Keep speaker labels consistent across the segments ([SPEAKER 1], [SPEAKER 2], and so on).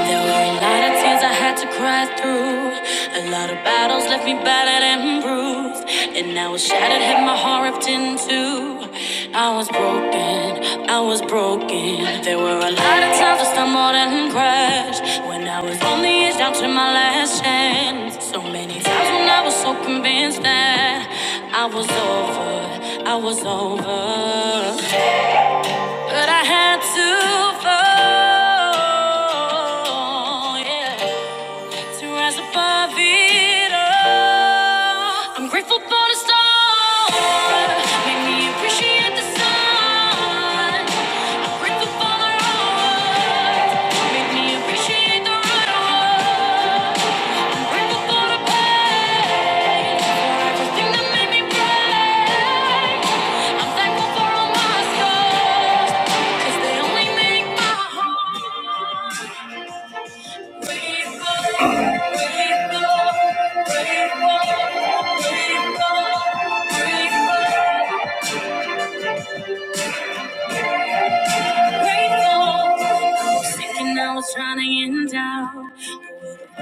[SPEAKER 1] There were a lot of tears I had to cry through. A lot of battles left me battered and bruised. And I was shattered, had my heart ripped in two. I was broken, I was broken. There were a lot of times I stumbled and crashed. When I was on the edge, down to my last chance. So many times when I was so convinced that I was over, I was over. But I had to fall, yeah, to rise above it all. I'm grateful for the storm, made me appreciate the sun. I'm grateful for the road, made me appreciate the road. Trying to end out.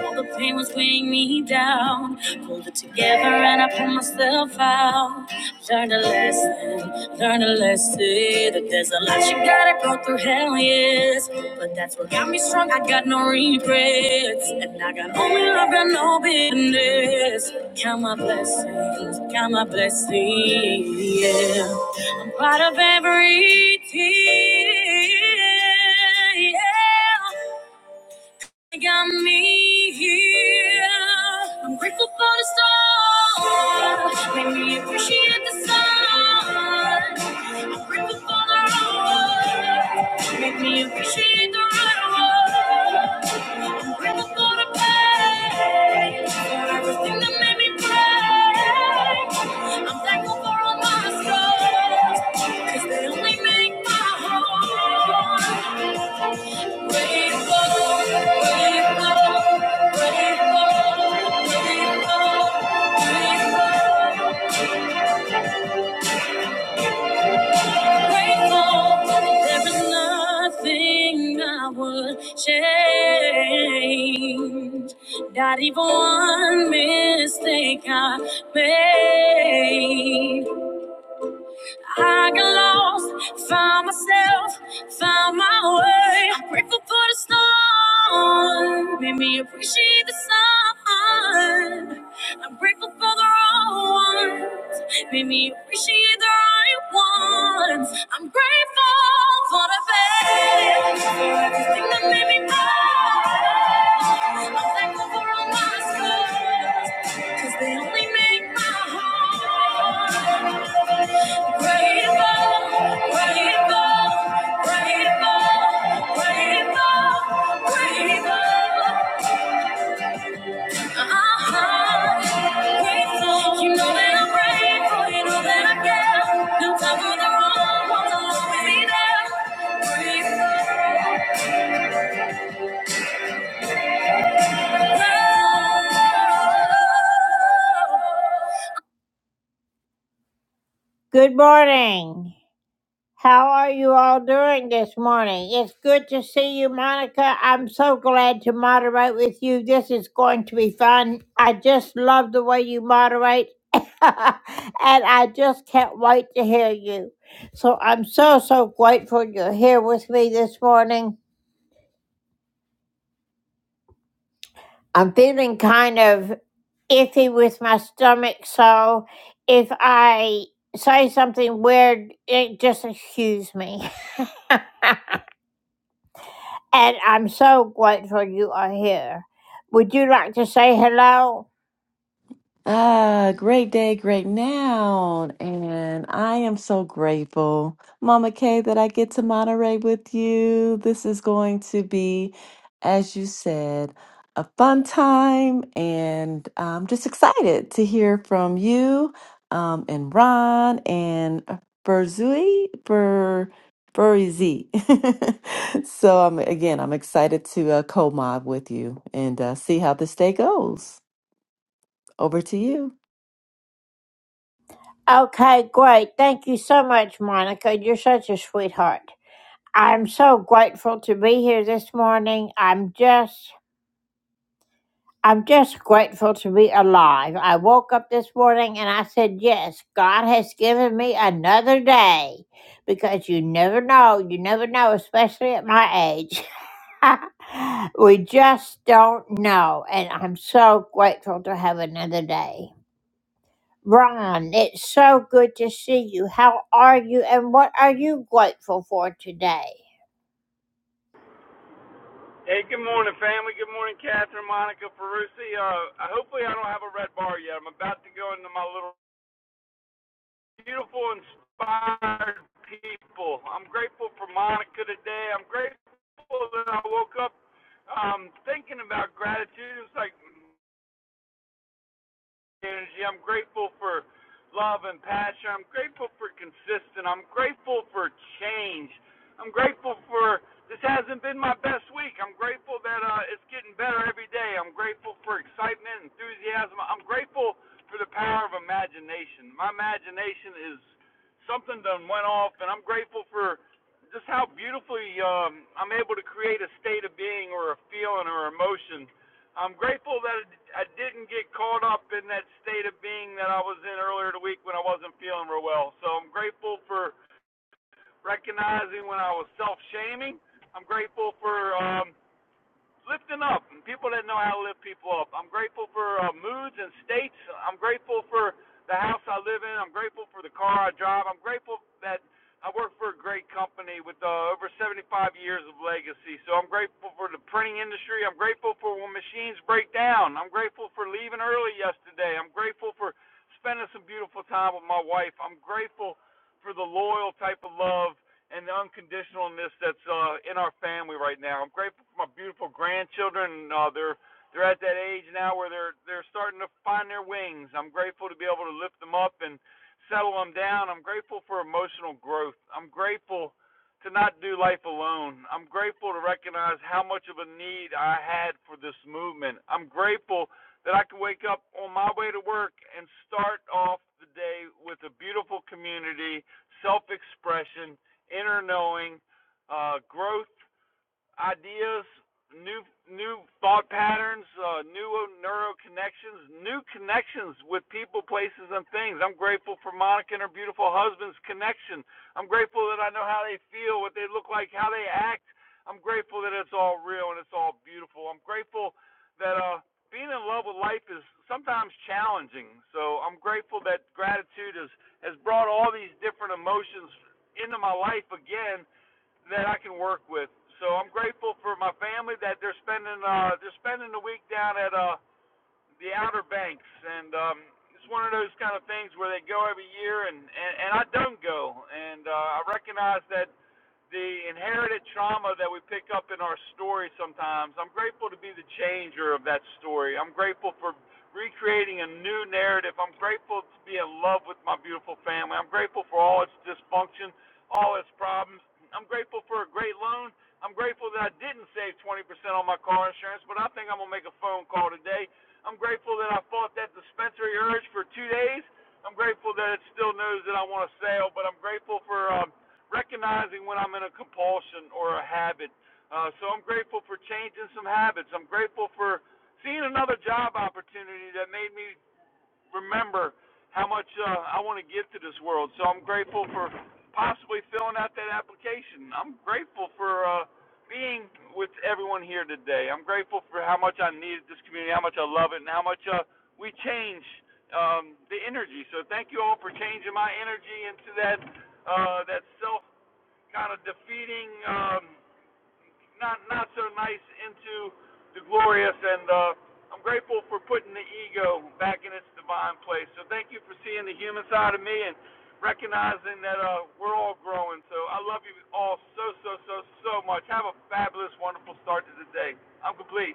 [SPEAKER 1] All the pain was weighing me down. Pulled it together and I pulled myself out. Learned a lesson, learned a lesson. That there's a lot you gotta go through, hell yes. But that's what got me strong, I got no regrets. And I got only love, got no bitterness. Count my blessings, count my blessings, yeah. I'm proud of every tear, yeah. They got me here. I'm grateful for the stars. Made me appreciate the sun. I'm grateful for the road. Made me appreciate the right road. I'm grateful for the pain. For everything that made me brave. I'm thankful for all my scars. Cause they only make my heart. Change. Not even one mistake I made. I got lost, found myself, found my way. I'm grateful for the storm, made me appreciate the sun. I'm grateful for the wrong ones, made me appreciate the right ones. I'm grateful for the best, for everything that made me mine. I'm thankful for all my scars, 'cause they only make my heart. Good morning. How are you all doing this morning? It's good to see you, Monica. I'm so glad to moderate with you. This is going to be fun. I just love the way you moderate, and I just can't wait to hear you. So I'm so, so grateful you're here with me this morning. I'm feeling kind of iffy with my stomach, so if I say something weird, it just excuse me. and I'm so grateful you are here. Would you like to say hello?
[SPEAKER 2] Ah, great day, great now. And I am so grateful, Mama Kay, that I get to moderate with you. This is going to be, as you said, a fun time. And I'm just excited to hear from you um, and Ron and Berzui, for Furizy. so I'm again, I'm excited to uh, co-mod with you and uh, see how this day goes. Over to you.
[SPEAKER 1] Okay, great. Thank you so much, Monica. You're such a sweetheart. I'm so grateful to be here this morning. I'm just I'm just grateful to be alive. I woke up this morning and I said, "Yes, God has given me another day." Because you never know, you never know, especially at my age. we just don't know. And I'm so grateful to have another day. Ron, it's so good to see you. How are you? And what are you grateful for today?
[SPEAKER 3] Hey, good morning, family. Good morning, Catherine, Monica, Ferrucci. Uh, hopefully, I don't have a red bar yet. I'm about to go into my little beautiful, inspired people. I'm grateful for Monica today. I'm grateful that I woke up um, thinking about gratitude. It's like energy. I'm grateful for love and passion. I'm grateful for consistent. I'm grateful for change. I'm grateful for this hasn't been my best week. I'm grateful that uh, it's getting better every day. I'm grateful for excitement, enthusiasm. I'm grateful for the power of imagination. My imagination is something done went off, and I'm grateful for just how beautifully um, I'm able to create a state of being or a feeling or emotion I'm grateful that I didn't get caught up in that state of being that I was in earlier in the week when I wasn't feeling real well. So I'm grateful for recognizing when I was self-shaming. I'm grateful for um, lifting up and people that know how to lift people up. I'm grateful for uh, moods and states. I'm grateful for the house I live in. I'm grateful for the car I drive. I'm grateful that I work for a great company with uh, over 75 years of legacy. So I'm grateful for the printing industry. I'm grateful for when machines break down. I'm grateful for leaving early yesterday. I'm grateful for spending some beautiful time with my wife. I'm grateful for the loyal type of love and the unconditionalness that's uh, in our family right now. I'm grateful for my beautiful grandchildren. Uh, they're they're at that age now where they're they're starting to find their wings. I'm grateful to be able to lift them up and settle them down. I'm grateful for emotional growth. I'm grateful to not do life alone. I'm grateful to recognize how much of a need I had for this movement. I'm grateful that I can wake up on my way to work and start off the day with a beautiful community, self expression, inner knowing, uh, growth ideas, new new thought patterns, uh, new neuro connections, new connections with people, places, and things. I'm grateful for Monica and her beautiful husband's connection. I'm grateful that I know how they feel, what they look like, how they act. I'm grateful that it's all real and it's all beautiful. I'm grateful that uh, being in love with life is sometimes challenging. So I'm grateful that gratitude has has brought all these different emotions into my life again that I can work with. So I'm grateful for my family that they're spending uh they're spending the week down at uh the Outer Banks and um it's one of those kind of things where they go every year and and, and I don't go and uh I recognize that the inherited trauma that we pick up in our story sometimes. I'm grateful to be the changer of that story. I'm grateful for recreating a new narrative. I'm grateful to be in love with my beautiful family. I'm grateful for all its dysfunction, all its problems. I'm grateful for a great loan. I'm grateful that I didn't save 20% on my car insurance, but I think I'm going to make a phone call today. I'm grateful that I fought that dispensary urge for two days. I'm grateful that it still knows that I want to sell, but I'm grateful for um, recognizing when I'm in a compulsion or a habit. Uh, so I'm grateful for changing some habits. I'm grateful for seeing another job opportunity that made me remember how much uh, I want to give to this world. So I'm grateful for possibly filling out that application. I'm grateful for uh, being with everyone here today. I'm grateful for how much I needed this community, how much I love it, and how much uh, we change um, the energy. So thank you all for changing my energy into that uh, that self kind of defeating um, not not so nice into the glorious, and uh, I'm grateful for putting the ego back in its divine place. So thank you for seeing the human side of me and recognizing that uh, we're all growing. So I love you all so so so so much. Have a fabulous, wonderful start to the day. I'm complete.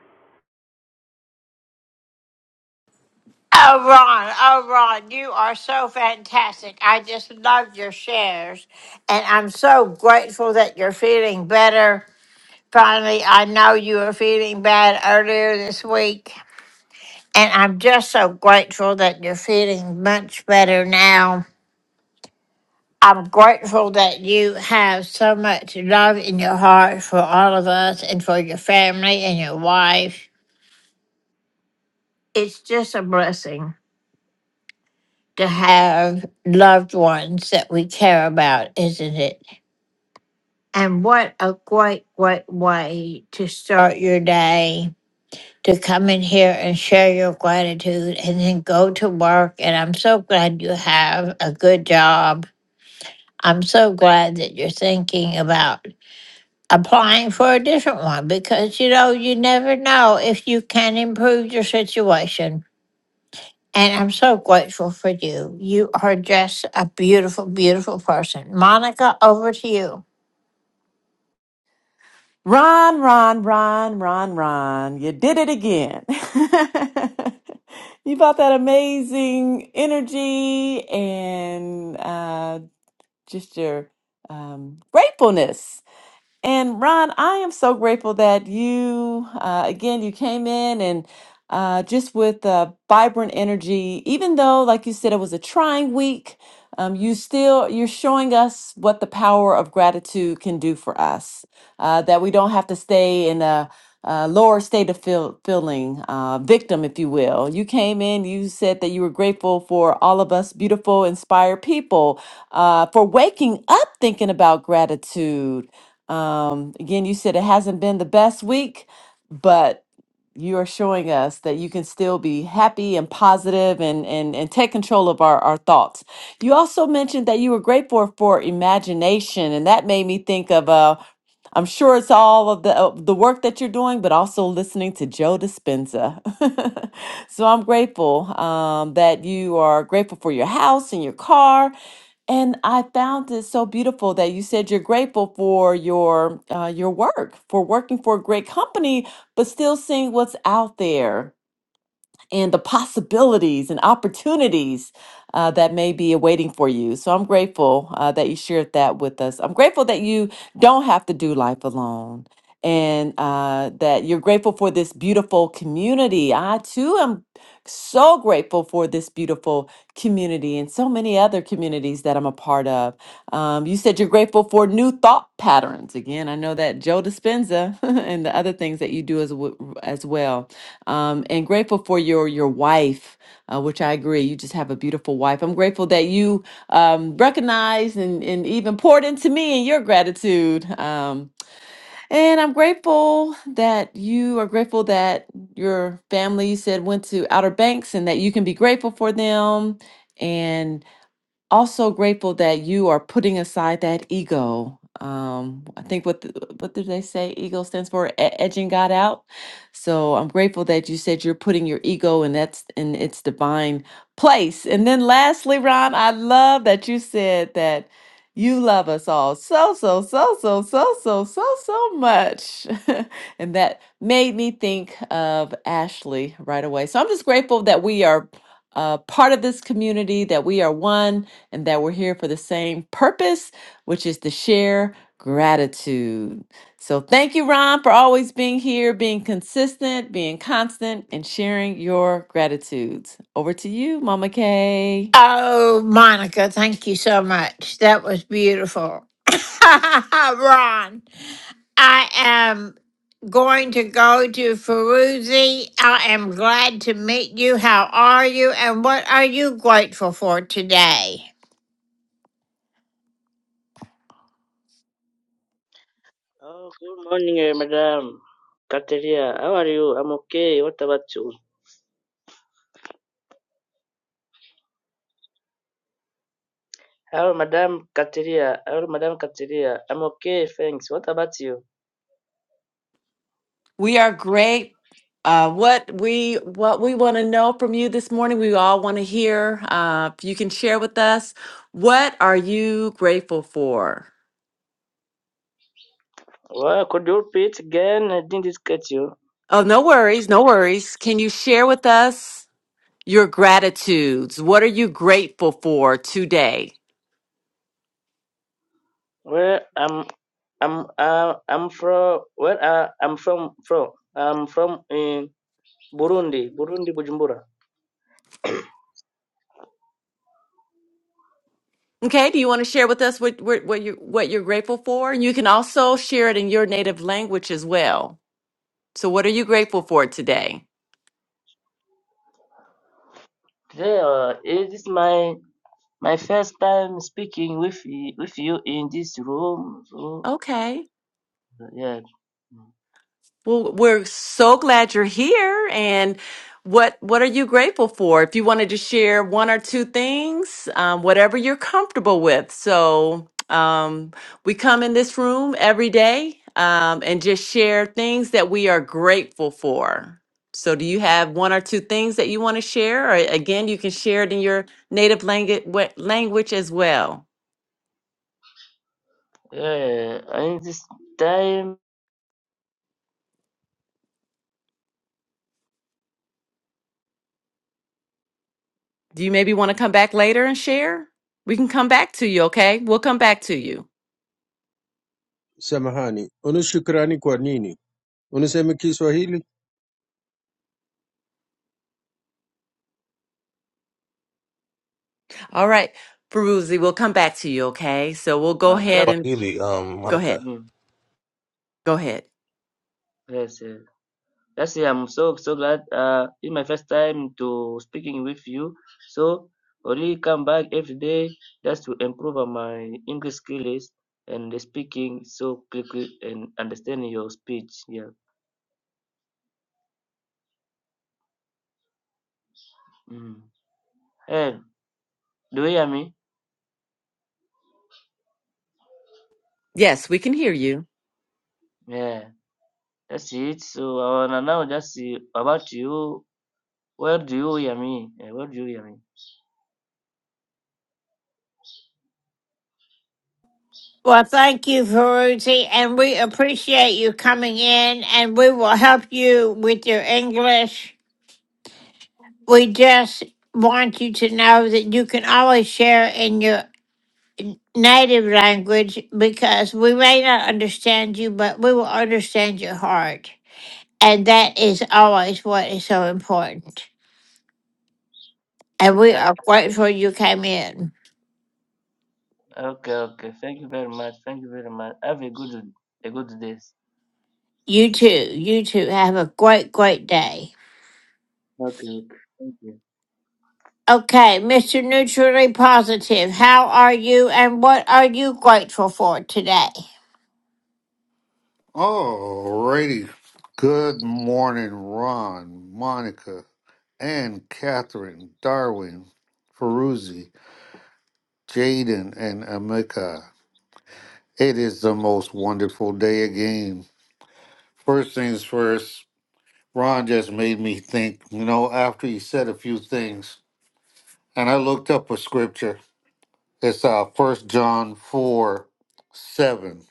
[SPEAKER 1] Oh, Ron, oh, Ron, you are so fantastic. I just love your shares. And I'm so grateful that you're feeling better. Finally, I know you were feeling bad earlier this week. And I'm just so grateful that you're feeling much better now. I'm grateful that you have so much love in your heart for all of us and for your family and your wife. It's just a blessing to have loved ones that we care about, isn't it? And what a great, great way to start your day to come in here and share your gratitude and then go to work. And I'm so glad you have a good job. I'm so glad that you're thinking about applying for a different one because you know you never know if you can improve your situation and i'm so grateful for you you are just a beautiful beautiful person monica over to you
[SPEAKER 2] Ron, Ron, Ron, Ron, Ron, you did it again. you brought that amazing energy and uh, just your um, gratefulness and Ron, I am so grateful that you, uh, again, you came in and uh, just with uh, vibrant energy, even though, like you said, it was a trying week, um, you still, you're showing us what the power of gratitude can do for us, uh, that we don't have to stay in a, a lower state of feel, feeling, uh, victim, if you will. You came in, you said that you were grateful for all of us beautiful, inspired people, uh, for waking up thinking about gratitude um, again, you said it hasn't been the best week, but you are showing us that you can still be happy and positive and and, and take control of our, our thoughts. You also mentioned that you were grateful for imagination, and that made me think of uh I'm sure it's all of the uh, the work that you're doing, but also listening to Joe Dispenza. so I'm grateful um, that you are grateful for your house and your car. And I found it so beautiful that you said you're grateful for your uh, your work, for working for a great company, but still seeing what's out there and the possibilities and opportunities uh, that may be awaiting for you. So I'm grateful uh, that you shared that with us. I'm grateful that you don't have to do life alone. And uh, that you're grateful for this beautiful community. I too am so grateful for this beautiful community and so many other communities that I'm a part of. Um, you said you're grateful for new thought patterns. Again, I know that Joe Dispenza and the other things that you do as w- as well. Um, and grateful for your your wife, uh, which I agree. You just have a beautiful wife. I'm grateful that you um, recognized and, and even poured into me in your gratitude. Um, and I'm grateful that you are grateful that your family you said went to Outer Banks and that you can be grateful for them And also grateful that you are putting aside that ego. Um, I think what the, what did they say? Ego stands for E- edging God out. So I'm grateful that you said you're putting your ego in that's in its divine place. And then lastly, Ron, I love that you said that you love us all so so so so so so so so much, and that made me think of Ashley right away. So I'm just grateful that we are uh, part of this community, that we are one and that we're here for the same purpose, which is to share gratitude. So thank you, Ron, for always being here, being consistent, being constant, and sharing your gratitudes. Over to you, Mama Kay.
[SPEAKER 1] oh monica thank you so much that was beautiful ron i am going to go to Feruzi. i am glad to meet you how are you and what are you grateful for today
[SPEAKER 4] Oh, good morning, eh, Madam Kateria. How are you? I'm okay. What about you? How, Madam Kateria? How, Madam Kateria? I'm okay, thanks. What about you?
[SPEAKER 2] We are great. Uh, what we what we want to know from you this morning, we all want to hear. Uh, if you can share with us, what are you grateful for?
[SPEAKER 4] Well, could you repeat again? I didn't get you.
[SPEAKER 2] Oh, no worries, no worries. Can you share with us your gratitudes. What are you grateful for today?
[SPEAKER 4] Where I'm, I'm, uh, I'm from. Where uh, I'm from? From? I'm from in Burundi, Burundi, Bujumbura.
[SPEAKER 2] Okay, do you want to share with us what what, what you what you're grateful for? And you can also share it in your native language as well. So, what are you grateful for today?
[SPEAKER 4] Today uh, it is my my first time speaking with y- with you in this room. So
[SPEAKER 2] Okay.
[SPEAKER 4] yeah.
[SPEAKER 2] Well, we're so glad you're here. And what what are you grateful for? If you wanted to share one or two things, um, whatever you're comfortable with. So um, we come in this room every day um, and just share things that we are grateful for. So, do you have one or two things that you want to share? Or again, you can share it in your native language language as well.
[SPEAKER 4] Yeah, and this time
[SPEAKER 2] Do you maybe want to come back later and share? We can come back to you. Okay, we'll come back to you.
[SPEAKER 5] Samahani, una shukrani kwa nini? Unasema Kiswahili?
[SPEAKER 2] All right, Peruzzi, we'll come back to you, okay? So we'll go
[SPEAKER 4] uh,
[SPEAKER 2] ahead
[SPEAKER 4] traveling.
[SPEAKER 2] and
[SPEAKER 6] Swahili, um,
[SPEAKER 2] go ahead.
[SPEAKER 6] Monica.
[SPEAKER 4] Mm,
[SPEAKER 2] Go ahead.
[SPEAKER 4] yes, yes. That's it. I'm so so glad. Uh, it's my first time to speaking with you. So only come back every day just to improve on my English skills and the speaking so quickly and understanding your speech. Yeah. Mm. Hey, do you hear me?
[SPEAKER 2] Yes, we can hear you.
[SPEAKER 4] Yeah. That's it. So I wanna now just see about you. Where do you hear me? Eh, Where do you hear me?
[SPEAKER 1] Well, thank you, Ferrucci, and we appreciate you coming in, and we will help you with your English. We just want you to know that you can always share in your native language because we may not understand you, but we will understand your heart. And that is always what is so important. And we
[SPEAKER 4] Yeah.
[SPEAKER 1] are grateful you came in.
[SPEAKER 4] Okay, okay. Thank you very much. Thank you very much. Have a good a good day.
[SPEAKER 1] You too, you too, have a great, great day.
[SPEAKER 4] Okay. Thank you.
[SPEAKER 1] Okay, Mr. Neutrally Positive, how are you and what are you grateful for today?
[SPEAKER 7] Alrighty. Good morning, Ron, Monica, and Catherine, Darwin, Ferruzzi, Jaden, and Amika. It is the most wonderful day again. First things first, Ron just made me think, you know, after he said a few things, and I looked up a scripture. It's uh, 1 John 4 7.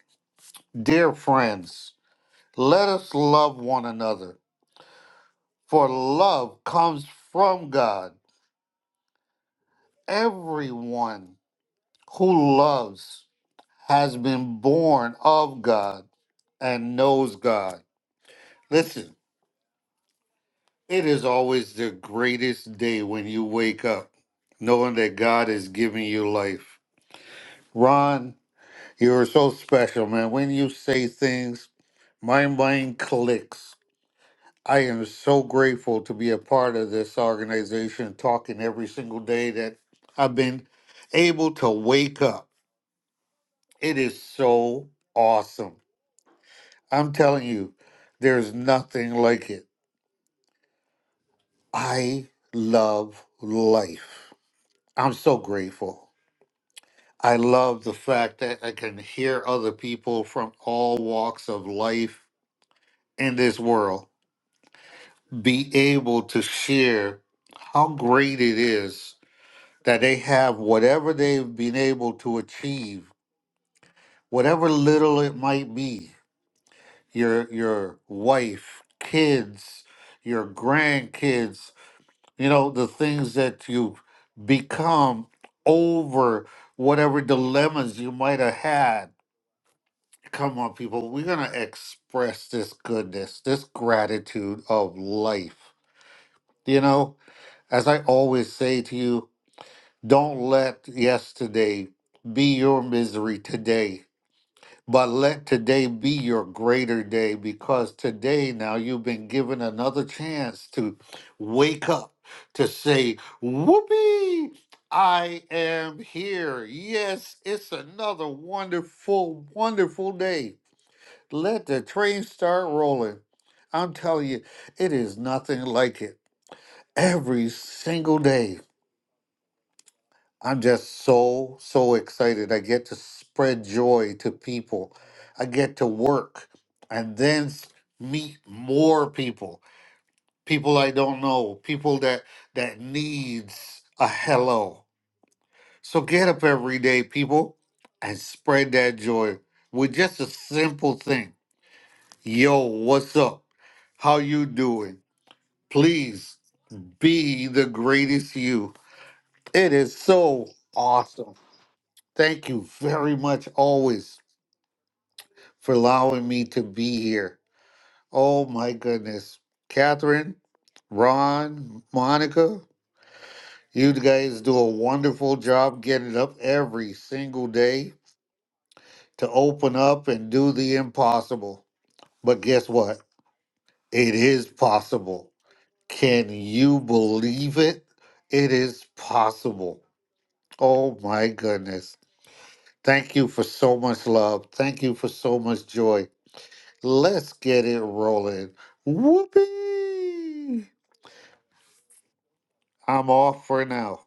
[SPEAKER 7] Dear friends, let us love one another For love comes from God. Everyone who loves has been born of God and knows God. Listen, it is always the greatest day when you wake up knowing that God is giving you life. Ron, you're so special, man. When you say things, my mind clicks. I am so grateful to be a part of this organization, talking every single day that I've been able to wake up. It is so awesome. I'm telling you, there's nothing like it. I love life. I'm so grateful. I love the fact that I can hear other people from all walks of life in this world be able to share how great it is that they have whatever they've been able to achieve, whatever little it might be, your your wife, kids, your grandkids, you know, the things that you've become over whatever dilemmas you might have had. Come on, people, we're gonna express this goodness, this gratitude of life. You know, as I always say to you, Don't let yesterday be your misery today, but let today be your greater day because today now you've been given another chance to wake up to say, Whoopee! I am here. Yes, it's another wonderful, wonderful day. Let the train start rolling. I'm telling you, it is nothing like it every single day. I'm just so, so excited. I get to spread joy to people. I get to work and then s- meet more people, people I don't know, people that that needs a hello. So get up every day, people, and spread that joy with just a simple thing. Yo, what's up? How you doing? Please be the greatest you. It is so awesome Thank you very much, always, for allowing me to be here. Oh my goodness. Catherine, Ron, Monica, you guys do a wonderful job getting up every single day to open up and do the impossible. But guess what? It is possible. Can you believe it? It is possible. Oh my goodness. Thank you for so much love. Thank you for so much joy. Let's get it rolling. Whoopee! I'm off for now.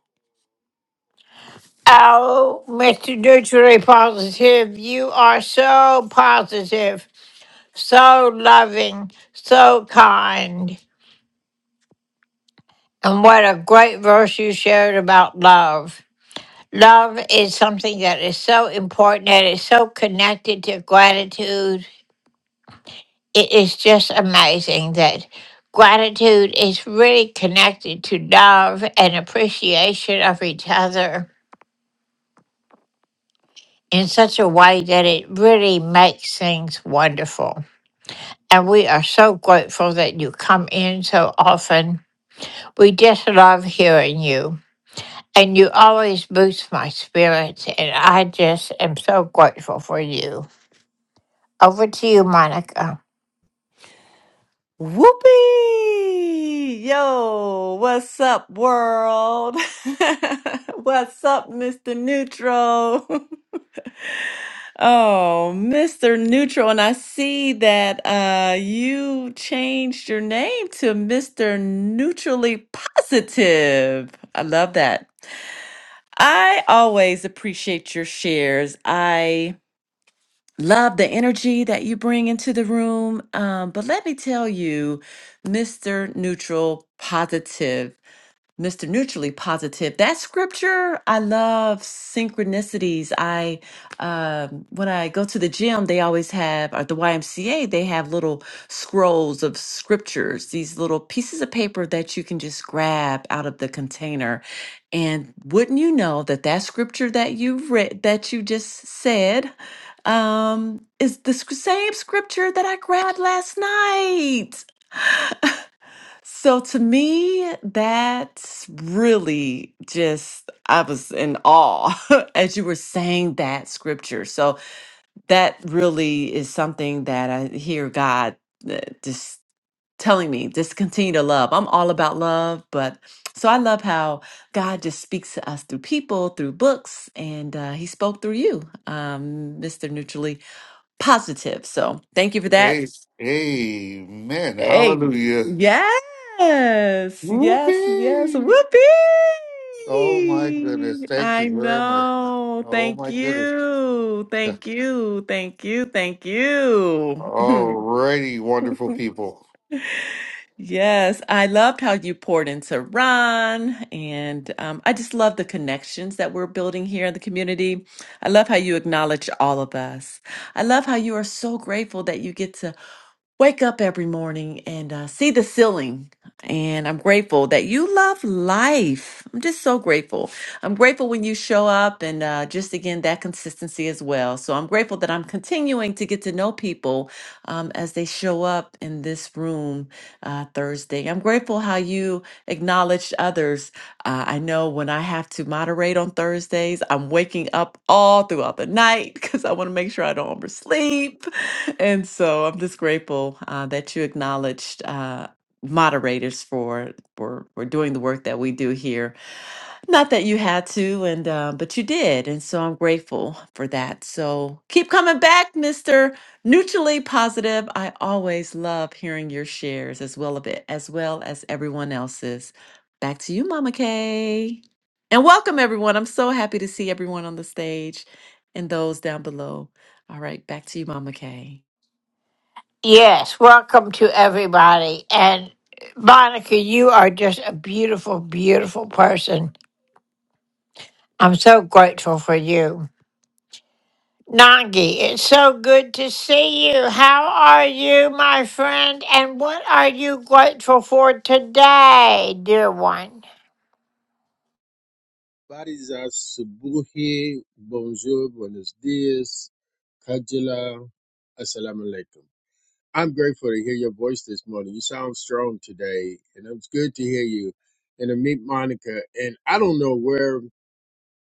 [SPEAKER 1] Oh, Mr. Neutrally Positive, you are so positive, so loving, so kind. And what a great verse you shared about love. Love is something that is so important and is so connected to gratitude it is just amazing that gratitude is really connected to love and appreciation of each other in such a way that it really makes things wonderful. And we are so grateful that you come in so often. We just love hearing you. And you always boost my spirits. And I just am so grateful for you. Over to you, Monica.
[SPEAKER 2] Whoopee! Yo, what's up, world? what's up, Mr. Neutral? oh, Mr. Neutral. And I see that uh, you changed your name to Mr. Neutrally Positive. I love that. I always appreciate your shares. I love the energy that you bring into the room. Um, but let me tell you, Mr. Neutral Positive. Mr. Neutrally Positive. That scripture, I love synchronicities. I um, when I go to the gym, they always have or the YMCA, they have little scrolls of scriptures, these little pieces of paper that you can just grab out of the container. And wouldn't you know that that scripture that you read that you just said um, is the sc- same scripture that I grabbed last night. So to me, that's really just, I was in awe as you were saying that scripture. So that really is something that I hear God uh, just telling me, just continue to love. I'm all about love, but so I love how God just speaks to us through people, through books, and uh, He spoke through you, um, Mr. Neutrally Positive. So thank you for
[SPEAKER 7] A-
[SPEAKER 2] that.
[SPEAKER 7] Amen.
[SPEAKER 2] Hey,
[SPEAKER 7] Hallelujah.
[SPEAKER 2] yes, yes, yes.
[SPEAKER 7] Whoopee! Oh my goodness.
[SPEAKER 2] Whoopee!
[SPEAKER 7] Thank you
[SPEAKER 2] I
[SPEAKER 7] very much.
[SPEAKER 2] know.
[SPEAKER 7] Oh
[SPEAKER 2] Thank
[SPEAKER 7] my goodness.
[SPEAKER 2] you. Thank you. Thank you. Thank you.
[SPEAKER 7] Alrighty, wonderful people.
[SPEAKER 2] Yes, I loved how you poured into Ron, and um, I just love the connections that we're building here in the community. I love how you acknowledge all of us. I love how you are so grateful that you get to. wake up every morning and uh, see the ceiling. And I'm grateful that you love life. I'm just so grateful. I'm grateful when you show up and uh, just again, that consistency as well. So I'm grateful that I'm continuing to get to know people um, as they show up in this room uh, Thursday. I'm grateful how you acknowledged others. Uh, I know when I have to moderate on Thursdays, I'm waking up all throughout the night because I want to make sure I don't oversleep and so I'm just grateful uh, that you acknowledged uh, moderators for, for for doing the work that we do here. Not that you had to, and uh, but you did, and so I'm grateful for that. So keep coming back, Mister Neutrally Positive. I always love hearing your shares as well a bit as well as everyone else's. Back to you, Mama Kay, and welcome everyone. I'm so happy to see everyone on the stage and those down below. All right, back to you, Mama Kay.
[SPEAKER 1] Yes, welcome to everybody. And Monica, you are just a beautiful, beautiful person. I'm so grateful for you. Nangi, it's so good to see you. How are you, my friend? And what are you grateful for today, dear one?
[SPEAKER 5] Habari za asubuhi, bonjour, buenos dias, kajila, assalamu alaikum. I'm grateful to hear your voice this morning. You sound strong today, and it's good to hear you. And to meet Monica, and I don't know where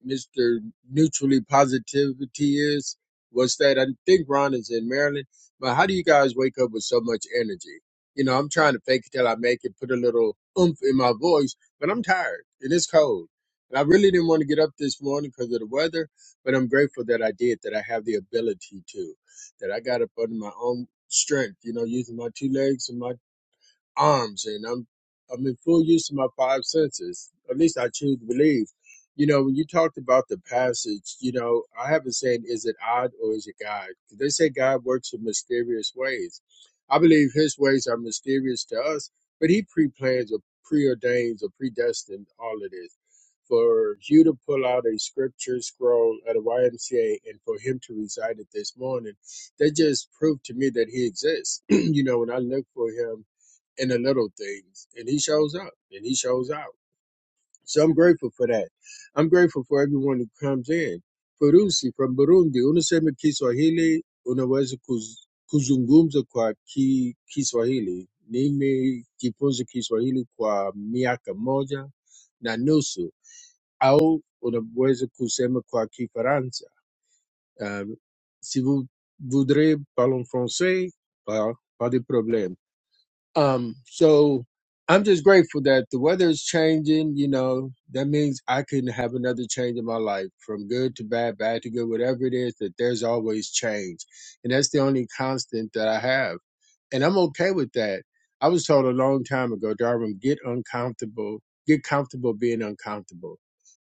[SPEAKER 5] Mr. Neutrally Positivity is. What's that? I think Ron is in Maryland. But how do you guys wake up with so much energy? You know, I'm trying to fake it till I make it, put a little oomph in my voice, but I'm tired and it's cold. And I really didn't want to get up this morning because of the weather, but I'm grateful that I did, that I have the ability to, that I got up under my own strength, you know, using my two legs and my arms and I'm I'm in full use of my five senses. At least I choose to believe. You know, when you talked about the passage, you know, I haven't said is it odd or is it God? 'Cause They say God works in mysterious ways. I believe his ways are mysterious to us, but he pre plans or preordains or predestined all of this. For you to pull out a scripture scroll at a YMCA and for him to recite it this morning, that just proved to me that he exists. you know, when I look for him in the little things. And he shows up and he shows out. So I'm grateful for that. I'm grateful for everyone who comes in. Furusi from Burundi, unasema Kiswahili, unaweza kuz- kuzungumza kwa ki, Kiswahili. Nimejifunza Kiswahili kwa miaka moja na nusu au unaweza kusema kwa Kifaransa. Um, si vous voudrez parler en français, pas, pas de problème. Um, so I'm just grateful that the weather is changing. You know, that means I can have another change in my life from good to bad, bad to good, whatever it is, that there's always change. And that's the only constant that I have. And I'm okay with that. I was told a long time ago, Darwin, get uncomfortable, get comfortable being uncomfortable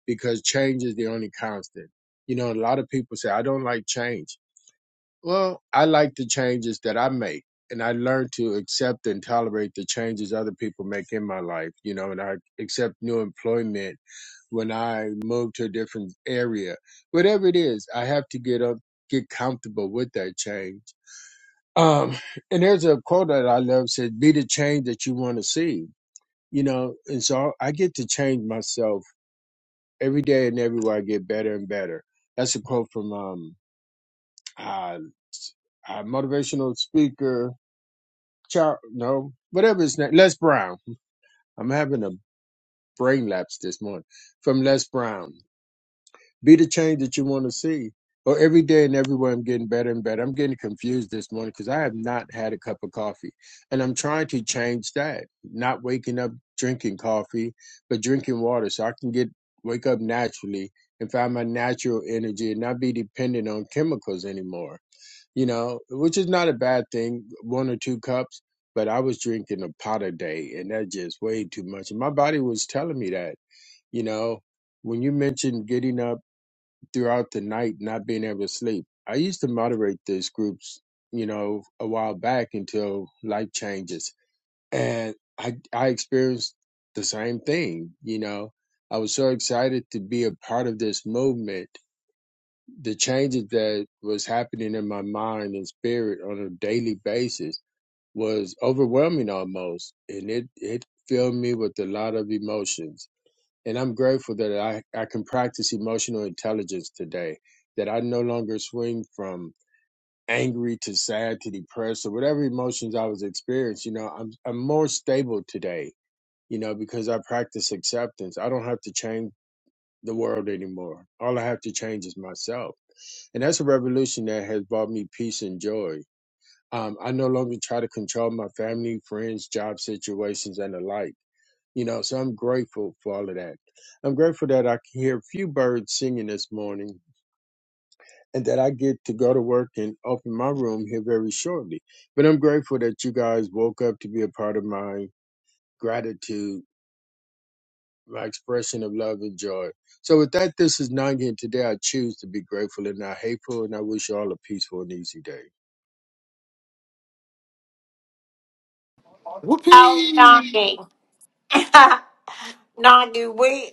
[SPEAKER 5] because change is the only constant. You know, a lot of people say, I don't like change well, I like the changes that I make, and I learn to accept and tolerate the changes other people make in my life, you know, and I accept new employment when I move to a different area. Whatever it is, I have to get up, get comfortable with that change. Um, and there's a quote that I love says, be the change that you want to see, you know, and so I get to change myself every day and everywhere I get better and better. That's a quote from, um, uh, a motivational speaker Char no, whatever his name, Les Brown. I'm having a brain lapse this morning. From Les Brown. Be the change that you want to see. Or every day and everywhere, I'm getting better and better. I'm getting confused this morning because I have not had a cup of coffee. And I'm trying to change that. Not waking up drinking coffee, but drinking water so I can get wake up naturally and find my natural energy and not be dependent on chemicals anymore you know, which is not a bad thing, one or two cups. But I was drinking a pot a day, and that just way too much. And my body was telling me that, you know, when you mentioned getting up throughout the night, not being able to sleep, I used to moderate these groups, you know, a while back until life changes, and I I experienced the same thing, you know. I was so excited to be a part of this movement the changes that was happening in my mind and spirit on a daily basis was overwhelming almost and it it filled me with a lot of emotions and i'm grateful that i i can practice emotional intelligence today that i no longer swing from angry to sad to depressed or whatever emotions i was experiencing you know i'm i'm more stable today you know because i practice acceptance i don't have to change the world anymore all i have to change is myself and that's a revolution that has brought me peace and joy. Um, I no longer try to control my family, friends, job situations, and the like. You know, so I'm grateful for all of that. I'm grateful that I can hear a few birds singing this morning and that I get to go to work and open my room here very shortly. But I'm grateful that you guys woke up to be a part of my gratitude, my expression of love and joy. So with that, this is Nangi, and today I choose to be grateful and not hateful, and I wish you all a peaceful and easy day.
[SPEAKER 1] Oh,
[SPEAKER 7] Whoopee!
[SPEAKER 1] Nangi. Nangi, we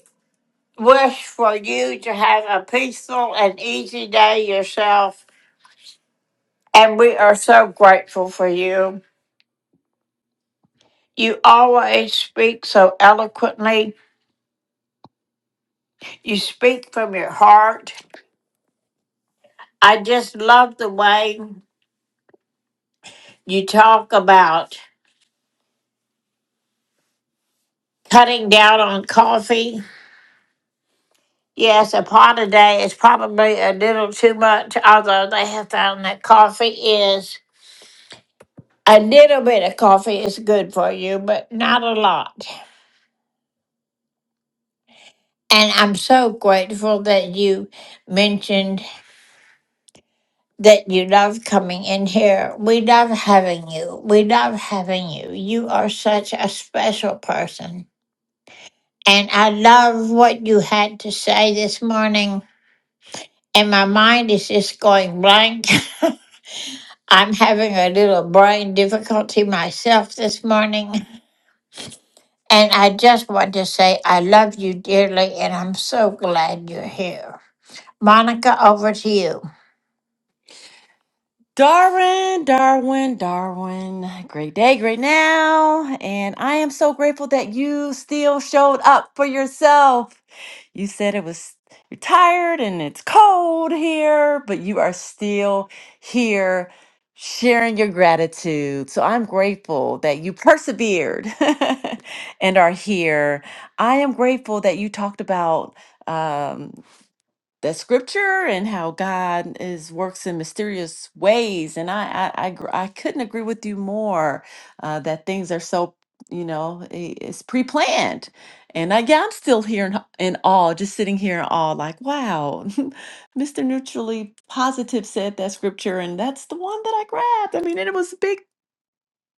[SPEAKER 1] wish for you to have a peaceful and easy day yourself. And we are so grateful for you. You always speak so eloquently. You speak from your heart. I just love the way you talk about cutting down on coffee. Yes, a pot a day is probably a little too much, although they have found that coffee is a little bit of coffee is good for you, but not a lot. And I'm so grateful that you mentioned that you love coming in here. We love having you. We love having you. You are such a special person. And I love what you had to say this morning. And my mind is just going blank. I'm having a little brain difficulty myself this morning. And I just want to say I love you dearly and I'm so glad you're here. Monica, over to you.
[SPEAKER 2] Darwin, Darwin, Darwin. Great day, great now. And I am so grateful that you still showed up for yourself. You said it was you're tired and it's cold here, but you are still here sharing your gratitude. So I'm grateful that you persevered and are here. I am grateful that you talked about um, that scripture and how God is works in mysterious ways. And I I I, gr- I couldn't agree with you more uh, that things are so you know i- it's pre-planned. And I, yeah, I'm still here in, in awe, just sitting here in awe, like, wow, Mr. Neutrally Positive said that scripture, and that's the one that I grabbed. I mean, and it was big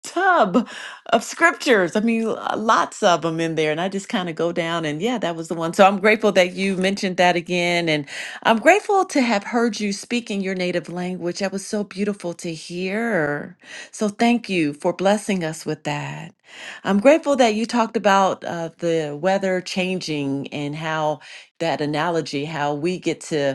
[SPEAKER 2] tub of scriptures. I mean, l- lots of them in there. And I just kind of go down and yeah, that was the one. So I'm grateful that you mentioned that again. And I'm grateful to have heard you speak in your native language. That was so beautiful to hear. So thank you for blessing us with that. I'm grateful that you talked about uh, the weather changing and how that analogy, how we get to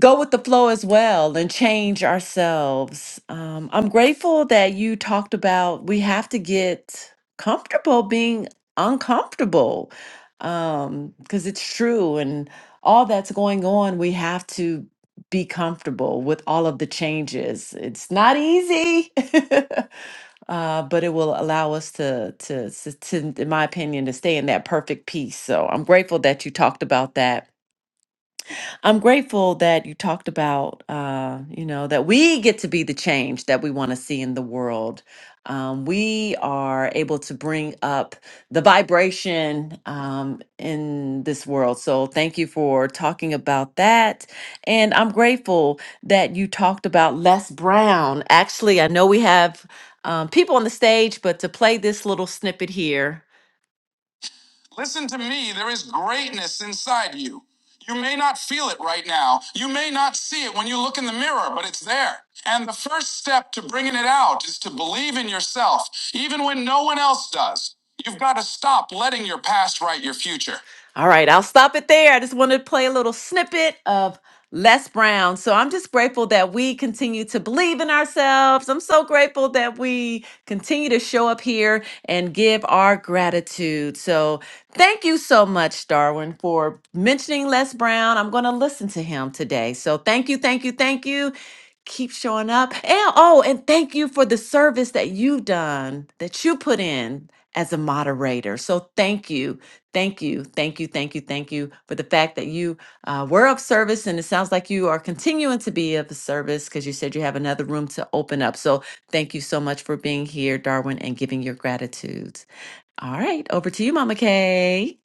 [SPEAKER 2] go with the flow as well and change ourselves. Um, I'm grateful that you talked about we have to get comfortable being uncomfortable because it's true. And all that's going on, we have to be comfortable with all of the changes. It's not easy, uh, but it will allow us to, to, to, to, in my opinion, to stay in that perfect peace. So I'm grateful that you talked about that I'm grateful that you talked about, uh, you know, that we get to be the change that we want to see in the world. Um, we are able to bring up the vibration um, in this world. So, thank you for talking about that. And I'm grateful that you talked about Les Brown. Actually, I know we have um, people on the stage, but to play this little snippet here Listen to me, there is greatness inside you. You may not feel it right now. You may not see it when you look in the mirror, but it's there. And the first step to bringing it out is to believe in yourself, even when no one else does. You've got to stop letting your past write your future. All right, I'll stop it there. I just wanted to play a little snippet of Les Brown. So I'm just grateful that we continue to believe in ourselves. I'm so grateful that we continue to show up here and give our gratitude. So Thank you so much, Darwin, for mentioning Les Brown. I'm going to listen to him today. So thank you, thank you, thank you. Keep showing up. And oh, and thank you for the service that you've done, that you put in as a moderator. So thank you, thank you, thank you, thank you, thank you for the fact that you uh, were of service. And it sounds like you are continuing to be of service because you said you have another room to open up. So thank you so much for being here, Darwin, and giving your gratitude. All right, over to you, Mama Kay.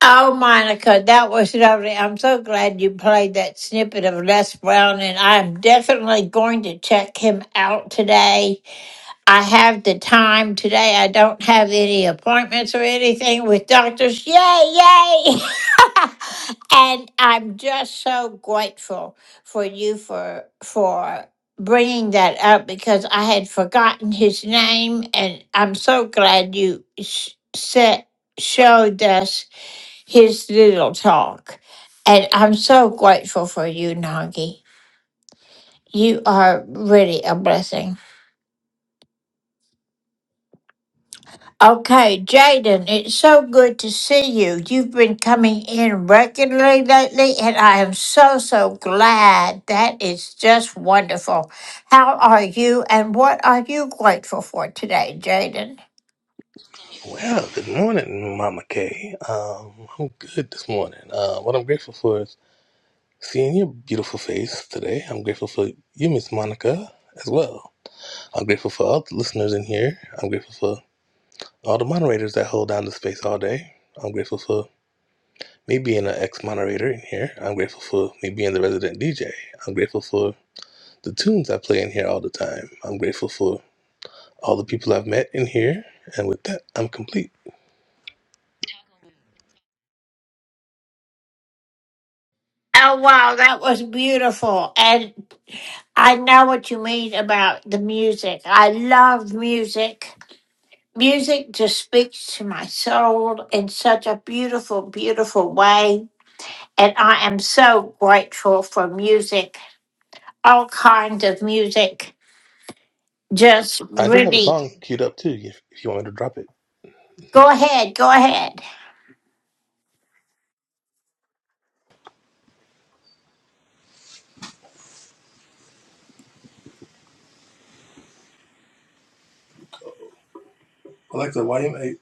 [SPEAKER 1] Oh, Monica, that was lovely. I'm so glad you played that snippet of Les Brown, and I'm definitely going to check him out today. I have the time today. I don't have any appointments or anything with doctors. Yay, yay! and I'm just so grateful for you for for bringing that up because I had forgotten his name, and I'm so glad you sh- set showed us his little talk. And I'm so grateful for you, Nagi. You are really a blessing. Okay, Jaden, it's so good to see you. You've been coming in regularly lately, and I am so, so glad. That is just wonderful. How are you, and what are you grateful for today, Jaden?
[SPEAKER 6] Well, good morning, Mama Kay. Um, I'm good this morning. Uh, what I'm grateful for is seeing your beautiful face today. I'm grateful for you, Miss Monica, as well. I'm grateful for all the listeners in here. I'm grateful for all the moderators that hold down the space all day. I'm grateful for me being an ex-moderator in here. I'm grateful for me being the resident DJ. I'm grateful for the tunes I play in here all the time. I'm grateful for all the people I've met in here. And with that, I'm complete.
[SPEAKER 1] Oh, wow, that was beautiful. And I know what you mean about the music. I love music. Music just speaks to my soul in such a beautiful, beautiful way. And I am so grateful for music, all kinds of music. Just
[SPEAKER 6] I do have a
[SPEAKER 1] really
[SPEAKER 6] song queued up too, if, if you want me to drop it.
[SPEAKER 1] go ahead, go ahead.
[SPEAKER 6] Alexa, YMA.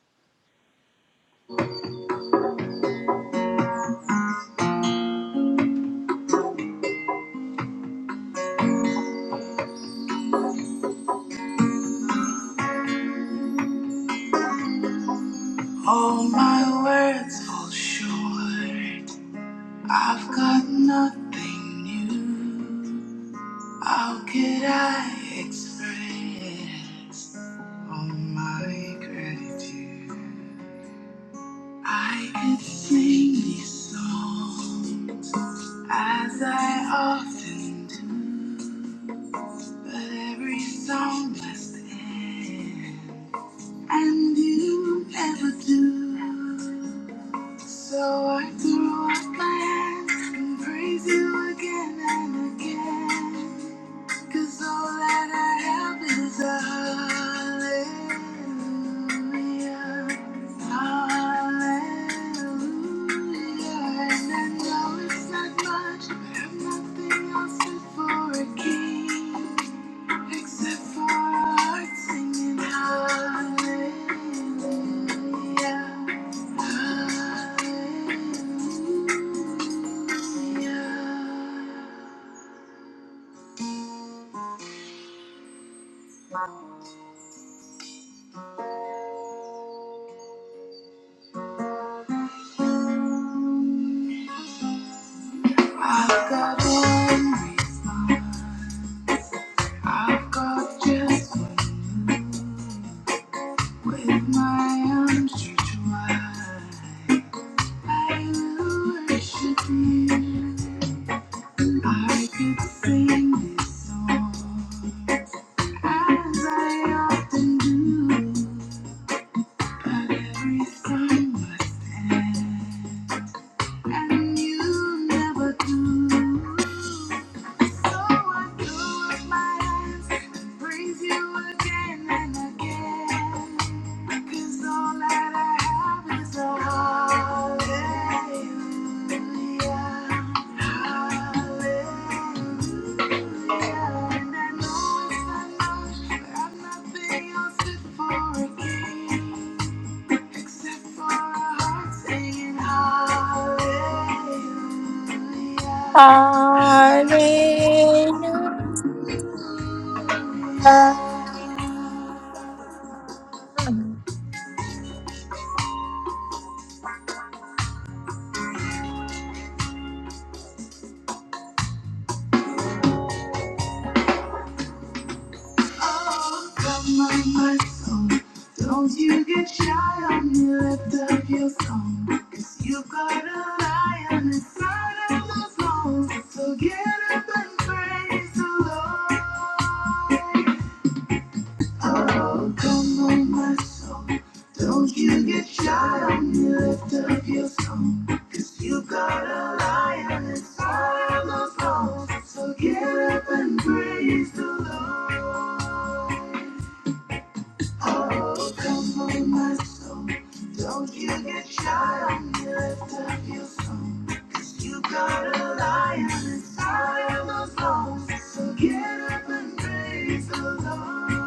[SPEAKER 6] All my words fall short. I've got nothing new. How could I express all my gratitude? I could sing these songs as I often do, but every song must end. And you never do. So I throw up my hands and praise you again and again. Cause all that I have is a hallelujah. Hallelujah. And I know it's not much, but I have nothing else fit for a king. Except for our hearts singing hallelujah, hallelujah. I've got one response. I've got just one move. With my arms stretched wide, I will worship you. I could sing this song As I often do, but every time I stand, and you never do. So I close my eyes and praise you again and again. 'Cause all that I have is a hallelujah, hallelujah, I know it's not but I've nothing else fit for a king except for a heart singing hallelujah,
[SPEAKER 1] Hallelujah.
[SPEAKER 6] hallelujah. Oh, come on my mind Don't you get shy on me, lift up your song. Cause you've got a lion inside of those bones. So get up and praise the Lord. Oh, come on, my soul. Don't you get shy on me, lift up your song. Cause you've got a lion inside of those bones. So get up and praise the Lord. Oh, come on, my soul. Don't you get shy on me, lift up your song. 'Cause you got a lion inside of those bones. So get up and praise the Lord.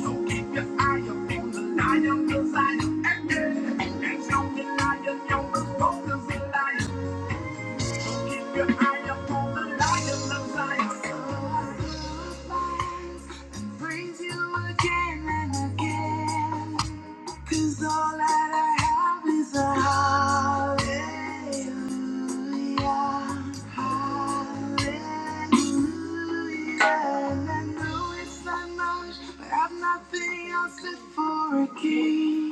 [SPEAKER 6] So keep your eye on the lion I am active. And show me lion, you're as bold of. lion. Keep your eye on the lion I am. So I and Praise you again and again. Cause all that I have is a hallelujah. Hallelujah. And I know it's not much, but I've nothing else fit for a king.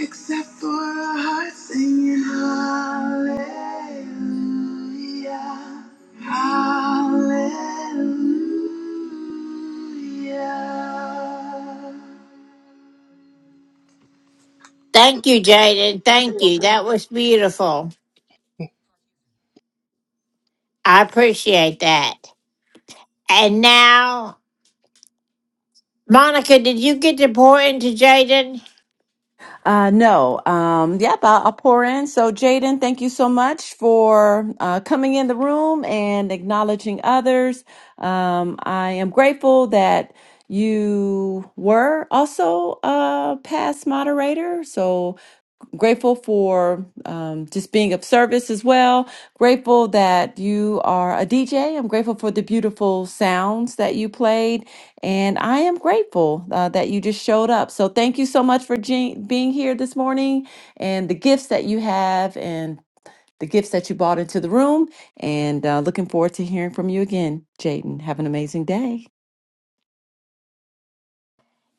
[SPEAKER 6] Except for a heart singing hallelujah. Hallelujah.
[SPEAKER 1] Thank you, Jaden. Thank you. That was beautiful. I appreciate that. And now, Monica, did you get to pour into Jaden?
[SPEAKER 2] Uh, no. Um, yep, I'll, I'll pour in. So, Jaden, thank you so much for uh, coming in the room and acknowledging others. Um, I am grateful that you were also a past moderator. So, grateful for um, just being of service as well. Grateful that you are a DJ. I'm grateful for the beautiful sounds that you played. And I am grateful uh, that you just showed up. So thank you so much for je- being here this morning and the gifts that you have and the gifts that you brought into the room. And uh, looking forward to hearing from you again, Jaden. Have an amazing day.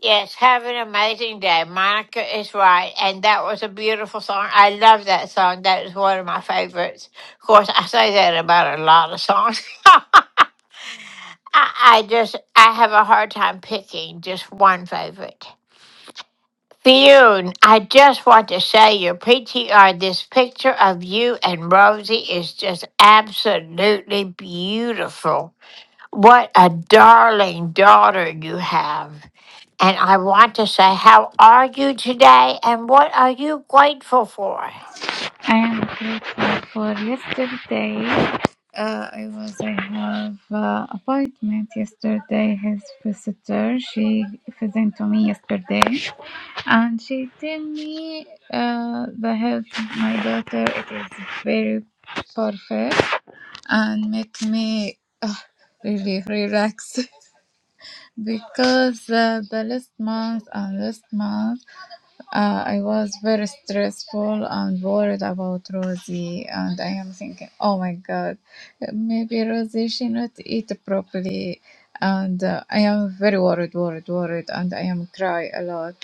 [SPEAKER 1] Yes, have an amazing day. Monica is right. And that was a beautiful song. I love that song. That is one of my favorites. Of course, I say that about a lot of songs. I, I just, I have a hard time picking just one favorite. Fionn, I just want to say your PTR, this picture of you and Rosie is just absolutely beautiful. What a darling daughter you have. And I want to say, how are you today and what are you grateful for?
[SPEAKER 8] I am grateful for yesterday. Uh, I was I have uh, appointment yesterday. His visitor she visited to me yesterday, and she tell me uh, the health of my daughter it is very perfect and make me uh, really relax because uh, the last month and last month. Uh, I was very stressful and worried about Rosie, and I am thinking, oh my God, maybe Rosie she not eat properly, and uh, I am very worried, worried, worried, and I am cry a lot,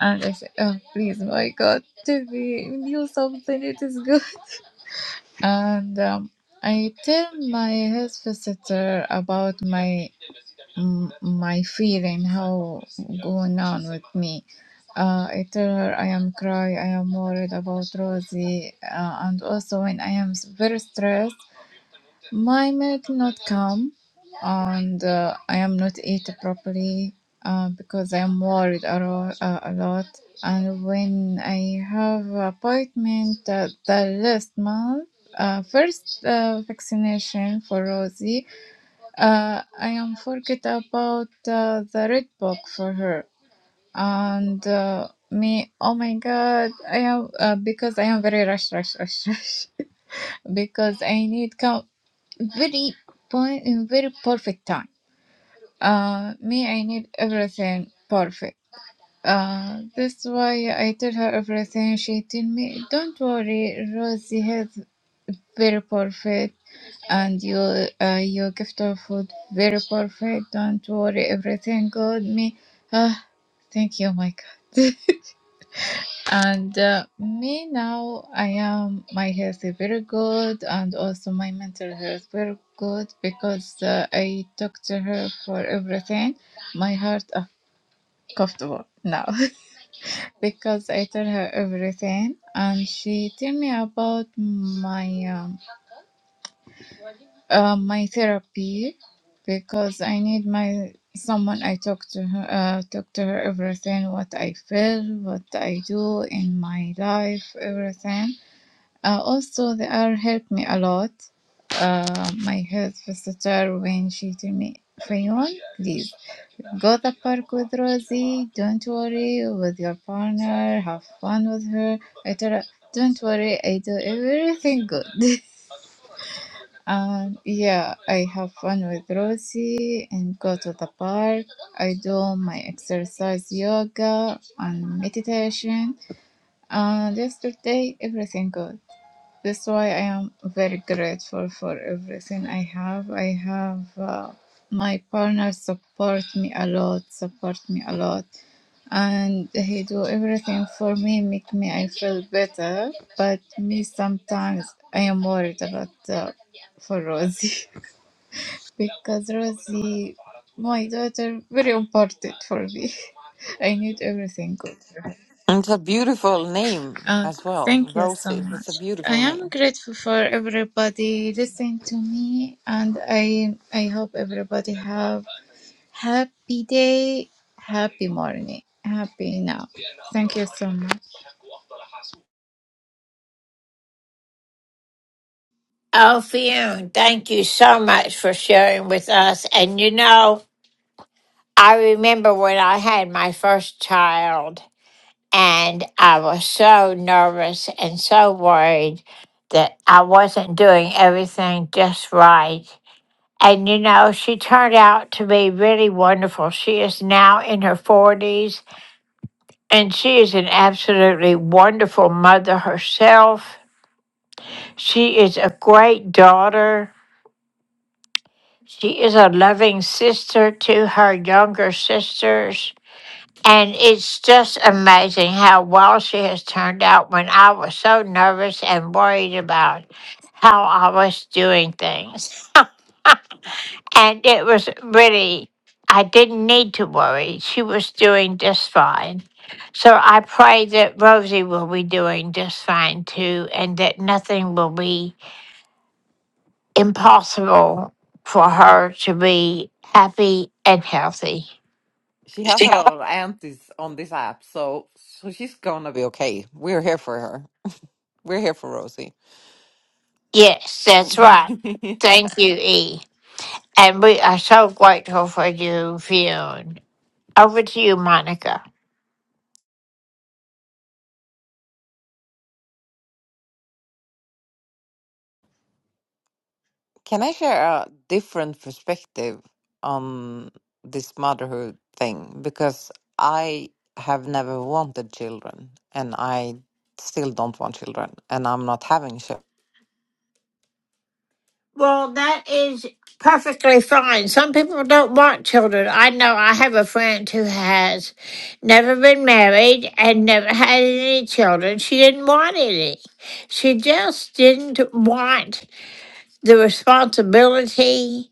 [SPEAKER 8] and I say, oh please, my God, tell me you something, it is good, and um, I tell my health visitor about my m- my feeling how going on with me. Uh, I tell her I am cry, I am worried about Rosie, uh, and also when I am s- very stressed, my milk not come, and uh, I am not eat properly uh, because I am worried a, ro- uh, a lot. And when I have appointment uh, the last month, uh, first uh, vaccination for Rosie, uh, I am forget about uh, the red book for her and uh, me. Oh my god! I am uh, because I am very rush, rush, rush, rush because I need come very point in very perfect time. Uh, me, I need everything perfect. Uh, that's why I tell her everything. She tell me, "Don't worry, Rosie has very perfect." and your uh, your gift of food very perfect don't worry everything good me ah thank you my god and uh, me now i am my health is very good and also my mental health very good because uh, i talk to her for everything my heart is comfortable now because i tell her everything and she tell me about my um, Uh, my therapy because I need my someone I talk to her uh, talk to her everything what I feel what I do in my life everything uh, also they are help me a lot uh, my health visitor when she tell me Fayon, please go the park with Rosie. Don't worry with your partner. Have fun with her. I tell her, don't worry. I do everything good. Um, yeah, I have fun with Rosie and go to the park. I do my exercise, yoga, and meditation. And yesterday, everything good. That's why I am very grateful for everything I have. I have uh, my partner support me a lot, support me a lot, and he do everything for me, make me I feel better. But me sometimes I am worried about uh, for Rosie because Rosie, my daughter, very important for me. I need everything good.
[SPEAKER 9] It's a beautiful name
[SPEAKER 8] Uh,
[SPEAKER 9] as well,
[SPEAKER 8] thank you so
[SPEAKER 9] Rosie. It's
[SPEAKER 8] much.
[SPEAKER 9] a
[SPEAKER 8] I
[SPEAKER 9] beautiful
[SPEAKER 8] am
[SPEAKER 9] name.
[SPEAKER 8] grateful for everybody listening to me, and I I hope everybody have happy day, happy morning, happy now. Thank you so much.
[SPEAKER 1] Oh, Fionn, thank you so much for sharing with us. And you know, I remember when I had my first child. And I was so nervous and so worried that I wasn't doing everything just right. And you know, she turned out to be really wonderful. She is now in her 40s and she is an absolutely wonderful mother herself. She is a great daughter. She is a loving sister to her younger sisters. And it's just amazing how well she has turned out when I was so nervous and worried about how I was doing things. And it was really, I didn't need to worry. She was doing just fine. So I pray that Rosie will be doing just fine too, and that nothing will be impossible for her to be happy and healthy.
[SPEAKER 9] She has a lot of aunties on this app, so so she's gonna be okay. We're here for her. We're here for Rosie.
[SPEAKER 1] Yes, that's right.
[SPEAKER 9] Yeah.
[SPEAKER 1] Thank you, E. And we are so grateful for you, Fionn. Over to you, Monica.
[SPEAKER 9] Can I share a different perspective on this motherhood thing? Because I have never wanted children, and I still don't want children, and I'm not having children.
[SPEAKER 1] Well, that is perfectly fine. Some people don't want children. I know I have a friend who has never been married and never had any children. She didn't want any. She just didn't want the responsibility,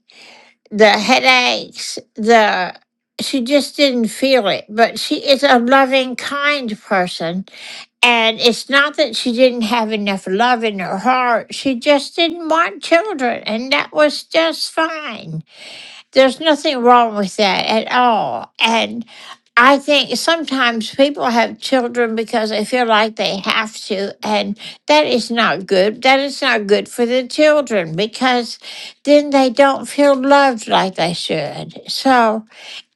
[SPEAKER 1] the headaches, the she just didn't feel it. But she is a loving, kind person And it's not that she didn't have enough love in her heart, she just didn't want children, and that was just fine. There's nothing wrong with that at all. And I think sometimes people have children because they feel like they have to, and that is not good. That is not good for the children because then they don't feel loved like they should. So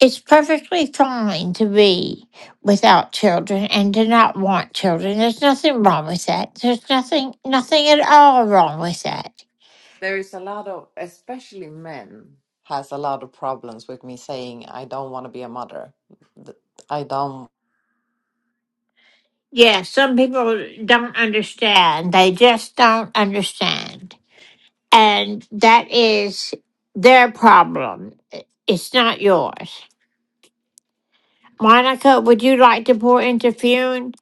[SPEAKER 1] it's perfectly fine to be without children and to not want children. There's nothing wrong with that. There's nothing, nothing at all wrong with that.
[SPEAKER 9] There is a lot of, especially men, has a lot of problems with me saying I don't want to be a mother. Th- I don't.
[SPEAKER 1] Yeah, some people don't understand. They just don't understand. And that is their problem. It's not yours. Monica, would you like to pour into Fune?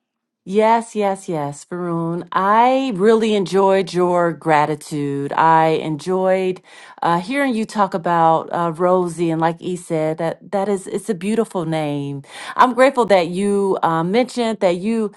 [SPEAKER 2] Yes, yes, yes, Varun. I really enjoyed your gratitude. I enjoyed uh, hearing you talk about uh, Rosie, and like E said, that that is it's a beautiful name. I'm grateful that you uh, mentioned that you.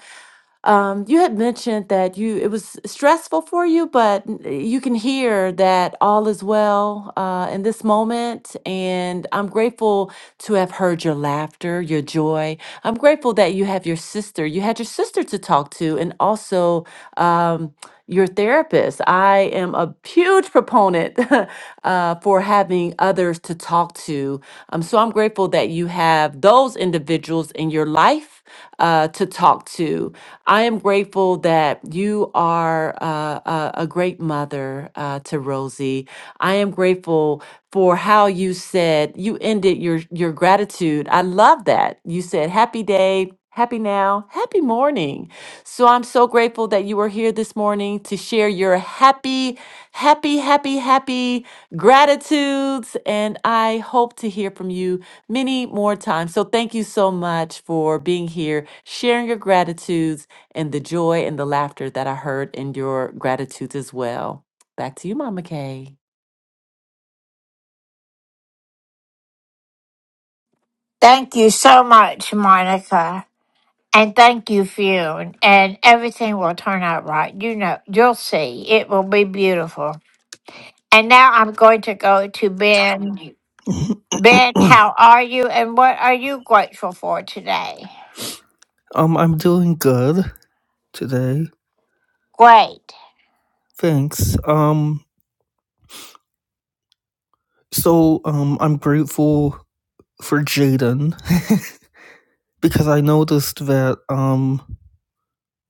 [SPEAKER 2] Um, you had mentioned that you it was stressful for you, but n- you can hear that all is well uh, in this moment. And I'm grateful to have heard your laughter, your joy. I'm grateful that you have your sister. You had your sister to talk to, and also. Um, your therapist. I am a huge proponent uh, for having others to talk to. Um, so I'm grateful that you have those individuals in your life uh, to talk to. I am grateful that you are uh, a, a great mother uh, to Rosie. I am grateful for how you said you ended your your gratitude. I love that you said happy day Happy now, happy morning. So I'm so grateful that you are here this morning to share your happy, happy, happy, happy gratitudes. And I hope to hear from you many more times. So thank you so much for being here, sharing your gratitudes, and the joy and the laughter that I heard in your gratitudes as well. Back to you, Mama Kay.
[SPEAKER 1] Thank you so much, Monica. And thank you, Fune. And everything will turn out right. You know, you'll see. It will be beautiful. And now I'm going to go to Ben. Ben, how are you? And what are you grateful for today?
[SPEAKER 10] Um, I'm doing good today.
[SPEAKER 1] Great.
[SPEAKER 10] Thanks. Um, so um, I'm grateful for Jaden because I noticed that um,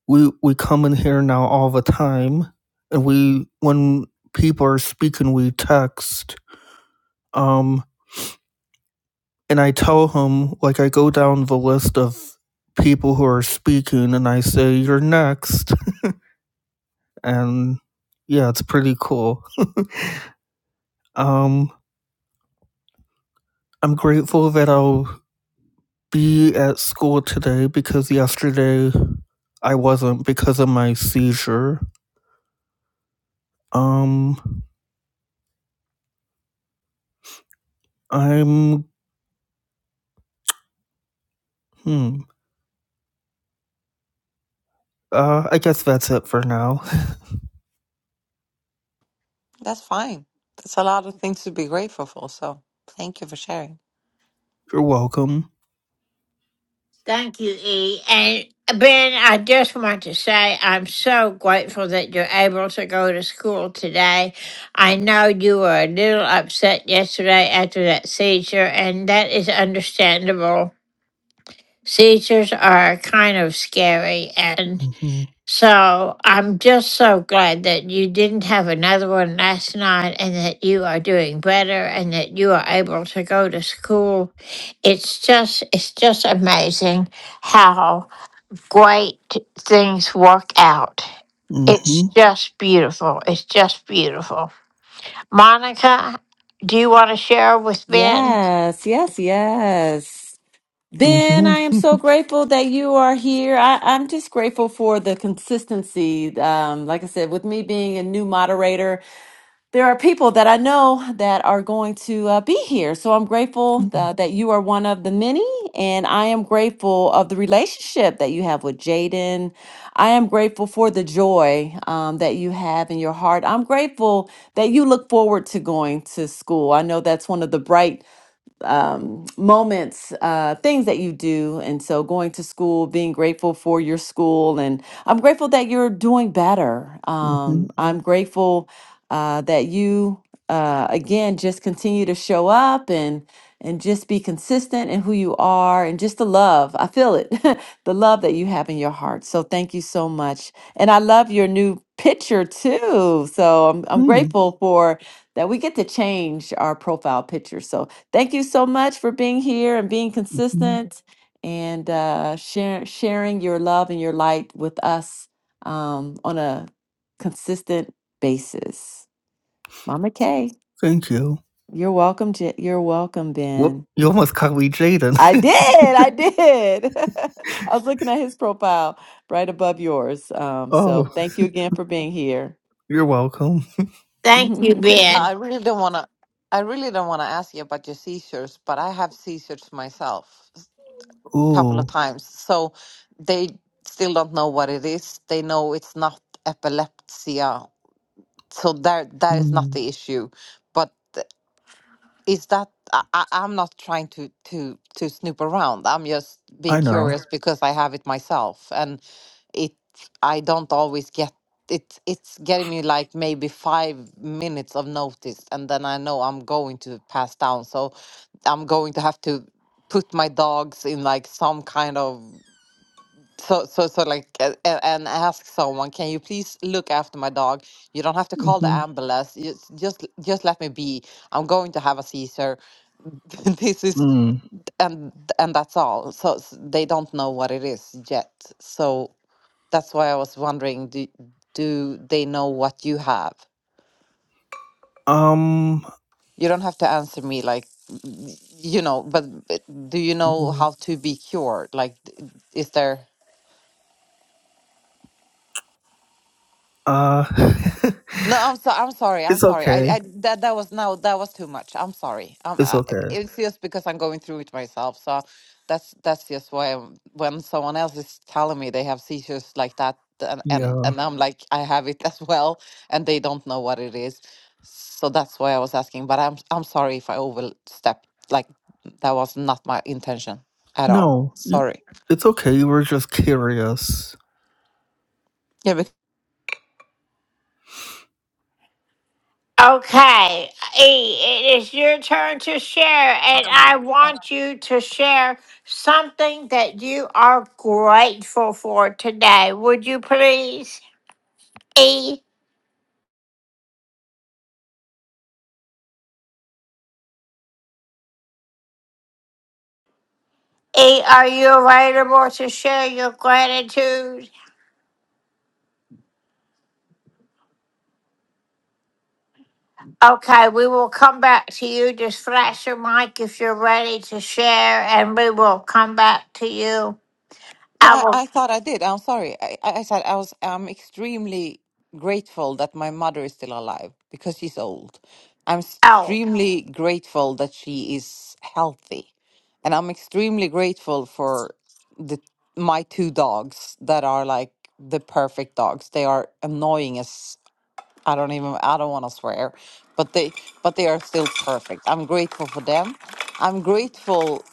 [SPEAKER 10] we we come in here now all the time, and we when people are speaking, we text. Um, and I tell him like I go down the list of people who are speaking, and I say you're next, and yeah, it's pretty cool. Um, I'm grateful that I'll be at school today because yesterday I wasn't because of my seizure. Um, I'm. Hmm. Uh, I guess that's it for now.
[SPEAKER 9] That's fine. That's a lot of things to be grateful for. So thank you for sharing.
[SPEAKER 10] You're welcome.
[SPEAKER 1] Thank you, E. And Ben, I just want to say I'm so grateful that you're able to go to school today. I know you were a little upset yesterday after that seizure, and that is understandable. Seizures are kind of scary, and
[SPEAKER 10] Mm-hmm.
[SPEAKER 1] so I'm just so glad that you didn't have another one last night and that you are doing better and that you are able to go to school. It's just, it's just amazing how great things work out.
[SPEAKER 10] Mm-hmm.
[SPEAKER 1] It's just beautiful. It's just beautiful. Monica, do you want to share with Ben?
[SPEAKER 2] Yes, yes, yes. Ben, I am
[SPEAKER 10] Mm-hmm.
[SPEAKER 2] so grateful that you are here. I, I'm just grateful for the consistency. Um, like I said, with me being a new moderator, there are people that I know that are going to uh, be here. So I'm grateful uh, that you are one of the many, and I am grateful of the relationship that you have with Jaden. I am grateful for the joy um, that you have in your heart. I'm grateful that you look forward to going to school. I know that's one of the bright um, moments, uh, things that you do. And so going to school, being grateful for your school. And I'm grateful that you're doing better.
[SPEAKER 10] mm-hmm.
[SPEAKER 2] Um, I'm grateful uh, that you, uh, again, just continue to show up and and just be consistent in who you are and just the love. I feel it, the love that you have in your heart. So thank you so much. And I love your new picture too. So I'm, I'm grateful for that we get to change our profile picture. So Thank you so much for being here and being
[SPEAKER 10] Mm-hmm.
[SPEAKER 2] consistent and uh, share, sharing your love and your light with us um, on a consistent basis. Mama Kay,
[SPEAKER 10] Thank you.
[SPEAKER 2] you're welcome. J- you're welcome, Ben.
[SPEAKER 10] Whoop! You almost caught me, Jaden.
[SPEAKER 2] I did. I did. I was looking at his profile right above yours. Um,
[SPEAKER 10] oh,
[SPEAKER 2] so thank you again for being here.
[SPEAKER 10] you're welcome.
[SPEAKER 1] Thank you, Ben.
[SPEAKER 9] I really don't want to. I really don't want to ask you about your seizures, but I have seizures myself a couple of
[SPEAKER 10] Ooh.
[SPEAKER 9] times. So they still don't know what it is. They know it's not epilepsy, so that that is not
[SPEAKER 10] Mm,
[SPEAKER 9] the issue. But is that I, I- I'm not trying to to to snoop around. I'm just being
[SPEAKER 10] I know.
[SPEAKER 9] curious because I have it myself, and it I don't always get it. It's getting me like maybe five minutes of notice, and then I know I'm going to pass down. So I'm going to have to put my dogs in like some kind of so, so, so, like, uh, uh, and ask someone, can you please look after my dog? You don't have to call the
[SPEAKER 10] Mm-hmm.
[SPEAKER 9] ambulance. Just, just, just let me be. I'm going to have a seizure. This is,
[SPEAKER 10] Mm.
[SPEAKER 9] and and that's all. So s- they don't know what it is yet. So that's why I was wondering, do do they know what you have?
[SPEAKER 10] Um.
[SPEAKER 9] You don't have to answer me like, y- you know, but, but do you know
[SPEAKER 10] yeah,
[SPEAKER 9] how to be cured? Like, d- is there?
[SPEAKER 10] Uh.
[SPEAKER 9] No, I'm so I'm sorry. I'm
[SPEAKER 10] it's
[SPEAKER 9] sorry. I,
[SPEAKER 10] okay.
[SPEAKER 9] I that that was no, that was too much. I'm sorry. Um,
[SPEAKER 10] It's
[SPEAKER 9] I,
[SPEAKER 10] okay.
[SPEAKER 9] it's just because I'm going through it myself. So that's that's just why I'm, when someone else is telling me they have seizures like that, and and
[SPEAKER 10] Yeah.
[SPEAKER 9] and I'm like I have it as well, and they don't know what it is. So that's why I was asking. But I'm I'm sorry if I overstepped. Like that was not my intention at all.
[SPEAKER 10] No,
[SPEAKER 9] Sorry.
[SPEAKER 10] it's okay. You were just curious.
[SPEAKER 9] Yeah,
[SPEAKER 1] Okay, E, it is your turn to share, and I want you to share something that you are grateful for today. Would you please? E, E, are you available to share your gratitude? Okay, we will come back to you. Just flash your mic if you're ready to share, and we will come back to you.
[SPEAKER 9] No,
[SPEAKER 1] I
[SPEAKER 9] I,
[SPEAKER 1] will.
[SPEAKER 9] I thought I did. I'm sorry. I, I I said I was. I'm extremely grateful that my mother is still alive because she's old. I'm
[SPEAKER 1] Oh,
[SPEAKER 9] extremely grateful that she is healthy, and I'm extremely grateful for the my two dogs that are like the perfect dogs. They are annoying as I don't even. I don't want to swear, but they but they are still perfect. I'm grateful for them. I'm grateful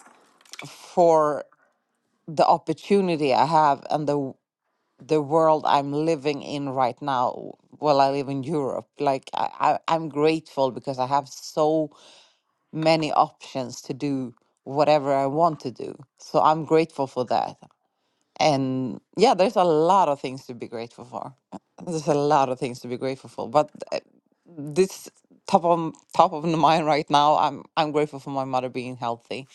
[SPEAKER 9] for the opportunity I have and the the world I'm living in right now while I live in Europe. Like I, I, I'm grateful because I have so many options to do whatever I want to do. So I'm grateful for that. And yeah, there's a lot of things to be grateful for. There's a lot of things to be grateful for. But uh, this top of top of the mind right now, I'm I'm grateful for my mother being healthy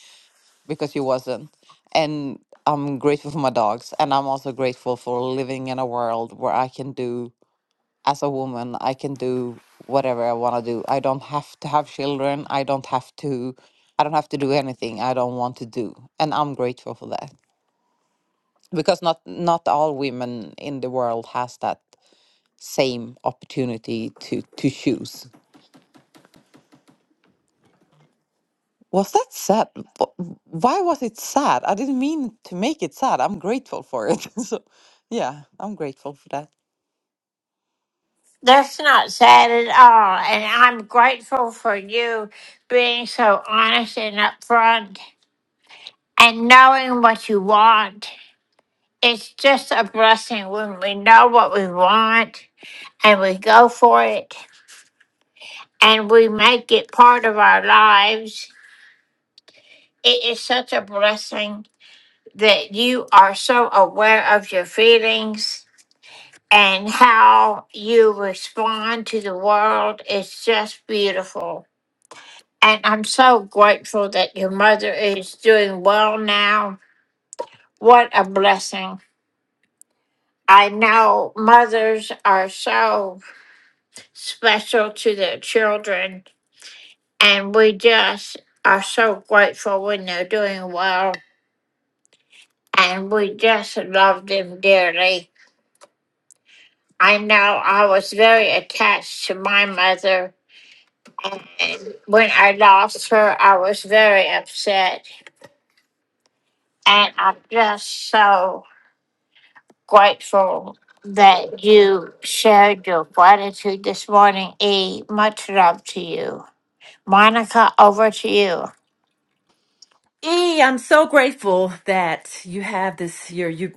[SPEAKER 9] because you wasn't. And I'm grateful for my dogs. And I'm also grateful for living in a world where I can do, as a woman, I can do whatever I want to do. I don't have to have children. I don't have to. I don't have to do anything I don't want to do, and I'm grateful for that because not not all women in the world has that same opportunity to to choose. Was that sad? Wh- Why was it sad? I didn't mean to make it sad. I'm grateful for it. So, yeah, I'm grateful for that.
[SPEAKER 1] that's not sad at all. And I'm grateful for you being so honest and upfront and knowing what you want. It's just a blessing when we know what we want and we go for it and we make it part of our lives. It is such a blessing that you are so aware of your feelings and how you respond to the world is just beautiful. And I'm so grateful that your mother is doing well now. What a blessing. I know mothers are so special to their children, and we just are so grateful when they're doing well, and we just love them dearly. I know I was very attached to my mother. And when I lost her, I was very upset. And I'm just so grateful that you shared your gratitude this morning, E. Much love to you. Monica, over to you.
[SPEAKER 2] E, I'm so grateful that you have this your you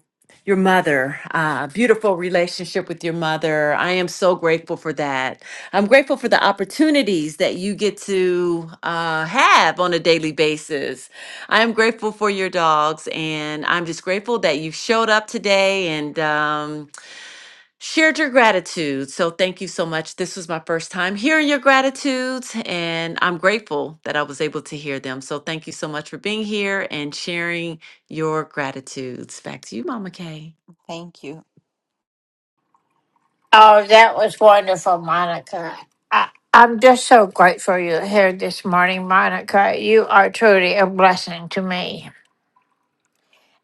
[SPEAKER 2] your mother, uh, beautiful relationship with your mother. I am so grateful for that. I'm grateful for the opportunities that you get to uh, have on a daily basis. I am grateful for your dogs, and I'm just grateful that you showed up today and. Um, shared your gratitude. So thank you so much. This was my first time hearing your gratitudes, and I'm grateful that I was able to hear them. So thank you so much for being here and sharing your gratitudes. Back to you, Mama Kay.
[SPEAKER 9] Thank you.
[SPEAKER 1] Oh, that was wonderful, Monica. I, I'm just so grateful you're here this morning, Monica. You are truly a blessing to me.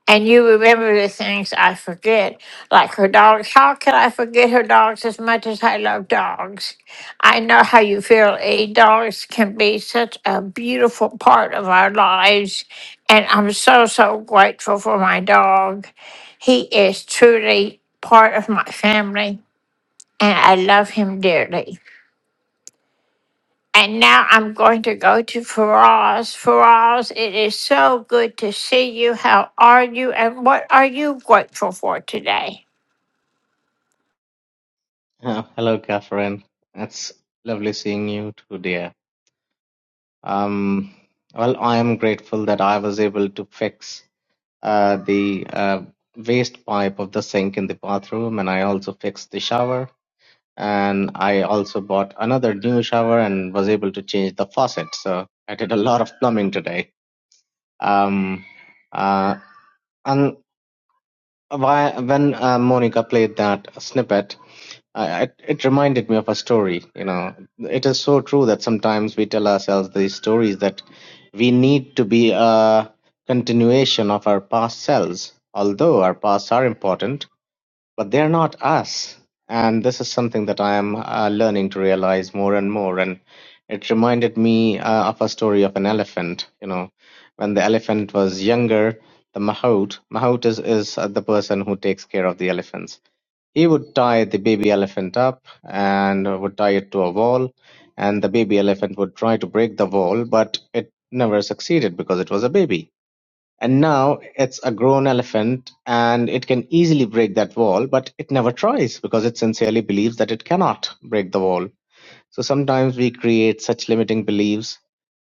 [SPEAKER 1] And you remember the things I forget, like her dogs. How can I forget her dogs as much as I love dogs? I know how you feel. A dogs can be such a beautiful part of our lives, and I'm so so grateful for my dog. He is truly part of my family, and I love him dearly. And now I'm going to go to Faraz. Faraz, it is so good to see you. How are you? And what are you grateful for today?
[SPEAKER 11] Oh, hello, Catherine. It's lovely seeing you too, dear. Um, well, I am grateful that I was able to fix uh, the uh, waste pipe of the sink in the bathroom, and I also fixed the shower. And I also bought another new shower and was able to change the faucet. So I did a lot of plumbing today. Um, uh, and Why- When uh, Monica played that snippet, I, it, it reminded me of a story. You know, it is so true that sometimes we tell ourselves these stories that we need to be a continuation of our past selves. Although our pasts are important, but they're not us. And this is something that I am uh, learning to realize more and more. And it reminded me uh, of a story of an elephant. You know, when the elephant was younger, the mahout, mahout is, is uh, the person who takes care of the elephants. He would tie the baby elephant up and would tie it to a wall. And the baby elephant would try to break the wall, but it never succeeded because it was a baby and now it's a grown elephant and it can easily break that wall, but it never tries because it sincerely believes that it cannot break the wall. So sometimes we create such limiting beliefs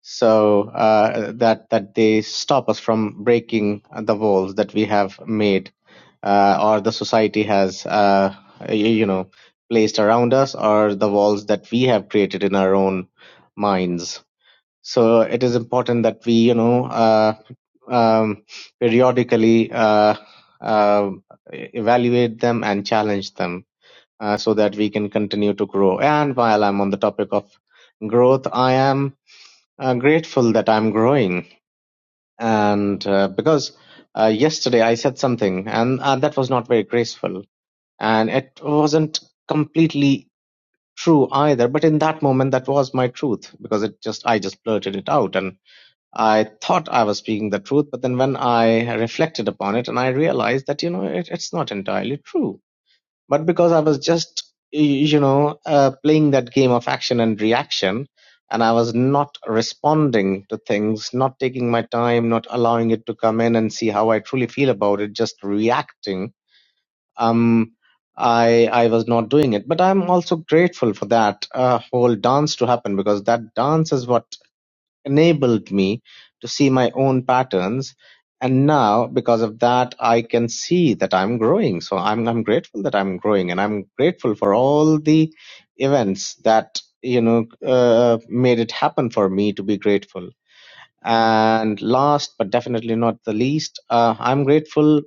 [SPEAKER 11] so uh, that that they stop us from breaking the walls that we have made uh, or the society has uh, y- you know placed around us or the walls that we have created in our own minds. So it is important that we you know. Uh, um, periodically uh, uh, evaluate them and challenge them uh, so that we can continue to grow. And while I'm on the topic of growth, I am uh, grateful that I'm growing. And uh, because uh, yesterday I said something and uh, that was not very graceful and it wasn't completely true either but in that moment that was my truth because it just i just blurted it out and. I thought I was speaking the truth, but then when I reflected upon it and I realized that, you know, it, it's not entirely true. But because I was just, you know, uh, playing that game of action and reaction, and I was not responding to things, not taking my time, not allowing it to come in and see how I truly feel about it, just reacting, um, I, I was not doing it. But I'm also grateful for that uh, whole dance to happen because that dance is what enabled me to see my own patterns and now because of that i can see that i'm growing so i'm i'm grateful that i'm growing and i'm grateful for all the events that you know uh, made it happen for me to be grateful and last but definitely not the least uh, i'm grateful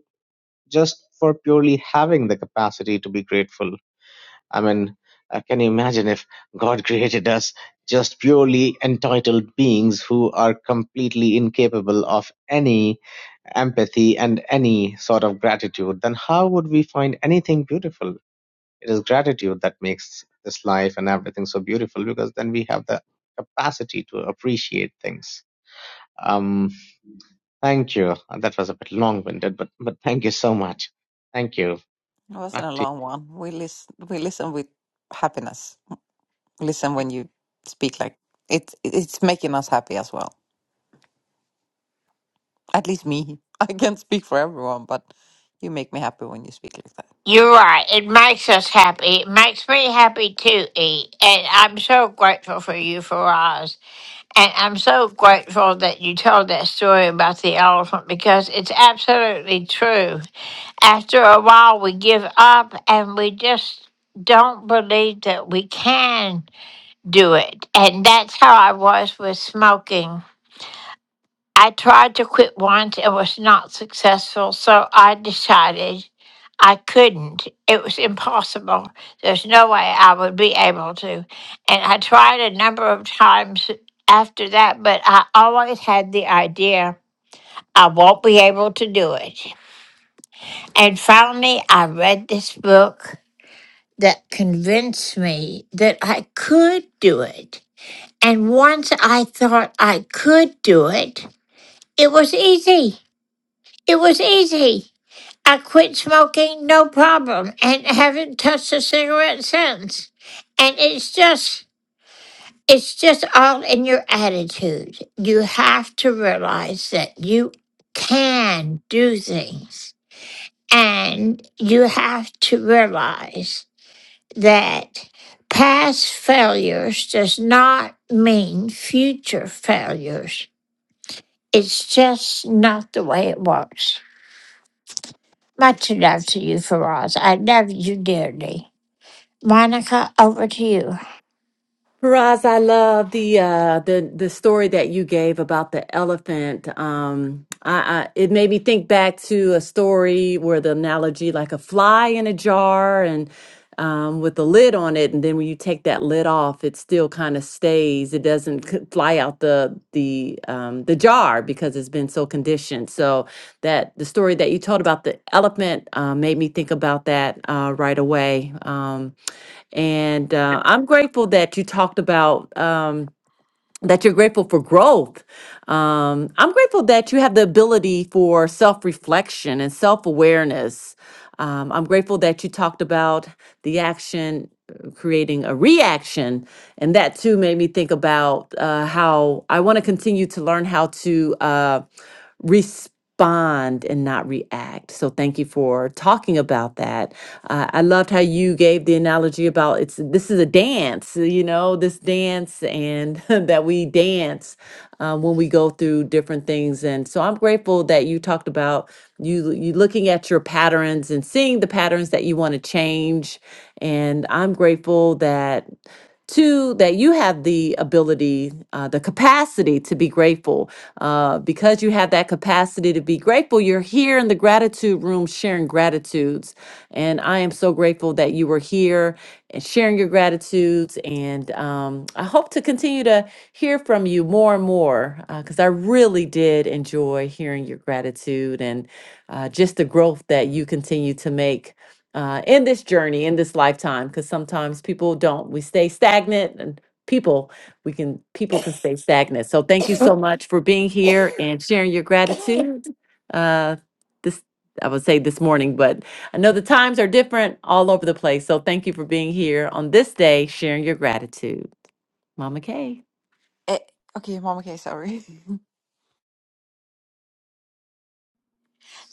[SPEAKER 11] just for purely having the capacity to be grateful I mean, uh, can you imagine if God created us just purely entitled beings who are completely incapable of any empathy and any sort of gratitude? Then how would we find anything beautiful? It is gratitude that makes this life and everything so beautiful because then we have the capacity to appreciate things. Um, thank you. That was a bit long winded, but, but thank you so much. Thank you.
[SPEAKER 9] It wasn't
[SPEAKER 11] Back
[SPEAKER 9] a
[SPEAKER 11] to you.
[SPEAKER 9] long one. We listen. We listen with happiness. Listen when you speak like it. It's making us happy as well. At least me. I can't speak for everyone, but you make me happy when you speak like that.
[SPEAKER 1] You're right. It makes us happy. It makes me happy too. E, And I'm so grateful for you, Faraz. And I'm so grateful that you told that story about the elephant because it's absolutely true. After a while, we give up and we just don't believe that we can. do it. And that's how I was with smoking. I tried to quit once and was not successful, so I decided I couldn't. It was impossible. There's no way I would be able to. And I tried a number of times after that, but I always had the idea I won't be able to do it. And finally, I read this book that convinced me that I could do it. And once I thought I could do it, it was easy. It was easy. I quit smoking, no problem, and haven't touched a cigarette since. And it's just, it's just all in your attitude. You have to realize that you can do things. And you have to realize that past failures does not mean future failures It's just not the way it works. Much love to you, Faraz. I love you dearly. Monica, over to you.
[SPEAKER 2] Faraz, I love the uh, the the story that you gave about the elephant. Um, I, I it made me think back to a story where the analogy like a fly in a jar and um, with the lid on it, and then when you take that lid off, it still kind of stays. It doesn't c- fly out the the um, the jar because it's been so conditioned. So that the story that you told about the elephant uh, made me think about that uh, right away. Um, and uh, I'm grateful that you talked about um, that you're grateful for growth. Um, I'm grateful that you have the ability for self reflection and self awareness. Um, I'm grateful that you talked about the action creating a reaction. And that too made me think about uh, how I want to continue to learn how to uh, respond and not react. So thank you for talking about that. Uh, I loved how you gave the analogy about it's this is a dance, you know, this dance and that we dance uh, when we go we go through different things. And so I'm grateful that you talked about you you looking at your patterns and seeing the patterns that you want to change. And I'm grateful that two that you have the ability uh, the capacity to be grateful uh, because you have that capacity to be grateful you're here in the gratitude room sharing gratitude gratitudes. And I am so grateful that you were here and sharing your gratitudes. And um, I hope to continue to hear from you more and more because I really did enjoy hearing your gratitude and uh, just the growth that you continue to make. Uh, in this journey, in this lifetime, because sometimes people don't. We stay stagnant, and people we can people can stay stagnant. So thank you so much for being here and sharing your gratitude. Uh, this I would say this morning, but I know the times are different all over the place. So thank you for being here on this day, sharing your gratitude. Mama Kay.
[SPEAKER 9] Eh, okay, Mama K, sorry.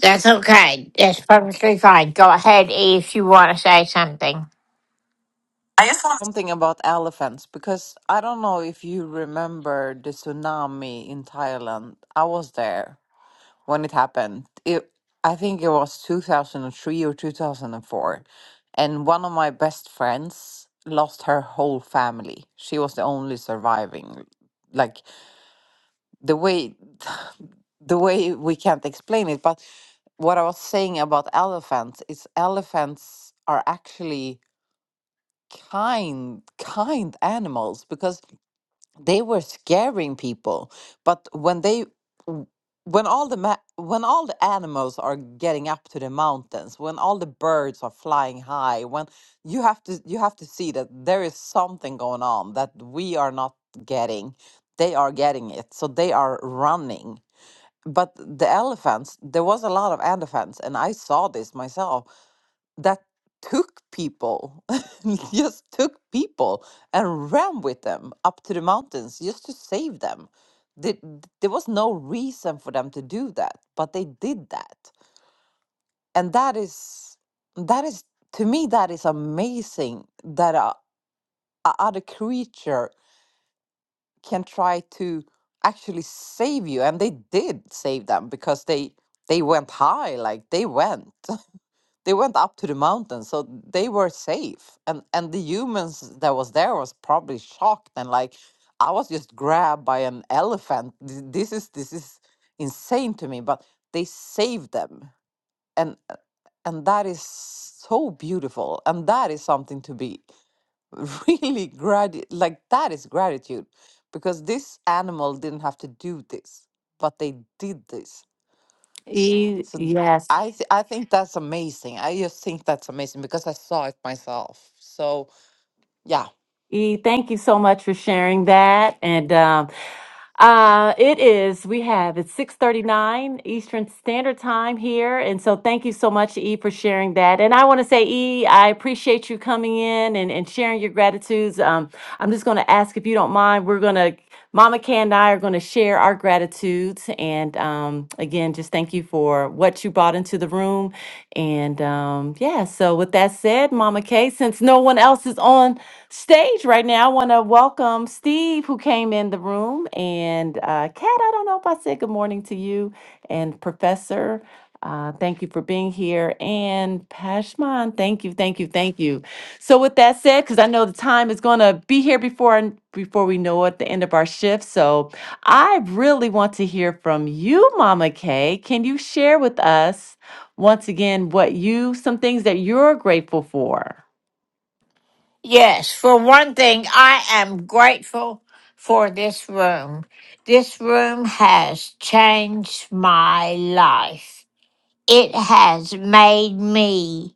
[SPEAKER 1] That's okay. That's perfectly fine. Go ahead, E, if you want to say something. I just want
[SPEAKER 9] something about elephants because I don't know if you remember the tsunami in Thailand. I was there when it happened. It, I think it was 2003 or 2004. And one of my best friends lost her whole family. She was the only surviving. Like the way the way we can't explain it, but what I was saying about elephants is elephants are actually kind kind animals because they were scaring people but when they w- when all the ma- when all the animals are getting up to the mountains when all the birds are flying high when you have to you have to see that there is something going on that we are not getting they are getting it so they are running but the elephants there was a lot of elephants and i saw this myself that took people, just took people and ran with them up to the mountains just to save them. Th- There was no reason for them to do that, but they did that. And that is, that is, to me, that is amazing that a, a other creature can try to actually save you. And they did save them because they, they went high, like they went. they went up to the mountain so they were safe and and the humans that was there was probably shocked and like i was just grabbed by an elephant Th- this is this is insane to me but they saved them and and that is so beautiful and that is something to be really grati like that is gratitude because this animal didn't have to do this but they did this
[SPEAKER 2] E-
[SPEAKER 9] so
[SPEAKER 2] yes,
[SPEAKER 9] I th- I think that's amazing. I just think that's amazing because I saw it myself. So yeah.
[SPEAKER 2] E, thank you so much for sharing that. And um, uh, it is we have it's six thirty nine Eastern Standard Time here, and so thank you so much, E, for sharing that. And I want to say, E, I appreciate you coming in and, and sharing your gratitudes. Um, I'm just going to ask if you don't mind. We're going to Mama K and I are going to share our gratitudes, and um, again, just thank you for what what you brought into the room. And um, yeah, so with that said, Mama Kay, since no one else is on stage right now, I want to welcome Steve, who came in the room. And uh, Kat, I don't know if I said good morning to you. And Professor, uh, thank you for being here. And Pashman, thank you, thank you, thank you. So with that said, because I know the time is going to be here before before we know it, the end of our shift. So I really want to hear from you, Mama Kay. Can you share with us once again what you, some things that you're grateful for?
[SPEAKER 1] Yes, for one thing, I am grateful for this room. This room has changed my life. It has made me.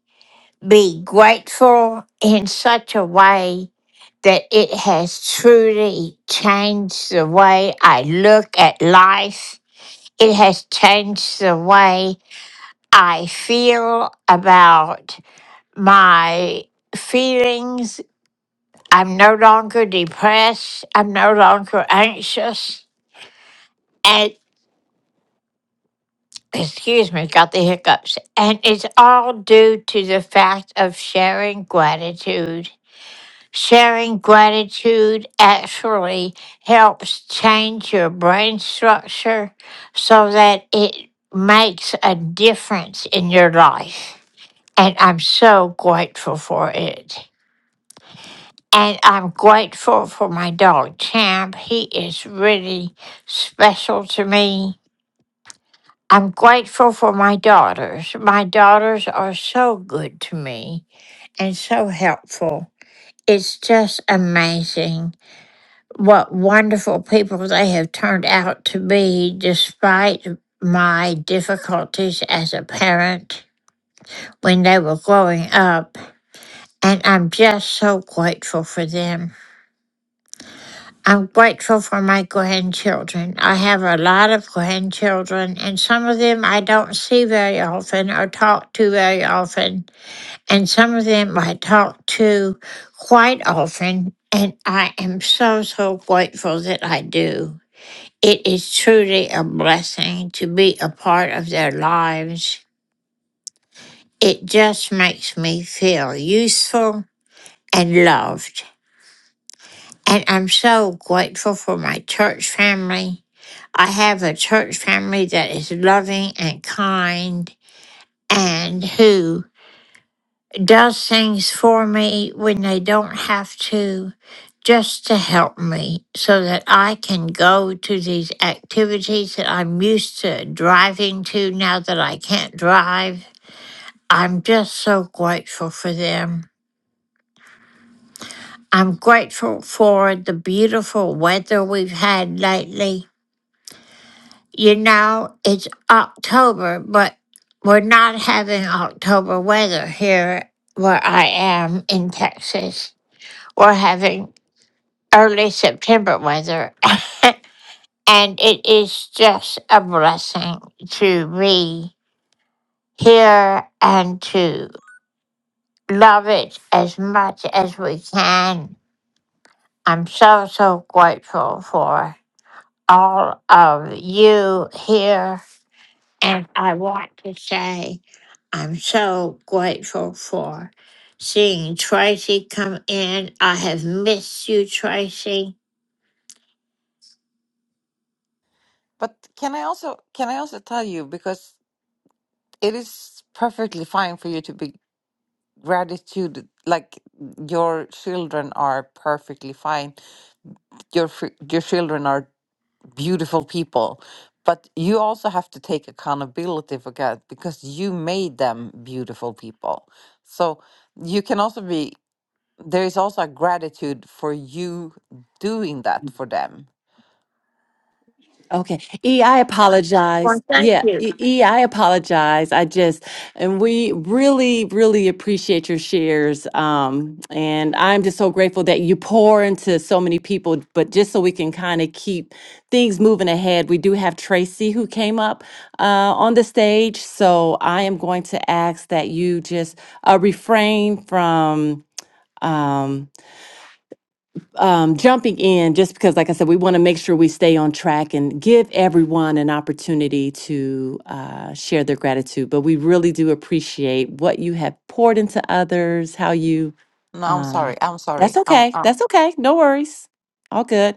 [SPEAKER 1] be grateful in such a way that it has truly changed the way I look at life. It has changed the way I feel about my feelings. I'm no longer depressed. I'm no longer anxious. And excuse me, got the hiccups. And it's all due to the fact of sharing gratitude Sharing gratitude actually helps change your brain structure so that it makes a difference in your life. And I'm so grateful for it. And I'm grateful for my dog, Champ. He is really special to me. I'm grateful for my daughters. My daughters are so good to me and so helpful. It's just amazing what wonderful people they have turned out to be despite my difficulties as a parent when they were growing up. And I'm just so grateful for them. I'm grateful for my grandchildren. I have a lot of grandchildren, and some of them I don't see very often or talk to very often. And some of them I talk to quite often. And I am so, so grateful that I do. It is truly a blessing to be a part of their lives. It just makes me feel useful and loved. And I'm so grateful for my church family. I have a church family that is loving and kind and who does things for me when they don't have to, just to help me so that I can go to these activities that I'm used to driving to now that I can't drive. I'm just so grateful for them. I'm grateful for the beautiful weather we've had lately. You know, it's October, but we're not having October weather here where I am in Texas. We're having early September weather. and it is just a blessing to be here and to love it as much as we can. I'm so, so grateful for all of you here. And I want to say I'm so grateful for seeing Tracy come in. I have missed you, Tracy
[SPEAKER 9] But can I also can I also tell you because it is perfectly fine for you to be gratitude like your children are perfectly fine. Your fr- your children are beautiful people. But you also have to take accountability for God because you made them beautiful people. So you can also be there is also a gratitude for you doing that for them.
[SPEAKER 2] Okay. E, I apologize.
[SPEAKER 1] Well, thank
[SPEAKER 2] Yeah.
[SPEAKER 1] you.
[SPEAKER 2] E, E, I apologize. I just, and we really, really appreciate your shares. Um, and I'm just so grateful that you pour into so many people. But just so we can kind of keep things moving ahead, we do have Tracy who came up uh, on the stage. So I am going to ask that you just uh, refrain from. Um, um, jumping in just because, like I said, we want to make sure we stay on track and give everyone an opportunity to uh, share their gratitude. But we really do appreciate what you have poured into others, how you,
[SPEAKER 9] No, I'm
[SPEAKER 2] um,
[SPEAKER 9] sorry. I'm
[SPEAKER 2] that's
[SPEAKER 9] sorry. I'm
[SPEAKER 2] okay.
[SPEAKER 9] I'm
[SPEAKER 2] That's okay. No worries. All good.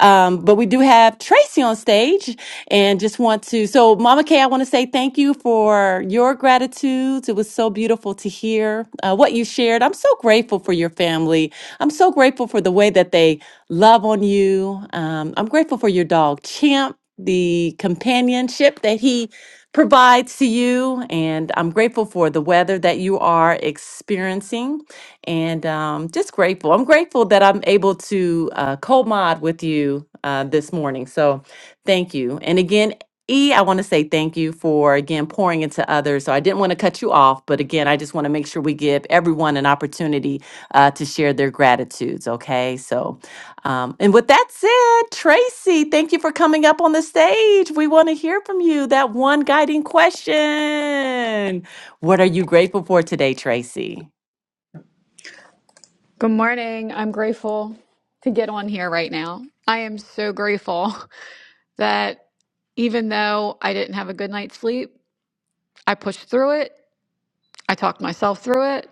[SPEAKER 2] Um, but we do have Tracy on stage and just want to. So, Mama Kay, I want to say thank you for your gratitudes. It was so beautiful to hear uh, what you shared. I'm so grateful for your family. I'm so grateful for the way that they love on you. Um, I'm grateful for your dog, Champ, the companionship that he provides to you. And I'm grateful for the weather that you are experiencing and um, just grateful. I'm grateful that I'm able to uh, co-mod with you uh, this morning. So thank you. And again, E, I want to say thank you for again pouring into others. So I didn't want to cut you off, but again, I just want to make sure we give everyone an opportunity uh, to share their gratitudes. Okay, so um, and with that said, Tracy, thank you for coming up on the stage. We want to hear from you. That one guiding question: What are you grateful for today, Tracy?
[SPEAKER 12] Good morning. I'm grateful to get on here right now. I am so grateful that even though I didn't have a good night's sleep, I pushed through it. I talked myself through it.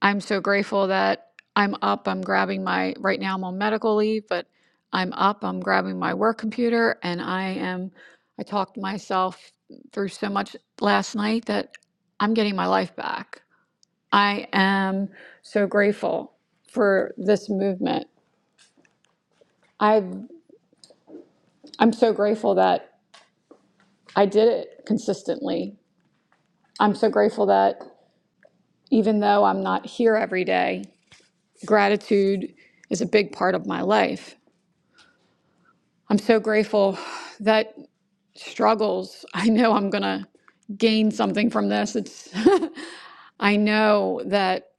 [SPEAKER 12] I'm so grateful that I'm up. I'm grabbing my, right now I'm on medical leave, but I'm up. I'm grabbing my work computer and I am, I talked myself through so much last night that I'm getting my life back. I am so grateful for this movement. I've I'm so grateful that I did it consistently. I'm so grateful that even though I'm not here every day, gratitude is a big part of my life. I'm so grateful that struggles, I know I'm going to gain something from this. It's I know that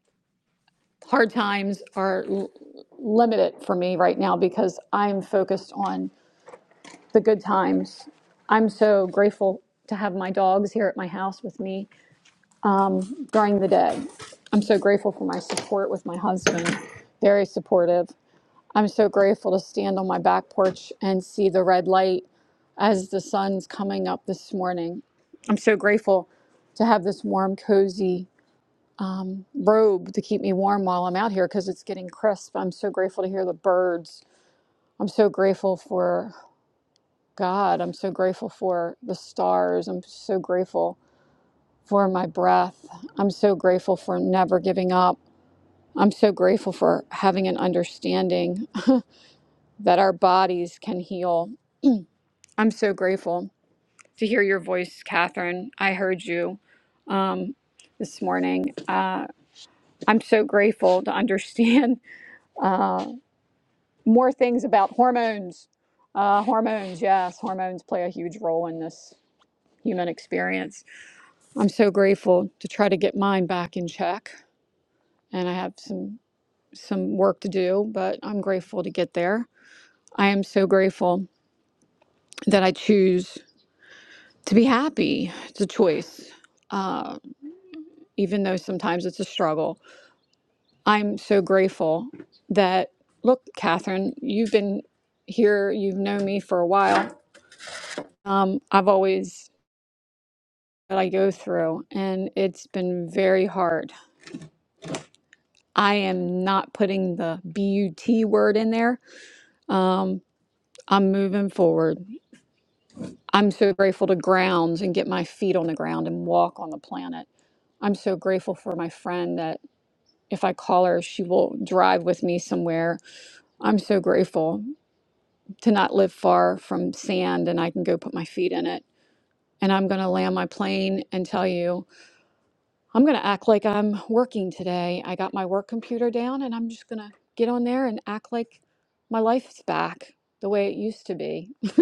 [SPEAKER 12] hard times are l- limited for me right now because I'm focused on the good times. I'm so grateful to have my dogs here at my house with me. during the day. I'm so grateful for my support with my husband, very supportive. I'm so grateful to stand on my back porch and see the red light as the sun's coming up this morning. I'm so grateful to have this warm, cozy robe to keep me warm while I'm out here because it's getting crisp. I'm so grateful to hear the birds. I'm so grateful for God. I'm so grateful for the stars. I'm so grateful for my breath. I'm so grateful for never giving up. I'm so grateful for having an understanding that our bodies can heal. I'm so grateful to hear your voice, Catherine. I heard you um, this morning. Uh, I'm so grateful to understand more things about hormones. Uh, hormones, yes, hormones play a huge role in this human experience. I'm so grateful to try to get mine back in check, and I have some some work to do, but I'm grateful to get there. I am so grateful that I choose. to be happy. It's a choice, even though sometimes it's a struggle. I'm so grateful that, look, Catherine, you've been here, you've known me for a while. Um, I've always that I go through, and it's been very hard. I am not putting the BUT word in there. Um, I'm moving forward. I'm so grateful to grounds and get my feet on the ground and walk on the planet. I'm so grateful for my friend that if I call her, she will drive with me somewhere. I'm so grateful to not live far from sand and I can go put my feet in it. And I'm going to land my plane and tell you, I'm going to act like I'm working today. I got my work computer down and I'm just going to get on there and act like my life's back the way it used to be.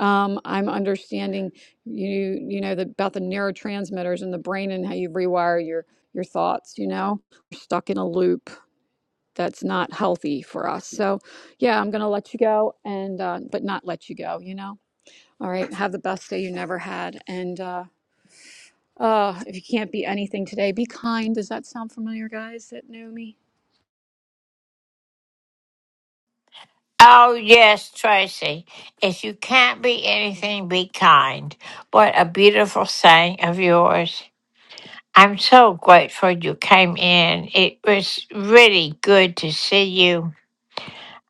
[SPEAKER 12] um, I'm understanding you you know the, about the neurotransmitters in the brain and how you rewire your your thoughts, you know. You're stuck in a loop that's not healthy for us. So, yeah, I'm going to let you go and, uh, but not let you go, you know? All right. Have the best day you never had. And, uh, uh, if you can't be anything today, be kind. Does that sound familiar, guys that know me?
[SPEAKER 1] Oh, yes, Tracy. If you can't be anything, be kind. What a beautiful saying of yours. I'm so grateful you came in. It was really good to see you.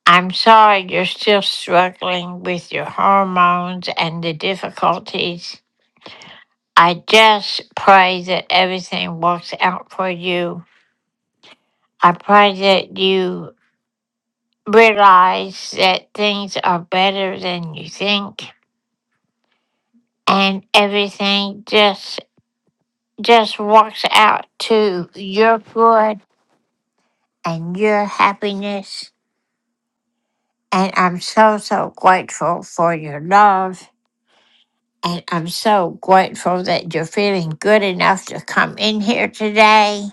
[SPEAKER 1] I'm sorry you're still struggling with your hormones and the difficulties. I just pray that everything works out for you. I pray that you realize that things are better than you think and everything just just works out to your good and your happiness. And I'm so so grateful for your love And I'm so grateful that you're feeling good enough to come in here today.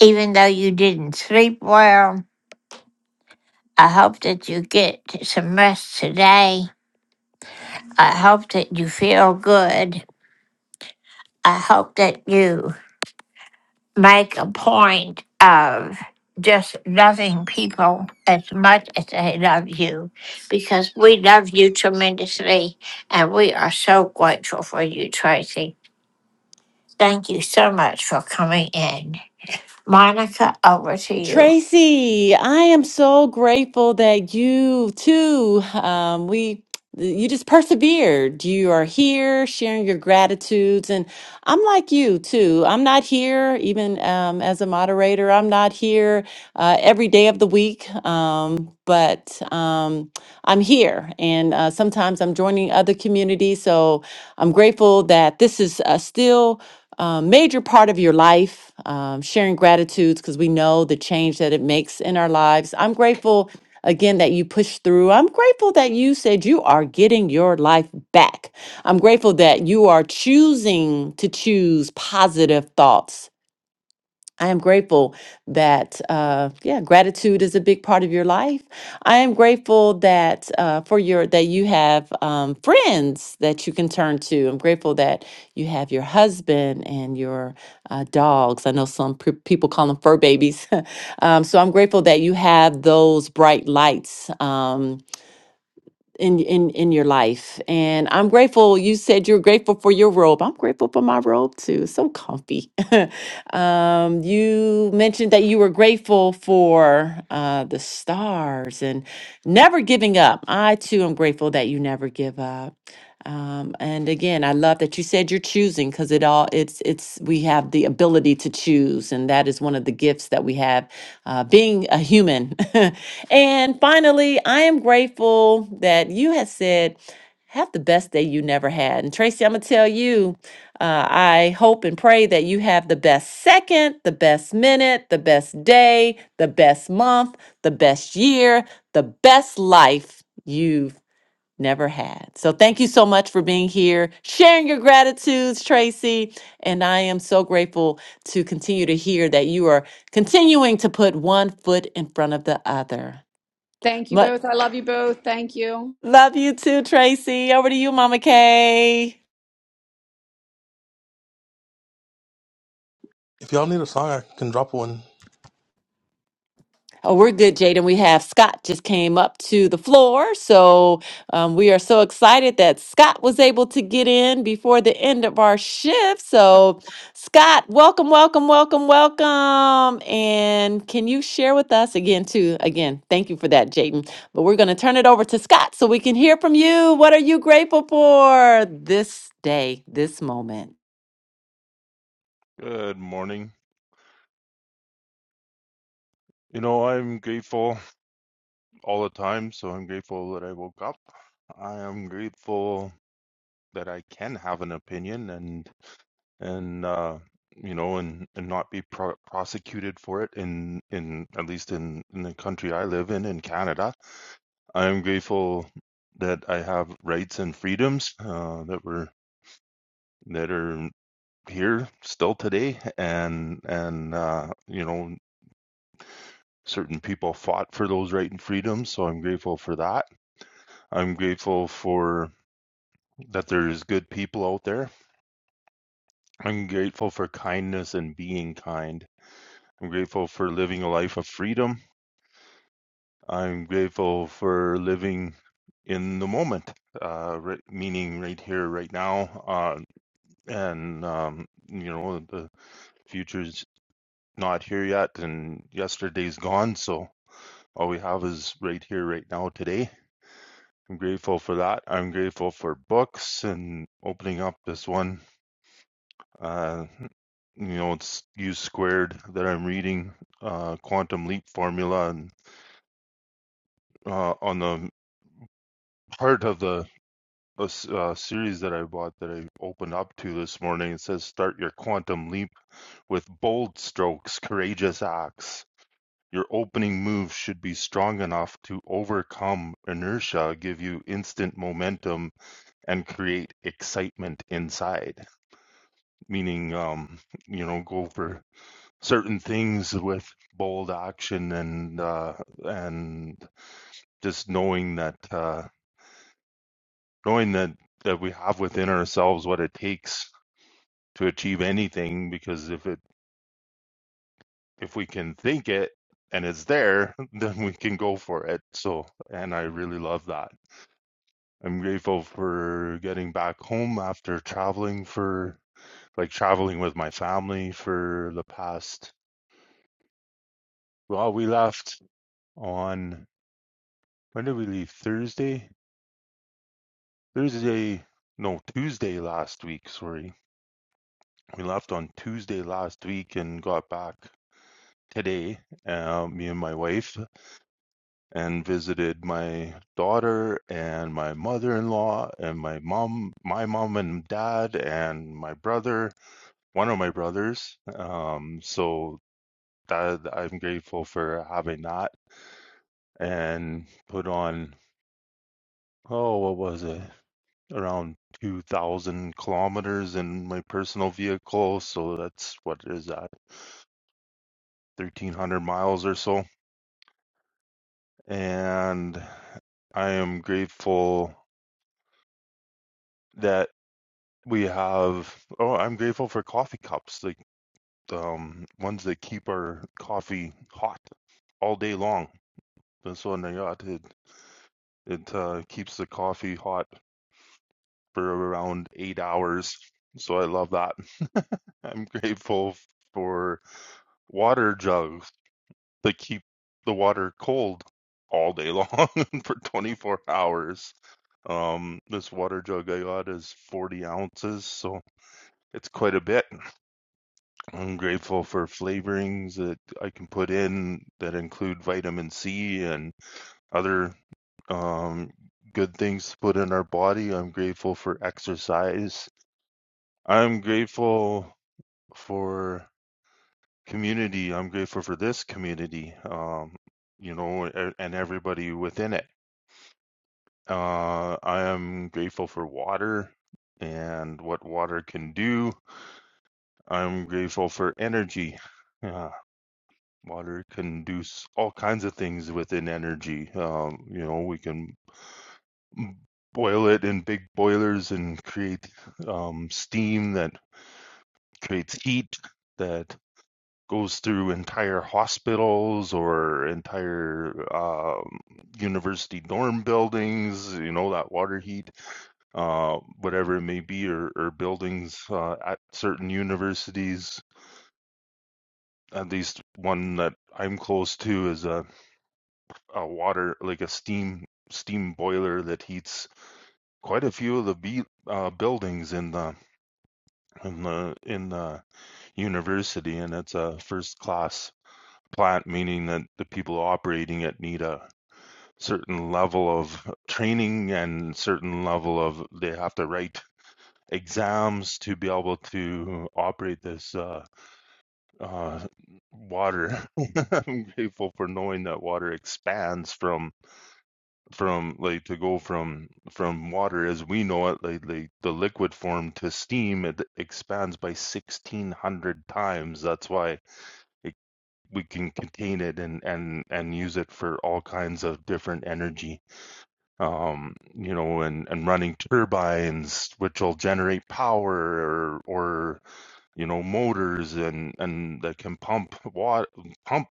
[SPEAKER 1] Even though you didn't sleep well, I hope that you get some rest today. I hope that you feel good. I hope that you make a point of just loving people as much as they love you because we love you tremendously and we are so grateful for you, Tracy. Thank you so much for coming in. Monica, over to you.
[SPEAKER 2] Tracy, I am so grateful that you too, um, we, you just persevered. You are here sharing your gratitudes. And I'm like you too. I'm not here, even um, as a moderator, I'm not here uh, every day of the week. Um, but um, I'm here. And uh, sometimes I'm joining other communities. So I'm grateful that this is uh, still um, major part of your life, um, sharing gratitudes because we know the change that it makes in our lives. I'm grateful again that you pushed through. I'm grateful that you said you are getting your life back. I'm grateful that you are choosing to choose positive thoughts I am grateful that, uh, yeah, gratitude is a big part of your life. I am grateful that uh, for your that you have um, friends that you can turn to. I'm grateful that you have your husband and your uh, dogs. I know some pe- people call them fur babies. um, so I'm grateful that you have those bright lights. Um, in in in your life and i'm grateful you said you're grateful for your robe i'm grateful for my robe too it's so comfy um you mentioned that you were grateful for uh the stars and never giving up i too am grateful that you never give up um, and again, I love that you said you're choosing because it all it's it's we have the ability to choose, and that is one of the gifts that we have, uh, being a human. and finally, I am grateful that you have said, "Have the best day you never had." And Tracy, I'm gonna tell you, uh, I hope and pray that you have the best second, the best minute, the best day, the best month, the best year, the best life you've never had. So thank you so much for being here, sharing your gratitudes, Tracy. And I am so grateful to continue to hear that you are continuing to put one foot in front of the other.
[SPEAKER 12] Thank you
[SPEAKER 2] But
[SPEAKER 12] both. I love you both. Thank you.
[SPEAKER 2] love you too, Tracy. Over to you, Mama Kay.
[SPEAKER 6] If y'all need a song, I can drop one.
[SPEAKER 2] Oh, we're good, Jaden. We have Scott just came up to the floor. So um, we are so excited that Scott was able to get in before the end of our shift. So, Scott, welcome, welcome, welcome, welcome. And can you share with us again, too? Again, thank you for that, Jaden. But we're going to turn it over to Scott so we can hear from you. What are you grateful for this day, this moment?
[SPEAKER 13] Good morning. You know, I'm grateful all the time, so I'm grateful that I woke up. I am grateful that I can have an opinion and and uh you know and and not be pro- prosecuted for it in in at least in in the country I live in in Canada. I am grateful that I have rights and freedoms uh that were that are here still today and and uh you know certain people fought for those rights and freedoms, so I'm grateful for that. I'm grateful for that there's good people out there. I'm grateful for kindness and being kind. I'm grateful for living a life of freedom. I'm grateful for living in the moment, uh, right, meaning right here, right now. Uh, and, um, you know, the future's not here yet, and yesterday's gone. So all we have is right here, right now, today I'm grateful for that. I'm grateful for books and opening up this one. Uh, you know, it's U squared that I'm reading, uh, Quantum Leap Formula, and uh, on the part of the uh, uh, series that I bought that I opened up to this morning, it says start your quantum leap with bold strokes, courageous acts. Your opening move should be strong enough to overcome inertia, give you instant momentum, and create excitement inside. meaning um, you know go for certain things with bold action and uh, and just knowing that uh, knowing that that we have within ourselves what it takes to achieve anything because if it if we can think it and it's there then we can go for it so and I really love that I'm grateful for getting back home after traveling for like traveling with my family for the past well we left on When did we leave? Thursday? Thursday, no, Tuesday last week, sorry. We left on Tuesday last week and got back today, uh, me and my wife, and visited my daughter and my mother-in-law and my mom, my mom and dad, and my brother, one of my brothers. Um, so that I'm grateful for having that and put on, oh, what was it? around 2,000 kilometers in my personal vehicle. So that's what is that, 1,300 miles or so. And I am grateful that we have, oh, I'm grateful for coffee cups, like um, ones that keep our coffee hot all day long. That's what I got. It, it uh, keeps the coffee hot for around eight hours. So I love that. I'm grateful for water jugs. They keep the water cold all day long for 24 hours. Um, this water jug I got is 40 ounces, so it's quite a bit. I'm grateful for flavorings that I can put in that include vitamin C and other um, good things to put in our body. I'm grateful for exercise. I'm grateful for community. I'm grateful for this community, um, you know, and everybody within it Uh, I am grateful for water and what water can do. I'm grateful for energy. Yeah, water can do all kinds of things within energy. Um, you know, we can boil it in big boilers and create um, steam that creates heat that goes through entire hospitals or entire um, university dorm buildings. You know, that water heat uh, whatever it may be, or, or buildings uh, at certain universities. At least one that I'm close to is a, a water, like a steam steam boiler that heats quite a few of the be- uh, buildings in the in the in the university, and it's a first class plant, meaning that the people operating it need a certain level of training and certain level of they have to write exams to be able to operate this uh, uh, water. I'm grateful for knowing that water expands from from like to go from from water as we know it, like, like the liquid form to steam, it expands by 1600 times. That's why it, we can contain it and and and use it for all kinds of different energy um, you know, and, and running turbines, which will generate power or, or you know motors and and that can pump water pump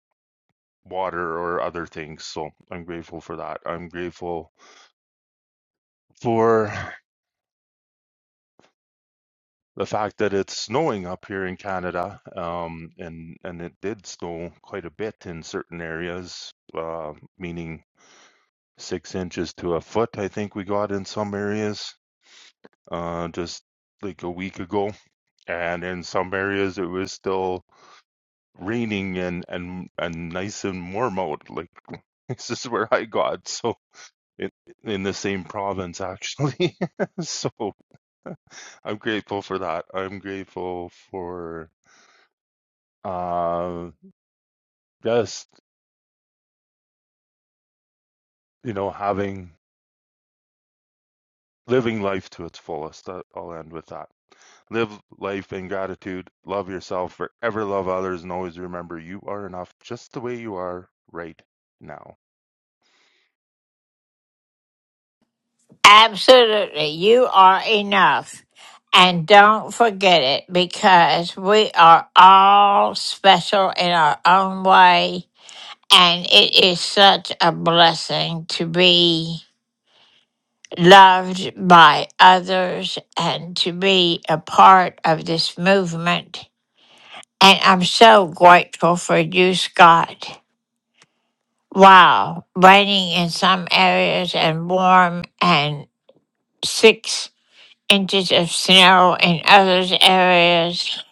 [SPEAKER 13] water or other things so i'm grateful for that i'm grateful for the fact that it's snowing up here in canada um and and it did snow quite a bit in certain areas uh meaning six inches to a foot i think we got in some areas uh just like a week ago and in some areas it was still raining and and and nice and warm out. Like this is where I got so in, in the same province actually. so I'm grateful for that. I'm grateful for uh just you know having living life to its fullest. That- I'll end with that. Live life in gratitude. Love yourself. Forever love others, and always remember you are enough, just the way you are right now.
[SPEAKER 1] Absolutely. You are enough. And don't forget it because we are all special in our own way. And it is such a blessing to be loved by others and to be a part of this movement. And I'm so grateful for you, Scott. Wow, raining in some areas and warm and six inches of snow in others areas.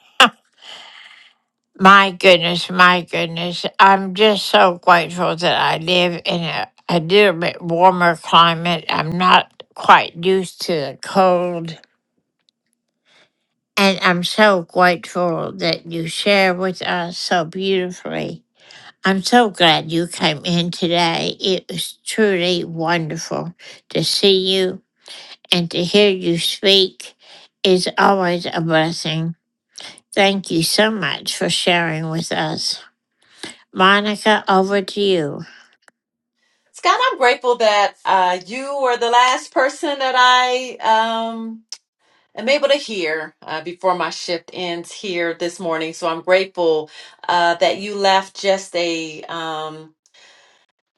[SPEAKER 1] My goodness, my goodness. I'm just so grateful that I live in a, a little bit warmer climate. I'm not quite used to the cold. And I'm so grateful that you share with us so beautifully. I'm so glad you came in today. It was truly wonderful to see you and to hear you speak is always a blessing. Thank you so much for sharing with us. Monica, over to you.
[SPEAKER 2] Scott, I'm grateful that uh, you were the last person that I um, am able to hear uh, before my shift ends here this morning. So I'm grateful uh, that you left just a um,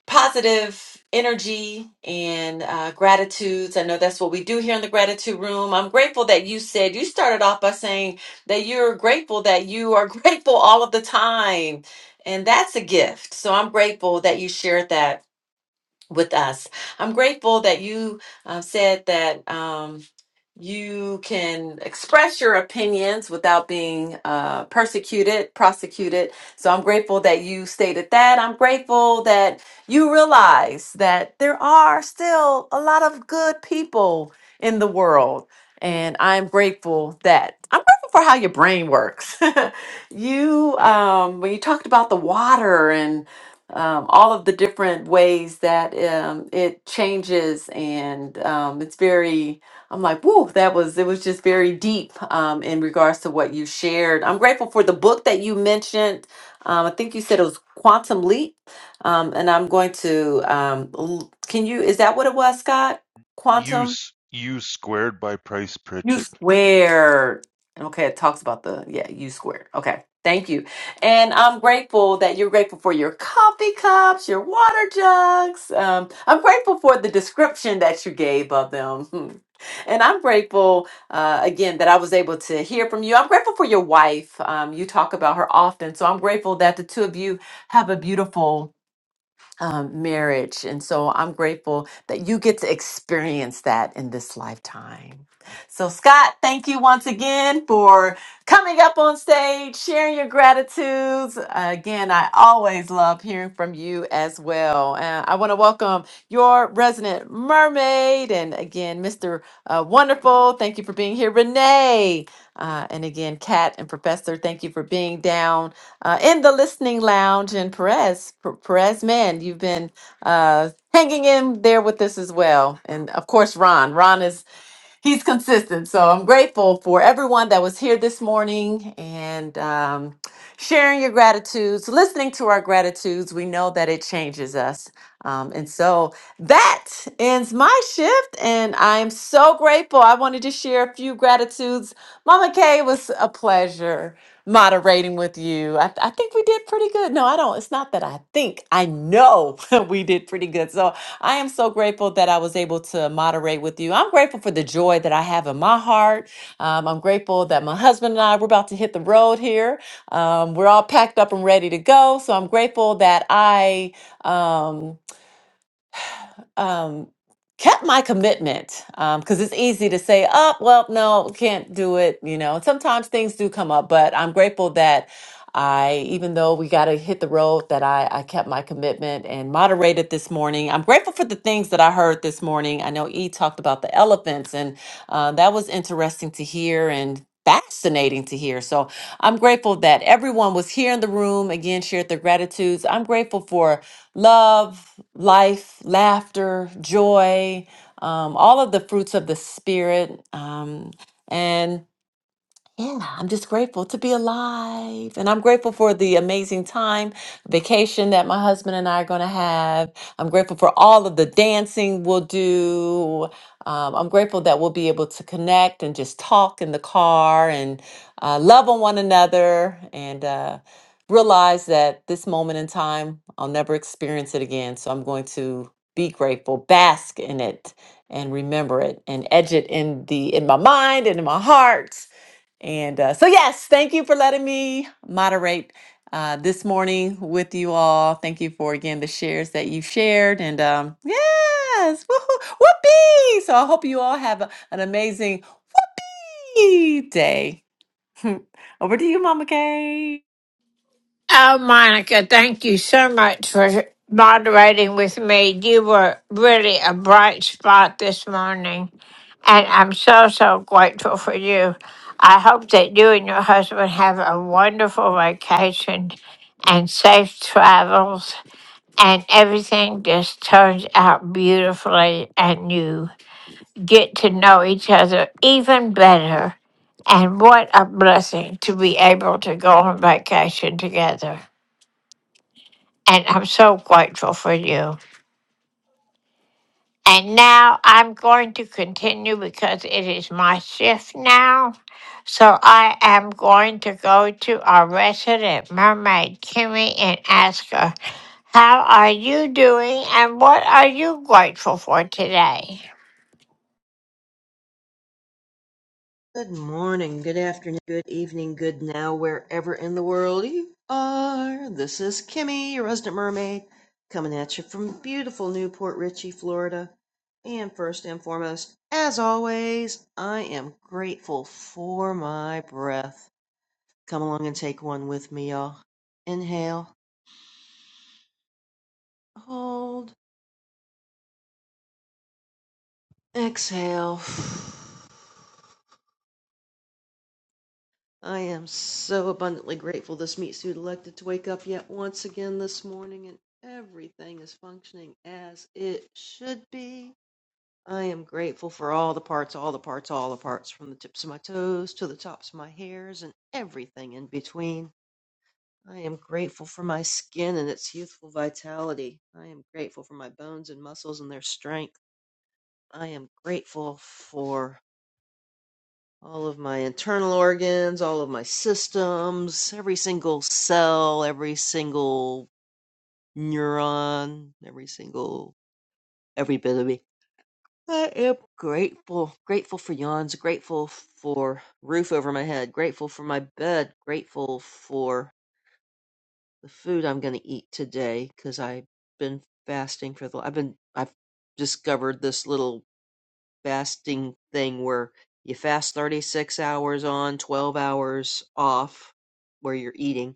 [SPEAKER 2] positive energy and uh, gratitudes. I know that's what we do here in the gratitude room. I'm grateful that you said you started off by saying that you're grateful that you are grateful all of the time. And that's a gift. So I'm grateful that you shared that with us. I'm grateful that you uh, said that. Um, you can express your opinions without being uh, persecuted, prosecuted. So I'm grateful that you stated that. I'm grateful that you realize that there are still a lot of good people in the world. And I'm grateful that I'm grateful for how your brain works. you, um, when you talked about the water and um, all of the different ways that um, it changes, and um, it's very I'm like, whoa, that was it was just very deep um, in regards to what you shared. I'm grateful for the book that you mentioned. Um, I think you said it was Quantum Leap, um, and I'm going to. Um, l- can you? Is that what it was, Scott? Quantum.
[SPEAKER 13] Use use squared by Price
[SPEAKER 2] U
[SPEAKER 13] Pritchett.
[SPEAKER 2] squared. Okay, it talks about the, yeah, U squared. Okay, thank you. And I'm grateful that you're grateful for your coffee cups, your water jugs. Um, I'm grateful for the description that you gave of them. And I'm grateful, uh, again, that I was able to hear from you. I'm grateful for your wife. Um, you talk about her often. So I'm grateful that the two of you have a beautiful um, marriage. And so I'm grateful that you get to experience that in this lifetime. So, Scott, thank you once again for coming up on stage, sharing your gratitudes. Again, I always love hearing from you as well. And I want to welcome your resident mermaid and again, Mr. Uh, Wonderful. Thank you for being here, Renee. Uh, and again, Kat and Professor, thank you for being down uh, in the listening lounge. And Perez, P- Perez, man, you've been uh, hanging in there with us as well. And of course, Ron. Ron is he's consistent. So I'm grateful for everyone that was here this morning and um, sharing your gratitudes, listening to our gratitudes. We know that it changes us. Um, and so that ends my shift, and I am so grateful. I wanted to share a few gratitudes. Mama Kay, it was a pleasure moderating with you. I, I think we did pretty good. No, I don't. It's not that I think. I know we did pretty good. So I am so grateful that I was able to moderate with you. I'm grateful for the joy that I have in my heart. Um, I'm grateful that my husband and I, we're about to hit the road here. Um, we're all packed up and ready to go. So I'm grateful that I. Um, um, kept my commitment because it's easy to say, oh, well, no, can't do it. You know, sometimes things do come up, but I'm grateful that I, even though we got to hit the road, that I, I kept my commitment and moderated this morning. I'm grateful for the things that I heard this morning. I know E talked about the elephants, and uh, that was interesting to hear. And fascinating to hear. So I'm grateful that everyone was here in the room again, shared their gratitudes. I'm grateful for love, life, laughter, joy, um, all of the fruits of the spirit. Um, and yeah, I'm just grateful to be alive. And I'm grateful for the amazing time, vacation that my husband and I are going to have. I'm grateful for all of the dancing we'll do. Um, I'm grateful that we'll be able to connect and just talk in the car and uh, love on one another and uh, realize that this moment in time, I'll never experience it again. So I'm going to be grateful, bask in it and remember it and edge it in the in my mind and in my heart and uh, so, yes, thank you for letting me moderate uh, this morning with you all. Thank you for again the shares that you shared. And um, yes, woohoo, whoopee! So, I hope you all have a- an amazing day. Over to you, Mama Kay.
[SPEAKER 1] Oh, Monica, thank you so much for moderating with me. You were really a bright spot this morning, and I'm so, so grateful for you. I hope that you and your husband have a wonderful vacation and safe travels, and everything just turns out beautifully, and you get to know each other even better. And what a blessing to be able to go on vacation together. And I'm so grateful for you. And now I'm going to continue because it is my shift now. So I am going to go to our resident mermaid, Kimmy, and ask her, How are you doing and what are you grateful for today?
[SPEAKER 14] Good morning, good afternoon, good evening, good now, wherever in the world you are. This is Kimmy, your resident mermaid, coming at you from beautiful Newport Richey, Florida. And first and foremost, as always, I am grateful for my breath. Come along and take one with me, y'all. Inhale, hold, exhale. I am so abundantly grateful this meat suit elected to wake up yet once again this morning and everything is functioning as it should be. I am grateful for all the parts, all the parts, all the parts, from the tips of my toes to the tops of my hairs and everything in between. I am grateful for my skin and its youthful vitality. I am grateful for my bones and muscles and their strength. I am grateful for all of my internal organs, all of my systems, every single cell, every single neuron, every single every bit of me. I am grateful, grateful for yawns, grateful for roof over my head, grateful for my bed, grateful for the food I'm going to eat today because I've been fasting for the. I've been I've discovered this little fasting thing where you fast 36 hours on, 12 hours off, where you're eating,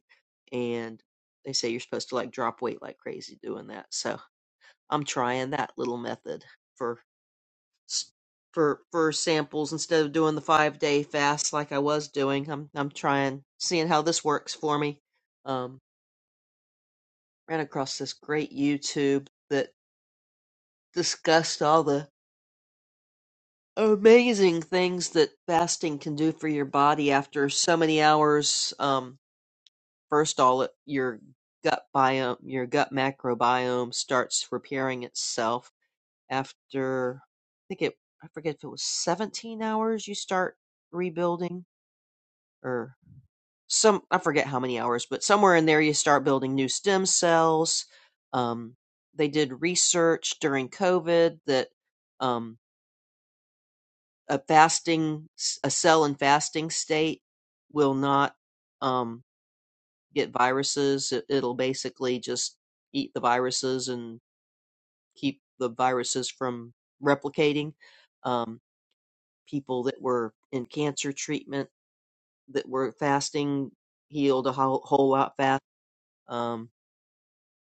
[SPEAKER 14] and they say you're supposed to like drop weight like crazy doing that. So I'm trying that little method for s- for for samples instead of doing the five day fast like I was doing. I'm I'm trying seeing how this works for me. Um, ran across this great YouTube that discussed all the amazing things that fasting can do for your body after so many hours. Um, first, all it- your gut biome, your gut microbiome, starts repairing itself after. I think it. I forget if it was 17 hours. You start rebuilding, or some. I forget how many hours, but somewhere in there you start building new stem cells. Um, they did research during COVID that. Um, a fasting a cell in fasting state will not um, get viruses it, it'll basically just eat the viruses and keep the viruses from replicating um, people that were in cancer treatment that were fasting healed a whole, whole lot fast um,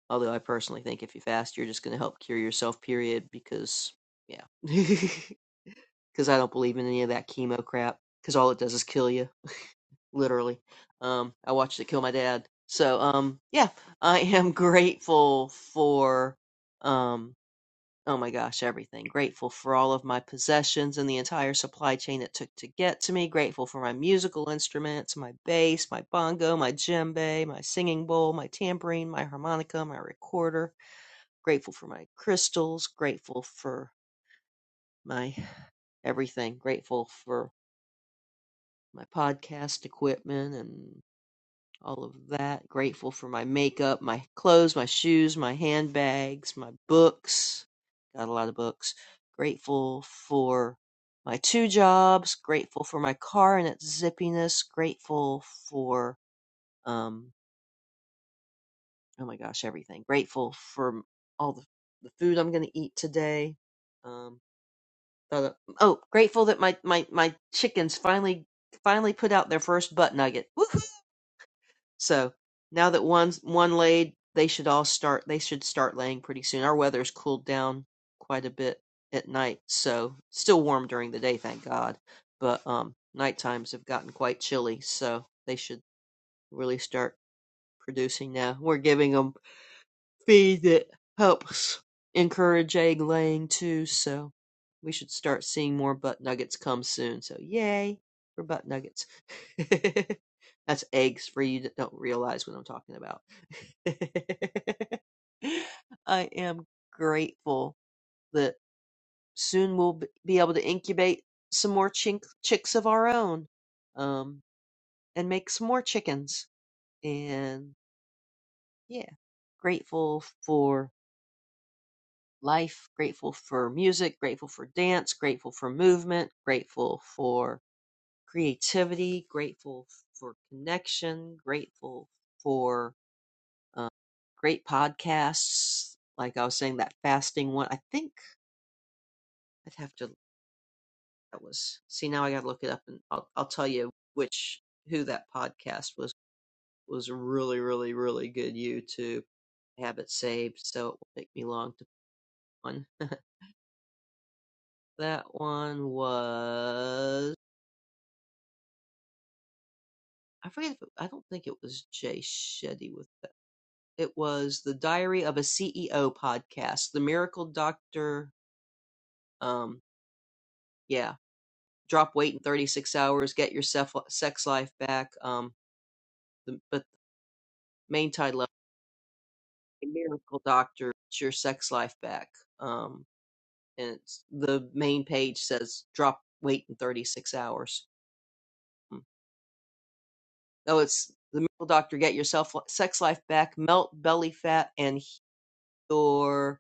[SPEAKER 14] although i personally think if you fast you're just going to help cure yourself period because yeah because i don't believe in any of that chemo crap because all it does is kill you literally. Um, I watched it kill my dad. So, um, yeah, I am grateful for, um, oh my gosh, everything. Grateful for all of my possessions and the entire supply chain it took to get to me. Grateful for my musical instruments, my bass, my bongo, my djembe, my singing bowl, my tambourine, my harmonica, my recorder. Grateful for my crystals. Grateful for my everything. Grateful for my podcast equipment and. all of that. Grateful for my makeup, my clothes, my shoes, my handbags, my books. Got a lot of books. Grateful for my two jobs. Grateful for my car and its zippiness. Grateful for, um, oh my gosh, everything. Grateful for all the, the food I'm going to eat today. Um, thought of- oh, grateful that my, my, my chickens finally, finally put out their first butt nugget. Woohoo! So now that one's one laid, they should all start. They should start laying pretty soon. Our weather's cooled down quite a bit at night, so still warm during the day, thank God. But um, night times have gotten quite chilly, so they should really start producing now. We're giving giving them feed that helps encourage egg laying too. So we should start seeing more butt nuggets come soon. So yay for butt nuggets. That's eggs for you that don't realize what I'm talking about. I am grateful that soon we'll be able to incubate some more chink- chicks of our own um, and make some more chickens. And yeah, grateful for. life, grateful for music, grateful for dance, grateful for movement, grateful for creativity, grateful for connection, grateful for um, great podcasts. Like I was saying, that fasting one, I think I'd have to, that was, see, now I got to look it up and I'll, I'll tell you which, who that podcast was, was really, really, really good YouTube. I have it saved, so it won't take me long to find. one. that one was. I forget if it, I don't think it was Jay Shetty with that. It was the Diary of a CEO podcast, the Miracle Doctor. Um, yeah, drop weight in 36 hours, get your sef- sex life back. Um, the, but the main title of it, The Miracle Doctor, Get your sex life back. Um, and it's, the main page says drop weight in 36 hours. Mm. No, it's the Miracle Doctor, get your self- sex life back, melt belly fat, and Heal your.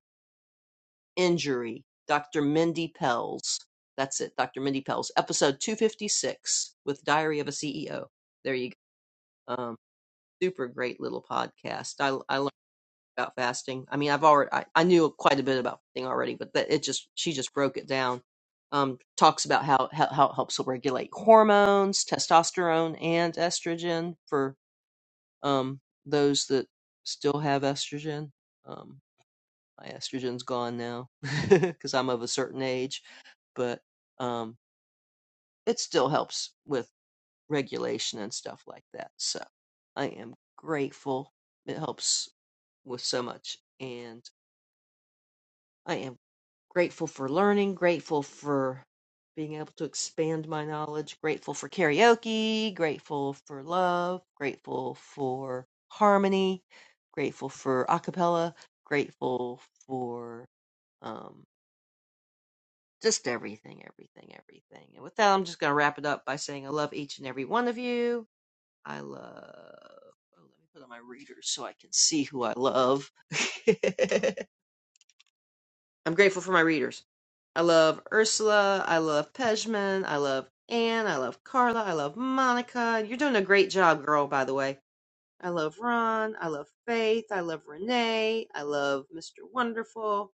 [SPEAKER 14] injury, Dr. Mindy Pels. That's it, Dr. Mindy Pels, episode 256 with Diary of a CEO. There you go. Um, super great little podcast. I, I learned about fasting. I mean, I've already, I, I knew quite a bit about fasting already, but that it just, she just broke it down. Um, talks about how, how, how it helps regulate hormones, testosterone, and estrogen for um, those that still have estrogen. Um, my estrogen's gone now because I'm of a certain age but um, it still helps with regulation and stuff like that. So I am grateful. It helps with so much. And I am grateful for learning, grateful for being able to expand my knowledge, grateful for karaoke, grateful for love, grateful for harmony, grateful for a cappella, grateful for. Um, Just everything, everything, everything. And with that, I'm just going to wrap it up by saying I love each and every one of you. I love. Oh, let me put on my readers so I can see who I love. I'm grateful for my readers. I love Ursula. I love Pejman. I love Anne. I love Carla. I love Monica. You're doing a great job, girl, by the way. I love Ron. I love Faith. I love Renee. I love Mr. Wonderful.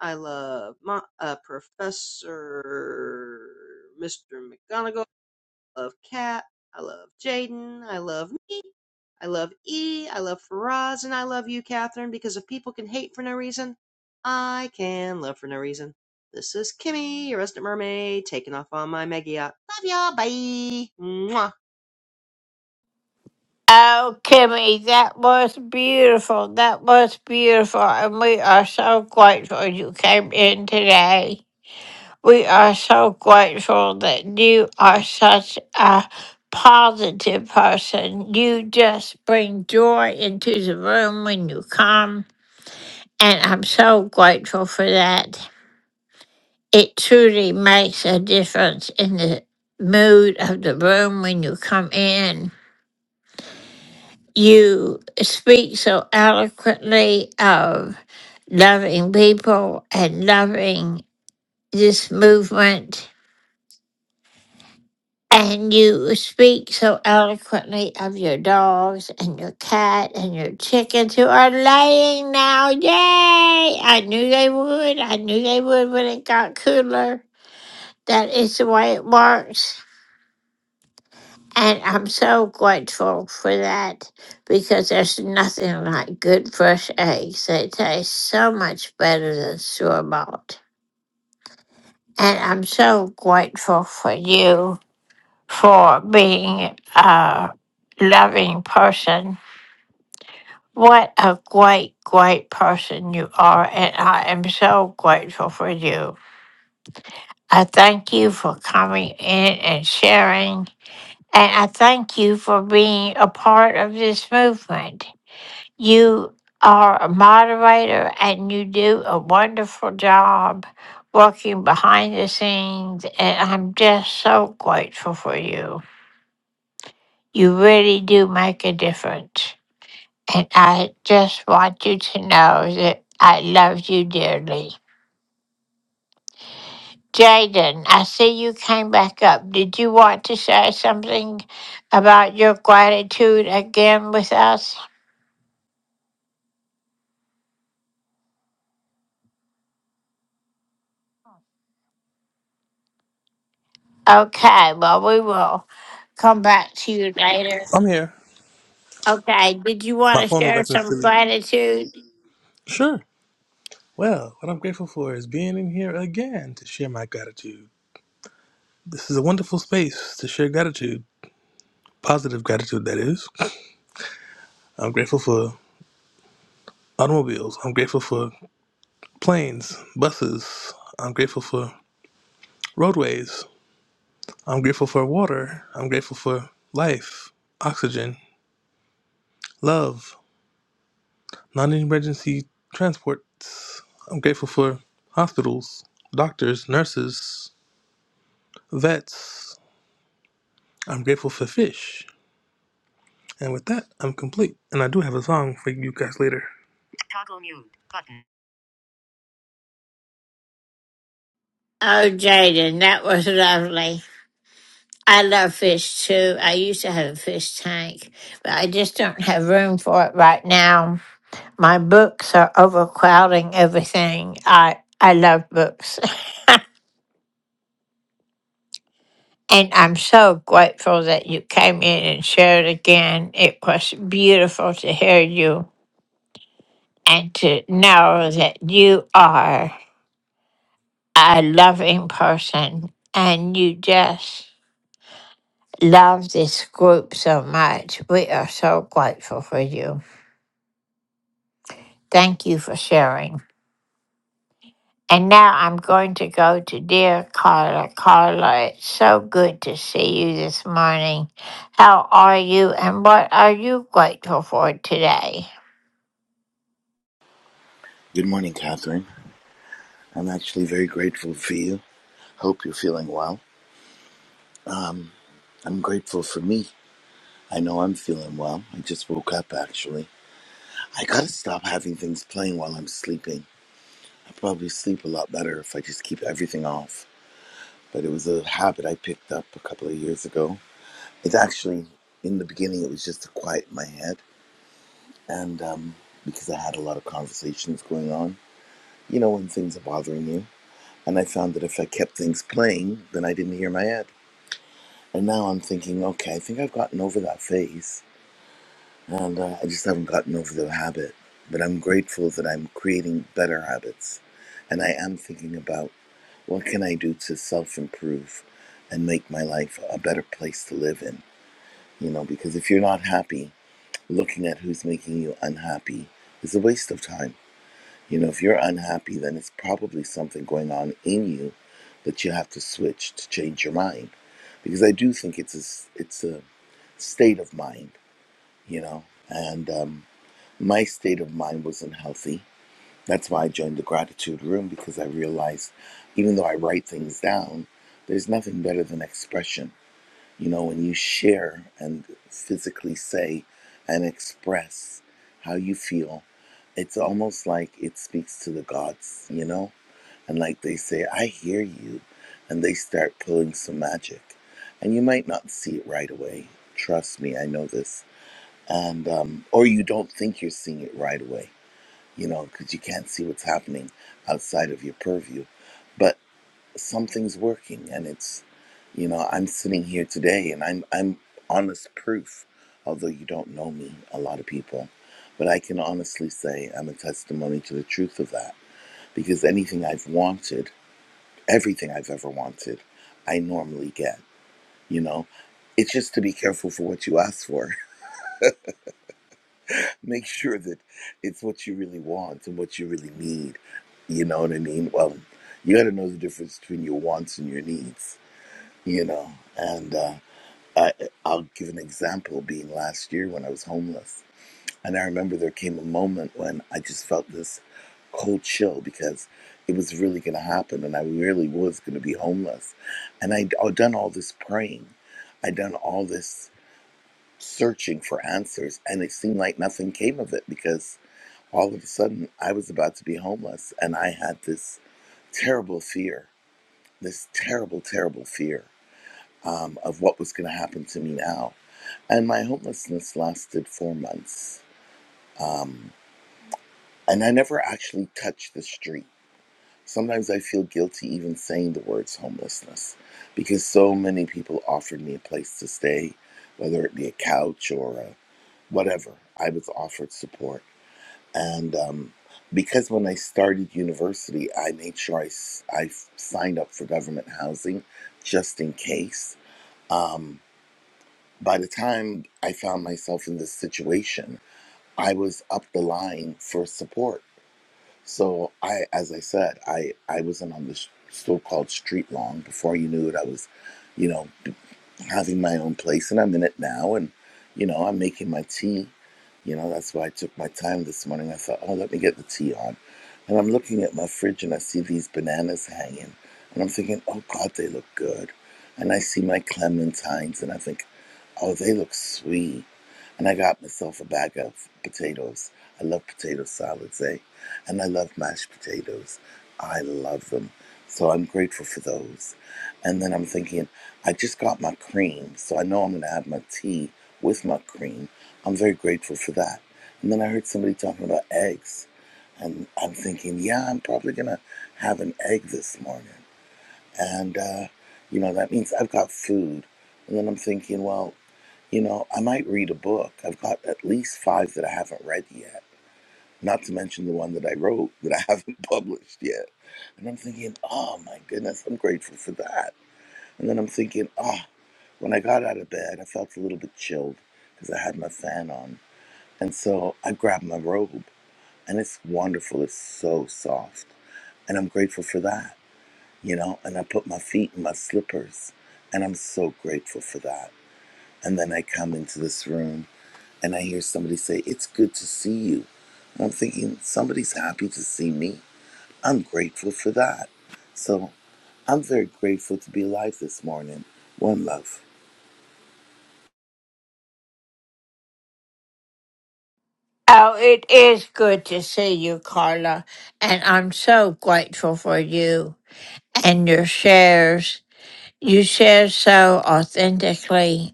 [SPEAKER 14] I love my, uh, Professor Mr. McGonagall. I love Kat. I love Jaden. I love me. I love E. I love Faraz. And I love you, Catherine, because if people can hate for no reason, I can love for no reason. This is Kimmy, your resident mermaid, taking off on my mega yacht. Love y'all. Bye. Mwah.
[SPEAKER 1] Oh, Kimmy, that was beautiful. That was beautiful. And we are so grateful you came in today. We are so grateful that you are such a positive person. You just bring joy into the room when you come. And I'm so grateful for that. It truly makes a difference in the mood of the room when you come in. you speak so eloquently of loving people and loving this movement. And you speak so eloquently of your dogs and your cat and your chickens who are laying now. Yay! I knew they would. I knew they would when it got cooler. That is the way it works. And I'm so grateful for that because there's nothing like good fresh eggs. They taste so much better than store bought. And I'm so grateful for you for being a loving person. What a great, great person you are. And I am so grateful for you. I thank you for coming in and sharing. And I thank you for being a part of this movement. You are a moderator and you do a wonderful job working behind the scenes, and I'm just so grateful for you. You really do make a difference. And I just want you to know that I love you dearly. Jaden, I see you came back up. Did you want to say something about your gratitude again with us? Okay, well, we will come back to you later.
[SPEAKER 6] I'm here.
[SPEAKER 1] Okay, did you want
[SPEAKER 6] My
[SPEAKER 1] to
[SPEAKER 6] phone is
[SPEAKER 1] share
[SPEAKER 6] acting
[SPEAKER 1] some
[SPEAKER 6] silly.
[SPEAKER 1] gratitude?
[SPEAKER 6] Sure. Well, what I'm grateful for is being in here again to share my gratitude. This is a wonderful space to share gratitude, positive gratitude, that is. I'm grateful for automobiles. I'm grateful for planes, buses. I'm grateful for roadways. I'm grateful for water. I'm grateful for life, oxygen, love, non emergency transports. I'm grateful for hospitals, doctors, nurses, vets. I'm grateful for fish. And with that, I'm complete. And I do have a song for you guys later.
[SPEAKER 1] Oh, Jaden, that was lovely. I love fish too. I used to have a fish tank, but I just don't have room for it right now. My books are overcrowding everything. I I love books. And I'm so grateful that you came in and shared again. It was beautiful to hear you and to know that you are a loving person and you just love this group so much. We are so grateful for you. Thank you for sharing. And now I'm going to go to dear Carla. Carla, it's so good to see you this morning. How are you and what are you grateful for today?
[SPEAKER 15] Good morning, Catherine. I'm actually very grateful for you. Hope you're feeling well. I'm grateful for me. I know I'm feeling well. I just woke up, actually. I gotta stop having things playing while I'm sleeping. I probably sleep a lot better if I just keep everything off. But it was a habit I picked up a couple of years ago. It's actually, in the beginning, it was just to quiet my head. And um, because I had a lot of conversations going on, you know, when things are bothering you. And I found that if I kept things playing, then I didn't hear my head. And now I'm thinking, okay, I think I've gotten over that phase. And uh, I just haven't gotten over the habit. But I'm grateful that I'm creating better habits. And I am thinking about what can I do to self improve and make my life a better place to live in. You know, because if you're not happy, looking at who's making you unhappy is a waste of time. You know, if you're unhappy, then it's probably something going on in you that you have to switch to change your mind. Because I do think it's a it's a state of mind, you know. And um, my state of mind wasn't healthy. That's why I joined the gratitude room because I realized even though I write things down, there's nothing better than expression. You know, when you share and physically say and express how you feel, it's almost like it speaks to the gods, you know? And like they say, I hear you. And they start pulling some magic. And you might not see it right away. Trust me, I know this and um, or you don't think you're seeing it right away, you know, because you can't see what's happening outside of your purview. But something's working, and it's you know I'm sitting here today, and I'm I'm honest proof, although you don't know me, a lot of people, but I can honestly say I'm a testimony to the truth of that because anything I've wanted, everything I've ever wanted, I normally get, you know. It's just to be careful for what you ask for Make sure that it's what you really want and what you really need. You know what I mean? Well, you got to know the difference between your wants and your needs. You know, and uh, I, I'll give an example. Being last year when I was homeless, and I remember there came a moment when I just felt this cold chill because it was really going to happen, and I really was going to be homeless. And I'd, I'd done all this praying, I'd done all this searching for answers, and it seemed like nothing came of it because all of a sudden I was about to be homeless, and I had this terrible fear, this terrible, terrible fear um, of what was going to happen to me now. And my homelessness lasted four months, um, and I never actually touched the street. Sometimes I feel guilty even saying the words homelessness because so many people offered me a place to stay, whether it be a couch or a whatever. I was offered support and um, because when I started university, I made sure I, s- I f- signed up for government housing just in case. Um, by the time I found myself in this situation, I was up the line for support. So I, as I said, I, I wasn't on the s- so-called street long. Before you knew it, I was, you know having my own place and I'm in it now and you know I'm making my tea you know that's why I took my time this morning I thought oh let me get the tea on and I'm looking at my fridge and I see these bananas hanging and I'm thinking oh god they look good and I see my clementines and I think oh they look sweet and I got myself a bag of potatoes I love potato salads eh and I love mashed potatoes I love them so I'm grateful for those and then I'm thinking, I just got my cream, so I know I'm going to have my tea with my cream. I'm very grateful for that. And then I heard somebody talking about eggs, and I'm thinking, yeah, I'm probably going to have an egg this morning. And, uh, you know, that means I've got food. And then I'm thinking, well, you know, I might read a book. I've got at least five that I haven't read yet, not to mention the one that I wrote that I haven't published yet. And I'm thinking, oh my goodness, I'm grateful for that. And then I'm thinking, oh. When I got out of bed, I felt a little bit chilled because I had my fan on. And so I grabbed my robe, and it's wonderful. It's so soft. And I'm grateful for that, you know. And I put my feet in my slippers, and I'm so grateful for that. And then I come into this room, and I hear somebody say, It's good to see you. And I'm thinking, Somebody's happy to see me. I'm grateful for that. So I'm very grateful to be alive this morning. One love.
[SPEAKER 1] Oh, it is good to see you, Carla. And I'm so grateful for you and your shares. You share so authentically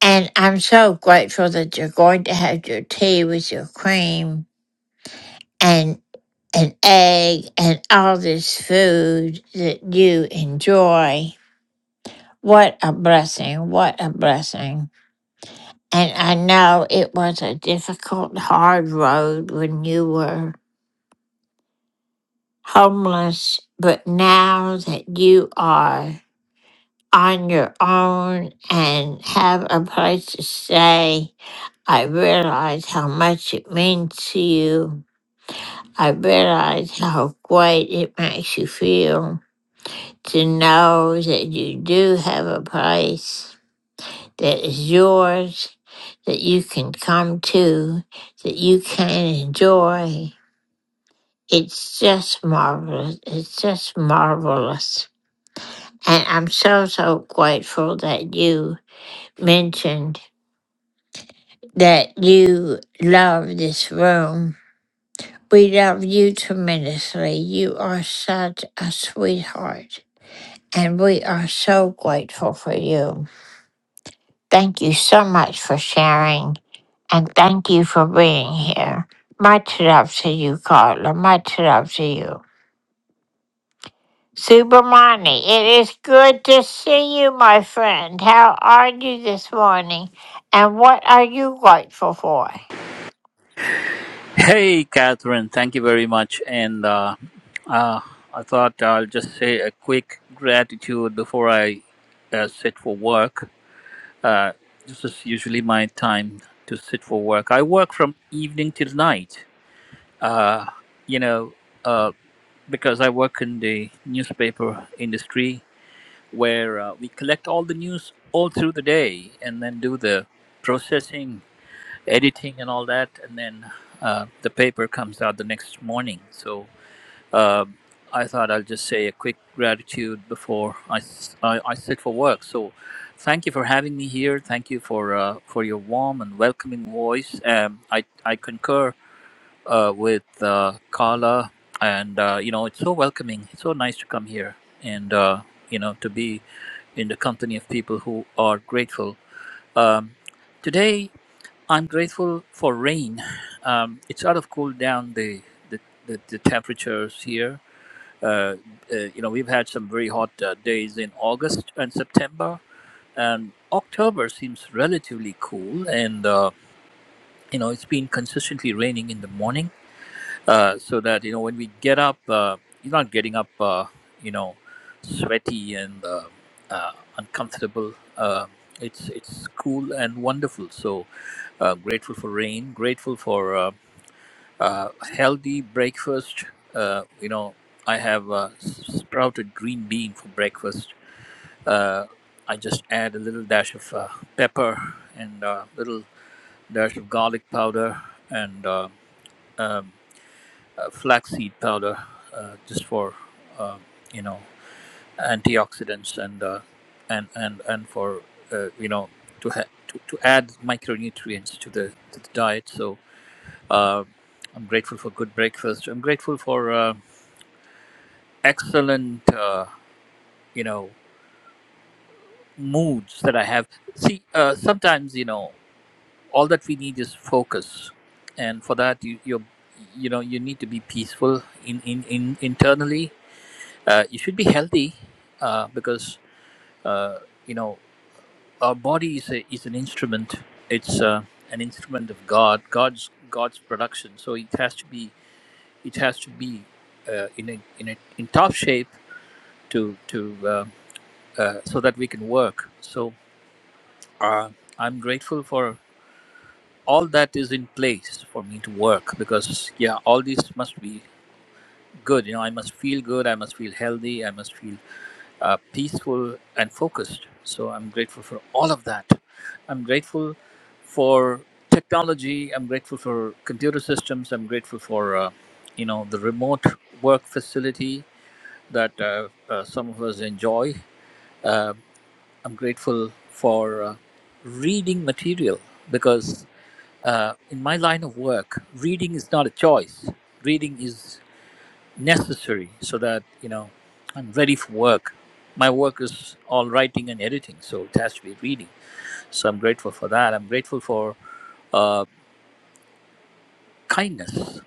[SPEAKER 1] And I'm so grateful that you're going to have your tea with your cream and an egg and all this food that you enjoy. What a blessing. What a blessing. And I know it was a difficult, hard road when you were homeless, but now that you are on your own and have a place to stay, I realize how much it means to you. I realize how great it makes you feel to know that you do have a place that is yours, that you can come to, that you can enjoy. It's just marvelous. It's just marvelous. And I'm so, so grateful that you mentioned that you love this room We love you tremendously. You are such a sweetheart, and we are so grateful for you. Thank you so much for sharing, and thank you for being here. Much love to you, Carla. Much love to you. Subramani, it is good to see you, my friend. How are you this morning, and what are you grateful for?
[SPEAKER 16] Hey, Catherine, thank you very much. And uh, uh, I thought I'll just say a quick gratitude before I uh, sit for work. Uh, this is usually my time to sit for work. I work from evening till night, you know, uh, because I work in the newspaper industry where uh, we collect all the news all through the day and then do the processing, editing, and all that. And then uh, the paper comes out the next morning. So Um, I thought I'll just say a quick gratitude before I, s- I, I sit for work. So, thank you for having me here. Thank you for uh, for your warm and welcoming voice. Um, I I concur uh, with uh, Carla, and uh, you know it's so welcoming. It's so nice to come here and uh, you know to be in the company of people who are grateful. Um, today, I'm grateful for rain. Um, it sort of cooled down the the, the, the temperatures here uh, uh, you know, we've had some very hot uh, days in August and September, and October seems relatively cool. And uh, you know, it's been consistently raining in the morning, uh, so that you know when we get up, uh, you're not getting up, uh, you know, sweaty and uh, uh, uncomfortable. Uh, it's it's cool and wonderful. So uh, grateful for rain, grateful for. Uh, uh, healthy breakfast. Uh, you know, I have uh, sprouted green bean for breakfast. Uh, I just add a little dash of uh, pepper and a little dash of garlic powder and uh, um, uh, flaxseed powder, uh, just for uh, you know antioxidants and uh, and and and for uh, you know to, ha- to to add micronutrients to the to the diet. So. Uh, I'm grateful for good breakfast. I'm grateful for uh, excellent uh, you know moods that i have see uh, sometimes you know all that we need is focus and for that you you you know you need to be peaceful in in, in internally uh, you should be healthy uh, because uh, you know our body is a, is an instrument it's uh, an instrument of god god's god's production so it has to be it has to be uh, in a, in a, in top shape to to uh, uh, so that we can work so uh, I'm grateful for all that is in place for me to work because yeah, all these must be good. You know, I must feel good. I must feel healthy. I must feel uh, peaceful and focused. So I'm grateful for all of that. I'm grateful for technology. I'm grateful for computer systems. I'm grateful for uh, you know the remote work facility that uh, uh, some of us enjoy. Uh, I'm grateful for uh, reading material because uh, in my line of work, reading is not a choice. Reading is necessary so that you know I'm ready for work. My work is all writing and editing, so it has to be reading. So I'm grateful for that. I'm grateful for uh, kindness.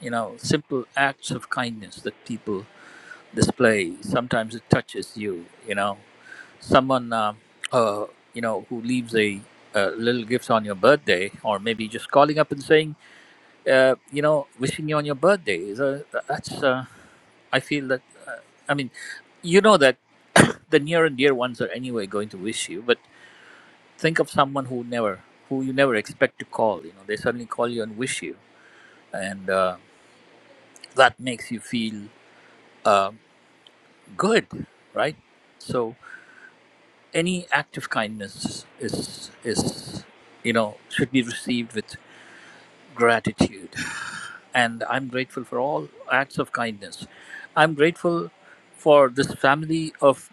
[SPEAKER 16] You know, simple acts of kindness that people display. Sometimes it touches you. You know, someone um uh, you know who leaves a, a little gift on your birthday, or maybe just calling up and saying uh, you know, wishing you on your birthday. So uh, that's, uh, I feel that, uh, I mean, you know that the near and dear ones are anyway going to wish you, but think of someone who never, who you never expect to call. You know, they suddenly call you and wish you, and uh, that makes you feel uh, good, right? So any act of kindness is is you know should be received with gratitude and I'm grateful for all acts of kindness. I'm grateful for this family of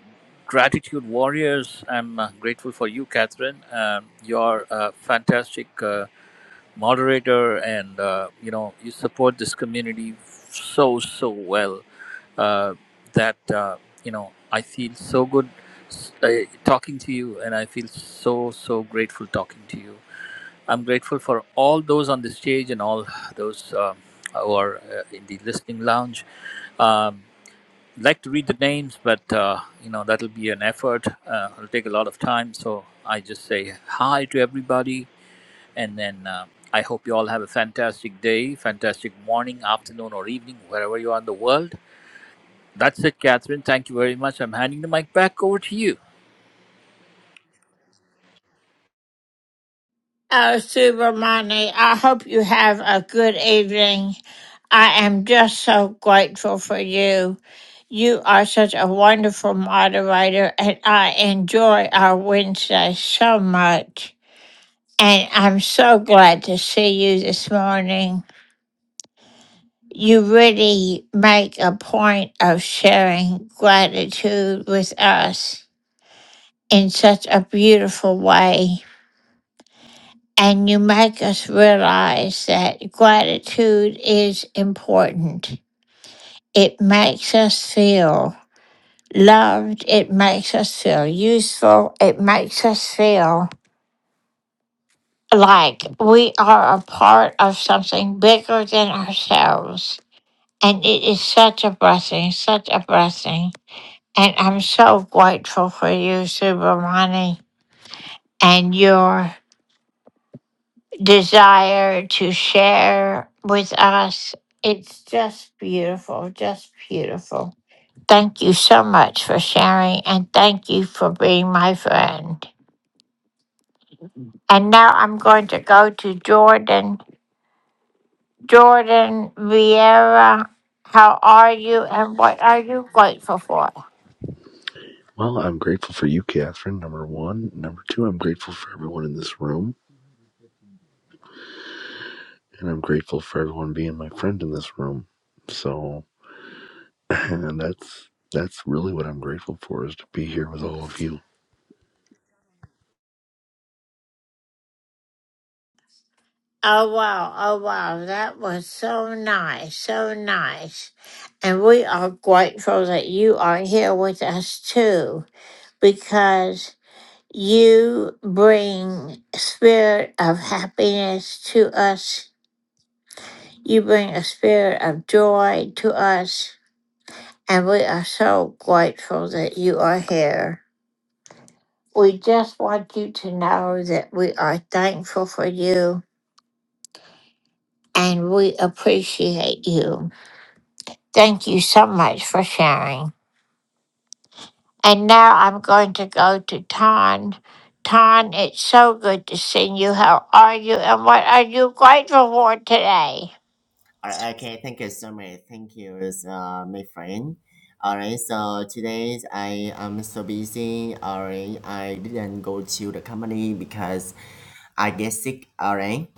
[SPEAKER 16] gratitude warriors. I'm uh, grateful for you, Catherine. Um, you're a fantastic uh, moderator, and uh, you know you support this community so so well uh, that uh, you know I feel so good s- uh, talking to you, and I feel so so grateful talking to you. I'm grateful for all those on the stage and all those um who are uh, in the listening lounge. Um, like to read the names, but uh, you know that'll be an effort. Uh, it'll take a lot of time, so I just say hi to everybody, and then uh, I hope you all have a fantastic day, fantastic morning, afternoon, or evening, wherever you are in the world. That's it, Catherine. Thank you very much. I'm handing the mic back over to you.
[SPEAKER 1] Oh, Subramani, I hope you have a good evening. I am just so grateful for you. You are such a wonderful moderator, and I enjoy our Wednesday so much. And I'm so glad to see you this morning. You really make a point of sharing gratitude with us in such a beautiful way. and you make us realize that gratitude is important. It makes us feel loved, it makes us feel useful, it makes us feel like we are a part of something bigger than ourselves. And it is such a blessing, such a blessing. And I'm so grateful for you, Subramani, and your desire to share with us. It's just beautiful, just beautiful. Thank you so much for sharing and thank you for being my friend. And now I'm going to go to Jordan. Jordan Vieira, how are you and what are you grateful for?
[SPEAKER 17] Well, I'm grateful for you, Catherine, number one. Number two, I'm grateful for everyone in this room. And I'm grateful for everyone being my friend in this room. So and that's that's really what I'm grateful for is to be here with all of you.
[SPEAKER 1] Oh, wow. Oh, wow. That was so nice. So nice. And we are grateful that you are here with us too because You bring a spirit of happiness to us. You bring a spirit of joy to us. And we are so grateful that you are here. We just want you to know that we are thankful for you and we appreciate you. Thank you so much for sharing. And now I'm going to go to Tan. Tan, it's so good to see you. How are you and what are you grateful for today?
[SPEAKER 18] Uh, okay, thank you so much. Thank you, uh, my friend. All right, so today I am so busy. All right, I didn't go to the company because I get sick. All right,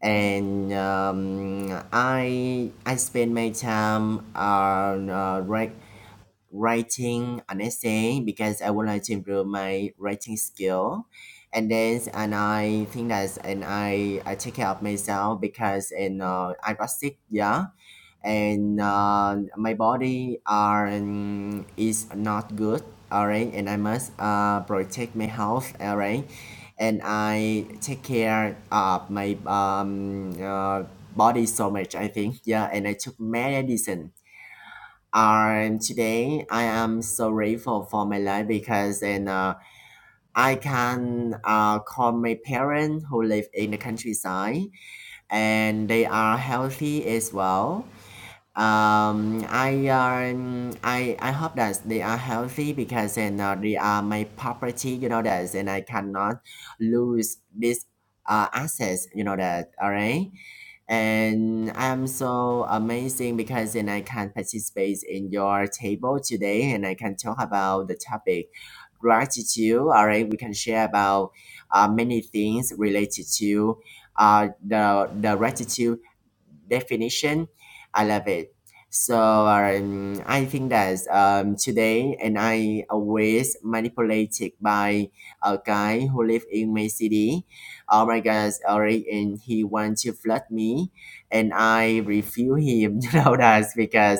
[SPEAKER 18] and um, I I spend my time on uh, write, writing an essay because I would like to improve my writing skill. and then and I think that and I I take care of myself because and uh, I got sick yeah and uh, my body are um, is not good all right and i must uh, protect my health all right and i take care of my um, uh, body so much i think yeah and i took medicine and today i am so grateful for my life because and uh, i can uh, call my parents who live in the countryside and they are healthy as well um, I um, I I hope that they are healthy because and uh, they are my property. You know that, and I cannot lose this uh access. You know that. All right. And I'm so amazing because then I can participate in your table today and I can talk about the topic gratitude. All right, we can share about uh, many things related to uh, the, the gratitude definition. I love it. So um, I think that um, today, and I always manipulated by a guy who live in my city oh my god Eric and he wants to flirt me and I refuse him you know that's because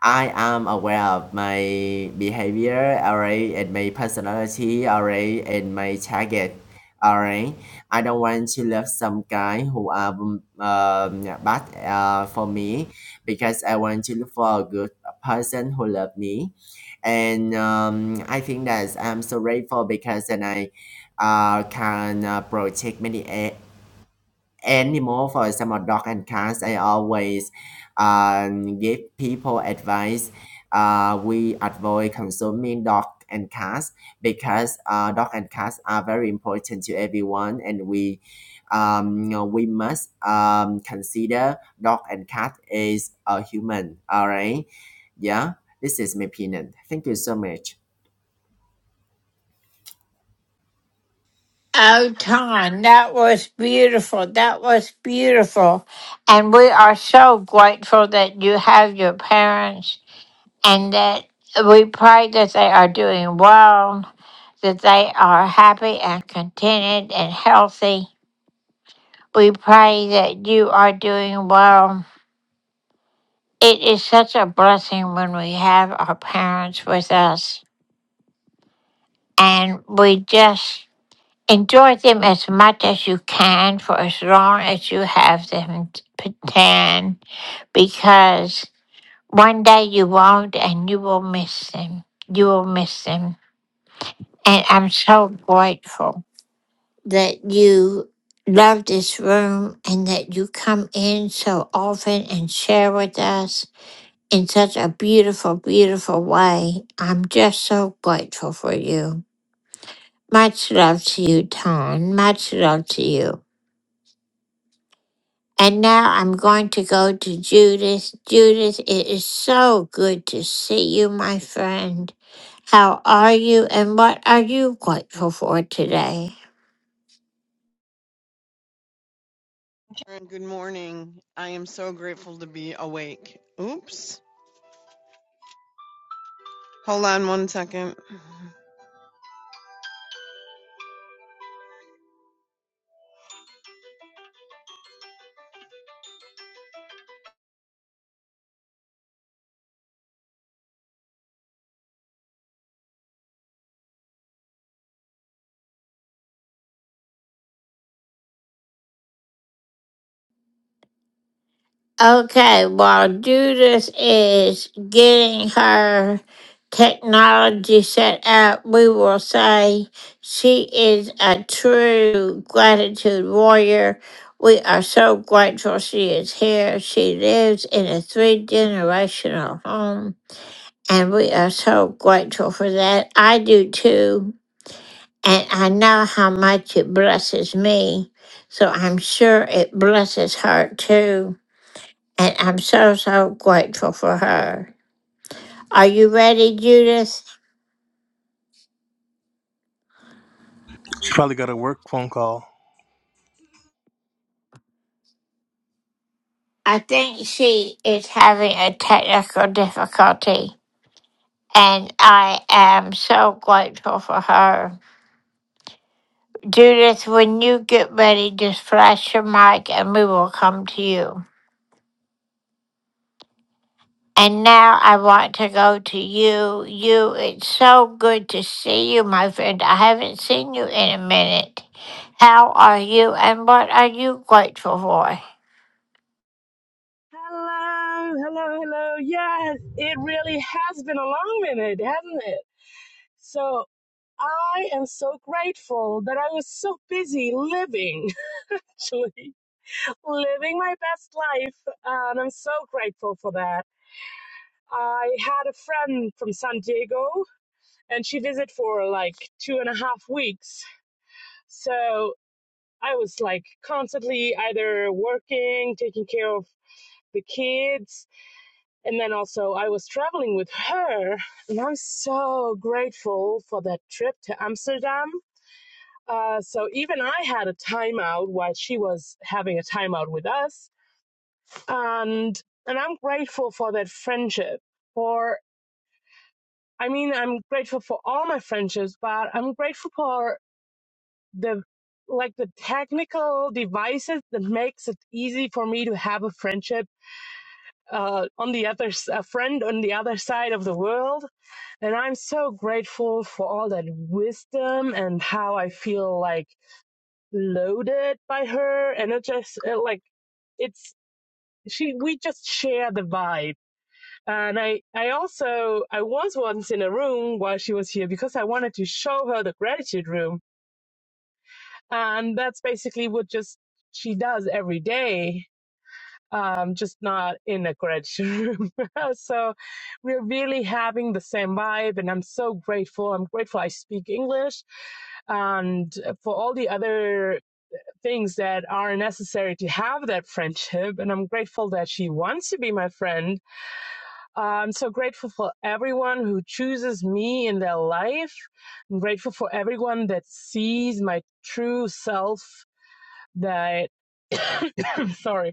[SPEAKER 18] I am aware of my behavior, alright, and my personality, alright, and my target, alright. I don't want to love some guy who are um, um, bad uh, for me because I want to look for a good person who love me. And um, I think that I'm so grateful because then I uh, can uh, protect many animal, for example, dog and cats, I always um, give people advice. Uh, we avoid consuming dog and cats because uh, dog and cats are very important to everyone, and we um, you know, we must um, consider dog and cat is a human. All right, yeah, this is my opinion. Thank you so much.
[SPEAKER 1] Oh, Ton, that was beautiful. That was beautiful. And we are so grateful that you have your parents and that we pray that they are doing well, that they are happy and contented and healthy. We pray that you are doing well. It is such a blessing when we have our parents with us. And we just enjoy them as much as you can for as long as you have them t- p- tan because one day you won't and you will miss them. You will miss them. And I'm so grateful that you love this room and that you come in so often and share with us in such a beautiful, beautiful way. I'm just so grateful for you. Much love to you, Tom. Much love to you. And now I'm going to go to Judith. Judith, it is so good to see you, my friend. How are you and what are you grateful for today?
[SPEAKER 19] And good morning. I am so grateful to be awake. Oops. Hold on one second.
[SPEAKER 1] Okay, while Judith is getting her technology set up, we will say she is a true gratitude warrior. We are so grateful she is here. She lives in a three generational home And we are so grateful for that. I do too. And I know how much it blesses me. So I'm sure it blesses her too. And I'm so, so grateful for her. Are you ready, Judith?
[SPEAKER 6] She probably got a work phone call.
[SPEAKER 1] I think she is having a technical difficulty. And I am so grateful for her. Judith, when you get ready, just flash your mic and we will come to you. And now I want to go to you. You, it's so good to see you, my friend. I haven't seen you in a minute. How are you and what are you grateful for?
[SPEAKER 20] Hello, hello, hello. Yes, it really has been a long minute, hasn't it? So I am so grateful that I was so busy living, actually, living my best life. And I'm so grateful for that. I had a friend from San Diego and she visited for like two and a half weeks. So I was like constantly either working, taking care of the kids, And then also, I was traveling with her, and I'm so grateful for that trip to Amsterdam. Uh, so even I had a timeout while she was having a timeout with us, and and I'm grateful for that friendship. For I mean, I'm grateful for all my friendships, but I'm grateful for the like the technical devices that makes it easy for me to have a friendship uh, on the other s- a friend on the other side of the world And I'm so grateful for all that wisdom and how I feel like loaded by her. And it just it, like it's she we just share the vibe. And I I also I was once in a room while she was here because I wanted to show her the gratitude room. And that's basically what just she does every day um, just not in a graduate room. so we're really having the same vibe, and I'm so grateful. I'm grateful I speak English and for all the other things that are necessary to have that friendship. And I'm grateful that she wants to be my friend. Uh, I'm so grateful for everyone who chooses me in their life. I'm grateful for everyone that sees my true self that, sorry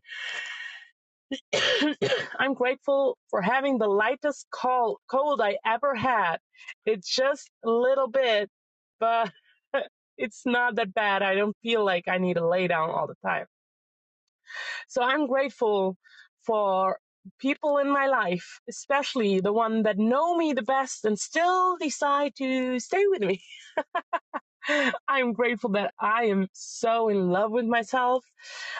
[SPEAKER 20] I'm grateful for having the lightest cold, cold I ever had. It's just a little bit, but it's not that bad. I don't feel like I need to lay down all the time. So I'm grateful for people in my life, especially the one that know me the best and still decide to stay with me I'm grateful that I am so in love with myself.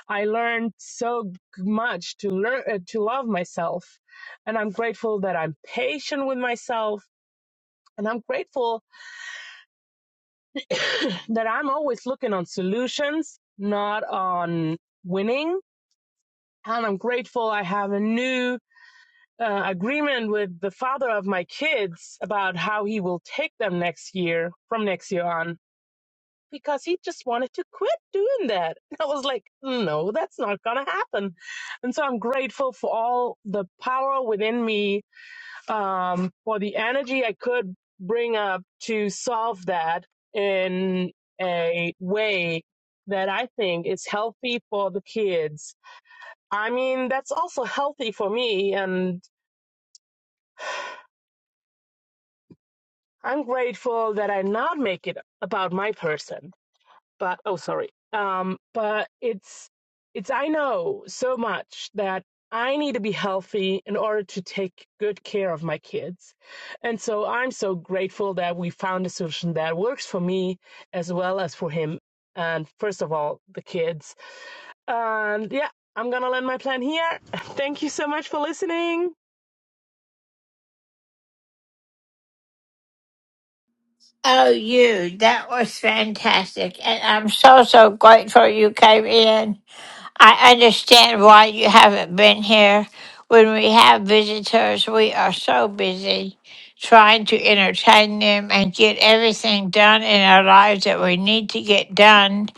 [SPEAKER 20] I learned so much to learn uh, to love myself, and I'm grateful that I'm patient with myself, and I'm grateful that I'm always looking on solutions, not on winning. And I'm grateful I have a new uh, agreement with the father of my kids about how he will take them next year, from next year on because he just wanted to quit doing that. I was like, no, that's not going to happen. And so I'm grateful for all the power within me, um, for the energy I could bring up to solve that in a way that I think is healthy for the kids. I mean, that's also healthy for me. And I'm grateful that I not make it about my person but oh sorry um but it's it's i know so much that i need to be healthy in order to take good care of my kids and so i'm so grateful that we found a solution that works for me as well as for him and first of all the kids and yeah i'm gonna land my plan here thank you so much for listening
[SPEAKER 1] Oh, you, that was fantastic. And I'm so, so grateful you came in. I understand why you haven't been here. When we have visitors, we are so busy trying to entertain them and get everything done in our lives that we need to get done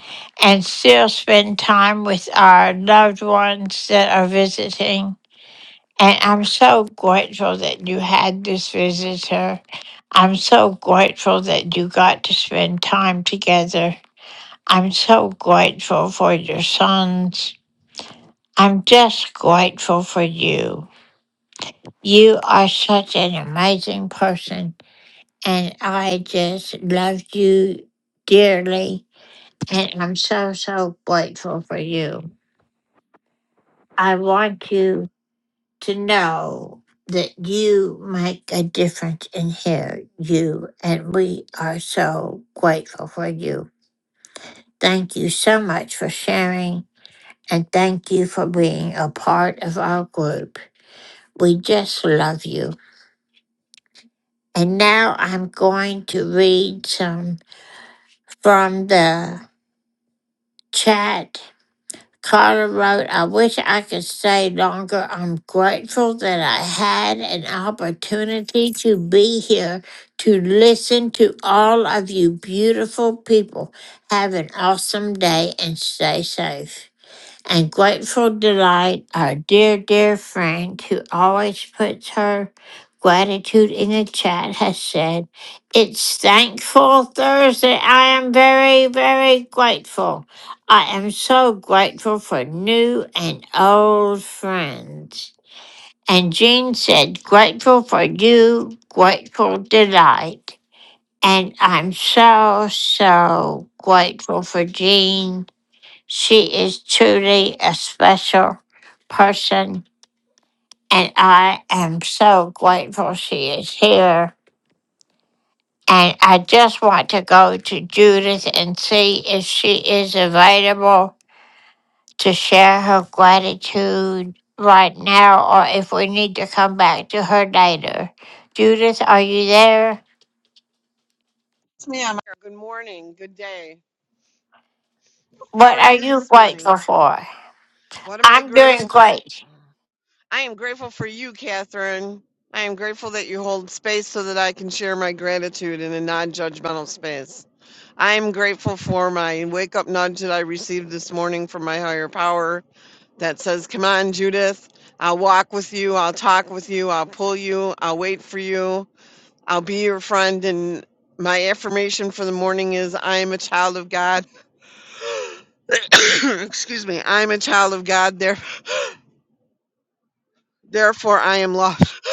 [SPEAKER 1] and still spend time with our loved ones that are visiting. And I'm so grateful that you had this visitor. I'm so grateful that you got to spend time together. I'm so grateful for your sons. I'm just grateful for you. You are such an amazing person, and I just love you dearly. And I'm so, so grateful for you. I want you to know that you make a difference in here, you, and we are so grateful for you. Thank you so much for sharing, and thank you for being a part of our group. We just love you. And now I'm going to read some from the chat. Carla wrote, I wish I could stay longer. I'm grateful that I had an opportunity to be here to listen to all of you beautiful people. Have an awesome day and stay safe and grateful delight our dear dear friend who always puts her gratitude in the chat has said it's thankful thursday i am very very grateful i am so grateful for new and old friends and jean said grateful for you grateful delight and i'm so so grateful for jean she is truly a special person, and I am so grateful she is here. And I just want to go to Judith and see if she is available to share her gratitude right now or if we need to come back to her later. Judith, are you there?
[SPEAKER 19] It's me. I'm here. Good morning. Good day. How
[SPEAKER 1] What
[SPEAKER 19] are
[SPEAKER 1] are
[SPEAKER 19] you
[SPEAKER 1] you
[SPEAKER 19] this
[SPEAKER 1] grateful
[SPEAKER 19] morning?
[SPEAKER 1] for?
[SPEAKER 19] What am I
[SPEAKER 1] I'm doing
[SPEAKER 19] grateful for?
[SPEAKER 1] great.
[SPEAKER 19] I am grateful for you, Catherine. I am grateful that you hold space so that I can share my gratitude in a non judgmental space. I am grateful for my wake up nudge that I received this morning from my higher power that says, Come on, Judith, I'll walk with you, I'll talk with you, I'll pull you, I'll wait for you. I'll be your friend. And my affirmation for the morning is I am a child of God. Excuse me. I am a child of God. There, therefore, I am loved.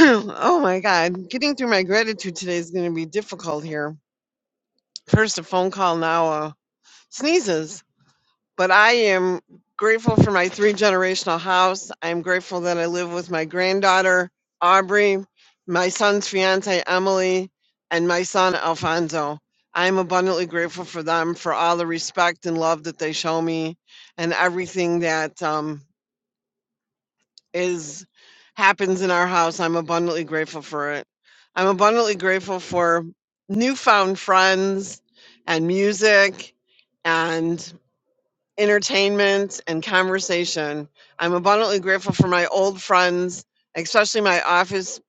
[SPEAKER 19] oh my God. Getting through my gratitude today is going to be difficult here. First, a phone call, now uh, sneezes. But I am grateful for my three generational house. I'm grateful that I live with my granddaughter, Aubrey, my son's fiance, Emily, and my son, Alfonso. I'm abundantly grateful for them, for all the respect and love that they show me, and everything that um, is happens in our house. I'm abundantly grateful for it. I'm abundantly grateful for newfound friends and music entertainment, and conversation. I'm abundantly grateful for my old friends, especially my office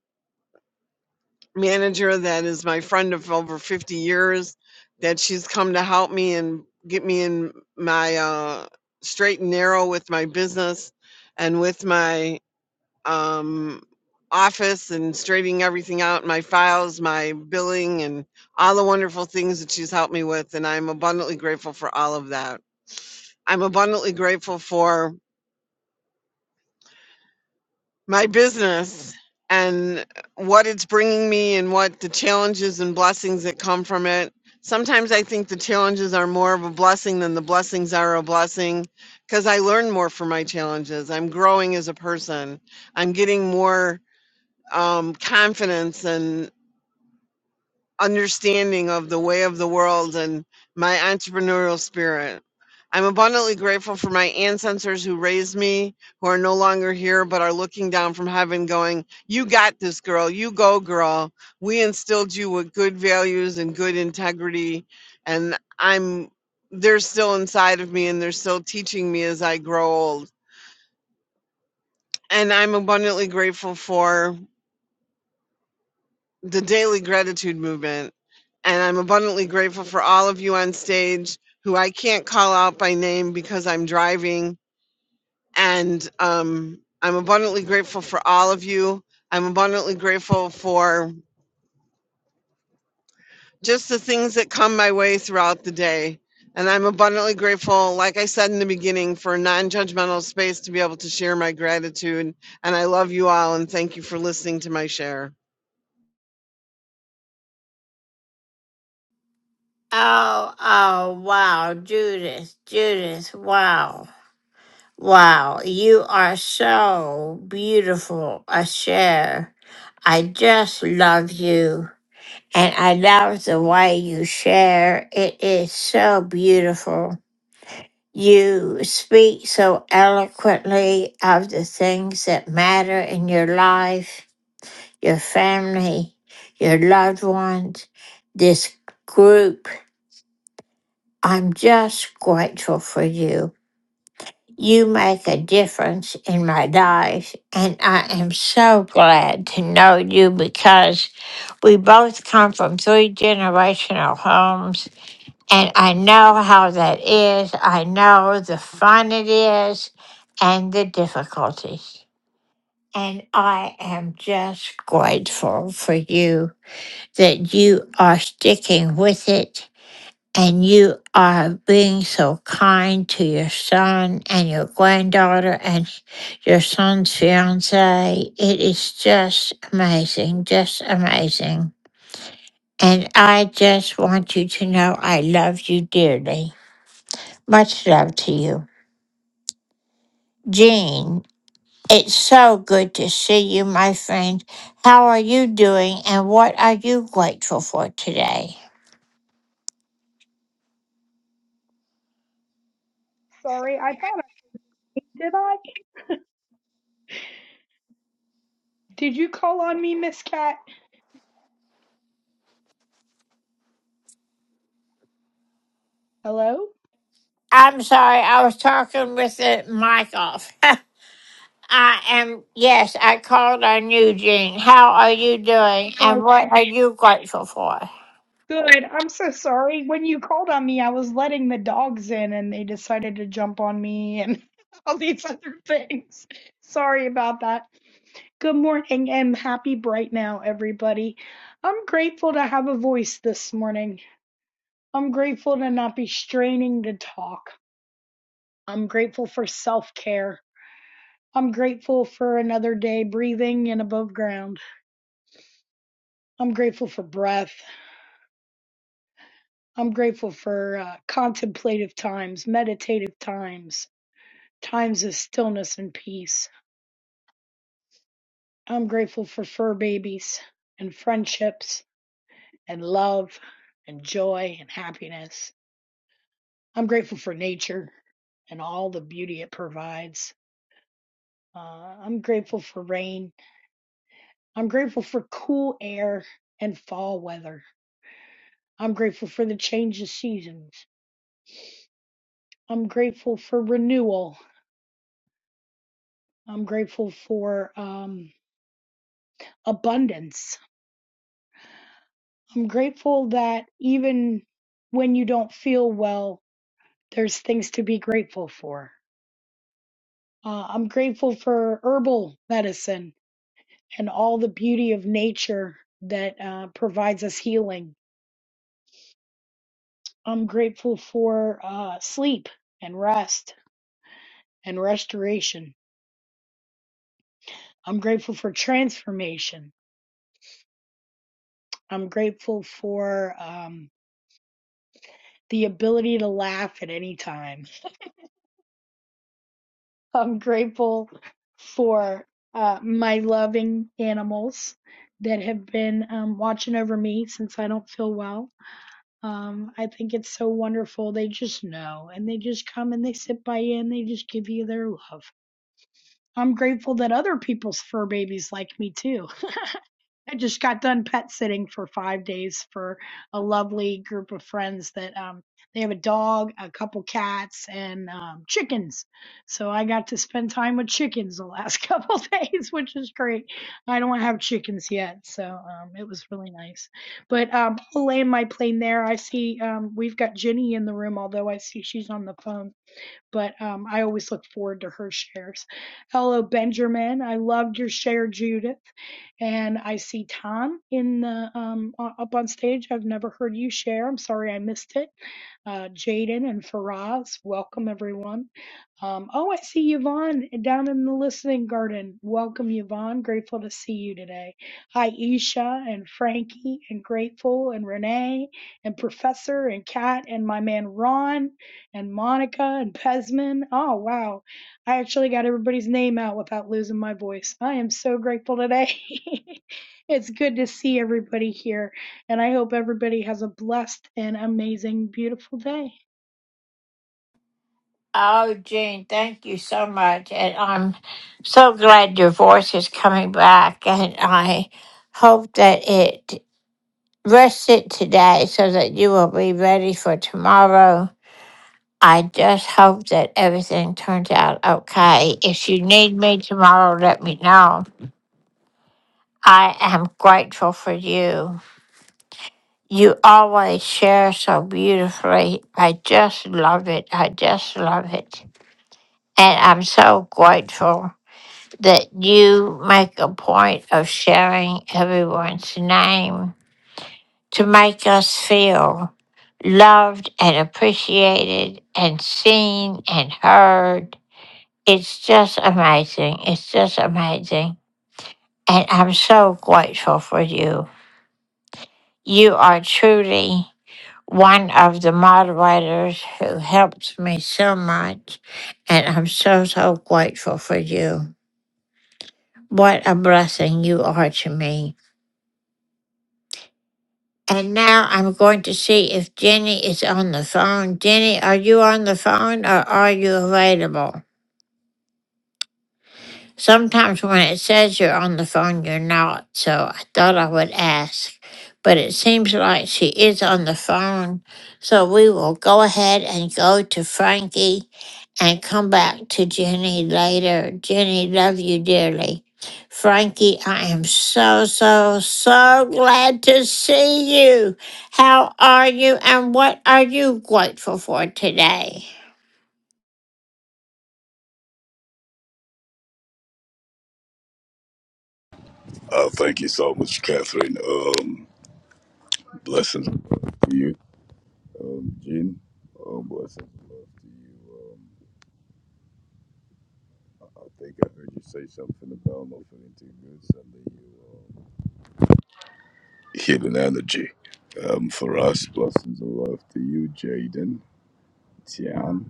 [SPEAKER 19] manager that is my friend of over 50 years, that she's come to help me and get me in my uh, straight and narrow with my business and with my um, office and straightening everything out my files, my billing, and all the wonderful things that she's helped me with. And I'm abundantly grateful for all of that. I'm abundantly grateful for my business and what it's bringing me and what the challenges and blessings that come from it. Sometimes I think the challenges are more of a blessing than the blessings are a blessing because I learn more from my challenges. I'm growing as a person. I'm getting more um, confidence and understanding of the way of the world and my entrepreneurial spirit. I'm abundantly grateful for my ancestors who raised me, who are no longer here, but are looking down from heaven, going, You got this, girl. You go, girl. We instilled you with good values and good integrity. And I'm, they're still inside of me and they're still teaching me as I grow old. And I'm abundantly grateful for the daily gratitude movement. And I'm abundantly grateful for all of you on stage who I can't call out by name because I'm driving. And um, I'm abundantly grateful for all of you. I'm abundantly grateful for just the things that come my way throughout the day. And I'm abundantly grateful, like I said in the beginning, for a non judgmental space to be able to share my gratitude. And I love you all and thank you for listening to my share.
[SPEAKER 1] Oh, oh, wow, Judith, Judith, wow. Wow, you are so beautiful, a share. I just love you. And I love the way you share. It is so beautiful. You speak so eloquently of the things that matter in your life, your family, your loved ones, this group. I'm just grateful for you. You make a difference in my life, and I am so glad to know you because we both come from three generational homes, and I know how that is. I know the fun it is and the difficulties. And I am just grateful for you that you are sticking with it and you are being so kind to your son and your granddaughter and your son's fiance. It is just amazing, just amazing. And I just want you to know I love you dearly. Much love to you. Jean, it's so good to see you, my friend. How are you doing and what are you grateful for today?
[SPEAKER 21] Sorry, I thought I did I? Did you call on me, Miss Cat? Hello?
[SPEAKER 1] I'm sorry, I was talking with the mic off. I am, yes, I called on you, Jean. How are you doing and what are
[SPEAKER 21] Okay,
[SPEAKER 1] you grateful for?
[SPEAKER 21] good. I'm so sorry. When you called on me, I was letting the dogs in and they decided to jump on me and all these other things. Sorry about that. Good morning and happy bright now, everybody. I'm grateful to have a voice this morning. I'm grateful to not be straining to talk. I'm grateful for self care. I'm grateful for another day breathing and above ground. I'm grateful for breath. I'm grateful for uh, contemplative times, meditative times, times of stillness and peace. I'm grateful for fur babies and friendships and love and joy and happiness. I'm grateful for nature and all the beauty it provides. Uh, I'm grateful for rain. I'm grateful for cool air and fall weather. I'm grateful for the change of seasons. I'm grateful for renewal I'm grateful for um, abundance. I'm grateful that even when you don't feel well, there's things to be grateful for. Uh, I'm grateful for herbal medicine and all the beauty of nature that uh, provides us healing. I'm grateful for uh, sleep and rest and restoration. I'm grateful for transformation. I'm grateful for um, the ability to laugh at any time. I'm grateful for uh, my loving animals that have been um, watching over me since I don't feel well. Um, I think it's so wonderful. They just know and they just come and they sit by you and they just give you their love. I'm grateful that other people's fur babies like me too. I just got done pet sitting for five days for a lovely group of friends that um, they have a dog, a couple cats, and um, chickens. So I got to spend time with chickens the last couple days, which is great. I don't have chickens yet, so um, it was really nice. But um, I'll land my plane there. I see um, we've got Jenny in the room, although I see she's on the phone but um, I always look forward to her shares. Hello, Benjamin. I loved your share, Judith. And I see Tom in the um, up on stage. I've never heard you share. I'm sorry I missed it. Uh, Jaden and Faraz, welcome everyone. Um, oh, I see Yvonne down in the listening garden. Welcome, Yvonne. Grateful to see you today. Hi, Isha and Frankie and Grateful and Renee and Professor and Kat and my man Ron and Monica and Pesman. Oh, wow. I actually got everybody's name out without losing my voice. I am so grateful today. it's good to see everybody here, and I hope everybody has a blessed and amazing, beautiful day.
[SPEAKER 1] Oh, Jean, thank you so much. And I'm so glad your voice is coming back. And I hope that it rested today so that you will be ready for tomorrow. I just hope that everything turns out okay. If you need me tomorrow, let me know. I am grateful for you. You always share so beautifully. I just love it. I just love it. And I'm so grateful that you make a point of sharing everyone's name to make us feel loved and appreciated and seen and heard. It's just amazing. It's just amazing. And I'm so grateful for you. You are truly. one of the moderators who helped me so much, and I'm so, so grateful for you. What a blessing you are to me. And now I'm going to see if Jenny is on the phone. Jenny, are you on the phone or are you available? Sometimes when it says you're on the phone, you're not, so I thought I would ask. But it seems like she is on the phone, so we will go ahead and go to Frankie and come back to Jenny later. Jenny, love you dearly. Frankie, I am so, so, so glad to see you. How are you and what are you grateful for today?
[SPEAKER 22] Uh, thank you so much, Catherine. Um, blessings to you, um, Jean. Um, blessings and love to you. Um, I I think I heard you say something about not feeling too good. Suddenly, you um, hidden energy. Um, for us, blessings and love to you, Jaden, Tian,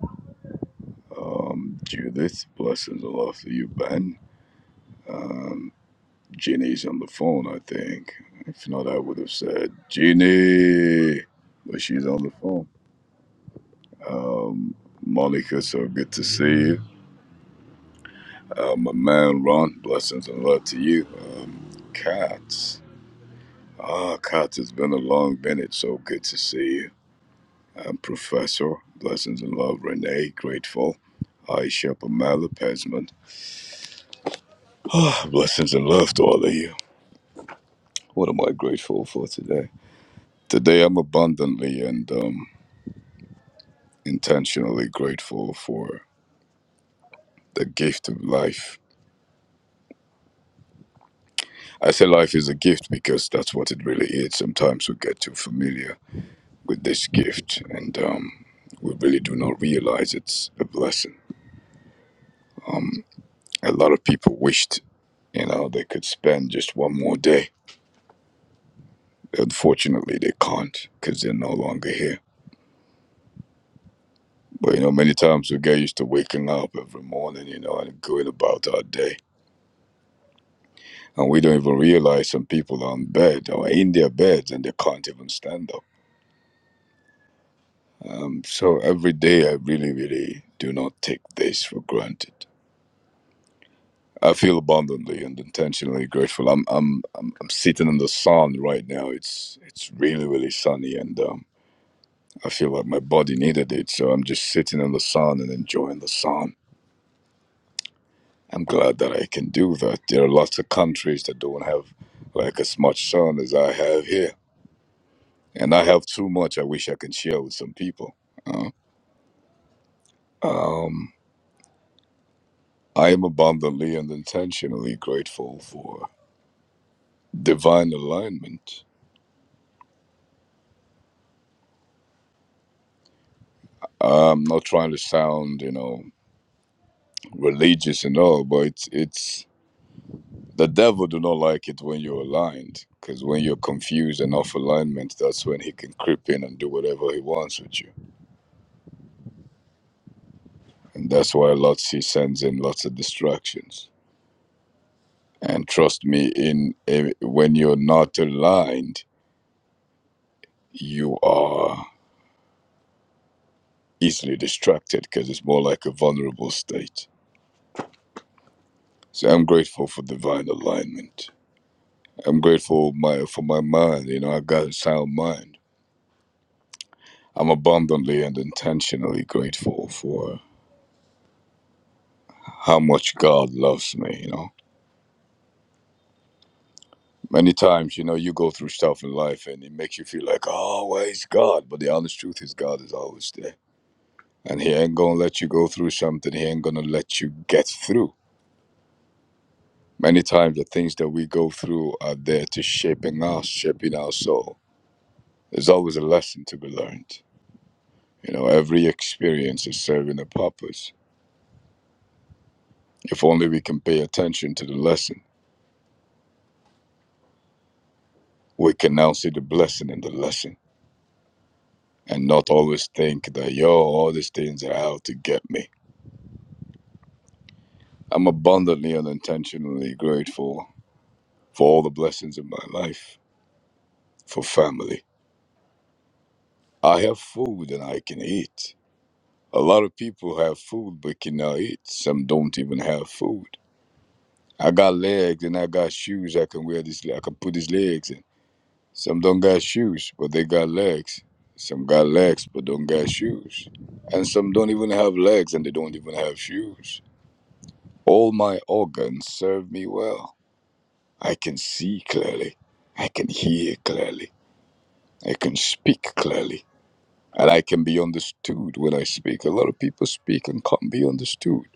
[SPEAKER 22] um, Judith. Blessings and love to you, Ben. Um, Jeannie's on the phone, I think. If not, I would have said Jeannie, but she's on the phone. Um, Monica, so good to see you. Uh, my man Ron, blessings and love to you. Um, Katz, ah, Katz, it's been a long minute, so good to see you. Um, Professor, blessings and love, Renee, grateful. Aisha Pamela Pesman, ah, blessings and love to all of you. What am I grateful for today? Today I'm abundantly and um, intentionally grateful for the gift of life I say life is a gift because that's what it really is. Sometimes we get too familiar with this gift and um, we really do not realize it's a blessing. Um, a lot of people wished, you know, they could spend just one more day. Unfortunately, they can't because they're no longer here. But, you know, many times we get used to waking up every morning, you know, and going about our day. And we don't even realize some people are in bed or in their beds and they can't even stand up Um, so every day I really, really do not take this for granted. I feel abundantly and intentionally grateful. I'm, I'm, I'm, I'm sitting in the sun right now. It's, it's really, really sunny, and um, I feel like my body needed it. So I'm just sitting in the sun and enjoying the sun. I'm glad that I can do that. There are lots of countries that don't have like as much sun as I have here, and I have too much. I wish I can share with some people. Uh, um, I am abundantly and intentionally grateful for divine alignment. I'm not trying to sound, you know, religious and all, but it's, it's the devil do not like it when you're aligned, because when you're confused and off alignment, that's when he can creep in and do whatever he wants with you, and that's why lots he sends in lots of distractions. And trust me, in eh, when you're not aligned, you are easily distracted because it's more like a vulnerable state So I'm grateful for divine alignment. I'm grateful my for my mind. You know, I got a sound mind. I'm abundantly and intentionally grateful for how much God loves me. You know, many times you know you go through stuff in life and it makes you feel like, oh, where is God? But the honest truth is, God is always there, and He ain't gonna let you go through something. He ain't gonna let you get through. Many times the things that we go through are there to shaping us, shaping our soul. There's always a lesson to be learned You know, every experience is serving a purpose. If only we can pay attention to the lesson, we can now see the blessing in the lesson and not always think that, yo, all these things are out to get me. I'm abundantly and intentionally grateful for all the blessings in my life, for family. I have food and I can eat. A lot of people have food but cannot eat. Some don't even have food. I got legs and I got shoes I can wear this I can put these legs in. Some don't got shoes, but they got legs. Some got legs, but don't got shoes. And some don't even have legs and they don't even have shoes. All my organs serve me well. I can see clearly. I can hear clearly. I can speak clearly. And I can be understood when I speak. A lot of people speak and can't be understood.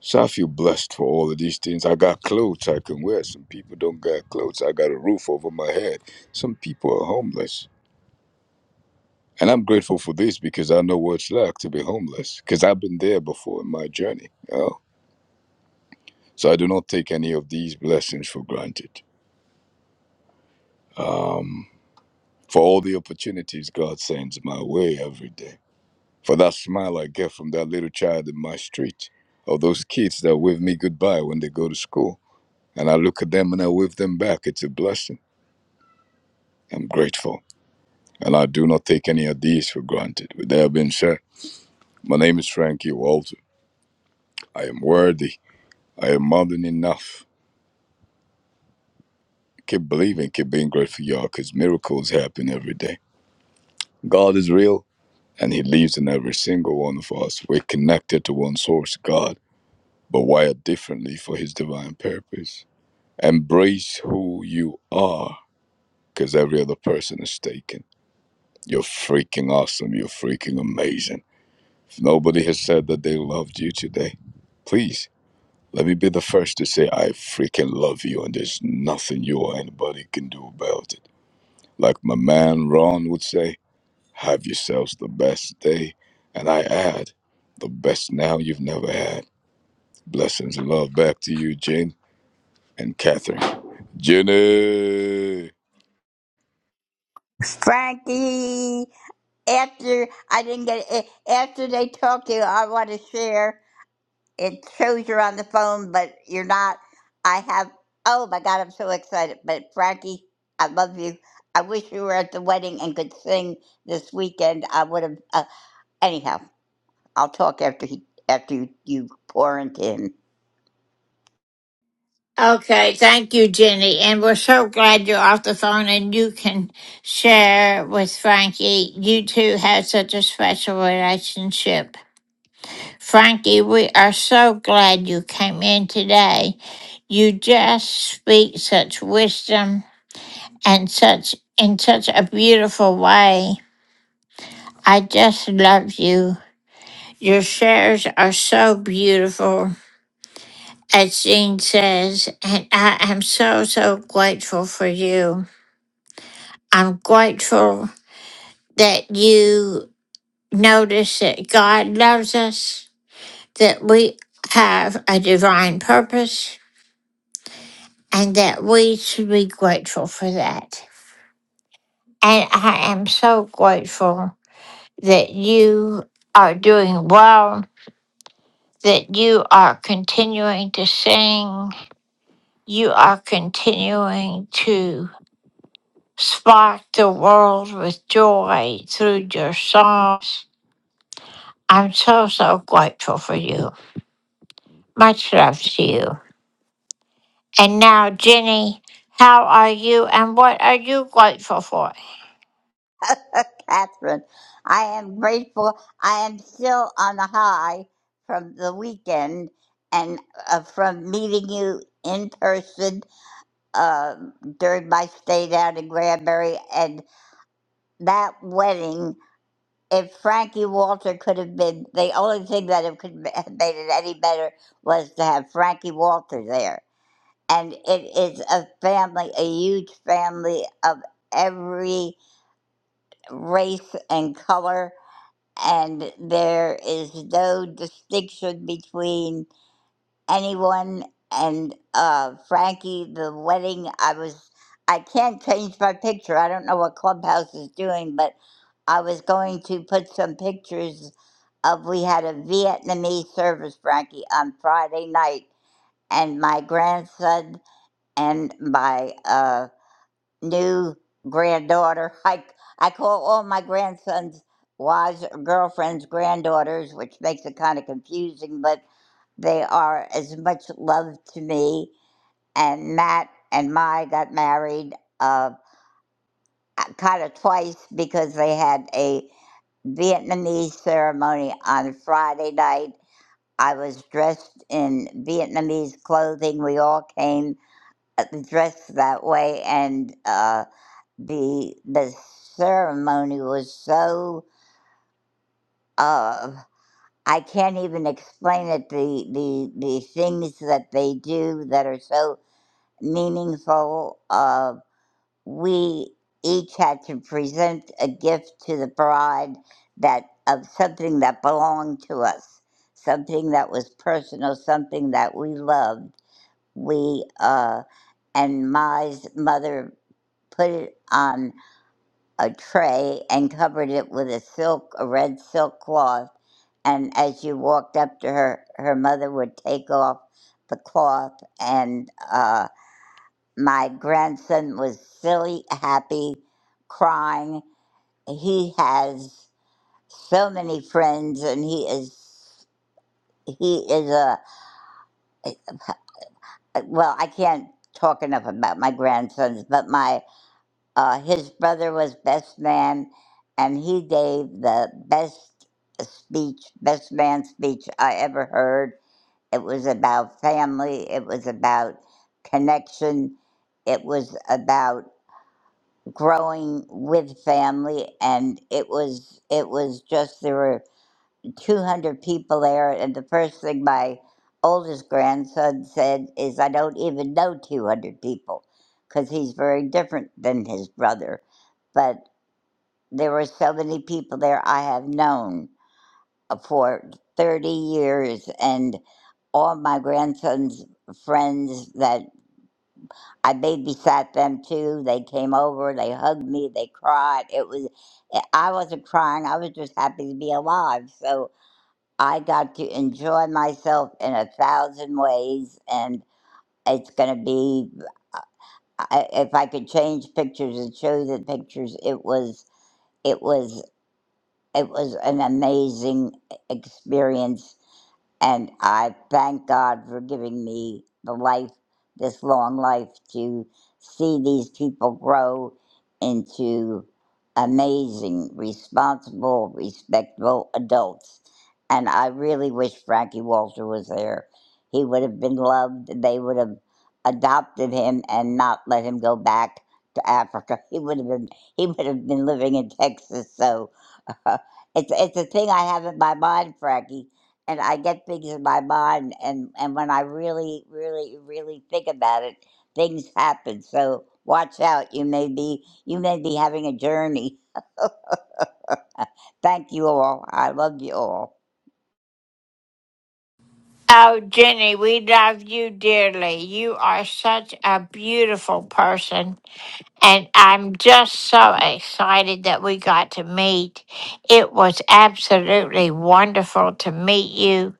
[SPEAKER 22] So I feel blessed for all of these things. I got clothes I can wear. Some people don't got clothes. I got a roof over my head. Some people are homeless. And I'm grateful for this because I know what it's like to be homeless because I've been there before in my journey. you know. So I do not take any of these blessings for granted. Um, for all the opportunities God sends my way every day. For that smile I get from that little child in my street. Or those kids that wave me goodbye when they go to school. And I look at them and I wave them back. It's a blessing. I'm grateful. And I do not take any of these for granted. With that being said, my name is Frankie Walter. I am worthy. I am more than enough. Keep believing, keep being grateful, y'all, because miracles happen every day. God is real and He lives in every single one of us. We're connected to one source, God, but wired differently for His divine purpose. Embrace who you are because every other person is taken. You're freaking awesome. You're freaking amazing. If nobody has said that they loved you today, please let me be the first to say, I freaking love you, and there's nothing you or anybody can do about it. Like my man Ron would say, have yourselves the best day. And I add, the best now you've never had. Blessings and love back to you, Jen and Catherine. Jenny!
[SPEAKER 23] Frankie, after I didn't get it, after they talk to you, I want to share. It shows you're on the phone, but you're not. I have, oh my God, I'm so excited. But Frankie, I love you. I wish you were at the wedding and could sing this weekend. I would have, uh, anyhow, I'll talk after he, after you, you pour into him.
[SPEAKER 1] Okay, thank you, Jenny. And we're so glad you're off the phone and you can share with Frankie. You two have such a special relationship. Frankie, we are so glad you came in today. You just speak such wisdom and such in such a beautiful way. I just love you. Your shares are so beautiful, as Jean says, and I am so, so grateful for you. I'm grateful that you notice that God loves us, that we have a divine purpose, and that we should be grateful for that. And I am so grateful that you are doing well, that you are continuing to sing, you are continuing to spark the world with joy through your songs. I'm so, so grateful for you. Much love to you. And now, Jenny, how are you and what are you grateful for?
[SPEAKER 23] Catherine. I am grateful. I am still on the high from the weekend and uh, from meeting you in person um during my stay down in Granbury and that wedding. If Frankie Walter could have been, the only thing that it could have made it any better was to have Frankie Walter there. And it is a family, a huge family of every race and color and there is no distinction between anyone and uh, Frankie. The wedding, I was, I can't change my picture. I don't know what Clubhouse is doing, but I was going to put some pictures of we had a Vietnamese service, Frankie, on Friday night, and my grandson and my uh, new granddaughter. I I call all my grandsons wives or girlfriends granddaughters, which makes it kind of confusing, but they are as much love to me. And Matt and Mai got married uh, kind of twice because they had a Vietnamese ceremony on Friday night. I was dressed in Vietnamese clothing. We all came uh, dressed that way, and. Uh, the the ceremony was so uh I can't even explain it the the the things that they do that are so meaningful uh we each had to present a gift to the bride that of something that belonged to us something that was personal something that we loved we uh and my mother put it on a tray and covered it with a silk, a red silk cloth. And as you walked up to her, her mother would take off the cloth. And uh, my grandson was silly, happy, crying. He has so many friends, and he is he is a well. I can't talk enough about my grandsons, but my Uh, his brother was best man, and he gave the best speech, best man speech I ever heard. It was about family, it was about connection, it was about growing with family and it was it was just there were 200 people there and the first thing my oldest grandson said is i don't even know 200 people because he's very different than his brother but. There were so many people there I have known uh, for 30 years, and all my grandson's friends that I babysat them too. They came over, they hugged me, they cried. It was, eh, I wasn't crying, I was just happy to be alive. So I got to enjoy myself in a thousand ways, and it's going to be, I- if I could change pictures and show the pictures, it was. It was. It was an amazing experience, and I thank God for giving me the life, this long life, to see these people grow into amazing, responsible, respectable adults. And I really wish Frankie Walter was there. He would have been loved. They would have adopted him and not let him go back to Africa. He would have been he would have been living in Texas. So uh, it's it's a thing I have in my mind, Frankie, and I get things in my mind, and and when I really, really, really think about it, things happen. So watch out. You may be you may be having a journey. Thank you all. I love you all.
[SPEAKER 1] Oh, Jenny, we love you dearly. You are such a beautiful person. And I'm just so excited that we got to meet. It was absolutely wonderful to meet you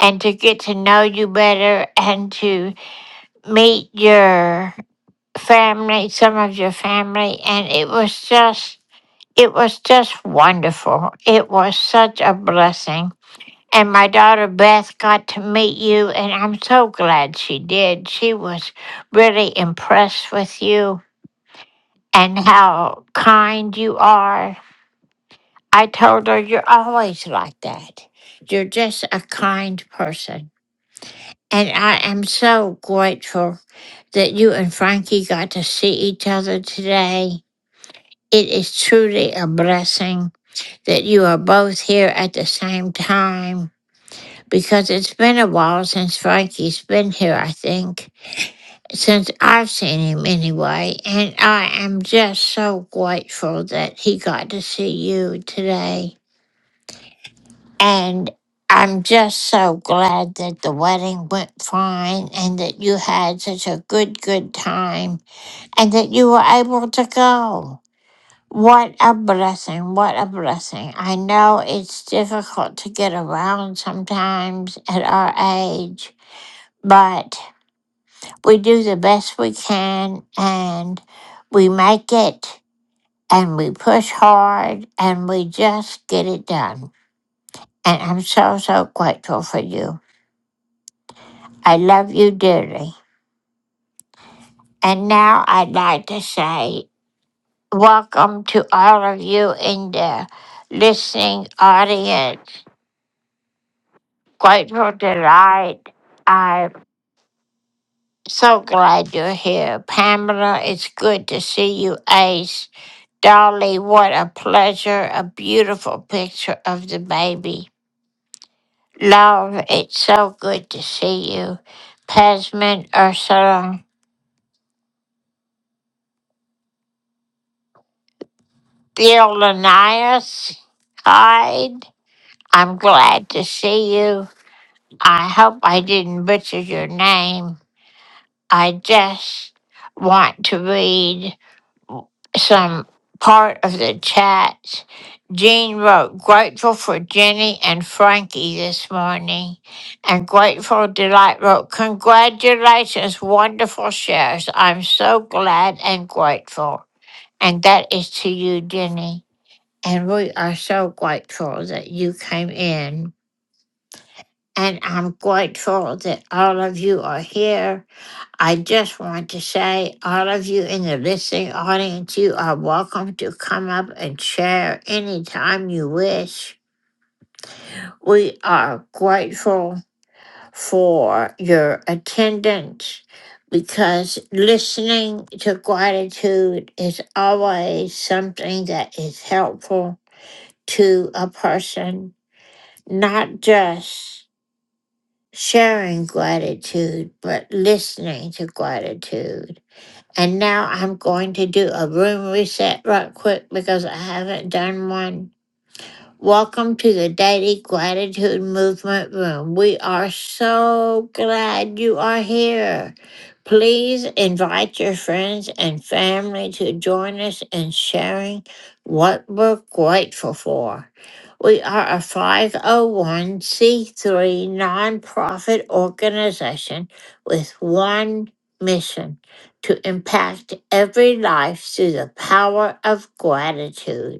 [SPEAKER 1] and to get to know you better and to meet your family, some of your family. And it was just It was just wonderful. It was such a blessing. And my daughter Beth got to meet you, and I'm so glad she did. She was really impressed with you and how kind you are. I told her, You're always like that. You're just a kind person. And I am so grateful that you and Frankie got to see each other today. It is truly a blessing. that you are both here at the same time because it's been a while since Frankie's been here, I think, since I've seen him anyway. And I am just so grateful that he got to see you today. And I'm just so glad that the wedding went fine and that you had such a good, good time and that you were able to go. What a blessing. What a blessing. I know it's difficult to get around sometimes at our age, but we do the best we can and we make it and we push hard and we just get it done. And I'm so, so grateful for you. I love you dearly. And now I'd like to say welcome to all of you in the listening audience. Grateful delight. I'm so glad you're here. Pamela, it's good to see you, Ace. Dolly, what a pleasure. A beautiful picture of the baby. Love, it's so good to see you. Pesman, Ursula, Theolanias, Hyde, I'm glad to see you. I hope I didn't butcher your name. I just want to read. some part of the chat. Jean wrote, grateful for Jenny and Frankie this morning. And Grateful Delight wrote, congratulations, wonderful shares. I'm so glad and grateful. And that is to you, Jenny. And we are so grateful that you came in. And I'm grateful that all of you are here. I just want to say, all of you in the listening audience, you are welcome to come up and share anytime you wish. We are grateful for your attendance because listening to gratitude is always something that is helpful to a person, not just sharing gratitude, but listening to gratitude. And now I'm going to do a room reset right quick because I haven't done one Welcome to the Daily Gratitude Movement Room. We are so glad you are here. Please invite your friends and family to join us in sharing what we're grateful for. We are a 501c3 nonprofit organization with one mission to impact every life through the power of gratitude.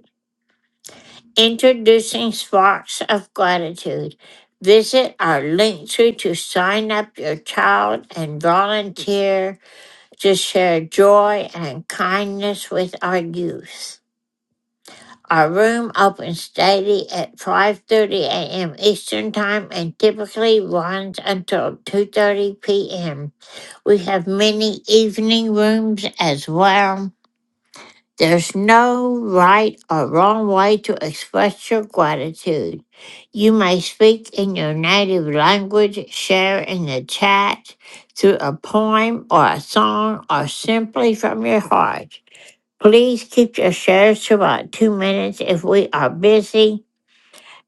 [SPEAKER 1] Introducing Sparks of Gratitude. Visit our link tree to sign up your child and volunteer to share joy and kindness with our youth. Our room opens daily at 5:30 a.m. Eastern Time and typically runs until 2:30 p.m. We have many evening rooms as well. There's no right or wrong way to express your gratitude. You may speak in your native language, share in the chat through a poem or a song, or simply from your heart. Please keep your shares to about two minutes if we are busy.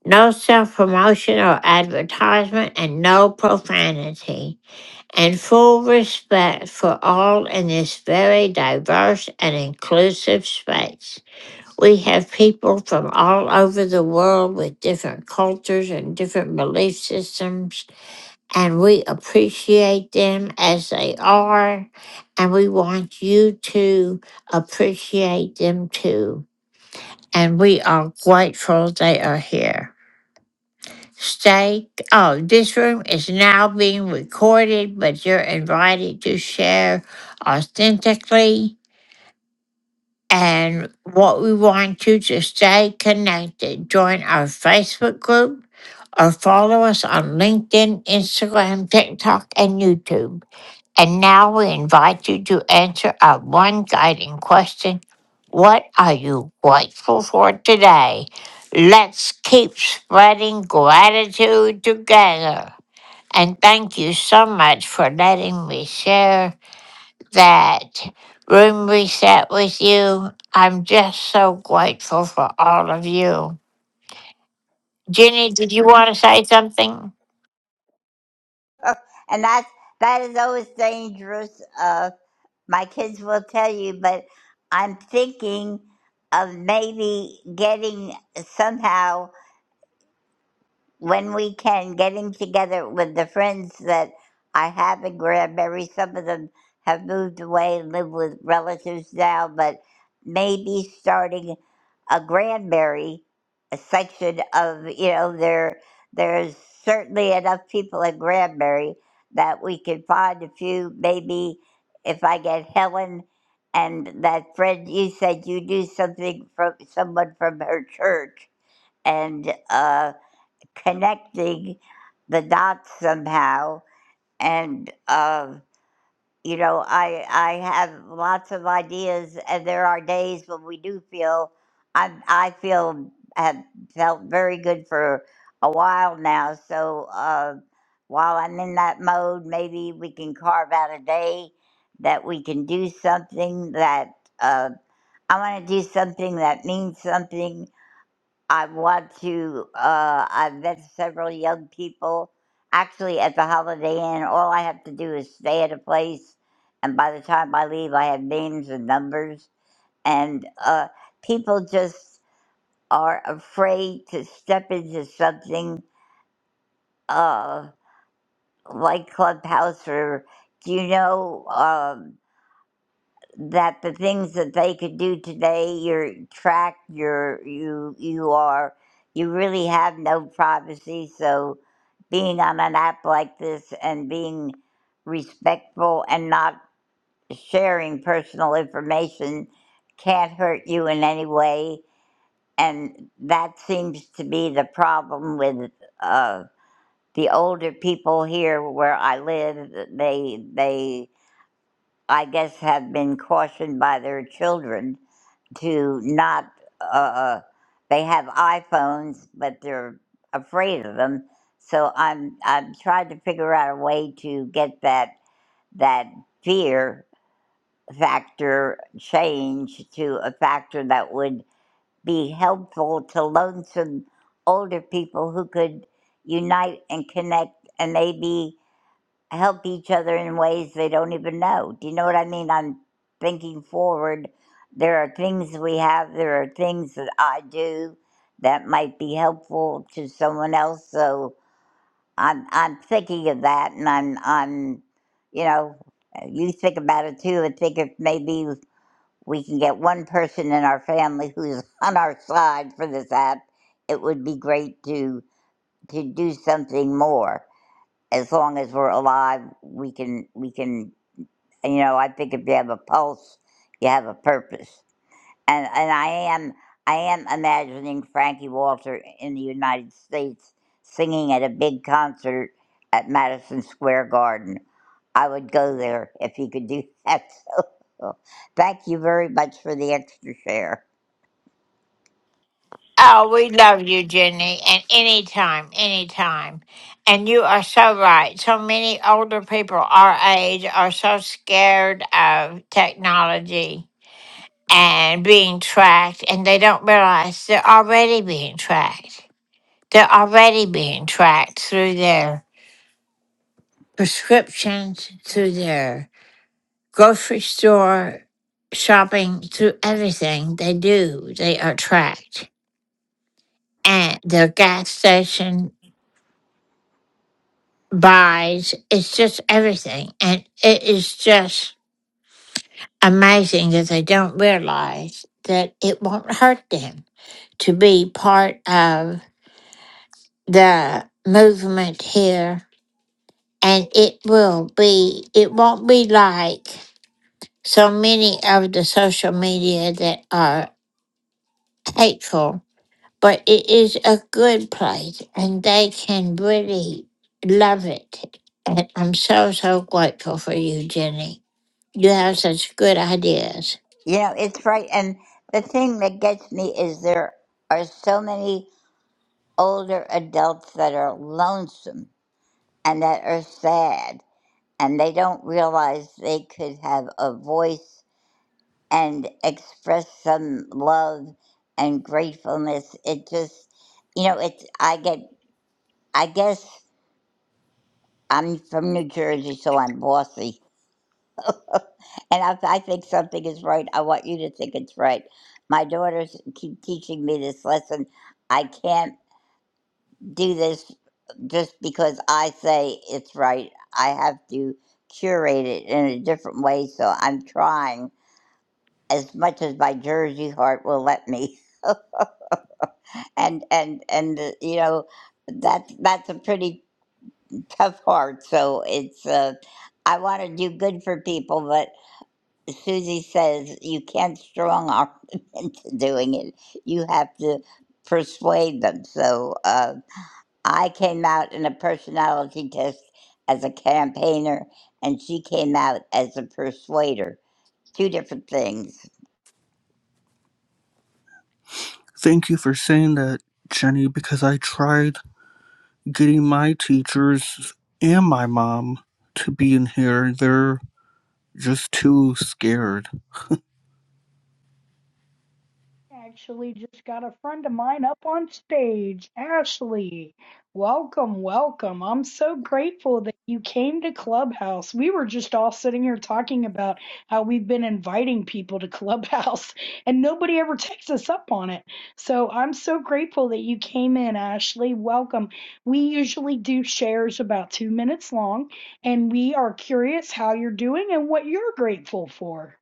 [SPEAKER 1] No self promotion or advertisement, and no profanity. And full respect for all in this very diverse and inclusive space. We have people from all over the world with different cultures and different belief systems, and we appreciate them as they are, and we want you to appreciate them too. And we are grateful they are here. Stay. Oh, this room is now being recorded, but you're invited to share authentically And what we want you to stay connected, join our Facebook group or follow us on LinkedIn, Instagram, TikTok, and YouTube. And now we invite you to answer our one guiding question What are you grateful for today? Let's keep spreading gratitude together. And thank you so much for letting me share that room reset with you. I'm just so grateful for all of you. Jenny, did you want to say something?
[SPEAKER 23] and that's that is always dangerous. Uh, my kids will tell you, but I'm thinking of maybe getting somehow. when we can, getting together with the friends that I have in Granbury. Some of them have moved away and live with relatives now, but maybe starting a Granbury a section of you know there there's certainly enough people in Granbury that we could find a few maybe if I get Helen and that friend you said you knew something from someone from her church and uh connecting the dots somehow. And uh, you know, I I have lots of ideas, and there are days when we do feel I I feel have felt very good for a while now. So uh, while I'm in that mode, maybe we can carve out a day that we can do something that uh, I want to do something that means something I want to. Uh, I've met several young people actually at the Holiday Inn. All I have to do is stay at a place, and by the time I leave, I have names and numbers. And uh, people just are afraid to step into something uh, like Clubhouse or, do you know? Um, that the things that they could do today your track your you you are you really have no privacy so being on an app like this and being respectful and not sharing personal information can't hurt you in any way and that seems to be the problem with uh, the older people here where i live they they I guess, have been cautioned by their children to not. Uh, uh, they have iPhones, but they're afraid of them. So I'm I'm trying to figure out a way to get that that fear factor changed to a factor that would be helpful to lonesome older people who could unite and connect and maybe help each other in ways they don't even know. Do you know what I mean? I'm thinking forward. There are things we have, there are things that I do that might be helpful to someone else. So I'm I'm thinking of that and I'm I'm you know, you think about it too and think if maybe we can get one person in our family who's on our side for this app, it would be great to to do something more as long as we're alive, we can we can you know I think if you have a pulse, you have a purpose. And and I am I am imagining Frankie Walter in the United States singing at a big concert at Madison Square Garden. I would go there if he could do that. So thank you very much for the extra share.
[SPEAKER 1] Oh, we love you, Jenny, and anytime, anytime. And you are so right. So many older people our age are so scared of technology and being tracked, and they don't realize they're already being tracked. They're already being tracked through their prescriptions, through their grocery store shopping to everything they do, they attract. And the gas station buys, it's just everything. And it is just amazing that they don't realize that it won't hurt them to be part of the movement here. And it will be, it won't be like so many of the social media that are hateful but it is a good place and they can really love it. And I'm so, so grateful for you, Jenny. You have such good ideas.
[SPEAKER 23] You know, it's right. And the thing that gets me is there are so many older adults that are lonesome and that are sad and they don't realize they could have a voice and express some love and gratefulness it just you know it's i get i guess i'm from new jersey so i'm bossy and if i think something is right i want you to think it's right my daughters keep teaching me this lesson i can't do this just because I say it's right. I have to curate it in a different way, so I'm trying as much as my Jersey heart will let me. and and and uh, you know that's that's a pretty tough heart. So it's uh, I want to do good for people, but Susie says you can't strong arm them into doing it. You have to persuade them. So. Uh, I came out in a personality test as a campaigner, and she came out as a persuader. Two different things.
[SPEAKER 10] Thank you for saying that, Jenny, because I tried getting my teachers and my mom to be in here. They're just too scared.
[SPEAKER 21] Actually, just got a friend of mine up on stage. Ashley, welcome, welcome. I'm so grateful that you came to Clubhouse. We were just all sitting here talking about how we've been inviting people to Clubhouse and nobody ever takes us up on it. So I'm so grateful that you came in, Ashley. Welcome. We usually do shares about two minutes long, and we are curious how you're doing and what you're grateful for.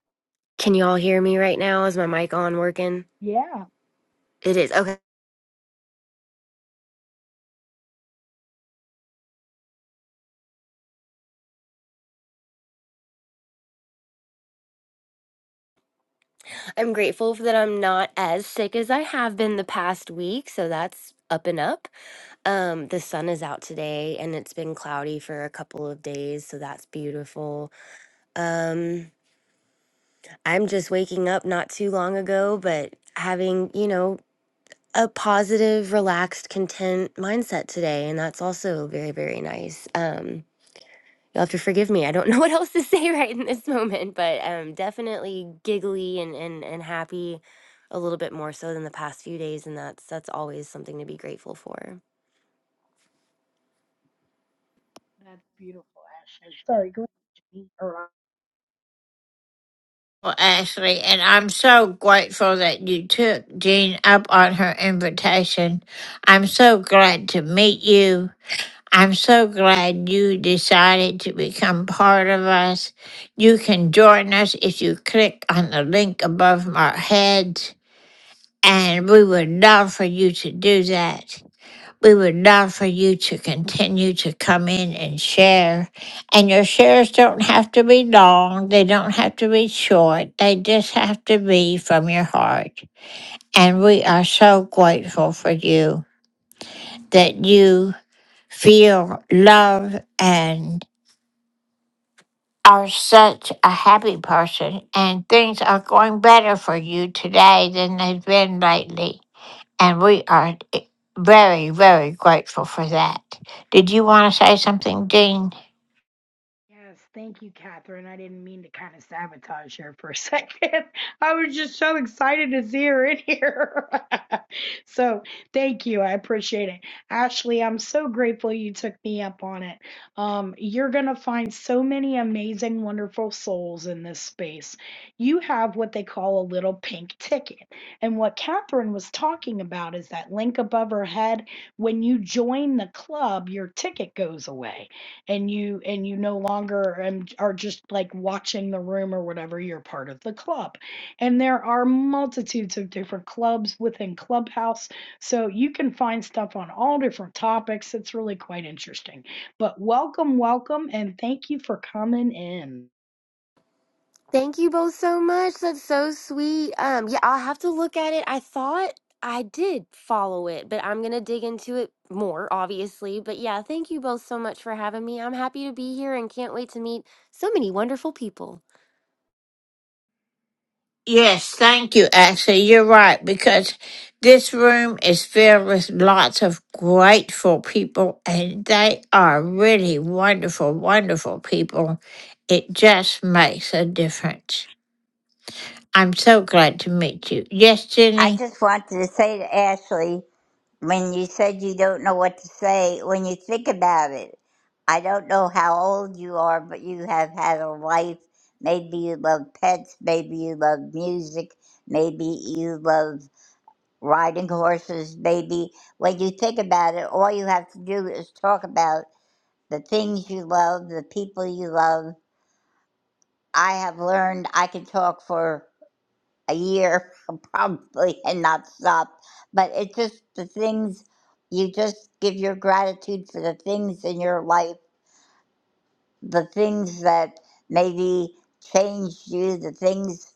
[SPEAKER 24] Can you all hear me right now? Is my mic on working?
[SPEAKER 21] Yeah.
[SPEAKER 24] It is. Okay. I'm grateful that I'm not as sick as I have been the past week, so that's up and up. Um the sun is out today and it's been cloudy for a couple of days, so that's beautiful. Um I'm just waking up not too long ago, but having, you know, a positive, relaxed, content mindset today, and that's also very very nice. Um You'll have to forgive me. I don't know what else to say right in this moment, but um, definitely giggly and, and, and happy a little bit more so than the past few days, and that's that's always something to be grateful for.
[SPEAKER 21] That's beautiful, Ashley. Sorry, go ahead, Jenny, or
[SPEAKER 1] Well, Ashley, and I'm so grateful that you took Jean up on her invitation. I'm so glad to meet you. I'm so glad you decided to become part of us. You can join us if you click on the link above our heads. And we would love for you to do that. We would love for you to continue to come in and share. And your shares don't have to be long, they don't have to be short, they just have to be from your heart. And we are so grateful for you that you feel love and are such a happy person, and things are going better for you today than they've been lately. And we are i- very, very grateful for that. Did you want to say something, Dean?
[SPEAKER 21] Yes, thank you, Catherine. I didn't mean to kind of sabotage her for a second. I was just so excited to see her in here. so thank you. I appreciate it. Ashley, I'm so grateful you took me up on it. Um, you're going to find so many amazing, wonderful souls in this space. You have what they call a little pink ticket. And what Catherine was talking about is that link above her head. When you join the club, your ticket goes away and you and you no longer um, are just like watching the room or whatever you're part of the club and there are multitudes of different clubs within clubhouse so you can find stuff on all different topics it's really quite interesting but welcome welcome and thank you for coming in
[SPEAKER 24] Thank you both so much. That's so sweet. Um, yeah, I'll have to look at it. I thought I did follow it, but I'm gonna dig into it more, obviously. But yeah, thank you both so much for having me. I'm happy to be here and can't wait to meet so many wonderful people.
[SPEAKER 1] Yes, thank you, Ashley. You're right, because this room is filled with lots of grateful people, and they are really wonderful, wonderful people. It just makes a difference. I'm so glad to meet you. Yes,
[SPEAKER 23] I
[SPEAKER 1] Jenny?
[SPEAKER 23] just wanted to say to Ashley, when you said you don't know what to say, when you think about it, I don't know how old you are, but you have had a life. Maybe you love pets, maybe you love music, maybe you love riding horses, maybe when you think about it, all you have to do is talk about the things you love, the people you love. I have learned I can talk for a year probably and not stop, but it's just the things you just give your gratitude for the things in your life, the things that maybe changed you, the things.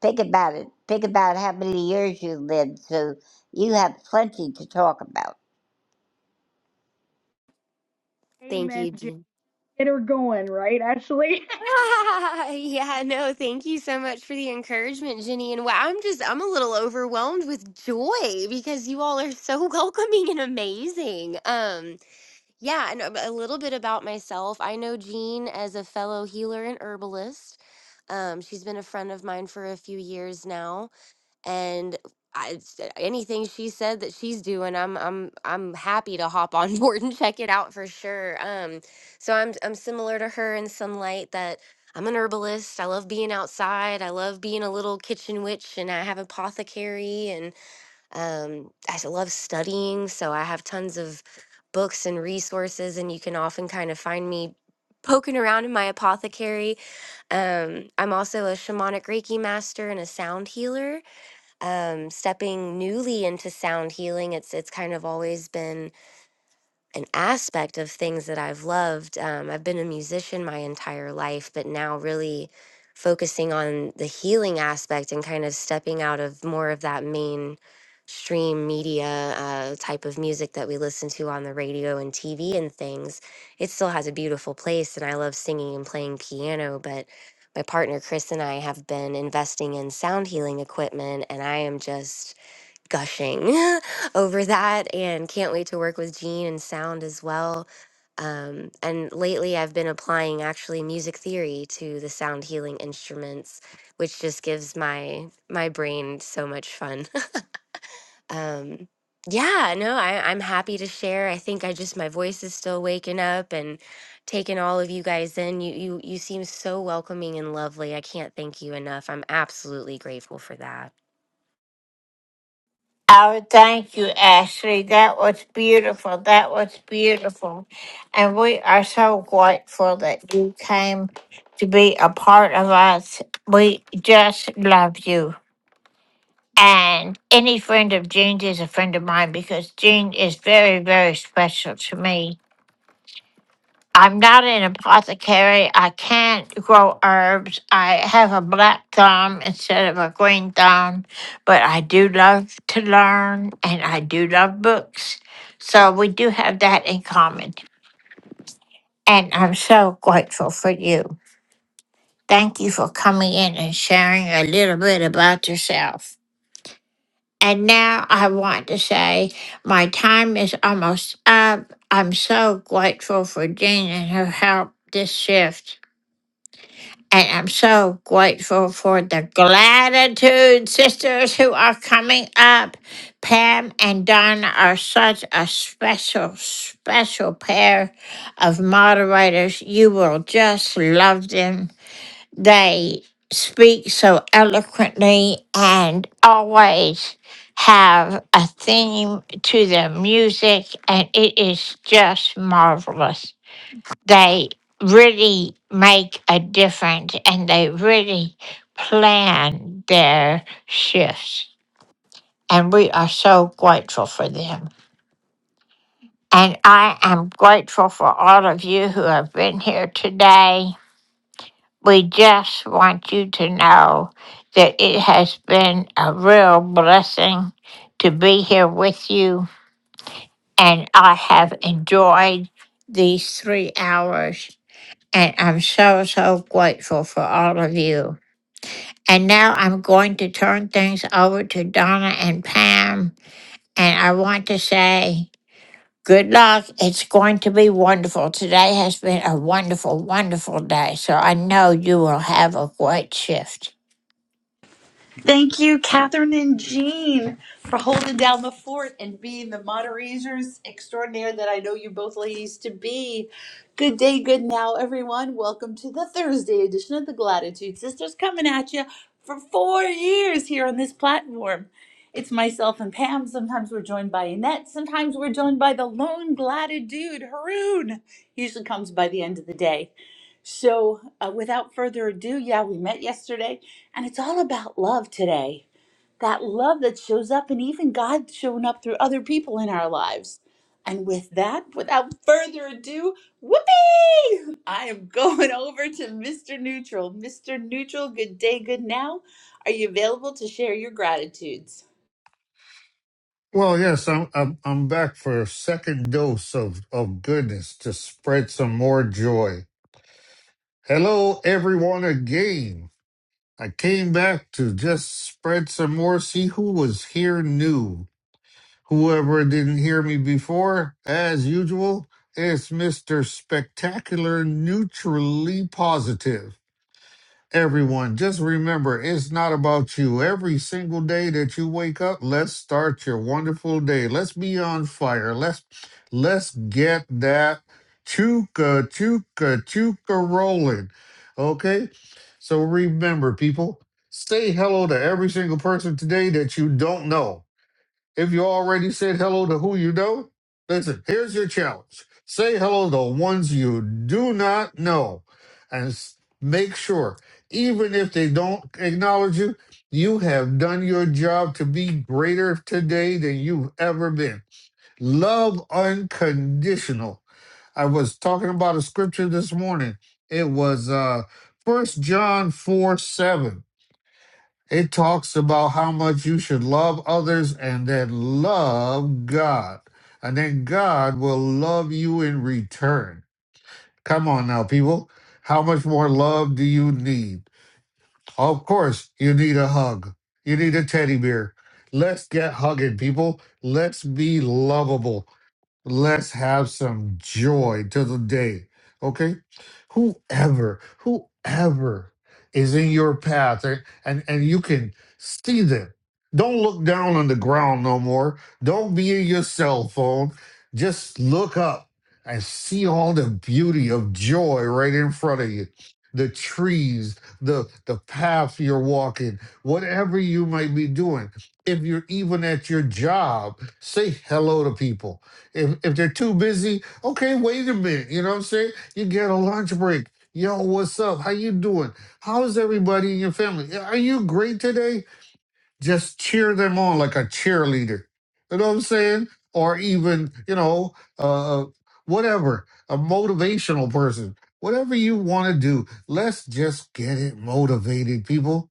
[SPEAKER 23] Think about it. Think about how many years you lived, so you have plenty to talk about.
[SPEAKER 24] Thank
[SPEAKER 21] amen
[SPEAKER 24] you.
[SPEAKER 21] Jan-
[SPEAKER 24] Jean.
[SPEAKER 21] get her going right ashley
[SPEAKER 24] Ah, yeah, no, thank you so much for the encouragement, Jenny. And wow, I'm just, I'm a little overwhelmed with joy because you all are so welcoming and amazing. Um, yeah, and a a little bit about myself. I know Jean as a fellow healer and herbalist. Um, she's been a friend of mine for a few years now and I, s- anything she said that she's doing, I'm I'm I'm happy to hop on board and check it out for sure. Um, so I'm I'm similar to her in some light that I'm an herbalist. I love being outside. I love being a little kitchen witch, and I have apothecary, and um, I s- love studying. So I have tons of books and resources, and you can often kind of find me poking around in my apothecary. Um, I'm also a shamanic Reiki master and a sound healer um, stepping newly into sound healing. It's it's kind of always been an aspect of things that I've loved. Um, I've been a musician my entire life, but now really focusing on the healing aspect and kind of stepping out of more of that mainstream media uh, type of music that we listen to on the radio and TV and things. It still has a beautiful place, and I love singing and playing piano, but my partner Chris and I have been investing in sound healing equipment, and I am just gushing over that and can't wait to work with Gene and sound as well. Um, and lately, I've been applying actually music theory to the sound healing instruments, which just gives my my brain so much fun. um, yeah, no, I, I'm happy to share. I think I just my voice is still waking up and taking all of you guys in. You you you seem so welcoming and lovely. I can't thank you enough. I'm absolutely grateful for that.
[SPEAKER 1] Oh, thank you, Ashley. That was beautiful. That was beautiful. And we are so grateful that you came to be a part of us. We just love you. And any friend of Jean's is a friend of mine because Jean is very, very special to me. I'm not an apothecary. I can't grow herbs. I have a black thumb instead of a green thumb, but I do love to learn and I do love books. So we do have that in common. And I'm so grateful for you. Thank you for coming in and sharing a little bit about yourself. And now I want to say my time is almost up. I'm so grateful for Jean and her help this shift. And I'm so grateful for the Gratitude sisters who are coming up. Pam and Donna are such a special, special pair of moderators. You will just love them. They speak so eloquently and always have a theme to their music, and it is just marvelous they really make a difference and they really plan their shifts. And we are so grateful for them. And I am grateful for all of you who have been here today. We just want you to know that it has been a real blessing to be here with you. And I have enjoyed these three hours And I'm so, so grateful for all of you. And now I'm going to turn things over to Donna and Pam. And I want to say good luck. It's going to be wonderful. Today has been a wonderful, wonderful day. So I know you will have a great shift.
[SPEAKER 25] Thank you, Catherine and Jean, for holding down the fort and being the moderators extraordinaire that I know you both ladies to be. Good day, good now, everyone. Welcome to the Thursday edition of the Gratitude Sisters, coming at you for four years here on this platform. It's myself and Pam. Sometimes we're joined by Annette. Sometimes we're joined by the lone glatitude, Haroon. Usually comes by the end of the day. So, uh, without further ado, yeah, we met yesterday, and it's all about love today. That love that shows up, and even God showing up through other people in our lives. And with that, without further ado, whoopee! I am going over to Mr. Neutral. Mr. Neutral, good day, good now. Are you available to share your gratitudes?
[SPEAKER 7] Well, yes, I'm I'm I'm back for a second dose of of goodness to spread some more joy. Hello, everyone, again. I came back to just spread some more, see who was here new. Whoever didn't hear me before, as usual, it's Mr. Spectacular Neutrally Positive. Everyone, just remember it's not about you. Every single day that you wake up, let's start your wonderful day. Let's be on fire. Let's let's get that chuka chuka chuka rolling. Okay? So remember people, say hello to every single person today that you don't know. If you already said hello to who you know, listen, here's your challenge. Say hello to ones you do not know and s- make sure, even if they don't acknowledge you, you have done your job to be greater today than you've ever been. Love unconditional. I was talking about a scripture this morning. It was uh 1 John 4 7 it talks about how much you should love others and then love God. And then God will love you in return. Come on now, people. How much more love do you need? Of course, you need a hug. You need a teddy bear. Let's get hugging, people. Let's be lovable. Let's have some joy to the day. Okay? Whoever, whoever is in your path and, and, and you can see them. Don't look down on the ground no more. Don't be in your cell phone. Just look up and see all the beauty of joy right in front of you. The trees, the the path you're walking, whatever you might be doing. If you're even at your job, say hello to people if if they're too busy, okay, wait a minute. You know what I'm saying? You get a lunch break. Yo, what's up? How you doing? How is everybody in your family? Yeah, Are you great today? Just cheer them on like a cheerleader. You know what I'm saying? Or even, you know, uh whatever, a motivational person. Whatever you want to do, let's just get it motivated, people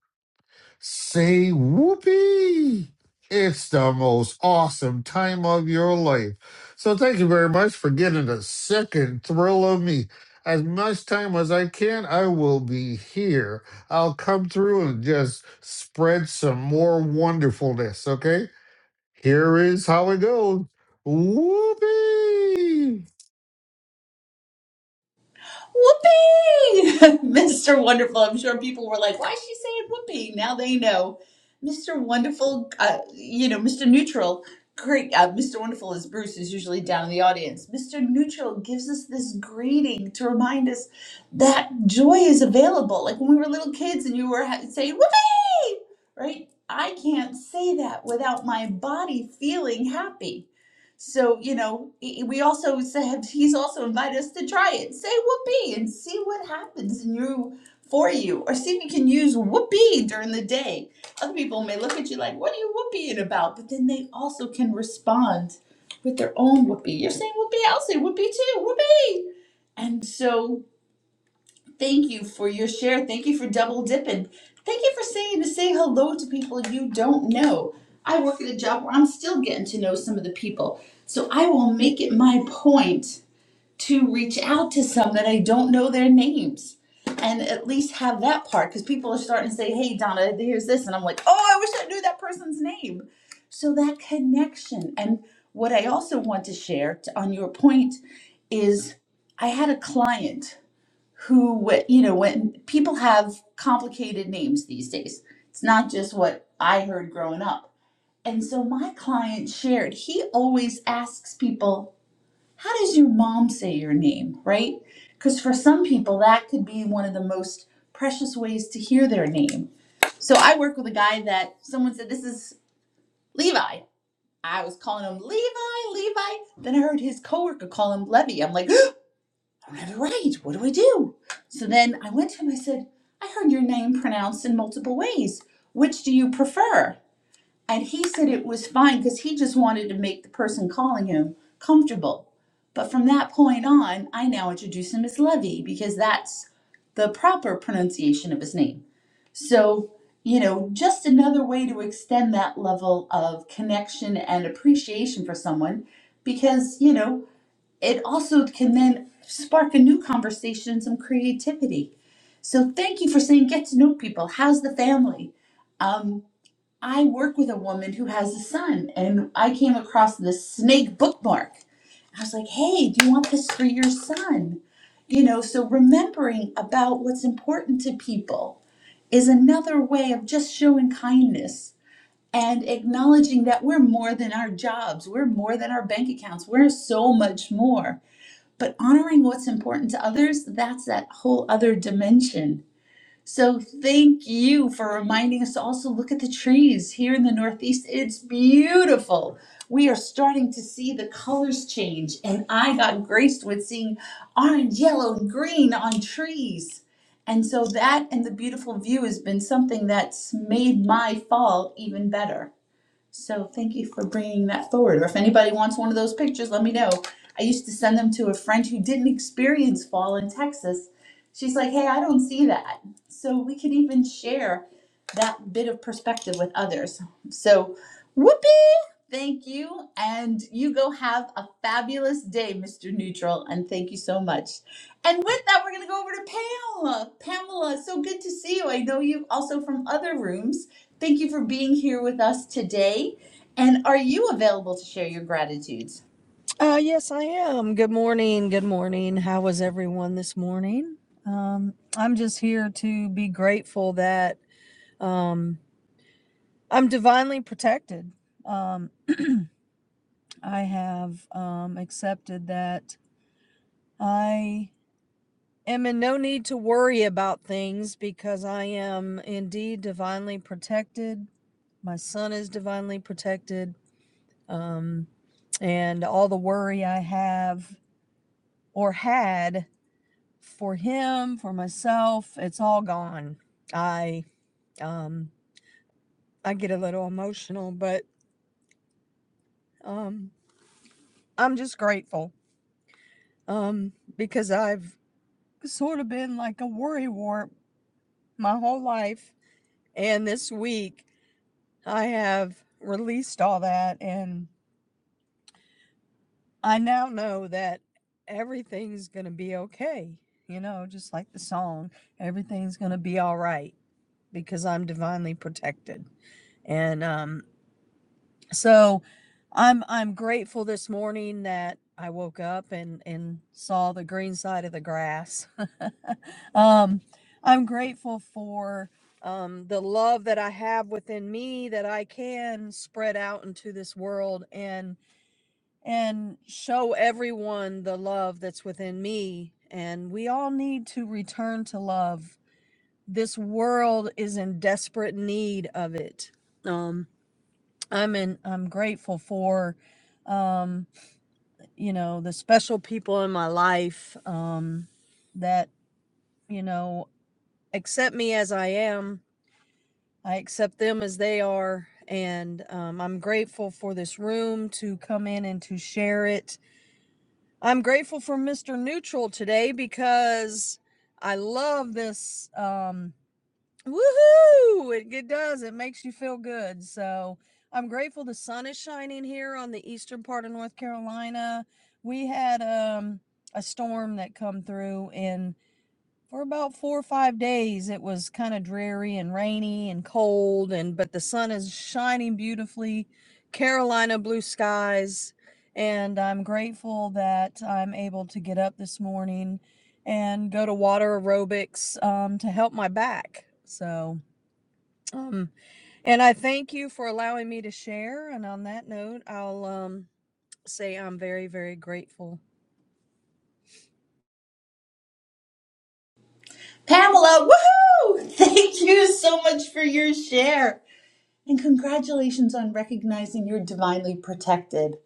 [SPEAKER 7] Say whoopee! It's the most awesome time of your life. So thank you very much for getting the second thrill of me. As much time as I can, I will be here. I'll come through and just spread some more wonderfulness, okay? Here is how it goes. Whoopee!
[SPEAKER 25] Whoopee! Mr. Wonderful. I'm sure people were like, why is she saying whoopee? Now they know. Mr. Wonderful, uh, you know, Mr. Neutral, great. Uh, Mr. Wonderful is Bruce, is usually down in the audience. Mr. Neutral gives us this greeting to remind us that joy is available. Like when we were little kids and you were ha- saying whoopee, right? I can't say that without my body feeling happy so, you know, i- we also said he's also invited us to try it. Say whoopee and see what happens in you for you, or see if you can use whoopee during the day. Other people may look at you like, what are you whooping about? But then they also can respond with their own whoopee. You're saying whoopee, I'll say whoopee too, whoopee. And so Thank you for your share. Thank you for double dipping. Thank you for saying to say hello to people you don't know. I work at a job where I'm still getting to know some of the people. So I will make it my point to reach out to some that I don't know their names and at least have that part because people are starting to say, hey, Donna, here's this. And I'm like, oh, I wish I knew that person's name. So that connection. And what I also want to share to, on your point is I had a client who w- you know when people have complicated names these days it's not just what i heard growing up and so my client shared he always asks people how does your mom say your name right because for some people that could be one of the most precious ways to hear their name so i work with a guy that someone said this is levi i was calling him levi levi then i heard his coworker call him levy i'm like I don't have a right. What do I do? So then I went to him. I said, I heard your name pronounced in multiple ways. Which do you prefer? And he said it was fine because he just wanted to make the person calling him comfortable. But from that point on, I now introduce him as Levy because that's the proper pronunciation of his name. So, you know, just another way to extend that level of connection and appreciation for someone because, you know, it also can then spark a new conversation, some creativity. So thank you for saying get to know people. How's the family? Um, I work with a woman who has a son, and I came across the snake bookmark. I was like, hey, do you want this for your son? You know, so remembering about what's important to people is another way of just showing kindness and acknowledging that we're more than our jobs, we're more than our bank accounts, we're so much more but honoring what's important to others, that's that whole other dimension. So thank you for reminding us to also look at the trees here in the Northeast. It's beautiful. We are starting to see the colors change, and I got graced with seeing orange, yellow, and green on trees. And so that and the beautiful view has been something that's made my fall even better. So thank you for bringing that forward. Or if anybody wants one of those pictures, let me know. I used to send them to a friend who didn't experience fall in Texas. She's like, hey, I don't see that. So we can even share that bit of perspective with others. So, whoopee! Thank you. And you go have a fabulous day, Mr. Neutral. And thank you so much. And with that, we're going to go over to Pamela. Pamela, so good to see you. I know you also from other rooms. Thank you for being here with us today. And are you available to share your gratitudes?
[SPEAKER 26] Uh, yes, I am. Good morning. Good morning. How was everyone this morning? Um, I'm just here to be grateful that um, I'm divinely protected. Um, I have um, accepted that I am in no need to worry about things because I am indeed divinely protected. My son is divinely protected. Um, and all the worry I have or had for him, for myself, it's all gone. I um I get a little emotional, but um I'm just grateful. Um because I've sort of been like a worry warp my whole life and this week I have released all that and I now know that everything's going to be okay. You know, just like the song, everything's going to be all right because I'm divinely protected. And um so i'm i'm grateful this morning that i woke up and and saw the green side of the grass um i'm grateful for um the love that i have within me that i can spread out into this world and and show everyone the love that's within me and we all need to return to love this world is in desperate need of it um I'm in, I'm grateful for, um, you know, the special people in my life, um, that, you know, accept me as I am. I accept them as they are. And, um, I'm grateful for this room to come in and to share it. I'm grateful for Mr. Neutral today because I love this, um, Woohoo! It, it does. It makes you feel good. So I'm grateful the sun is shining here on the eastern part of North Carolina. We had um, a storm that come through, and for about four or five days, it was kind of dreary and rainy and cold. And but the sun is shining beautifully. Carolina blue skies, and I'm grateful that I'm able to get up this morning and go to water aerobics um, to help my back. So um, and I thank you for allowing me to share. And on that note, I'll um, say I'm very, very grateful
[SPEAKER 25] Pamela, woohoo! Thank you so much for your share. And congratulations on recognizing you're divinely protected.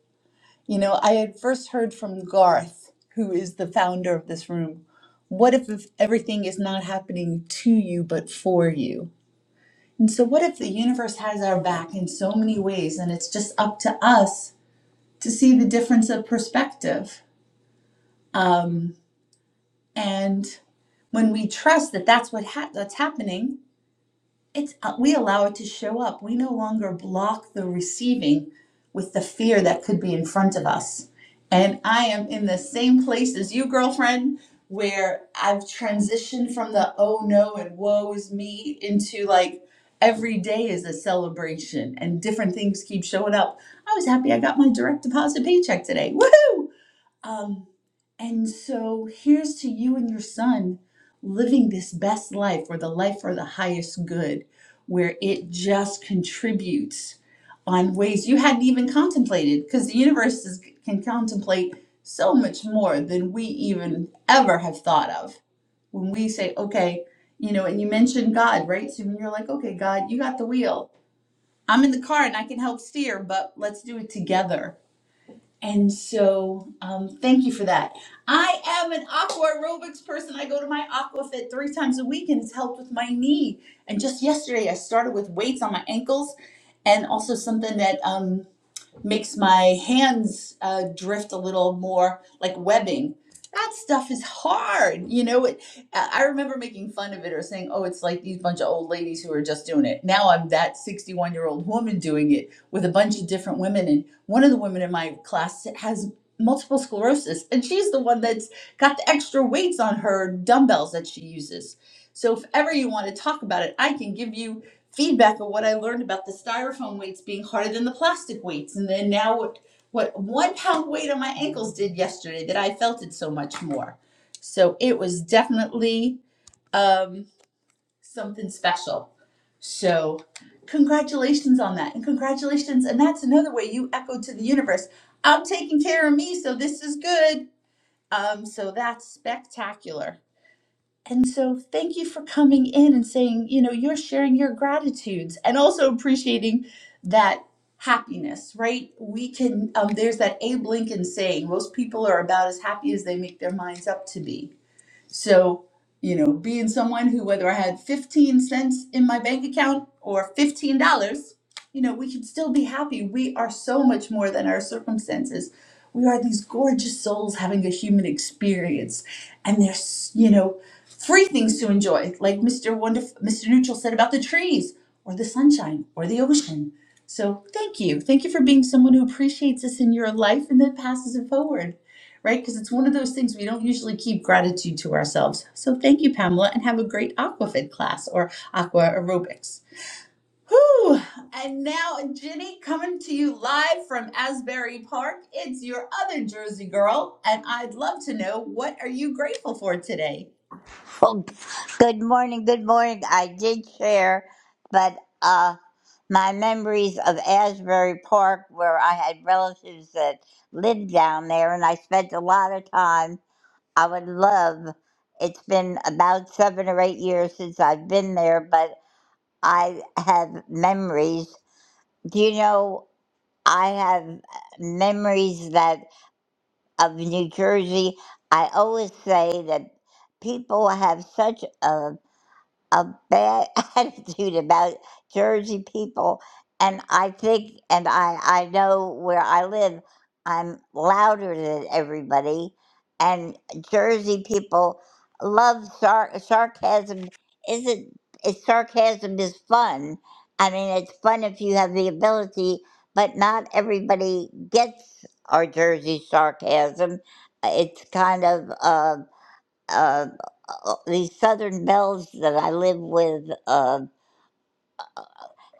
[SPEAKER 25] You know, I had first heard from Garth, who is the founder of this room. What if, if everything is not happening to you but for you? And so, what if the universe has our back in so many ways and it's just up to us to see the difference of perspective? Um, And when we trust that that's what ha- that's happening, it's uh, we allow it to show up. We no longer block the receiving with the fear that could be in front of us. And I am in the same place as you, girlfriend, where I've transitioned from the oh no and woe is me into like every day is a celebration and different things keep showing up. I was happy I got my direct deposit paycheck today. Woohoo! Um, and so here's to you and your son living this best life or the life for the highest good, where it just contributes on ways you hadn't even contemplated, because the universe is, can contemplate so much more than we even ever have thought of. When we say, okay, you know, and you mentioned God, right? So when you're like, okay, God, you got the wheel. I'm in the car and I can help steer, but let's do it together and so, um, thank you for that. I am an aqua aerobics person. I go to my AquaFit three times a week, and it's helped with my knee. And just yesterday, I started with weights on my ankles, and also something that um, makes my hands uh, drift a little more like webbing. That stuff is hard, you know. It, I I remember making fun of it or saying, "Oh, it's like these bunch of old ladies who are just doing it." Now I'm that 61 year old woman doing it with a bunch of different women, and one of the women in my class has multiple sclerosis, and she's the one that's got the extra weights on her dumbbells that she uses. So if ever you want to talk about it, I can give you feedback of what I learned about the styrofoam weights being harder than the plastic weights. And then now what what one pound weight on my ankles did yesterday that I felt it so much more. So it was definitely um, something special. So congratulations on that. And congratulations. And that's another way you echoed to the universe. I'm taking care of me, so this is good. Um, so that's spectacular. And so, thank you for coming in and saying, you know, you're sharing your gratitudes and also appreciating that happiness, right? We can, um, there's that Abe Lincoln saying, most people are about as happy as they make their minds up to be. So, you know, being someone who, whether I had 15 cents in my bank account or $15, you know, we should still be happy. We are so much more than our circumstances. We are these gorgeous souls having a human experience. And there's, you know, free things to enjoy, like Mr. Wonderful, Mr. Neutral said about the trees or the sunshine or the ocean. So thank you. Thank you for being someone who appreciates this in your life and then passes it forward right? Because it's one of those things we don't usually keep gratitude to ourselves. So thank you, Pamela, and have a great aquafit class or aqua aerobics. Whew. And now, Ginny, coming to you live from Asbury Park. It's your other Jersey girl, and I'd love to know what are you grateful for today?
[SPEAKER 23] Well, good morning, good morning. I did share, but uh, my memories of Asbury Park, where I had relatives that lived down there, and I spent a lot of time. I would love. It's been about seven or eight years since I've been there, but I have memories. Do you know? I have memories that of New Jersey. I always say that people have such a a bad attitude about Jersey people. And I think, and I, I know where I live, I'm louder than everybody. And Jersey people love sar- sarcasm. Isn't it's sarcasm is fun? I mean, it's fun if you have the ability, but not everybody gets our Jersey sarcasm. It's kind of. uh uh, uh, these southern belles that I live with. Uh,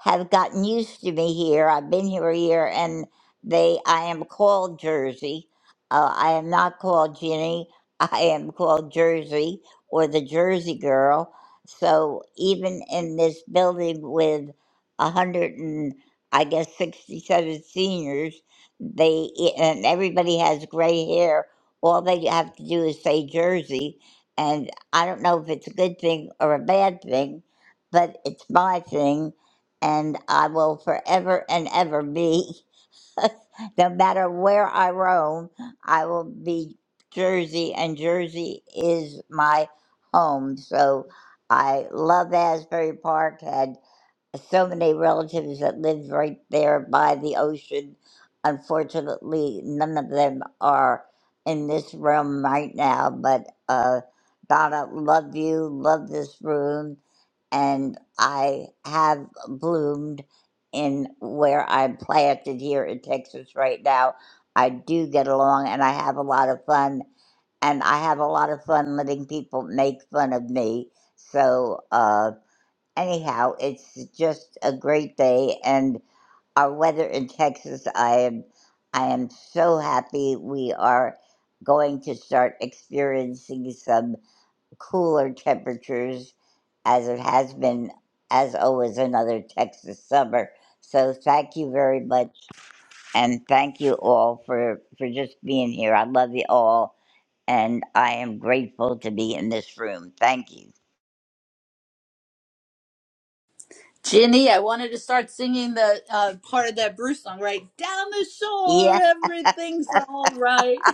[SPEAKER 23] have gotten used to me here. I've been here a year, and they I am called Jersey. Uh, I am not called Ginny. I am called Jersey or the Jersey Girl. So even in this building with a hundred and I guess sixty-seven seniors, they e, and everybody has gray hair. All they have to do is say Jersey, and I don't know if it's a good thing or a bad thing, but it's my thing and I will forever and ever be, no matter where I roam, I will be Jersey, and Jersey is my home. So I love Asbury Park, had so many relatives that lived right there by the ocean. Unfortunately, none of them are in this room right now, but uh, Donna, love you, love this room and I have bloomed in where I'm planted here in Texas right now. I do get along and I have a lot of fun, and I have a lot of fun letting people make fun of me. So, uh, anyhow, it's just a great day, and our weather in Texas, I am, I am so happy we are going to start experiencing some cooler temperatures as it has been, as always, another Texas summer. So thank you very much, and thank you all for for just being here. I love you all, and I am grateful to be in this room. Thank you.
[SPEAKER 25] Ginny, I wanted to start singing the uh, part of that Bruce song, right? Down the shore,
[SPEAKER 23] Yeah,
[SPEAKER 25] everything's all right.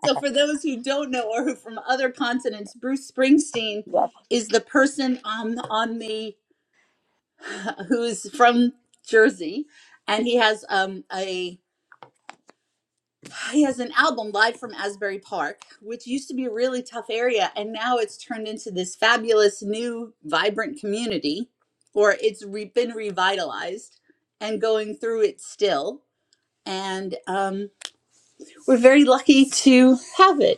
[SPEAKER 25] So, for those who don't know or who from other continents, Bruce Springsteen
[SPEAKER 23] yeah,
[SPEAKER 25] is the person on on the who's from Jersey, and he has um a he has an album live from Asbury Park, which used to be a really tough area, and now it's turned into this fabulous new vibrant community, or it's re- been revitalized and going through it still. And um, we're very lucky to have it.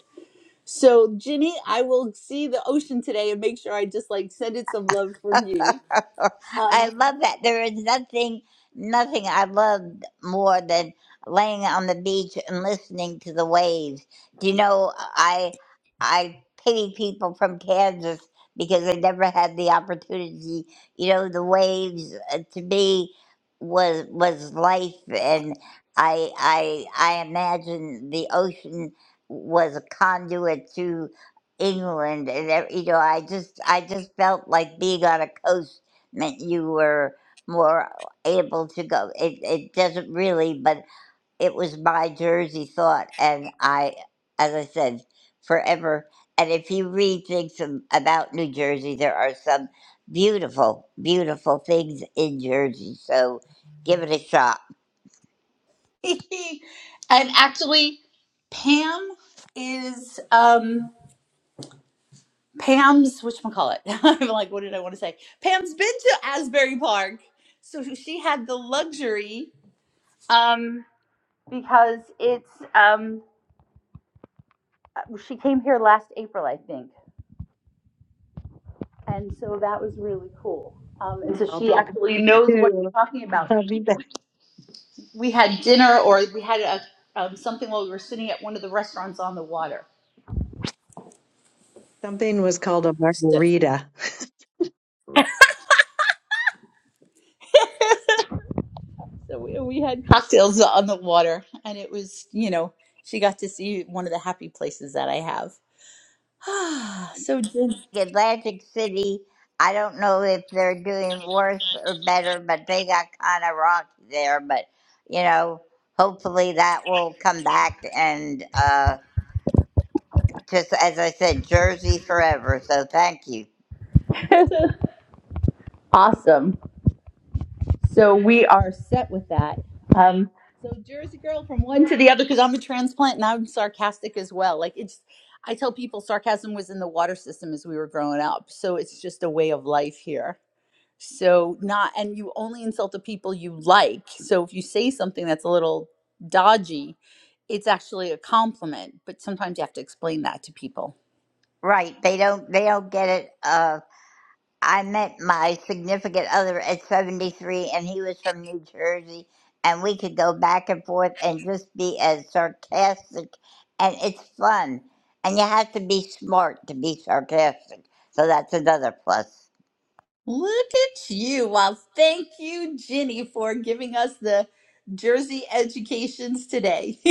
[SPEAKER 25] So, Ginny, I will see the ocean today and make sure I just like send it some love from you. Um,
[SPEAKER 23] I love that. There is nothing, nothing I loved more than laying on the beach and listening to the waves. Do you know, I, I pity people from Kansas because they never had the opportunity. You know, the waves uh, to me was, was life. And I, I, I imagine the ocean was a conduit to. England and ev- you know I just I just felt like being on a coast meant you were more able to go it it doesn't really but it was my Jersey thought and I as I said forever and if you read things ab- about New Jersey there are some beautiful beautiful things in Jersey so give it a shot
[SPEAKER 25] and actually, Pam is um, Pam's which call it? I'm like, what did I want to say? Pam's been to Asbury Park, so she had the luxury um, because it's um, uh, she came here last April, I think, and so that was really cool. Um, and so
[SPEAKER 27] I'll
[SPEAKER 25] she
[SPEAKER 27] be
[SPEAKER 25] actually knows what
[SPEAKER 27] too.
[SPEAKER 25] you're talking about.
[SPEAKER 27] I'll be back.
[SPEAKER 25] we had dinner or we had a, um, something while we were sitting at one of the restaurants on the water.
[SPEAKER 27] Something was called a
[SPEAKER 25] So,
[SPEAKER 27] margarita.
[SPEAKER 25] so we, we had cocktails on the water, and it was, you know, she got to see one of the happy places that I have. so din-
[SPEAKER 23] Atlantic City. I don't know if they're doing worse or better, but they got kind of rocky there. But you know, hopefully that will come back. And uh, just as I said, Jersey forever. So thank you.
[SPEAKER 25] awesome. So we are set with that. Um, so Jersey girl from one to the other because I'm a transplant and I'm sarcastic as well. Like it's, I tell people sarcasm was in the water system as we were growing up. So it's just a way of life here So not and you only insult the people you like. So if you say something that's a little dodgy, it's actually a compliment, but sometimes you have to explain that to people.
[SPEAKER 23] Right? They don't. They don't get it. uh, I met my significant other at 73, and he was from New Jersey, and we could go back and forth and just be as sarcastic, and it's fun. And you have to be smart to be sarcastic, so that's another plus.
[SPEAKER 25] Look at you. Well, thank you Ginny for giving us the Jersey educations today.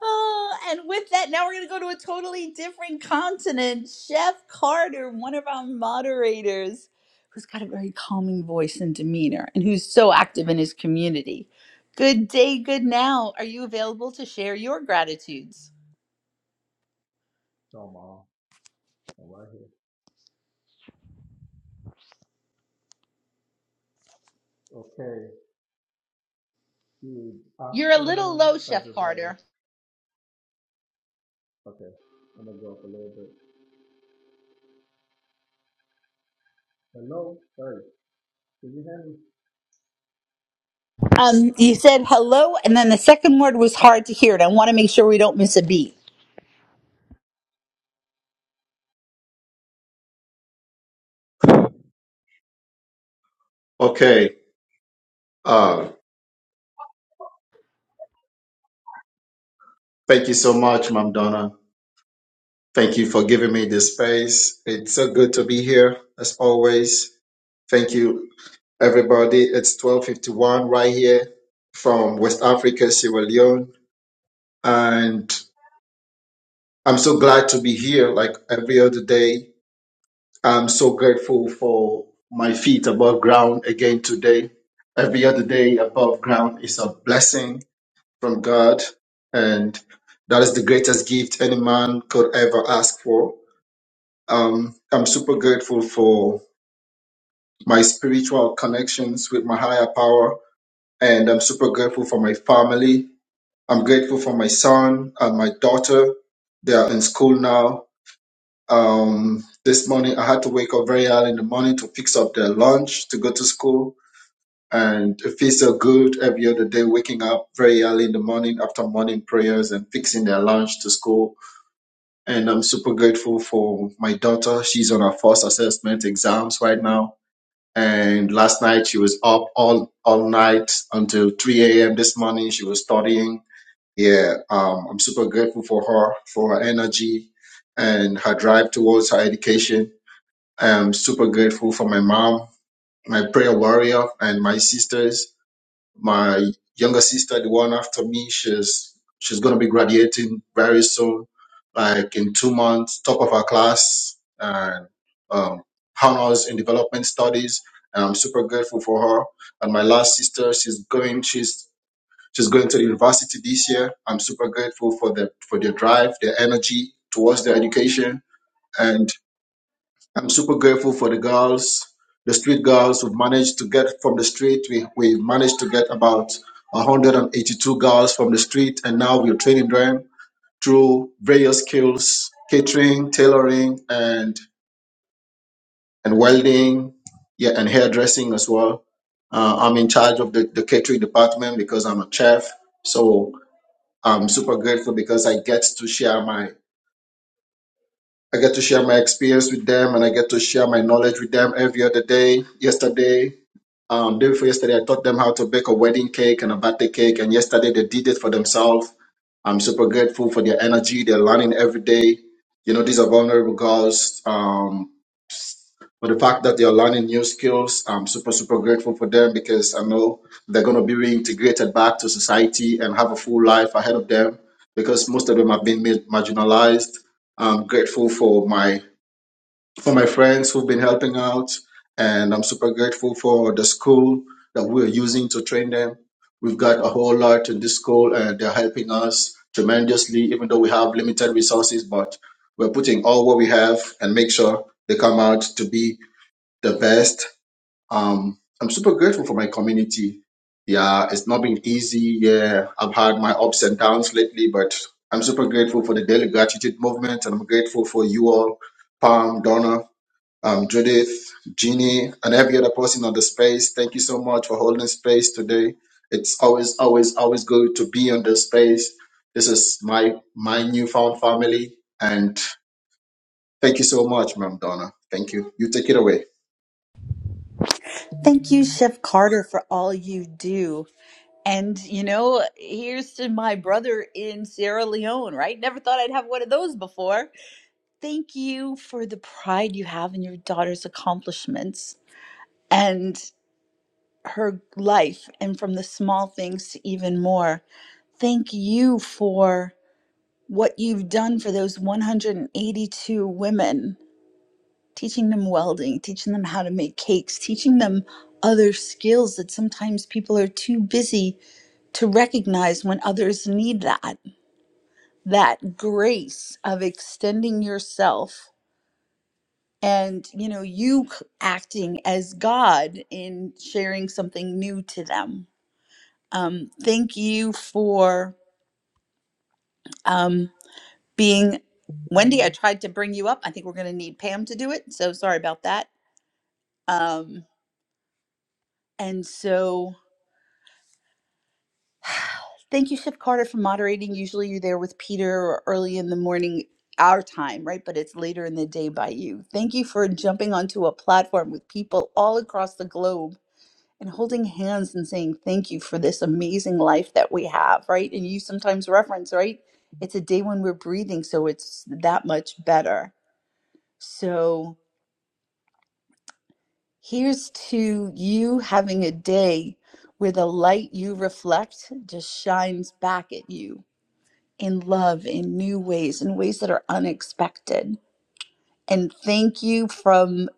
[SPEAKER 25] Oh, and with that, now we're going to go to a totally different continent. Chef Carter, one of our moderators, who's got a very calming voice and demeanor and who's so active in his community. Good day, good now. Are you available to share your gratitudes?
[SPEAKER 28] No, Mom. I'm right here. Okay. Good
[SPEAKER 25] You're a little
[SPEAKER 28] afternoon,
[SPEAKER 25] low, Chef
[SPEAKER 28] everybody.
[SPEAKER 25] Carter.
[SPEAKER 28] Okay. I'm gonna go up a little bit. Hello. Hey, can you hear me?
[SPEAKER 25] Um, you said hello, and then the second word was hard to hear, and I want to make sure we don't miss a beat.
[SPEAKER 28] Okay. Uh, thank you so much, Mom Donna. Thank you for giving me this space. It's so good to be here as always. Thank you, everybody. It's 1251 right here from West Africa, Sierra Leone. And I'm so glad to be here like every other day. I'm so grateful for my feet above ground again today. Every other day above ground is a blessing from God, and that is the greatest gift any man could ever ask for. Um, I'm super grateful for my spiritual connections with my higher power, and I'm super grateful for my family. I'm grateful for my son and my daughter. They are in school now, Um, this morning I had to wake up very early in the morning to fix up their lunch to go to school. And it feels so good every other day waking up very early in the morning after morning prayers and fixing their lunch to school. And I'm super grateful for my daughter. She's on her first assessment exams right now. And last night she was up all, all night until 3 a.m. this morning. She was studying. Yeah. Um, I'm super grateful for her, for her energy and her drive towards her education I'm super grateful for my mom, my prayer warrior, and my sisters. My younger she's she's gonna be graduating very soon, like in top of her class and um, honors in development studies. And I'm super grateful for her. And my last sister, she's going she's she's going to the university this year. I'm super grateful for the for their drive, their energy towards their education, and. I'm super grateful for the girls, the street girls who've managed to get from the street. We, we managed to get about 182 girls from the street, and now we're training them through various skills, catering, tailoring, and, and welding, yeah, and hairdressing as well. Uh, I'm in charge of the, the catering department because I'm a chef. So I'm super grateful because I get to share my I get to share my experience with them and I get to share my knowledge with them every other day. Yesterday Um, day before yesterday, I taught them how to bake a wedding cake and a birthday cake, and yesterday they did it for themselves. I'm super grateful for their energy. They're learning every day. You know, these are vulnerable girls. Um, but the fact that they are learning new skills, I'm super, super grateful for them because I know they're going to be reintegrated back to society and have a full life ahead of them because most of them have been ma- marginalized. I'm grateful for my for my friends who've been helping out, and I'm super grateful for the school that we're using to train them. We've got a whole lot in this school, and they're helping us tremendously, even though we have limited resources, but we're putting all what we have and make sure they come out to be the best. Um, I'm super grateful for my community. Yeah, it's not been easy. Yeah, I've had my ups and downs lately, but I'm super grateful for the Daily Gratitude Movement, and I'm grateful for you all, Palm, Donna, um, Judith, Jeannie, and every other person on the space. Thank you so much for holding space today. It's always, always, always good to be on the space. This is my my newfound family, and thank you so much, Ma'am Donna. Thank you. You take it away.
[SPEAKER 25] Thank you, Chef Carter, for all you do. And, you know, here's to my brother in Sierra Leone, right? Never thought I'd have one of those before. Thank you for the pride you have in your daughter's accomplishments and her life, and from the small things to even more. Thank you for what you've done for those 182 women, teaching them welding, teaching them how to make cakes, teaching them other skills that sometimes people are too busy to recognize when others need that that grace of extending yourself and you know you c- acting as god in sharing something new to them um thank you for um being wendy i tried to bring you up i think we're going to need pam to do it so sorry about that um and so Thank you, Chef Carter, for moderating. Usually you're there with Peter or early in the morning, our time, right? But it's later in the day by you. Thank you for jumping onto a platform with people all across the globe and holding hands and saying thank you for this amazing life that we have, right? And you sometimes reference, right? It's a day when we're breathing, so it's that much better. So here's to you having a day where the light you reflect just shines back at you in love in new ways, in ways that are unexpected. And thank you from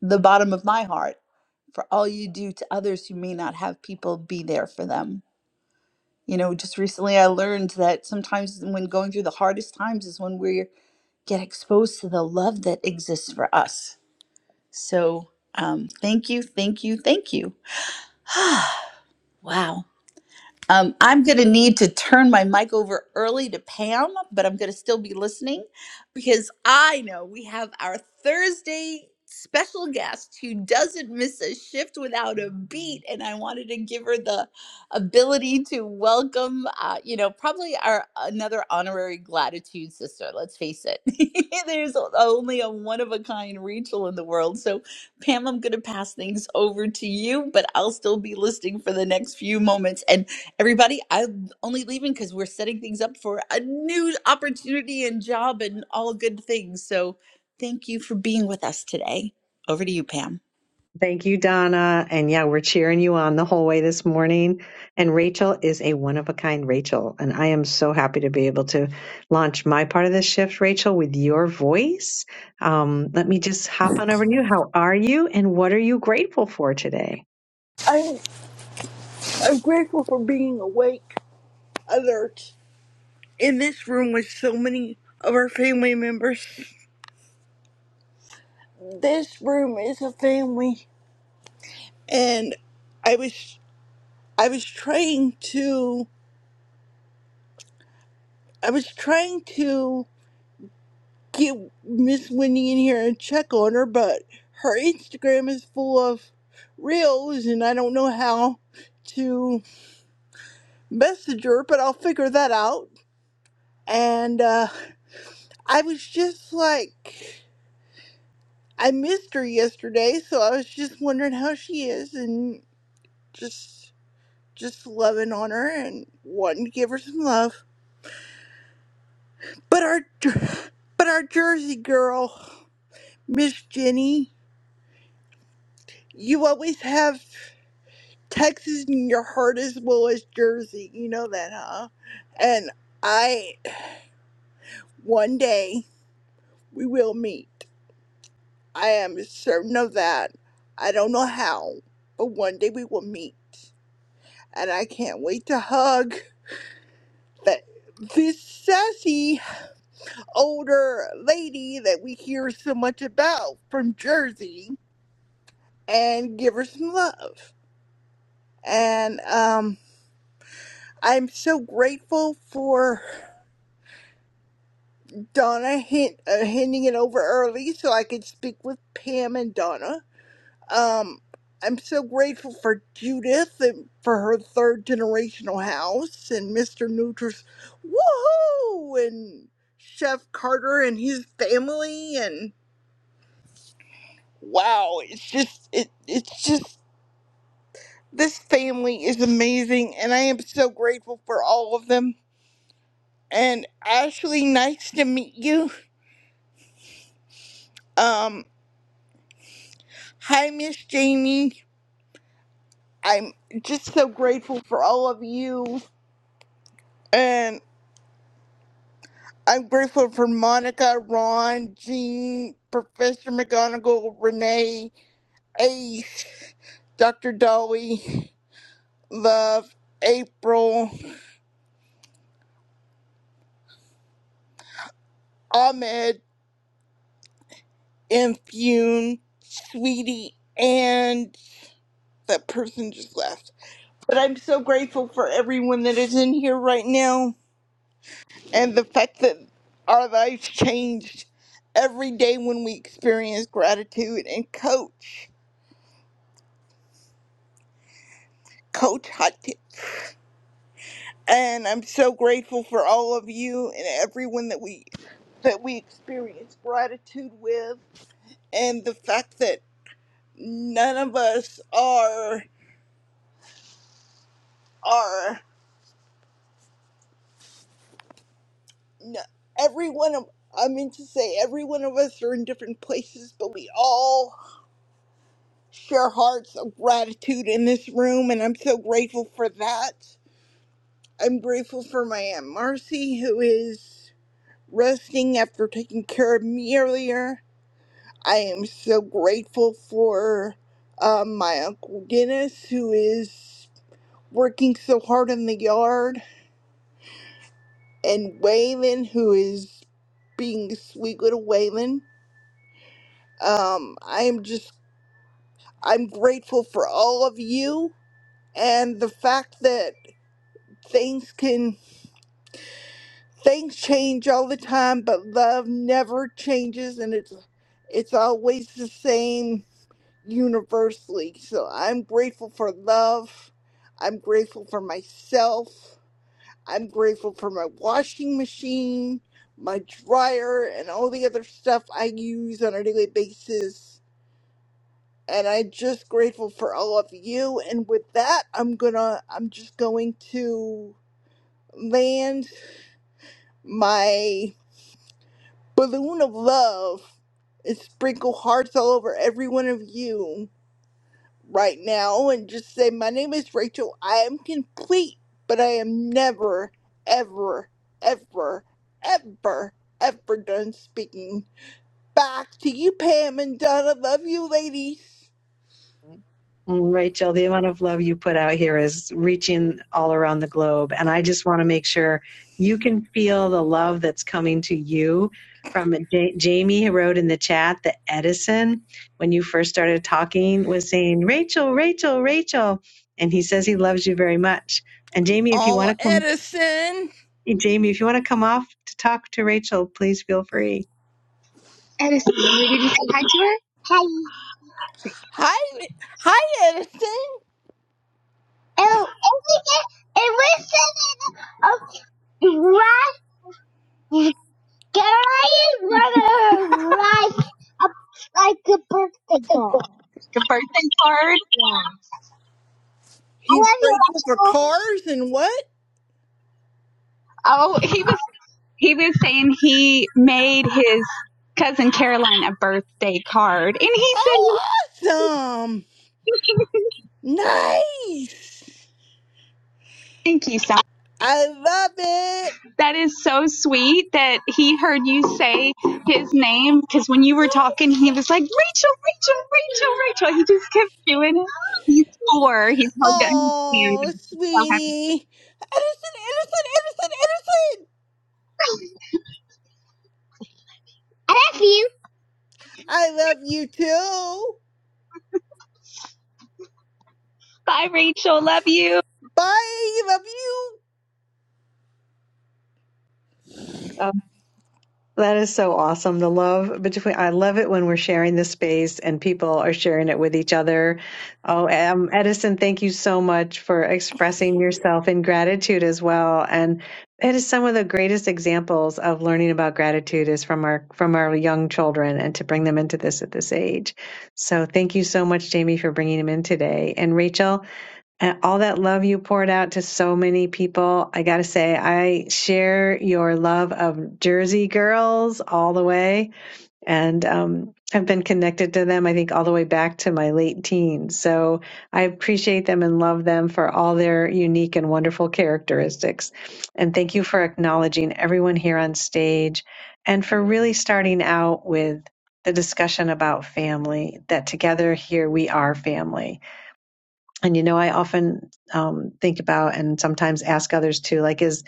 [SPEAKER 25] the bottom of my heart for all you do to others who may not have people be there for them. You know, just recently I learned that sometimes when going through the hardest times is when we get exposed to the love that exists for us. So, um, thank you, thank you, thank you. wow. Um, I'm going to need to turn my mic over early to Pam, but I'm going to still be listening because I know we have our Thursday special guest who doesn't miss a shift without a beat, and I wanted to give her the ability to welcome, uh, you know, probably our another honorary gratitude sister. Let's face it, there's only a one of a kind Rachel in the world, so Pam, I'm going to pass things over to you, but I'll still be listening for the next few moments. And Everybody, I'm only leaving because we're setting things up for a new opportunity and job and all good things. So thank you for being with us today. Over to you, Pam.
[SPEAKER 27] Thank you, Donna. And yeah, we're cheering you on the whole way this morning. And Rachel is a one of a kind Rachel. And I am so happy to be able to launch my part of this shift, Rachel, with your voice. Um, let me just hop on over to you. How are you? And what are you grateful for today?
[SPEAKER 29] I'm, I'm grateful for being awake, alert, in this room with so many of our family members. This room is a family, and I was I was trying to I was trying to get Miss Wendy in here and check on her, but her Instagram is full of reels, and I don't know how to message her, but I'll figure that out. And uh, I was just like. I missed her yesterday, so I was just wondering how she is and just just loving on her and wanting to give her some love. But our but our Jersey girl, Miss Jenny, you always have Texas in your heart as well as Jersey. You know that, huh? And I one day we will meet. I am certain of that. I don't know how, but one day we will meet. And I can't wait to hug. that this sassy older lady that we hear so much about from Jersey and give her some love. And um, I'm so grateful for Donna hint, uh, handing it over early so I could speak with Pam and Donna. Um, I'm so grateful for Judith and for her third generational house and Mr. Nutris, woohoo, and Chef Carter and his family and. wow it's just it it's just this family is amazing and i am so grateful for all of them and ashley nice to meet you um hi miss jamie i'm just so grateful for all of you and i'm grateful for monica ron jean professor McGonagall, renee ace dr dolly love april ahmed Infune, Sweetie, and that person just left. But I'm so grateful for everyone that is in here right now and the fact that our lives changed every day when we experience gratitude and coach, coach hot tips. And I'm so grateful for all of you and everyone that we that we experience gratitude with and the fact that none of us are are no, every one of I mean to say every one of us are in different places, but we all share hearts of gratitude in this room, and I'm so grateful for that. I'm grateful for my aunt Marcy, who is resting after taking care of me earlier. I am so grateful for uh, my uncle Dennis, who is working so hard in the yard, and Waylon, who is being a sweet little Waylon. Um, I am just I'm grateful for all of you and the fact that things can things change all the time, but love never changes and it's it's always the same universally. So I'm grateful for love. I'm grateful for myself. I'm grateful for my washing machine, my dryer, and all the other stuff I use on a daily basis. and I'm just grateful for all of you. And with that, I'm gonna, I'm just going to land my balloon of love and sprinkle hearts all over every one of you right now and just say, My name is Rachel. I am complete, but I am never, ever, ever, ever, ever done speaking. Back to you, Pam and Donna. Love you, ladies.
[SPEAKER 27] Mm-hmm. Mm, Rachel, the amount of love you put out here is reaching all around the globe. And I just want to make sure you can feel the love that's coming to you from Ja- Jamie who wrote in the chat, the Edison when you first started talking was saying, Rachel, Rachel, Rachel. And he says he loves you very much. And Jamie, if you want
[SPEAKER 29] All
[SPEAKER 27] to come,
[SPEAKER 29] Edison.
[SPEAKER 27] Jamie, if you want to come off to talk to Rachel, please feel free.
[SPEAKER 30] Edison, we didn't say hi to her? Hi.
[SPEAKER 29] Hi, hi, Edison.
[SPEAKER 30] Hello. It was it was a rice. Gary wanted her rice up like a birthday girl. The birthday card? Yeah. I
[SPEAKER 29] He's
[SPEAKER 30] love you,
[SPEAKER 29] grateful for
[SPEAKER 30] Rachel.
[SPEAKER 29] cars and what?
[SPEAKER 30] Oh, he was he was saying he made his cousin Caroline a birthday card, and he
[SPEAKER 29] Oh, awesome!
[SPEAKER 30] said,
[SPEAKER 29] Nice.
[SPEAKER 30] "Thank you so
[SPEAKER 29] I love it.
[SPEAKER 30] That is so sweet that he heard you say his name because when you were talking, he was like, Rachel, Rachel, Rachel, Rachel. He just kept doing it. He's four. He's hard to understand.
[SPEAKER 29] Oh,
[SPEAKER 30] so happy.
[SPEAKER 29] sweetie. Edison, Edison, Edison, Edison.
[SPEAKER 30] I love you.
[SPEAKER 29] I love you too.
[SPEAKER 30] Bye, Rachel. Love you.
[SPEAKER 29] Bye. Love you.
[SPEAKER 27] That is so awesome. The love between, I love it when we're sharing this space and people are sharing it with each other. Oh, um, Edison, thank you so much for expressing yourself in gratitude as well. And it is some of the greatest examples of learning about gratitude is from our from our young children and to bring them into this at this age. So thank you so much, Jamie, for bringing them in today. And Rachel, and all that love you poured out to so many people. I got to say, I share your love of Jersey girls all the way and um, have been connected to them, I think, all the way back to my late teens. So I appreciate them and love them for all their unique and wonderful characteristics. And thank you for acknowledging everyone here on stage and for really starting out with the discussion about family, that together here we are family and you know, I often um, think about and sometimes ask others too, like, is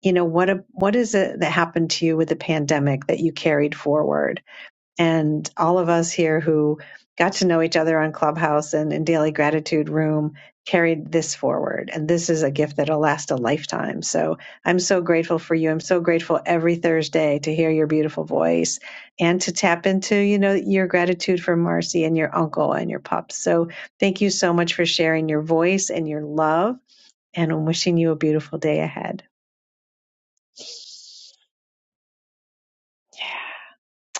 [SPEAKER 27] you know, what a, what is it that happened to you with the pandemic that you carried forward? and all of us here who got to know each other on Clubhouse and in Daily Gratitude Room carried this forward. And this is a gift that'll last a lifetime. So I'm so grateful for you. I'm so grateful every Thursday to hear your beautiful voice and to tap into, you know, your gratitude for Marcy and your uncle and your pups. So thank you so much for sharing your voice and your love. And I'm wishing you a beautiful day ahead.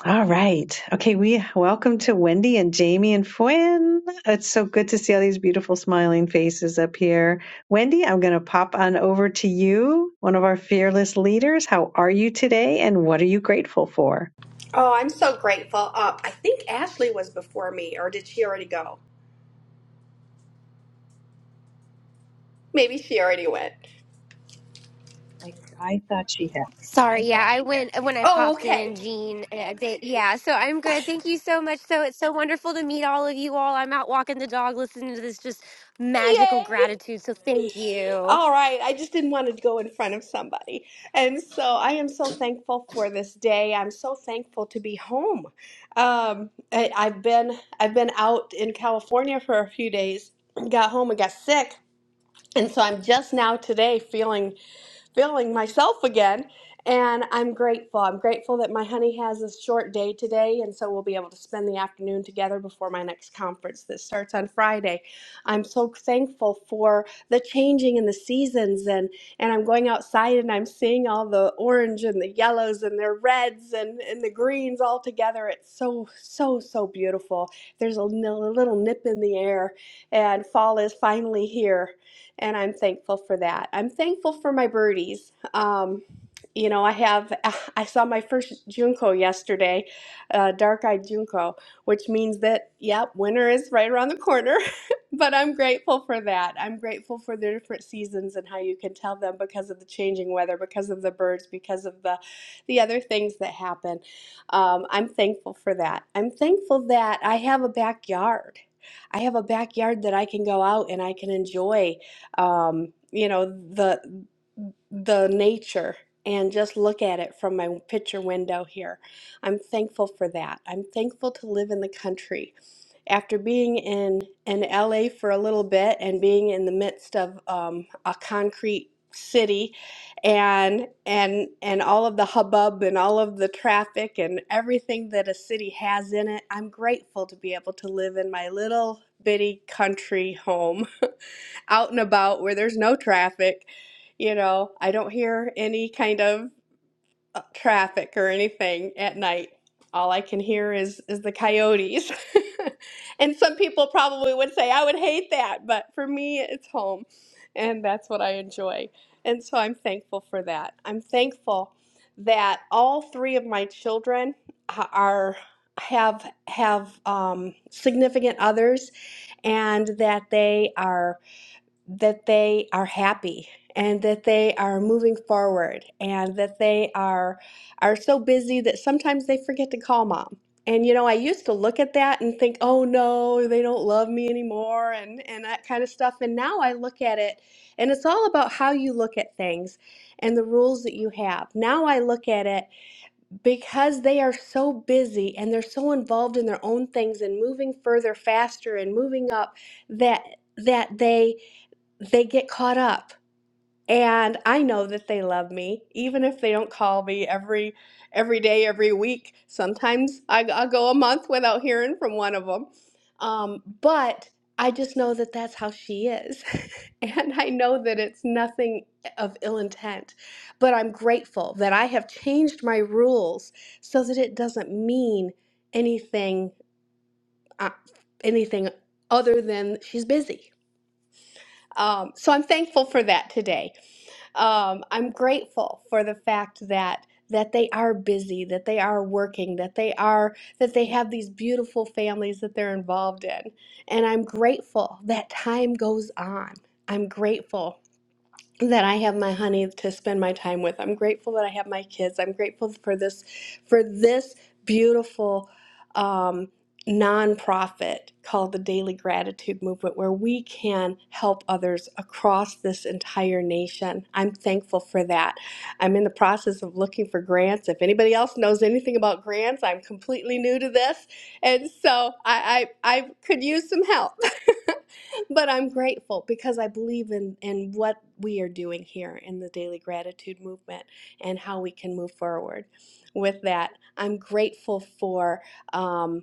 [SPEAKER 27] All right. Okay, we welcome to Wendy and Jamie and Fuen. It's so good to see all these beautiful smiling faces up here. Wendy, I'm going to pop on over to you, one of our fearless leaders. How are you today and what are you grateful for?
[SPEAKER 31] Oh, I'm so grateful. Uh, I think Ashley was before me, or did she already go? Maybe she already went.
[SPEAKER 27] I I thought she had.
[SPEAKER 24] Sorry, yeah, I went uh, when I
[SPEAKER 31] Oh,
[SPEAKER 24] popped in,
[SPEAKER 31] okay.
[SPEAKER 24] Jean. uh, they- Yeah, so I'm good. Thank you so much. So it's so wonderful to meet all of you all. I'm out walking the dog, listening to this just magical
[SPEAKER 31] Yay!
[SPEAKER 24] gratitude. So thank you.
[SPEAKER 31] All right. I just didn't want to go in front of somebody. And so I am so thankful for this day. I'm so thankful to be home. Um, I, I've been I've been out in California for a few days. Got home and got sick. And so I'm just now today feeling feeling myself again. And I'm grateful. I'm grateful that my honey has a short day today, and so we'll be able to spend the afternoon together before my next conference that starts on Friday. I'm so thankful for the changing in the seasons, and, and I'm going outside and I'm seeing all the orange and the yellows and the reds and, and the greens all together. It's so, so, so beautiful. There's a n- a little nip in the air, and fall is finally here and I'm thankful for that. I'm thankful for my birdies. Um, you know, I have I saw my first junco yesterday, uh, dark-eyed junco, which means that yep, winter is right around the corner. but I'm grateful for that. I'm grateful for the different seasons and how you can tell them because of the changing weather, because of the birds, because of the the other things that happen. Um, I'm thankful for that. I'm thankful that I have a backyard. I have a backyard that I can go out and I can enjoy um, you know, the the nature and just look at it from my picture window here. I'm thankful for that. I'm thankful to live in the country. After being in, in LA for a little bit and being in the midst of um, a concrete city and and and all of the hubbub and all of the traffic and everything that a city has in it, I'm grateful to be able to live in my little bitty country home out and about where there's no traffic. You know, I don't hear any kind of uh, traffic or anything at night. All I can hear is is the coyotes. and some people probably would say I would hate that, but for me it's home and that's what I enjoy. And so I'm thankful for that. I'm thankful that all three of my children are have have um, significant others and that they are that they are happy and that they are moving forward and that they are are so busy that sometimes they forget to call mom. And you know, I used to look at that and think, "Oh no, they don't love me anymore," and and that kind of stuff. And now I look at it and it's all about how you look at things and the rules that you have. Now I look at it because they are so busy and they're so involved in their own things and moving further faster and moving up that that they they get caught up and i know that they love me even if they don't call me every every day every week sometimes i, I go a month without hearing from one of them um, but i just know that that's how she is and i know that it's nothing of ill intent but i'm grateful that i have changed my rules so that it doesn't mean anything uh, anything other than she's busy um, so I'm thankful for that today. Um, I'm grateful for the fact that that they are busy, that they are working, that they are that they have these beautiful families that they're involved in, and I'm grateful that time goes on. I'm grateful that I have my honey to spend my time with. I'm grateful that I have my kids. I'm grateful for this for this beautiful um, nonprofit called the Daily Gratitude Movement, where we can help others across this entire nation. I'm thankful for that. I'm in the process of looking for grants. If anybody else knows anything about grants, I'm completely new to this, and so I I, I could use some help. But I'm grateful because I believe in, in what we are doing here in the daily gratitude movement and how we can move forward with that. I'm grateful for um,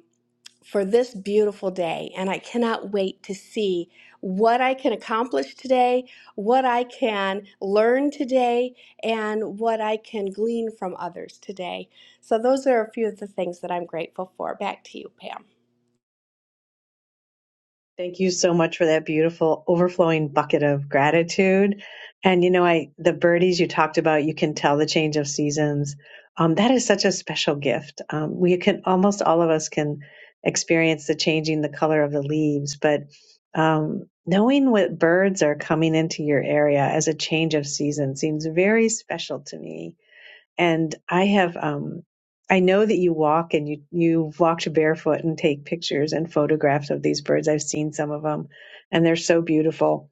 [SPEAKER 31] for this beautiful day, and I cannot wait to see what I can accomplish today, what I can learn today, and what I can glean from others today. So those are a few of the things that I'm grateful for. Back to you, Pam.
[SPEAKER 27] Thank you so much for that beautiful overflowing bucket of gratitude. And you know, I the birdies you talked about, you can tell the change of seasons. Um, that is such a special gift. Um, we can almost all of us can experience the changing the color of the leaves, but um, knowing what birds are coming into your area as a change of season seems very special to me and I have, um, I know that you walk and you you walked barefoot and take pictures and photographs of these birds. I've seen some of them, and they're so beautiful.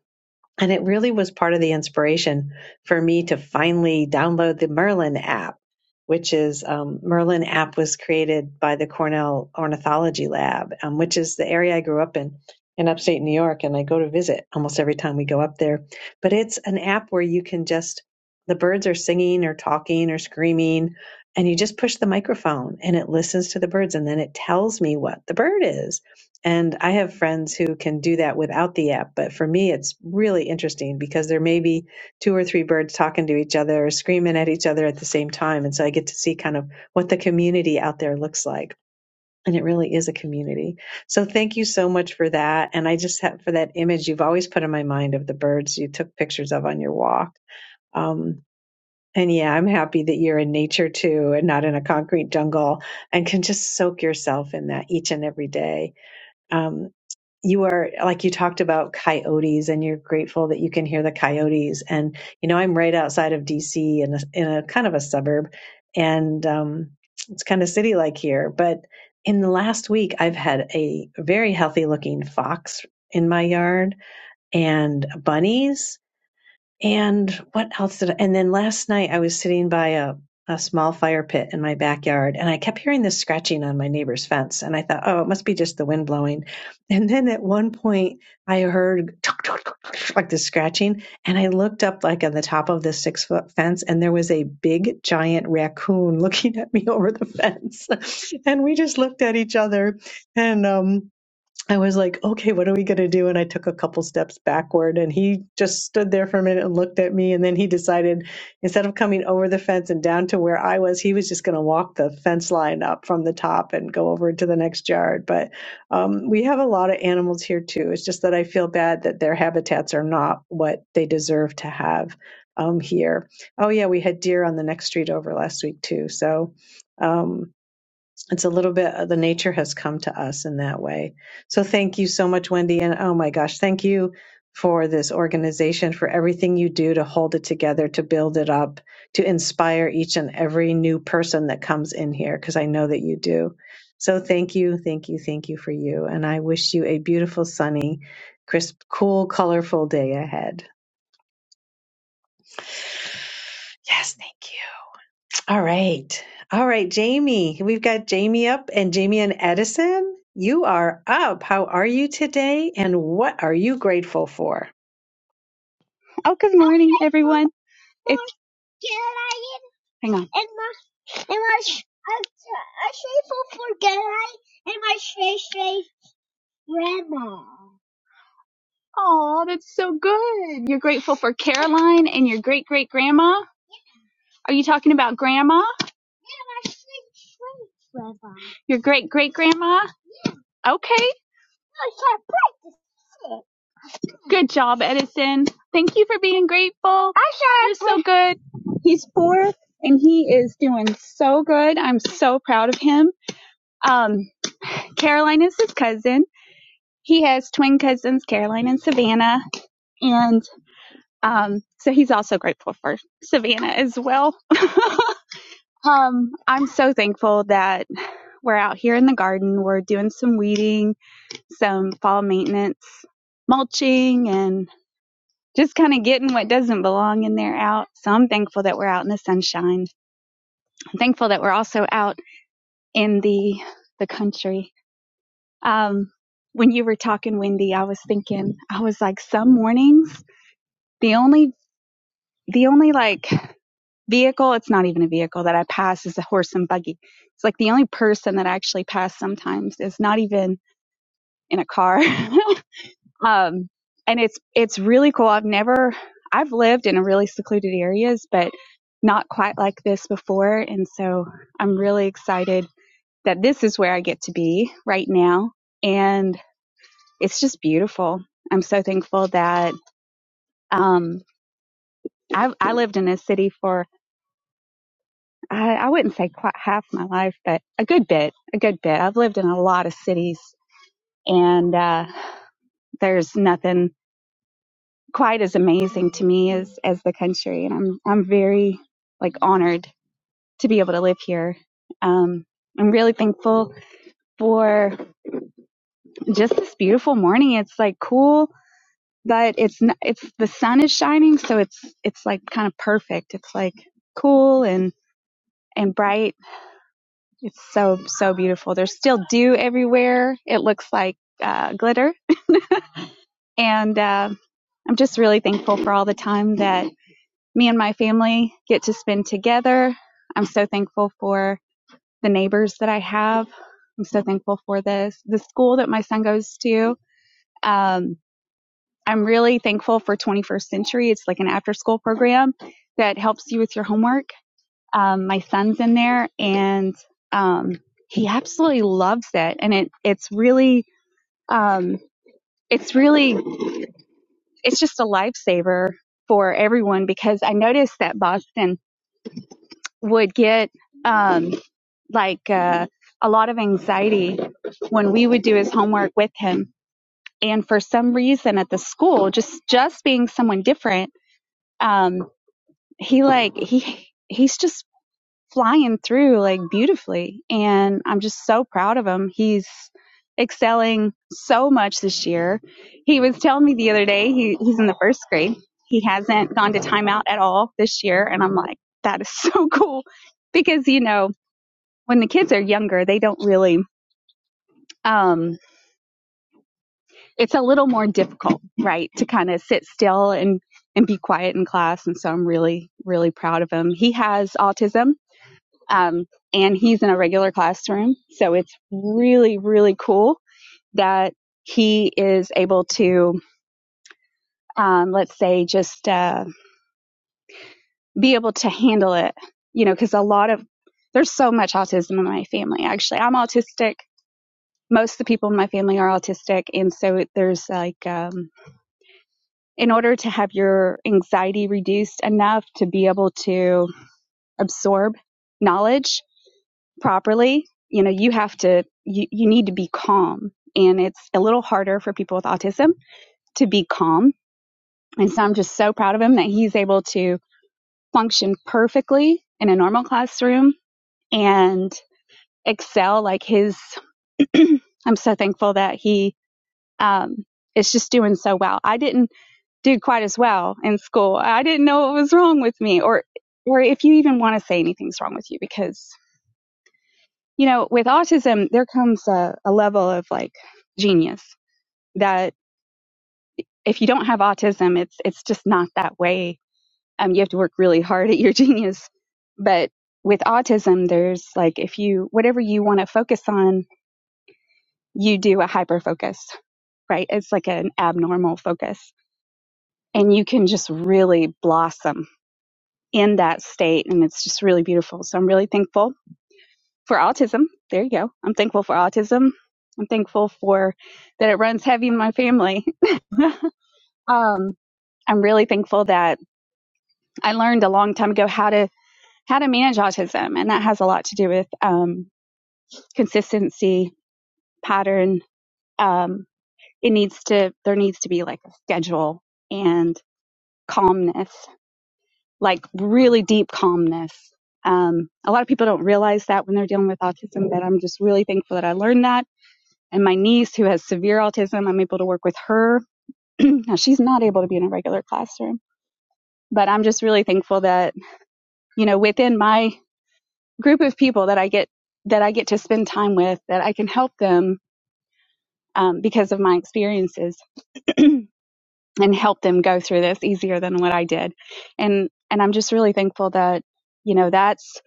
[SPEAKER 27] And it really was part of the inspiration for me to finally download the Merlin app, which is um, Merlin app was created by the Cornell Ornithology Lab, um, which is the area I grew up in in upstate New York. And I go to visit almost every time we go up there. But it's an app where you can just, the birds are singing or talking or screaming, and you just push the microphone and it listens to the birds and then it tells me what the bird is and I have friends who can do that without the app. But for me, it's really interesting because there may be two or three birds talking to each other or screaming at each other at the same time. And so I get to see kind of what the community out there looks like. And it really is a community. So thank you so much for that. And I just have for that image you've always put in my mind of the birds you took pictures of on your walk. Um, and yeah, I'm happy that you're in nature too and not in a concrete jungle and can just soak yourself in that each and every day. Um, you are like you talked about coyotes and you're grateful that you can hear the coyotes and you know i'm right outside of dc in a, in a kind of a suburb and um, it's kind of city like here but in the last week i've had a very healthy looking fox in my yard and bunnies and what else did I, and then last night I was sitting by a, a small fire pit in my backyard and I kept hearing this scratching on my neighbor's fence. And I thought, oh, it must be just the wind blowing. And then at one point I heard tuk, tuk, tuk, tuk, like this scratching. And I looked up like on the top of this six foot fence and there was a big giant raccoon looking at me over the fence. and we just looked at each other and, um, I was like, okay, what are we going to do? And I took a couple steps backward and he just stood there for a minute and looked at me. And then he decided instead of coming over the fence and down to where I was, he was just going to walk the fence line up from the top and go over to the next yard. But um, we have a lot of animals here too. It's just that I feel bad that their habitats are not what they deserve to have um, here. Oh, yeah, we had deer on the next street over last week too. So. Um, it's a little bit of the nature has come to us in that way. So thank you so much, Wendy. And oh my gosh, thank you for this organization, for everything you do to hold it together, to build it up, to inspire each and every new person that comes in here, because I know that you do. So thank you, thank you, thank you for you. And I wish you a beautiful, sunny, crisp, cool, colorful day ahead. Yes, thank you. All right. All right, Jamie. We've got Jamie up and Jamie and Edison. You are up. How are you today? And what are you grateful for?
[SPEAKER 30] Oh, good morning, everyone. It's, hang on. And my, and my, sh- I'm grateful for God and my stray, stray grandma. Oh, that's so good. You're grateful for Caroline and your great great grandma? Are you talking about grandma? Your great great grandma? Your great-great-grandma? Okay. I practice it. Good job, Edison. Thank you for being grateful. I You're so good. He's four and he is doing so good. I'm so proud of him. Um, Caroline is his cousin. He has twin cousins, Caroline and Savannah. And um, so he's also grateful for Savannah as well. um, I'm so thankful that We're out here in the garden. We're doing some weeding, some fall maintenance, mulching, and just kind of getting what doesn't belong in there out. So I'm thankful that we're out in the sunshine. I'm thankful that we're also out in the the country. Um, when you were talking, Wendy, I was thinking, I was like, some mornings, the only the only like vehicle, it's not even a vehicle that I pass is a horse and buggy. It's like the only person that I actually pass sometimes is not even in a car. Um, and it's it's really cool. I've never I've lived in really secluded areas, but not quite like this before. And so I'm really excited that this is where I get to be right now. And it's just beautiful. I'm so thankful that um, I, I lived in a city for I, I wouldn't say quite half my life, but a good bit, a good bit. I've lived in a lot of cities, and uh, there's nothing quite as amazing to me as as the country and i'm i'm very like honored to be able to live here um i'm really thankful for just this beautiful morning it's like cool but it's n it's the sun is shining so it's it's like kind of perfect it's like cool and and bright it's so so beautiful there's still dew everywhere it looks like uh, glitter and uh, i'm just really thankful for all the time that. me and my family get to spend together. I'm so thankful for the neighbors that I have. I'm so thankful for this, the school that my son goes to. Um, I'm really thankful for 21st Century. It's like an after school program that helps you with your homework. Um, my son's in there and, um, he absolutely loves it. And it, it's really, um, it's really, it's just a lifesaver for everyone because I noticed that Boston would get um, like uh, a lot of anxiety when we would do his homework with him. And for some reason at the school, just just being someone different, um, he like he he's just flying through like beautifully, and I'm just so proud of him. He's excelling so much this year. He was telling me the other day he, he's in the first grade. He hasn't gone to timeout at all this year, and I'm like, that is so cool because you know when the kids are younger, they don't really, um, it's a little more difficult, right, to kind of sit still and, and be quiet in class. And so I'm really, really proud of him. He has autism, um, and he's in a regular classroom. So it's really, really cool that he is able to, um, let's say, just uh, be able to handle it, you know, because a lot of, there's so much autism in my family, actually. I'm autistic most of the people in my family are autistic and so there's like um in order to have your anxiety reduced enough to be able to absorb knowledge properly you know you have to you, you need to be calm and it's a little harder for people with autism to be calm and so i'm just so proud of him that he's able to function perfectly in a normal classroom and excel like his i'm so thankful that he Um, it's just doing so well. I didn't do quite as well in school. I didn't know what was wrong with me or or if you even want to say anything's wrong with you because you know, with autism there comes a, a level of like genius that if you don't have autism it's it's just not that way. Um you have to work really hard at your genius. But with autism there's like if you whatever you want to focus on, you do a hyper focus, right? It's like an abnormal focus and you can just really blossom in that state. And it's just really beautiful. So I'm really thankful for autism. There you go. I'm thankful for autism. I'm thankful for that it runs heavy in my family. Um, I'm really thankful that I learned a long time ago how to how to manage autism, and that has a lot to do with um, consistency, pattern. Um, it needs to there needs to be like a schedule and calmness like really deep calmness. Um, a lot of people don't realize that when they're dealing with autism, but I'm just really thankful that I learned that. And my niece, who has severe autism, I'm able to work with her. now, she's not able to be in a regular classroom, but I'm just really thankful that, you know, within my group of people that I get, that I get to spend time with, that I can help them um, because of my experiences and help them go through this easier than what I did. And, and I'm just really thankful that, you know, that's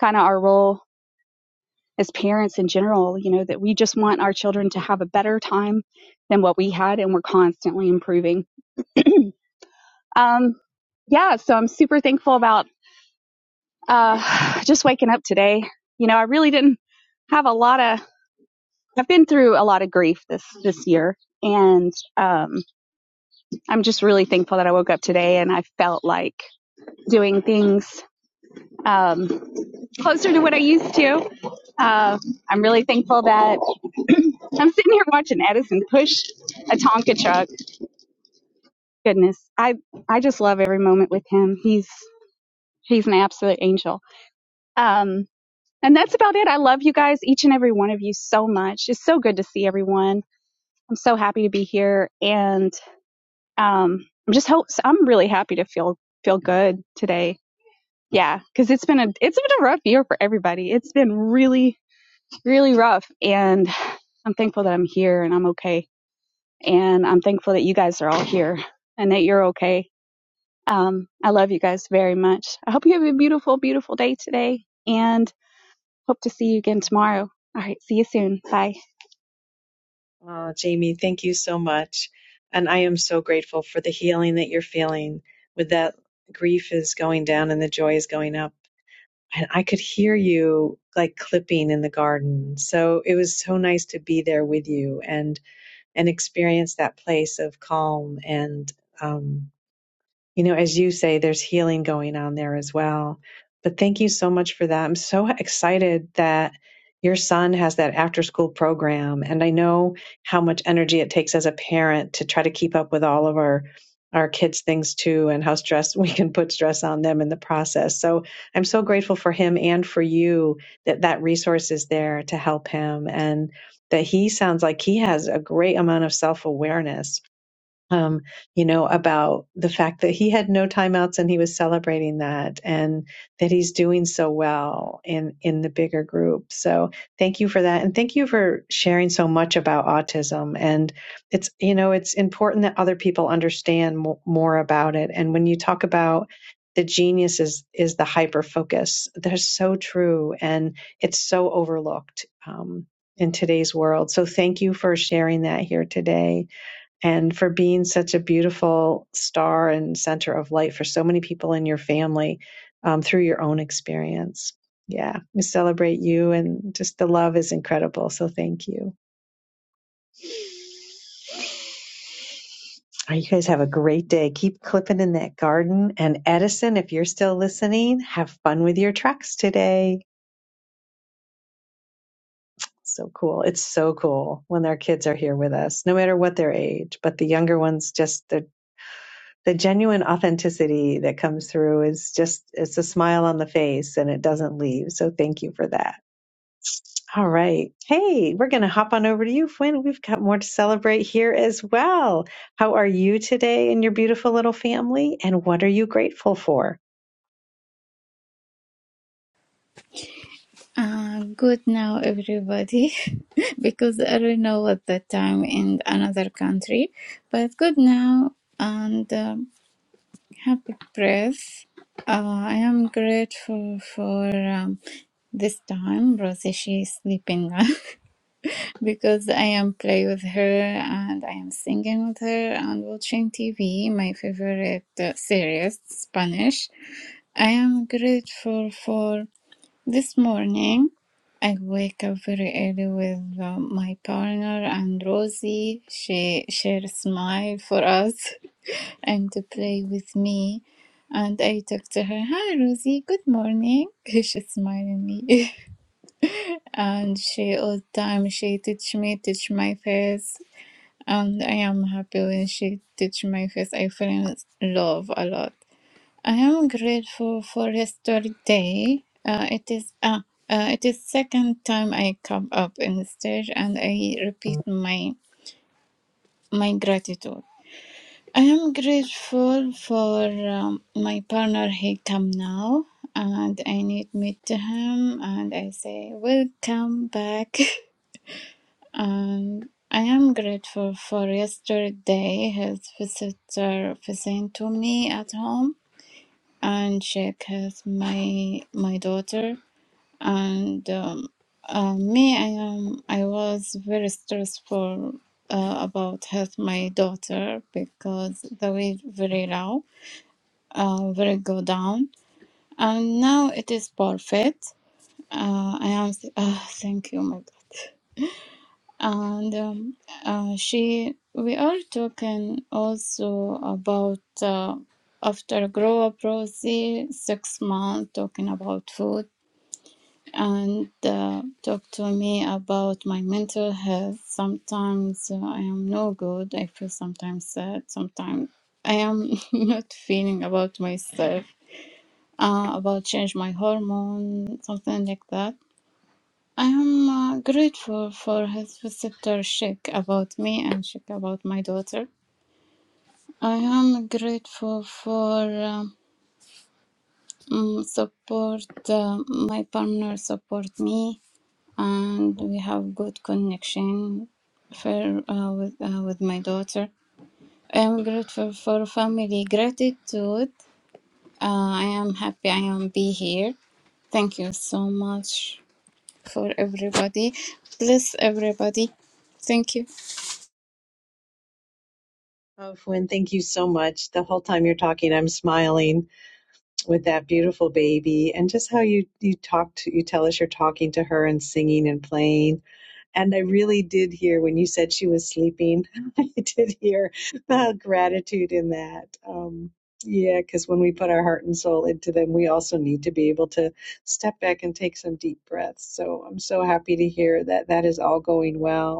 [SPEAKER 30] kind of our role as parents in general, you know, that we just want our children to have a better time than what we had, and we're constantly improving. Um, yeah, so I'm super thankful about uh, just waking up today. You know, I really didn't have a lot of. I've been through a lot of grief this this year, and um, I'm just really thankful that I woke up today and I felt like doing things um, closer to what I used to. Uh, I'm really thankful that I'm sitting here watching Edison push a Tonka truck. Goodness, I I just love every moment with him. He's he's an absolute angel. Um, and that's about it. I love you guys, each and every one of you, so much. It's so good to see everyone. I'm so happy to be here, and um, I'm just hope I'm really happy to feel feel good today. Yeah, because it's been a it's been a rough year for everybody. It's been really really rough. And I'm thankful that I'm here and I'm okay. And I'm thankful that you guys are all here and that you're okay. Um, I love you guys very much. I hope you have a beautiful, beautiful day today and hope to see you again tomorrow. All right. See you soon. Bye.
[SPEAKER 27] Oh, Jamie, thank you so much. And I am so grateful for the healing that you're feeling with that grief is going down and the joy is going up. And I could hear you like clipping in the garden. So it was so nice to be there with you and and experience that place of calm and um you know, as you say, there's healing going on there as well. But thank you so much for that. I'm so excited that your son has that after school program. And I know how much energy it takes as a parent to try to keep up with all of our our kids' things too and how stress we can put stress on them in the process. So I'm so grateful for him and for you that that resource is there to help him and that he sounds like he has a great amount of self-awareness um, you know, about the fact that he had no timeouts and he was celebrating that and that he's doing so well in, in the bigger group. So thank you for that. And thank you for sharing so much about autism. And it's, you know, it's important that other people understand mo- more about it. And when you talk about the genius is, is the hyper focus, they're so true and it's so overlooked. Um, in today's world. So thank you for sharing that here today and for being such a beautiful star and center of light for so many people in your family um, through your own experience. Yeah, we celebrate you, and just the love is incredible. So thank you. All right, you guys have a great day. Keep clipping in that garden. And Edison, if you're still listening, have fun with your trucks today. So cool. It's so cool when our kids are here with us, no matter what their age. But the younger ones just, they're the genuine authenticity that comes through is just it's a smile on the face and it doesn't leave. So thank you for that. All right. Hey, we're going to hop on over to you, Fwin. We've got more to celebrate here as well. How are you today and your beautiful little family? And what are you grateful for?
[SPEAKER 8] Uh, good now, everybody, because I don't know what the time in another country, but good now, and. Um, Happy press. Uh, I am grateful for um, this time. Rosie, she is sleeping now because I am play with her and I am singing with her and watching TV, my favorite uh, series, Spanish. I am grateful for this morning. I wake up very early with uh, my partner and Rosie. She shares smile for us. and to play with me. And I talked to her, hi Rosie, good morning. she smiled at me. and she all the time she teach me, teach my face. And I am happy when she teach my face. I feel in love a lot. I am grateful for history day. Uh, it is uh, uh, it is second time I come up in the stage and I repeat my my gratitude. I am grateful for um, my partner. He come now, and I need meet to him, and I say welcome back. and I am grateful for yesterday. His visitor visiting to me at home and check his my my daughter and. Um, uh, me, I am. I was very stressful uh, about health my daughter because they were very loud uh, will go down. And now it is perfect. Uh, I am, Th- ah, thank you, my God. And um, uh, she, we are talking also about uh, after grow up Rosie, six months, talking about food and uh, talk to me about my mental health. Sometimes uh, I am no good. I feel sometimes sad. Sometimes I am not feeling about myself uh, about change my hormone, something like that. I am uh, grateful for his visitor Sheikh about me and Sheikh about my daughter. I am grateful for um, mm, support. Uh, my partner support me, and we have good connection for uh, with uh, with my daughter. I am grateful for family gratitude. Uh, I am happy I am be here. Thank you so much for everybody. Bless everybody. Thank you.
[SPEAKER 27] Oh, Fwin, thank you so much. The whole time you're talking, I'm smiling with that beautiful baby and just how you, you talk to, you tell us you're talking to her and singing and playing. And I really did hear when you said she was sleeping, I did hear uh, gratitude in that. Um, yeah, because when we put our heart and soul into them, we also need to be able to step back and take some deep breaths. So I'm so happy to hear that that is all going well.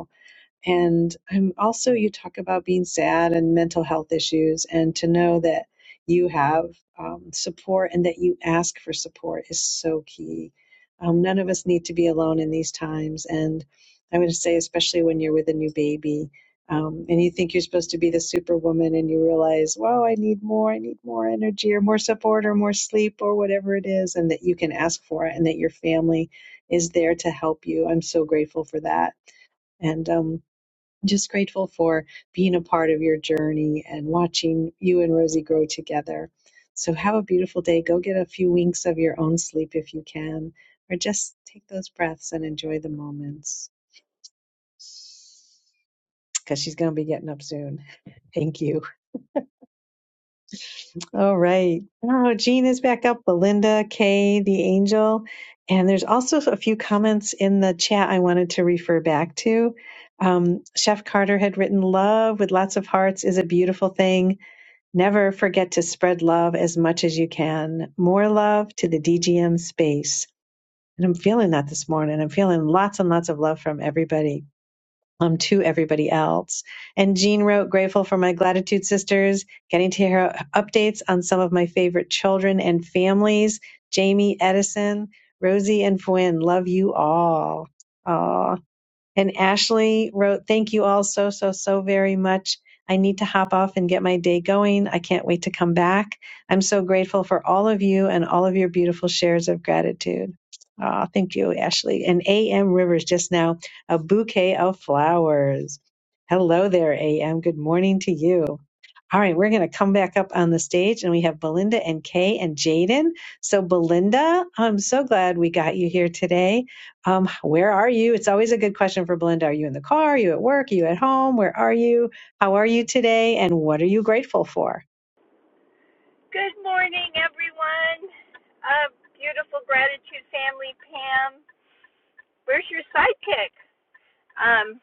[SPEAKER 27] And I'm also, you talk about being sad and mental health issues, and to know that you have um, support and that you ask for support is so key. Um, none of us need to be alone in these times. And I would say, especially when you're with a new baby um, and you think you're supposed to be the superwoman, and you realize, wow, I need more, I need more energy or more support or more sleep or whatever it is, and that you can ask for it and that your family is there to help you. I'm so grateful for that. And um, just grateful for being a part of your journey and watching you and Rosie grow together. So have a beautiful day. Go get a few winks of your own sleep if you can, or just take those breaths and enjoy the moments because she's going to be getting up soon. Thank you. All right. Oh, Jean is back up. Belinda, Kay, the angel. And there's also a few comments in the chat I wanted to refer back to. Um, Chef Carter had written, Love with lots of hearts is a beautiful thing. Never forget to spread love as much as you can. More love to the DGM space. And I'm feeling that this morning. I'm feeling lots and lots of love from everybody, um, to everybody else. And Jean wrote, grateful for my gratitude sisters, getting to hear updates on some of my favorite children and families. Jamie, Edison, Rosie, and Fwynn, love you all. Aw. And Ashley wrote, Thank you all so, so, so very much. I need to hop off and get my day going. I can't wait to come back. I'm so grateful for all of you and all of your beautiful shares of gratitude. Ah, thank you, Ashley. And A.M. Rivers just now, a bouquet of flowers. Hello there, A.M. Good morning to you. All right, we're going to come back up on the stage and we have Belinda and Kay and Jaden. So, Belinda, I'm so glad we got you here today um, where are you? It's always a good question for Belinda. Are you in the car? Are you at work? Are you at home? Where are you? How are you today? And what are you grateful for?
[SPEAKER 32] Good morning, everyone. Uh, beautiful gratitude family, Pam. Where's your sidekick? Um,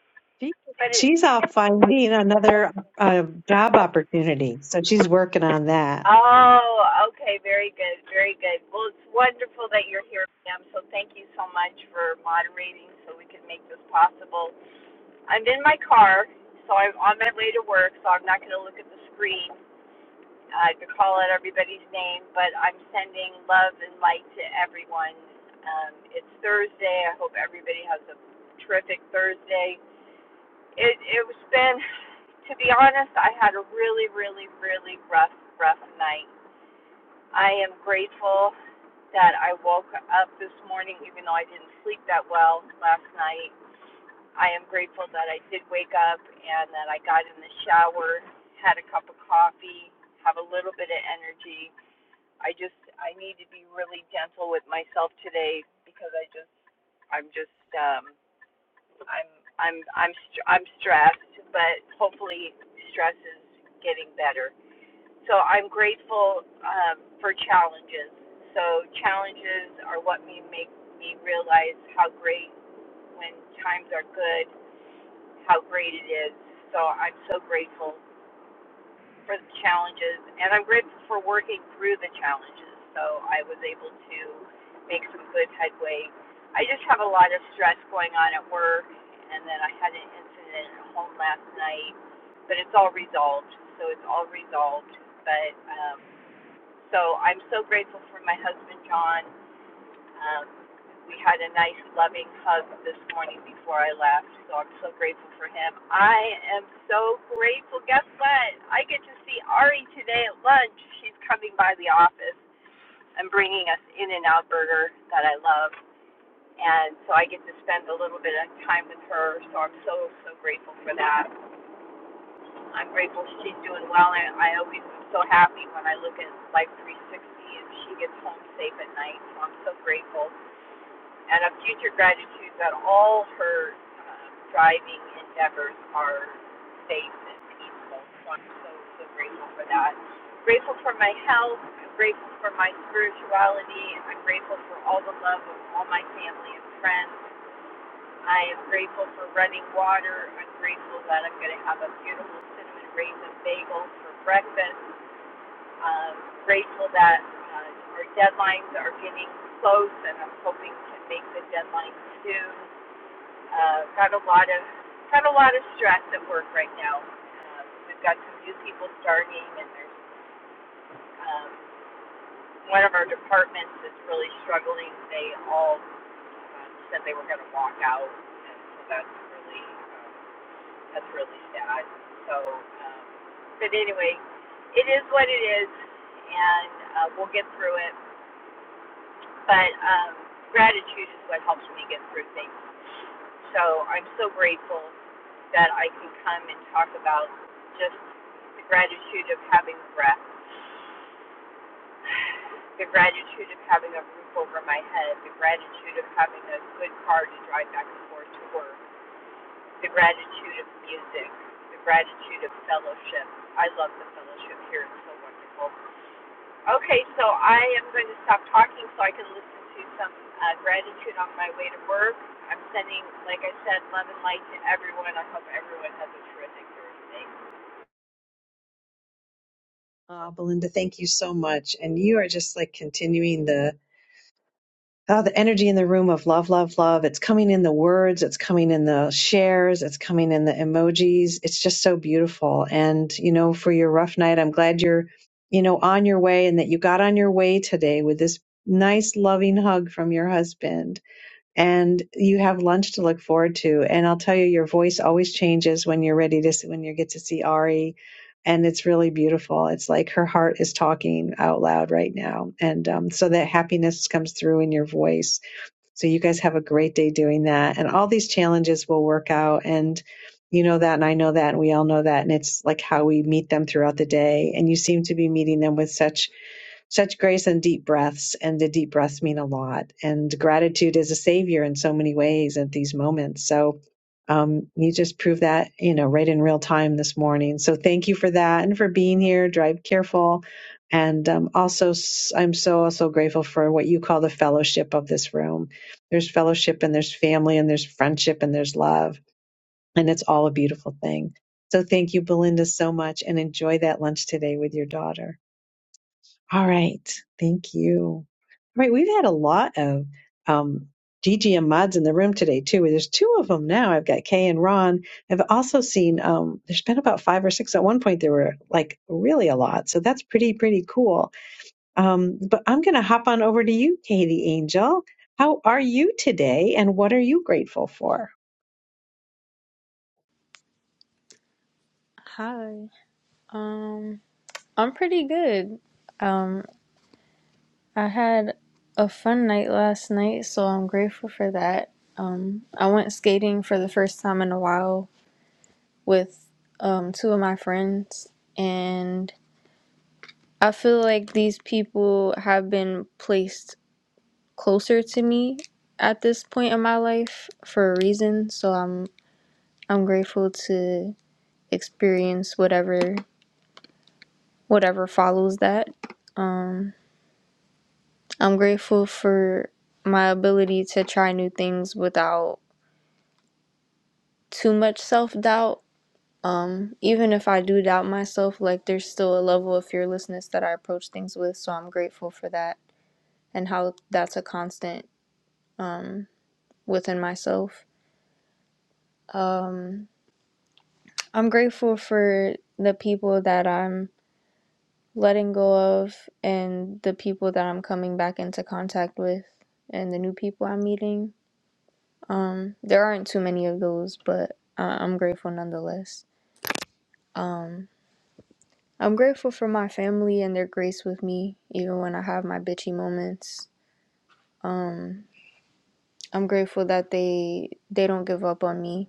[SPEAKER 32] but it,
[SPEAKER 27] She's off finding another uh, job opportunity. So she's working on that.
[SPEAKER 32] oh, okay, very good, very good. Well, it's wonderful that you're here, Pam. So thank you so much for moderating, so we can make this possible. I'm in my car, so I'm on my way to work, so I'm not going to look at the screen. I could call out everybody's name, but I'm sending love and light to everyone. Um, it's Thursday. I hope everybody has a terrific Thursday. It it was been, to be honest, I had a really, really, really rough, rough night. I am grateful that I woke up this morning, even though I didn't sleep that well last night. I am grateful that I did wake up and that I got in the shower, had a cup of coffee, have a little bit of energy I just I need to be really gentle with myself today because I just I'm just um I'm I'm I'm str- I'm stressed, but hopefully stress is getting better. So I'm grateful um, for challenges. So challenges are what may make me realize how great when times are good, how great it is. So I'm so grateful for the challenges, and I'm grateful for working through the challenges. So I was able to make some good headway. I just have a lot of stress going on at work, and then I had an incident at home last night, but it's all resolved. So it's all resolved. But um, so I'm so grateful for my husband John. Um, we had a nice, loving hug this morning before I left, so I'm so grateful for him. I am so grateful. Guess what? I get to see Ari today at lunch. She's coming by the office and bringing us In and Out Burger that I love. And so I get to spend a little bit of time with her, so I'm so, so grateful for that. I'm grateful she's doing well, and I always am so happy when I look at Life 360 and she gets home safe at night, so I'm so grateful and a future gratitude that all her um, driving endeavors are safe and peaceful. So I'm so, so grateful for that. Grateful for my health. I'm grateful for my spirituality. I'm grateful for all the love of all my family and friends. I am grateful for running water. I'm grateful that I'm going to have a beautiful cinnamon raisin bagel for breakfast um, grateful that uh, our deadlines are getting close, and I'm hoping to make the deadline soon. Uh, got a lot of got a lot of stress at work right now. Uh, we've got some new people starting, and there's um, one of our departments is really struggling. They all um, said they were going to walk out, and so that's really um, that's really sad. So, um, but anyway, it is what it is, and uh, we'll get through it. but um, gratitude is what helps me get through things. So I'm so grateful that I can come and talk about just the gratitude of having breath, the gratitude of having a roof over my head, the gratitude of having a good car to drive back and forth to work, the gratitude of music, the gratitude of fellowship. I love the fellowship here, it's so wonderful. Okay, so I am going to stop talking so I can listen to some uh, gratitude on my way to work. I'm sending, like I said, love and light to everyone. I hope everyone has a terrific Thursday.
[SPEAKER 27] Uh, Belinda, thank you so much. And you are just like continuing the Oh, the energy in the room of love, love, love. It's coming in the words, it's coming in the shares, it's coming in the emojis. It's just so beautiful. And, you know, for your rough night, I'm glad you're, you know, on your way and that you got on your way today with this nice, loving hug from your husband and you have lunch to look forward to. And I'll tell you, your voice always changes when you're ready to when you get to see Ari, and it's really beautiful. It's like her heart is talking out loud right now, and um, so that happiness comes through in your voice. So you guys have a great day doing that, and all these challenges will work out and. You know that, and I know that, and we all know that. And it's like how we meet them throughout the day. And you seem to be meeting them with such such grace and deep breaths, and the deep breaths mean a lot. And gratitude is a savior in so many ways at these moments. So um, you just proved that, you know, right in real time this morning. So thank you for that and for being here. Drive careful. And um, also, s- I'm so also grateful for what you call the fellowship of this room. There's fellowship and there's family and there's friendship and there's love. And it's all a beautiful thing. So thank you, Belinda, so much and enjoy that lunch today with your daughter. All right. Thank you. All right. We've had a lot of um, Gigi and mods in the room today, too. There's two of them now. I've got Kay and Ron. I've also seen, um, there's been about five or six. At one point, there were like really a lot. So that's pretty, pretty cool. Um, but I'm going to hop on over to you, Kay the Angel. How are you today and what are you grateful for?
[SPEAKER 33] Hi. Um, I'm pretty good. Um, I had a fun night last night, so I'm grateful for that. Um, I went skating for the first time in a while with um two of my friends, and I feel like these people have been placed closer to me at this point in my life for a reason, so I'm I'm grateful to experience whatever whatever follows that. Um I'm grateful for my ability to try new things without too much self doubt. Um, even if I do doubt myself, like there's still a level of fearlessness that I approach things with, so I'm grateful for that and how that's a constant um, within myself. Um, I'm grateful for the people that I'm letting go of and the people that I'm coming back into contact with and the new people I'm meeting. Um, there aren't too many of those, but I- I'm grateful nonetheless. Um, I'm grateful for my family and their grace with me, even when I have my bitchy moments. Um, I'm grateful that they they don't give up on me,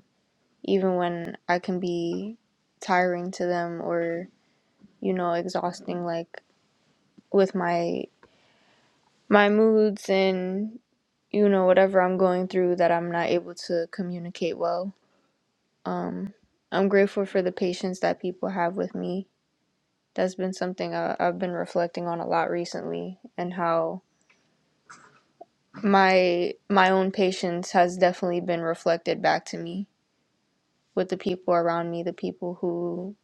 [SPEAKER 33] even when I can be tiring to them or you know exhausting, like with my my moods and you know whatever I'm going through that I'm not able to communicate well. I'm grateful for the patience that people have with me That's been something I, I've been reflecting on a lot recently, and how my my own patience has definitely been reflected back to me with the people around me, the people who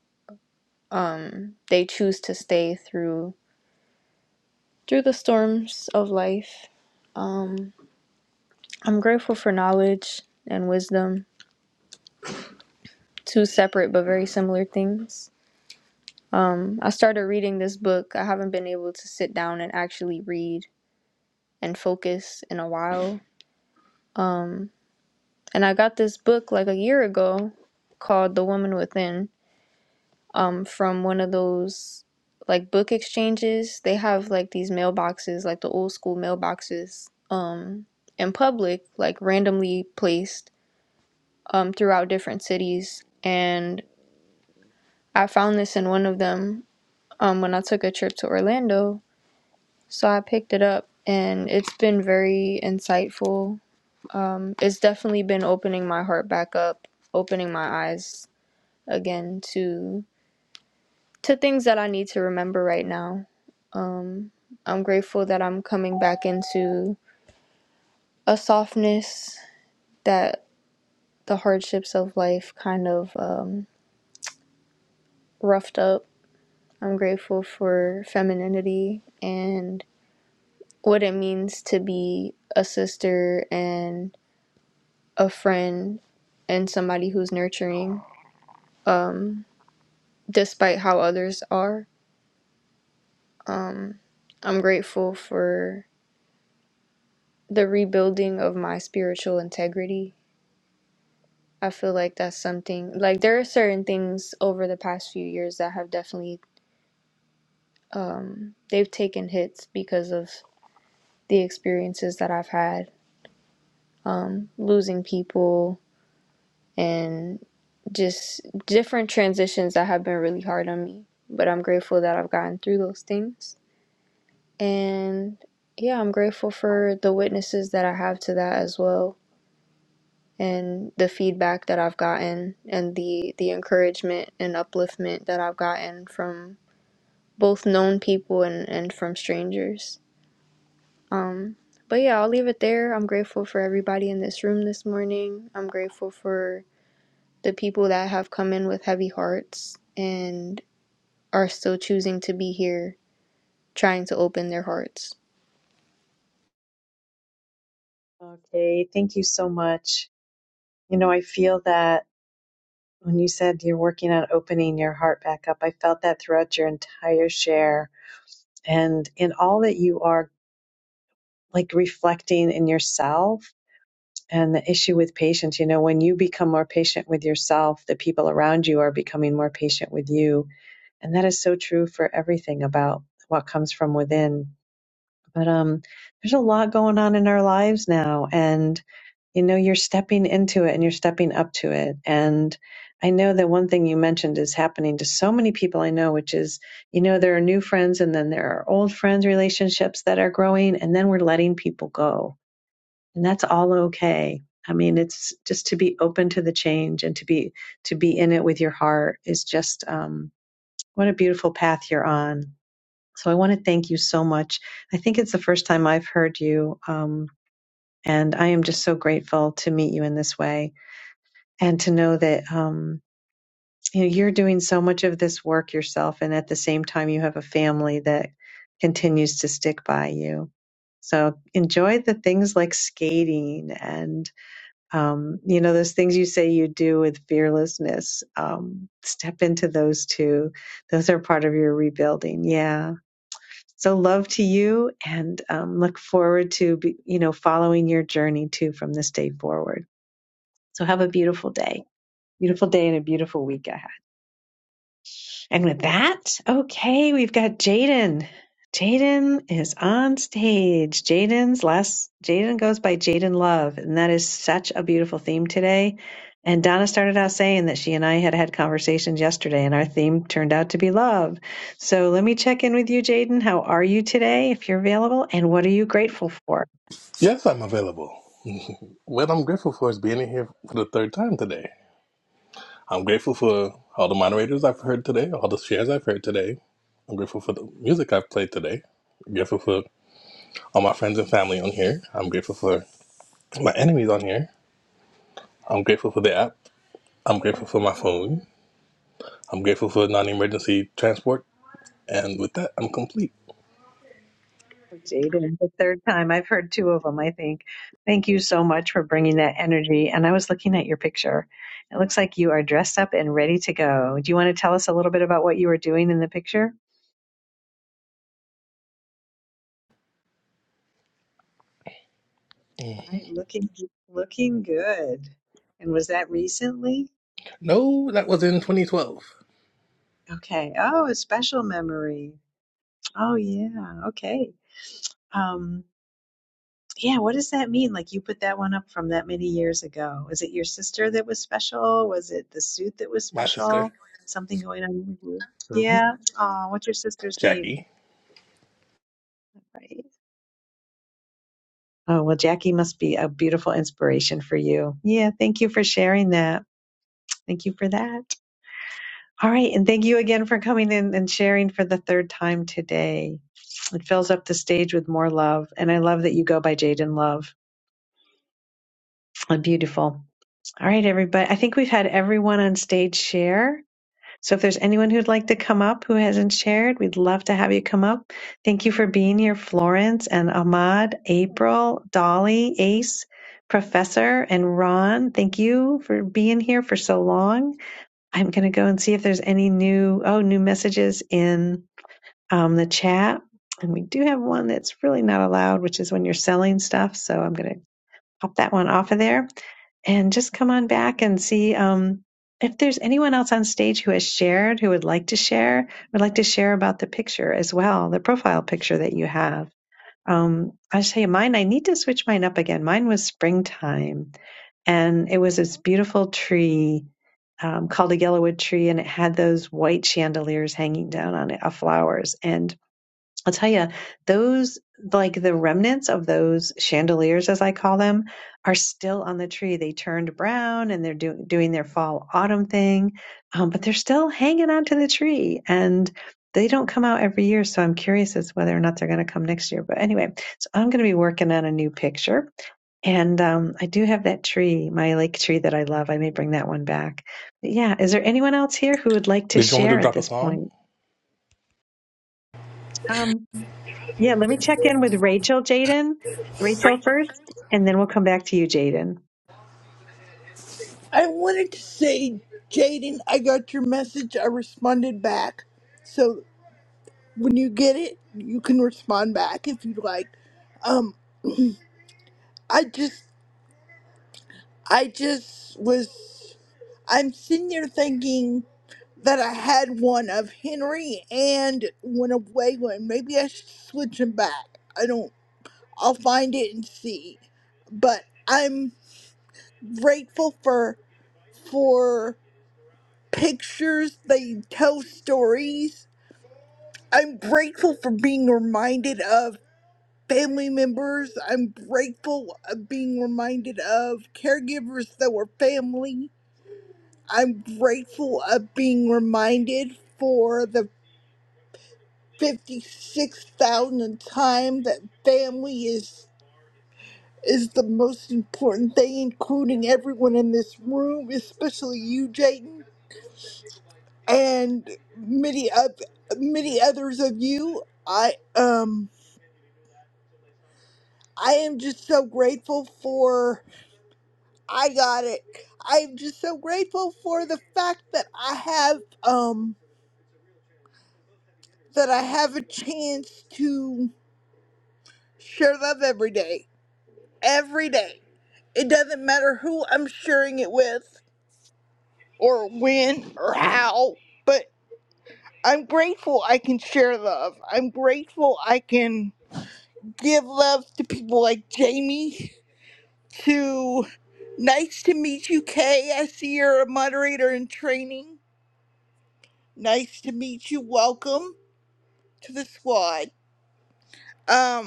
[SPEAKER 33] um they choose to stay through through the storms of life. Um, I'm grateful for knowledge and wisdom, two separate but very similar things. Um, I started reading this book. I haven't been able to sit down and actually read and focus in a while. Um, And I got this book like a year ago called The Woman Within um, from one of those like book exchanges. They have like these mailboxes, like the old school mailboxes um, in public, like randomly placed um, throughout different cities. And I found this in one of them um, when I took a trip to Orlando. So I picked it up and it's been very insightful. Um, it's definitely been opening my heart back up, opening my eyes again to to things that I need to remember right now. Um, I'm grateful that I'm coming back into a softness that the hardships of life kind of um, roughed up. I'm grateful for femininity and what it means to be a sister and a friend and somebody who's nurturing, um, despite how others are. Um, I'm grateful for the rebuilding of my spiritual integrity. I feel like that's something like there are certain things over the past few years that have definitely um they've taken hits because of the experiences that I've had um losing people and just different transitions that have been really hard on me, but I'm grateful that I've gotten through those things. And yeah, I'm grateful for the witnesses that I have to that as well and the feedback that I've gotten and the the encouragement and upliftment that I've gotten from both known people and and from strangers. Um but yeah, I'll leave it there. I'm grateful for everybody in this room this morning. I'm grateful for the people that have come in with heavy hearts and are still choosing to be here trying to open their hearts.
[SPEAKER 27] Okay. Thank you so much. You know, I feel that. When you said you're working on opening your heart back up, I felt that throughout your entire share and in all that you are like reflecting in yourself and the issue with patience. You know, when you become more patient with yourself, the people around you are becoming more patient with you. And that is so true for everything about what comes from within. But um, there's a lot going on in our lives now. And you know you're stepping into it and you're stepping up to it and i know that one thing you mentioned is happening to so many people i know which is you know there are new friends and then there are old friends relationships that are growing and then we're letting people go and that's all okay i mean it's just to be open to the change and to be to be in it with your heart is just um, what a beautiful path you're on so i want to thank you so much i think it's the first time i've heard you um, and i am just so grateful to meet you in this way and to know that um, you know you're doing so much of this work yourself, and at the same time you have a family that continues to stick by you. So enjoy the things like skating and um, you know those things you say you do with fearlessness. Um, step into those too; those are part of your rebuilding. Yeah. So love to you, and um, look forward to be, you know following your journey too from this day forward. So have a beautiful day, beautiful day, and a beautiful week ahead. And with that, okay, we've got Jaden. Jaden is on stage. Jaden's last, Jaden goes by Jaden Love, and that is such a beautiful theme today. And Donna started out saying that she and I had had conversations yesterday, and our theme turned out to be love. So let me check in with you, Jaden. How are you today, if you're available, and what are you grateful for?
[SPEAKER 6] Yes, I'm available. what I'm grateful for is being in here for the third time today. I'm grateful for all the moderators I've heard today, all the shares I've heard today. I'm grateful for the music I've played today. I'm grateful for all my friends and family on here. I'm grateful for my enemies on here. I'm grateful for the app. I'm grateful for my phone. I'm grateful for non emergency transport. And with that, I'm complete.
[SPEAKER 27] Jaden, the third time. I've heard two of them, I think. Thank you so much for bringing that energy. And I was looking at your picture. It looks like you are dressed up and ready to go. Do you want to tell us a little bit about what you were doing in the picture? All Right, looking looking good. And was that recently?
[SPEAKER 6] No, that was in 2012.
[SPEAKER 27] Okay. Oh, a special memory. Oh yeah. Okay. Um, Yeah, what does that mean? Like you put that one up from that many years ago. Was it your sister that was special? Was it the suit that was
[SPEAKER 6] My sister,
[SPEAKER 27] special? Something going on with you?
[SPEAKER 6] Mhm.
[SPEAKER 27] Yeah. Oh, what's your sister's name?
[SPEAKER 6] Jackie.
[SPEAKER 27] Right. Oh, well, Jackie must be a beautiful inspiration for you. Yeah, thank you for sharing that. Thank you for that. All right, and thank you again for coming in and sharing for the third time today. It fills up the stage with more love, and I love that you go by Jaden Love. Uh, Beautiful. All right, everybody. I think we've had everyone on stage share. So if there's anyone who'd like to come up who hasn't shared, we'd love to have you come up. Thank you for being here, Florence and Ahmad, April, Dolly, Ace, Professor, and Ron. Thank you for being here for so long. I'm going to go and see if there's any new, oh, new messages in um, the chat. And we do have one that's really not allowed, which is when you're selling stuff. So I'm going to pop that one off of there and just come on back and see um, if there's anyone else on stage who has shared, who would like to share, would like to share about the picture as well, the profile picture that you have. Um, I tell you, mine, I need to switch mine up again. Mine was springtime, and it was this beautiful tree um, called a yellowwood tree, and it had those white chandeliers hanging down on it of flowers. And I'll tell you, those, like the remnants of those chandeliers, as I call them, are still on the tree. They turned brown and they're do- doing their fall autumn thing, um, but they're still hanging onto the tree and they don't come out every year. So I'm curious as to whether or not they're going to come next year. But anyway, so I'm going to be working on a new picture. And um, I do have that tree, my lake tree that I love. I may bring that one back. But yeah. Is there anyone else here who would like to
[SPEAKER 6] Did you want me
[SPEAKER 27] share
[SPEAKER 6] to
[SPEAKER 27] at
[SPEAKER 6] drop a
[SPEAKER 27] this
[SPEAKER 6] song?
[SPEAKER 27] point? Um, Yeah, let me check in with Rachel, Jaden. Rachel first, and then we'll come back to you, Jaden.
[SPEAKER 29] I wanted to say, Jaden, I got your message. I responded back. So when you get it, you can respond back if you'd like. Um, I just I just was. I'm sitting there thinking that I had one of Henry and one of Waylon. Maybe I should switch them back. I don't. I'll find it and see. But I'm grateful for for pictures. They tell stories. I'm grateful for being reminded of family members. I'm grateful of being reminded of caregivers that were family. I'm grateful of being reminded for the 56,000th time that family is is the most important thing, including everyone in this room, especially you, Jayden, and many of many others of you. I um I am just so grateful for I got it. I'm just so grateful for the fact that I have um that I have a chance to Share love every day. Every day. It doesn't matter who I'm sharing it with or when or how, but I'm grateful I can share love. I'm grateful I can give love to people like Jamie, to Nice to meet you, Kay. I see you're a moderator in training. Nice to meet you. Welcome to the squad. Um,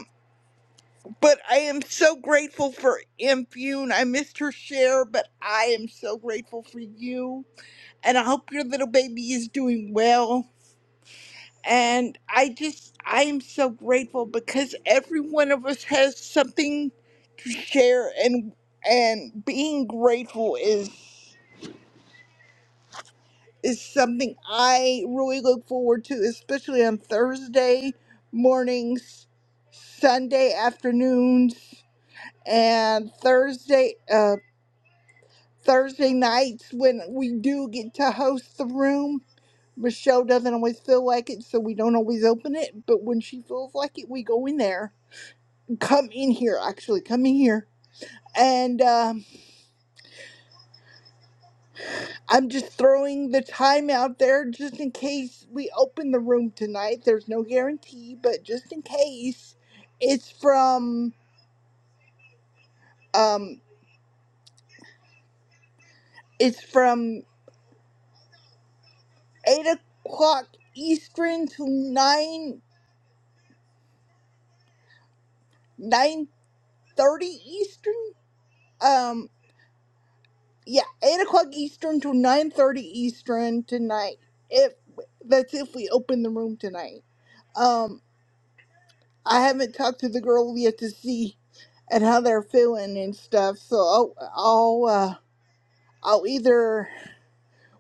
[SPEAKER 29] But I am so grateful for Impune. I missed her share, but I am so grateful for you. And I hope your little baby is doing well. And I just, I am so grateful because every one of us has something to share, and and being grateful is is something I really look forward to, especially on Thursday mornings, Sunday afternoons, and Thursday. uh, Thursday nights when we do get to host the room. Michelle doesn't always feel like it, so we don't always open it. But when she feels like it, we go in there. Come in here, actually, come in here. And um, I'm just throwing the time out there just in case we open the room tonight. There's no guarantee, but just in case, it's from um, it's from eight o'clock Eastern to nine nine thirty Eastern. Um. yeah, eight o'clock Eastern to nine thirty Eastern tonight. If that's if we open the room tonight. Um, I haven't talked to the girls yet to see and how they're feeling and stuff. So I'll I'll uh, I'll either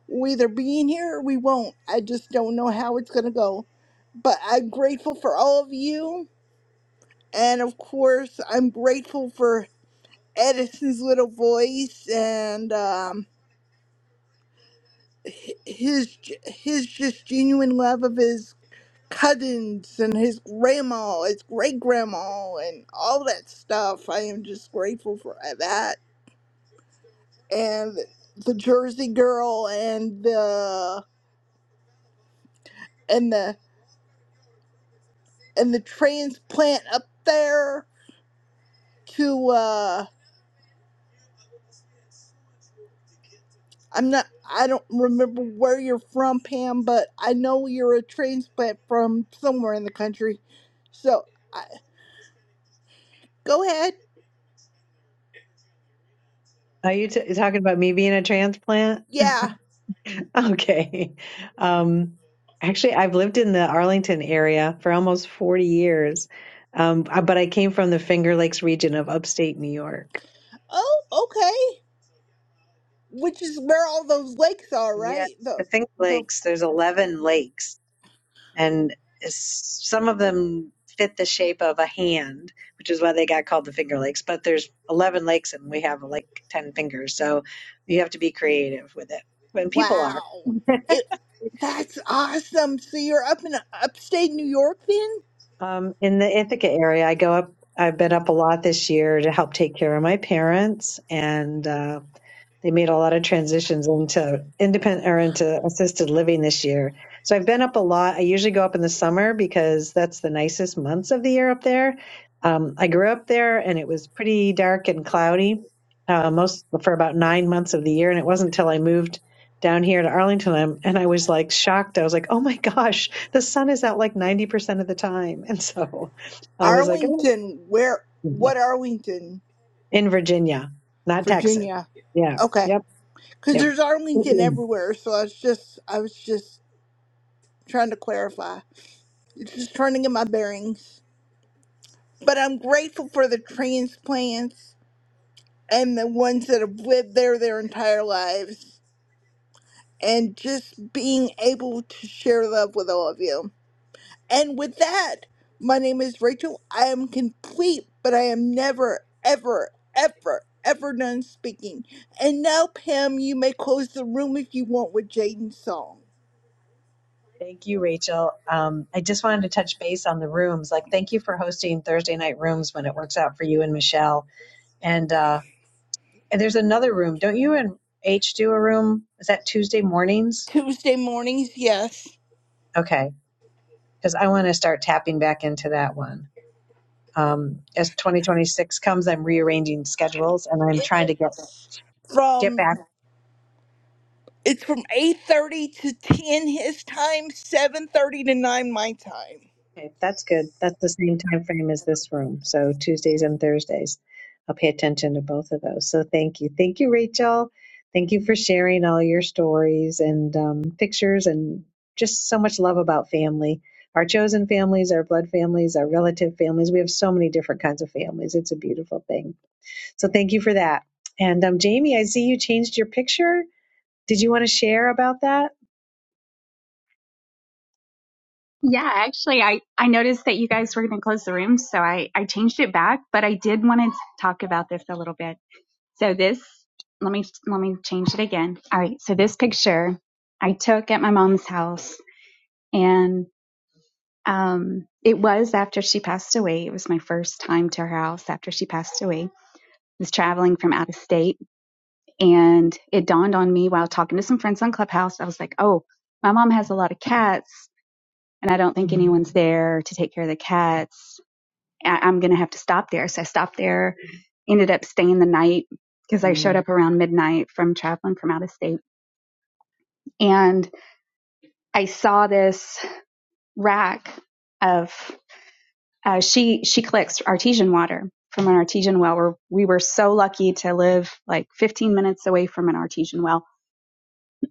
[SPEAKER 29] we either be in here or we won't. I just don't know how it's gonna go. But I'm grateful for all of you, and of course I'm grateful for Edison's little voice and um. his his just genuine love of his cousins and his grandma, his great grandma, and all that stuff. I am just grateful for that. And the Jersey girl and the and the and the transplant up there to uh I'm not I don't remember where you're from, Pam, but I know you're a transplant from somewhere in the country. So I, go ahead.
[SPEAKER 27] Are you t- talking about me being a transplant?
[SPEAKER 29] Yeah.
[SPEAKER 27] Okay. Um, actually, I've lived in the Arlington area for almost 40 years, um, uh, but I came from the Finger Lakes region of upstate New York.
[SPEAKER 29] Oh, okay. which is where all those lakes are,
[SPEAKER 27] Yeah,
[SPEAKER 29] right? The
[SPEAKER 27] the Finger
[SPEAKER 29] the
[SPEAKER 27] Lakes, there's 11 lakes, and it's- some of them fit the shape of a hand, which is why they got called the Finger Lakes, but there's 11 lakes and we have like 10 fingers, so you have to be creative with it. And people are.
[SPEAKER 29] wow, it that's awesome. So you're up in upstate New York, then
[SPEAKER 27] Um, in the Ithaca area, I go up. I've been up a lot this year to help take care of my parents, and uh, they made a lot of transitions into independent or into assisted living this year. So I've been up a lot. I usually go up in the summer because that's the nicest months of the year up there. Um, I grew up there and it was pretty dark and cloudy uh, most for about nine months of the year. And it wasn't until I moved down here to Arlington and, and I was like shocked. I was like, oh my gosh, the sun is out like 90% of the time. And so I was like, oh.
[SPEAKER 29] Arlington. Where? What Arlington,
[SPEAKER 27] in Virginia, not Texas.
[SPEAKER 29] Virginia?
[SPEAKER 27] Yeah.
[SPEAKER 29] Okay,
[SPEAKER 27] Yep.
[SPEAKER 29] because
[SPEAKER 27] Yep.
[SPEAKER 29] there's Arlington
[SPEAKER 27] Mm-hmm.
[SPEAKER 29] everywhere. So I was just I was just trying to clarify. Just trying to get my bearings. But I'm grateful for the transplants and the ones that have lived there their entire lives. and just being able to share love with all of you. And with that, my name is Rachel. I am complete, but I am never, ever, ever, ever done speaking. And now, Pam, you may close the room if you want with Jaden's song.
[SPEAKER 27] Thank you, Rachel. Um, I just wanted to touch base on the rooms. Like, thank you for hosting Thursday night rooms when it works out for you and Michelle. And, uh, and there's another room. Don't you and H do a room? Is that Tuesday mornings?
[SPEAKER 29] Tuesday mornings, yes.
[SPEAKER 27] Okay, because I want to start tapping back into that one. Um, as 2026 comes, I'm rearranging schedules and I'm
[SPEAKER 29] It's
[SPEAKER 27] trying to get get
[SPEAKER 29] from
[SPEAKER 27] back.
[SPEAKER 29] it's from eight thirty to ten his time, seven thirty to nine my time.
[SPEAKER 27] Okay, that's good. That's the same time frame as this room. So Tuesdays and Thursdays. I'll pay attention to both of those. So thank you. Thank you, Rachel. Thank you for sharing all your stories and um, pictures and just so much love about family. Our chosen families, our blood families, our relative families. We have so many different kinds of families. It's a beautiful thing. So thank you for that. And um, Jamie, I see you changed your picture. Did you want to share about that?
[SPEAKER 30] Yeah, actually, I, I noticed that you guys were going to close the room, so I, I changed it back, but I did want to talk about this a little bit. So this, let me, let me change it again. All right. So this picture I took at my mom's house and Um, it was after she passed away. It was my first time to her house after she passed away. I was traveling from out of state, and it dawned on me while talking to some friends on Clubhouse. I was like, oh, my mom has a lot of cats, and I don't think anyone's there to take care of the cats. I- I'm going to have to stop there. So I stopped there, ended up staying the night because I showed Mm. up around midnight from traveling from out of state. And I saw this rack of. uh, she she collects artesian water from an artesian well. Where we were so lucky to live like 15 minutes away from an artesian well.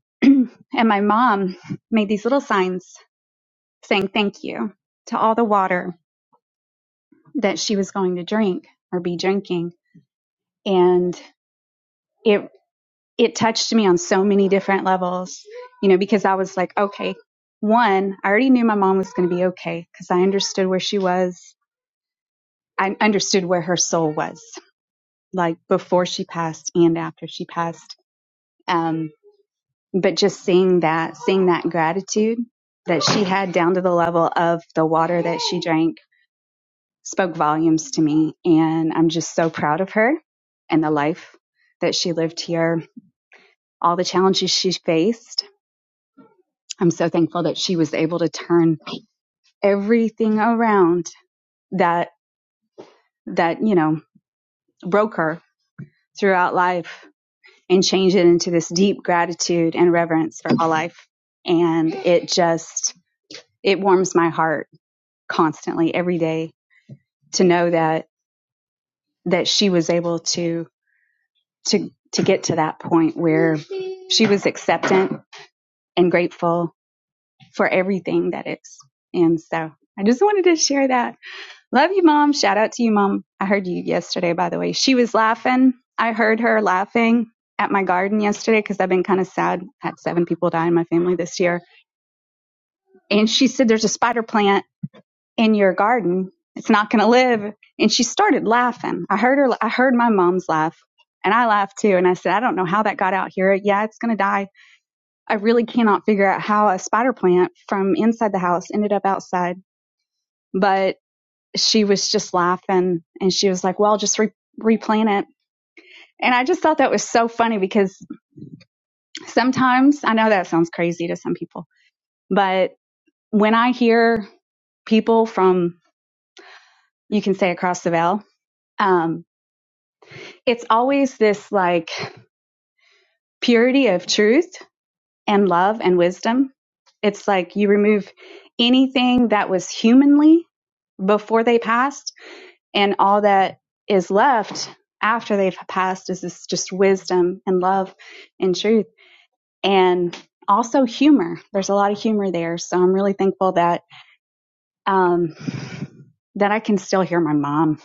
[SPEAKER 30] and my mom made these little signs saying thank you to all the water that she was going to drink or be drinking, and it it touched me on so many different levels, you know, because I was like, okay, one, I already knew my mom was going to be okay because I understood where she was. I understood where her soul was like before she passed and after she passed. Um, but just seeing that, seeing that gratitude that she had down to the level of the water that she drank spoke volumes to me. And I'm just so proud of her and the life that she lived here, all the challenges she faced. I'm so thankful that she was able to turn everything around that, that, you know, broke her throughout life and change it into this deep gratitude and reverence for all life. And it just, it warms my heart constantly every day to know that, that she was able to, to, to get to that point where she was acceptant and grateful for everything that is. And so I just wanted to share that. Love you, mom. Shout out to you, mom. I heard you yesterday, by the way. She was laughing. I heard her laughing at my garden yesterday because I've been kind of sad. I Had seven people die in my family this year And she said, There's a spider plant in your garden. It's not going to live. And she started laughing. I heard her, I heard my mom's laugh and I laughed too. And I said, I don't know how that got out here. Yeah, it's going to die. I really cannot figure out how a spider plant from inside the house ended up outside. But she was just laughing and she was like, Well, just re- replant it. And I just thought that was so funny because sometimes I know that sounds crazy to some people, but when I hear people from, you can say across the veil, Um, it's always this like purity of truth and love and wisdom. It's like you remove anything that was humanly before they passed, and all that is left after they've passed is this just wisdom and love and truth and also humor. There's a lot of humor there. So I'm really thankful that um, that I can still hear my mom,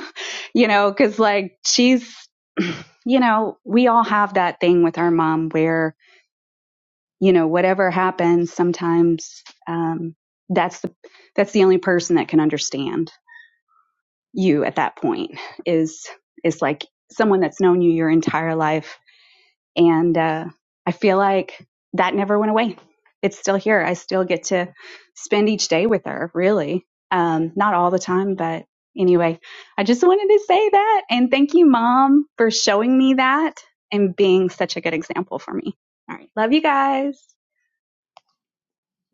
[SPEAKER 30] you know, because like she's, you know, we all have that thing with our mom where, you know, whatever happens, sometimes um, that's the that's the only person that can understand you at that point is is like someone that's known you your entire life and uh, I feel like that never went away. It's still here. I still get to spend each day with her, really. Um, not all the time, but anyway, I just wanted to say that. And thank you, Mom, for showing me that and being such a good example for me. All right. Love you guys.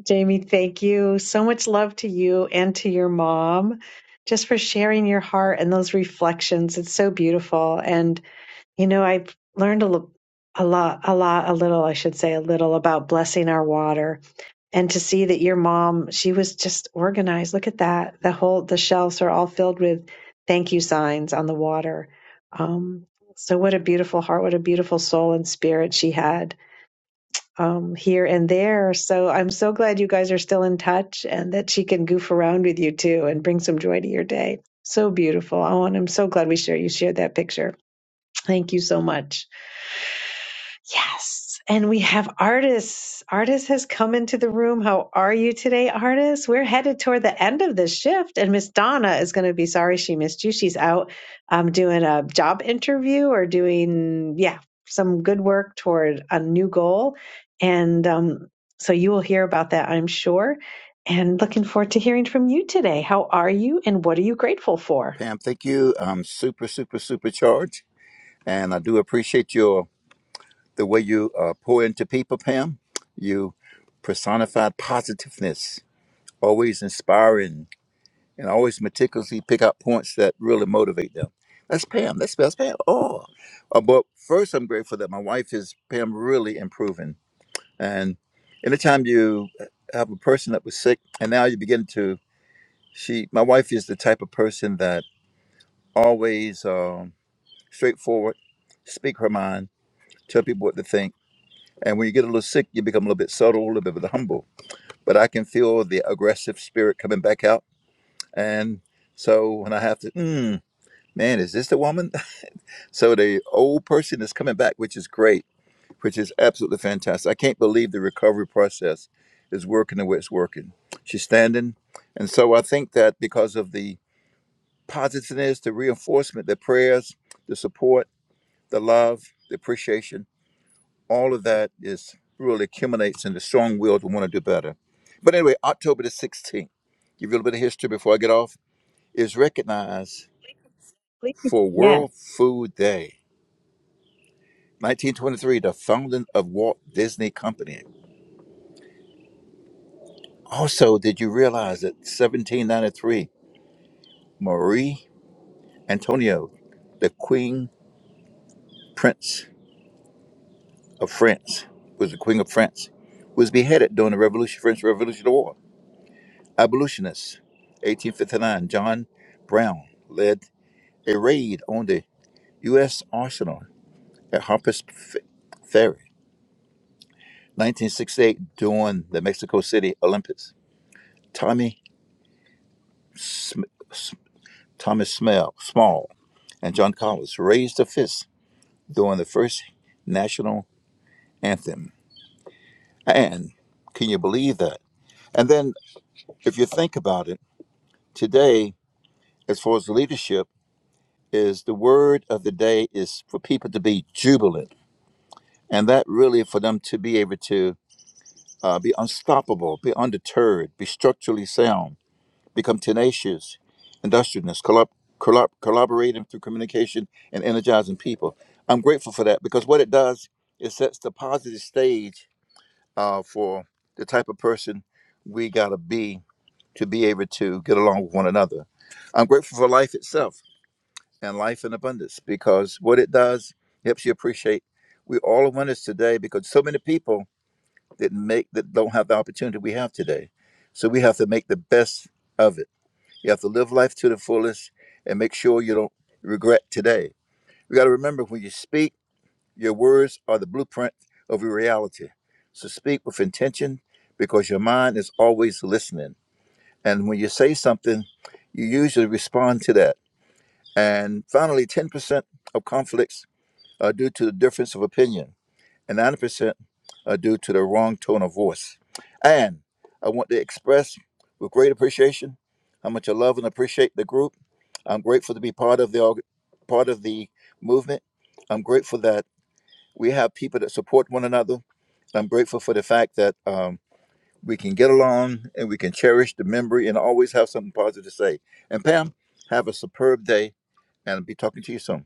[SPEAKER 27] Jamie, thank you. So much love to you and to your mom just for sharing your heart and those reflections. It's so beautiful. And, you know, I've learned a, lo- a lot, a lot, a little, I should say, a little about blessing our water. and to see that your mom she was just organized look at that the whole the shelves are all filled with thank you signs on the water um, so what a beautiful heart what a beautiful soul and spirit she had um, here and there so i'm so glad you guys are still in touch and that she can goof around with you too and bring some joy to your day so beautiful oh and i'm so glad we share you shared that picture thank you so much Yes. And we have artists. Artist has come into the room. How are you today, artist? We're headed toward the end of this shift. And Miss Donna is going to be sorry she missed you. She's out um, doing a job interview or doing, yeah, some good work toward a new goal. And um, so you will hear about that, I'm sure. And looking forward to hearing from you today. How are you and what are you grateful for?
[SPEAKER 34] Pam, thank you. I'm super, super, super charged, and I do appreciate your the way you uh, pour into people, Pam. You personified positiveness, always inspiring, and always meticulously pick out points that really motivate them. That's Pam. That's, that's Pam. Oh, Uh, but first, I'm grateful that my wife is Pam, really improving. And anytime you uh, have a person that was sick, and now you begin to, she, my wife is the type of person that always. Um, straightforward, speak her mind, tell people what to think. And when you get a little sick, you become a little bit subtle, a little bit humble. But I can feel the aggressive spirit coming back out. And so when I have to, mm, man, is this the woman? So the old person is coming back, which is great, which is absolutely fantastic. I can't believe the recovery process is working the way it's working. She's standing. And so I think that because of the positiveness, the reinforcement, the prayers, the support, the love, the appreciation, all of that is really accumulates in the strong will to want to do better. But anyway, October the 16th, give you a little bit of history before I get off, is recognized
[SPEAKER 27] Please.
[SPEAKER 34] for
[SPEAKER 27] Yes.
[SPEAKER 34] World Food Day. 1923, the founding of Walt Disney Company. Also, did you realize that 1793, Marie Antoinette, the Queen Prince of France, was the Queen of France, was beheaded during the Revolution, French Revolutionary War. abolitionists. 1859, John Brown led a raid on the U.S. arsenal at Harper's F- Ferry. 1968, during the Mexico City Olympics, Tommy Sm- S- Thomas Smell, Small and John Collins raised a fist during the first national anthem. And can you believe that? And then, if you think about it, today, as far as leadership, is the word of the day is for people to be jubilant and that really for them to be able to uh, be unstoppable, be undeterred, be structurally sound, become tenacious, industrious, collab- collab- collaborating through communication and energizing people. I'm grateful for that because what it does is sets the positive stage uh, for the type of person we gotta be to be able to get along with one another. I'm grateful for life itself and life in abundance because what it does helps you appreciate we all are winners today because so many people that make that don't have the opportunity we have today. So we have to make the best of it. You have to live life to the fullest and make sure you don't regret today. We got to remember when you speak, your words are the blueprint of your reality. So speak with intention because your mind is always listening. And when you say something, you usually respond to that. And finally, 10% of conflicts are due to the difference of opinion and 90% are due to the wrong tone of voice. And I want to express with great appreciation how much I love and appreciate the group. I'm grateful to be part of the part of the movement. I'm grateful that we have people that support one another. I'm grateful for the fact that um, we can get along and we can cherish the memory and always have something positive to say. And Pam, have a superb day and I'll be talking to you soon.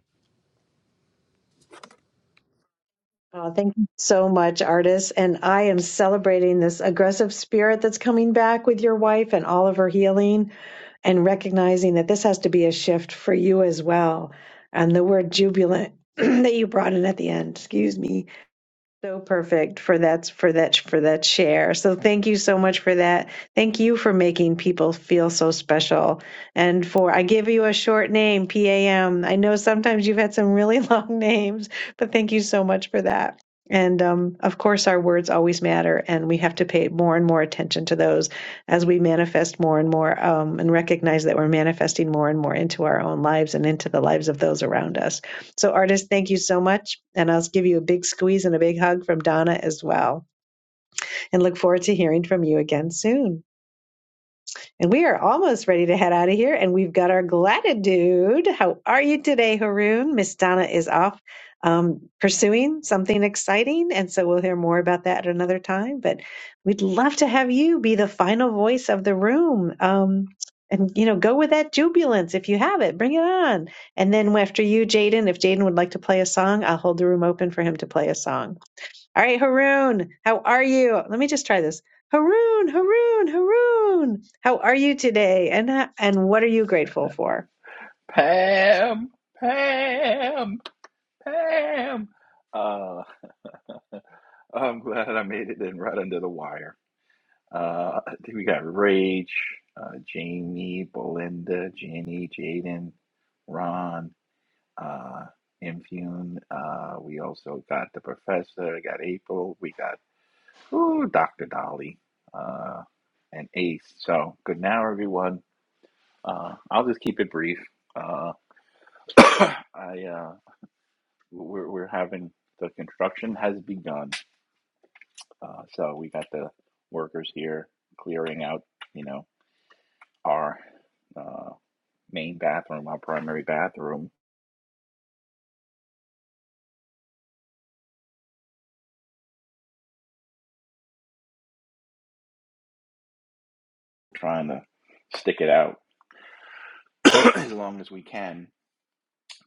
[SPEAKER 27] Oh, thank you so much, artists. And I am celebrating this aggressive spirit that's coming back with your wife and all of her healing, and recognizing that this has to be a shift for you as well. And the word jubilant that you brought in at the end, excuse me, so perfect for that for that for that share. So thank you so much for that. Thank you for making people feel so special and for I give you a short name, PAM. I know sometimes you've had some really long names, but thank you so much for that. And um, of course, our words always matter, and we have to pay more and more attention to those as we manifest more and more um, and recognize that we're manifesting more and more into our own lives and into the lives of those around us. So, artist, thank you so much. And I'll give you a big squeeze and a big hug from Donna as well. And look forward to hearing from you again soon. And we are almost ready to head out of here. And we've got our gratitude. How are you today, Haroon? Miss Donna is off um, pursuing something exciting. And so we'll hear more about that at another time. But we'd love to have you be the final voice of the room. Um, and you know, go with that jubilance if you have it. Bring it on. And then after you, Jaden, if Jaden would like to play a song, I'll hold the room open for him to play a song. All right, Haroon, how are you? Let me just try this. Haroon, Haroon, Haroon, how are you today? And and what are you grateful for?
[SPEAKER 35] Pam, Pam, Pam. Uh, I'm glad I made it in right under the wire. Uh, I think we got Rage, uh, Jamie, Belinda, Jenny, Jaden, Ron, uh, Infune. Uh, we also got the professor. We got April. We got ooh, Dr. Dolly uh, and Ace. So good now, everyone. Uh, I'll just keep it brief. Uh, I uh, we're, we're having the construction has begun. Uh, so we got the workers here clearing out, you know, our uh, main bathroom, our primary bathroom, trying to stick it out as long as we can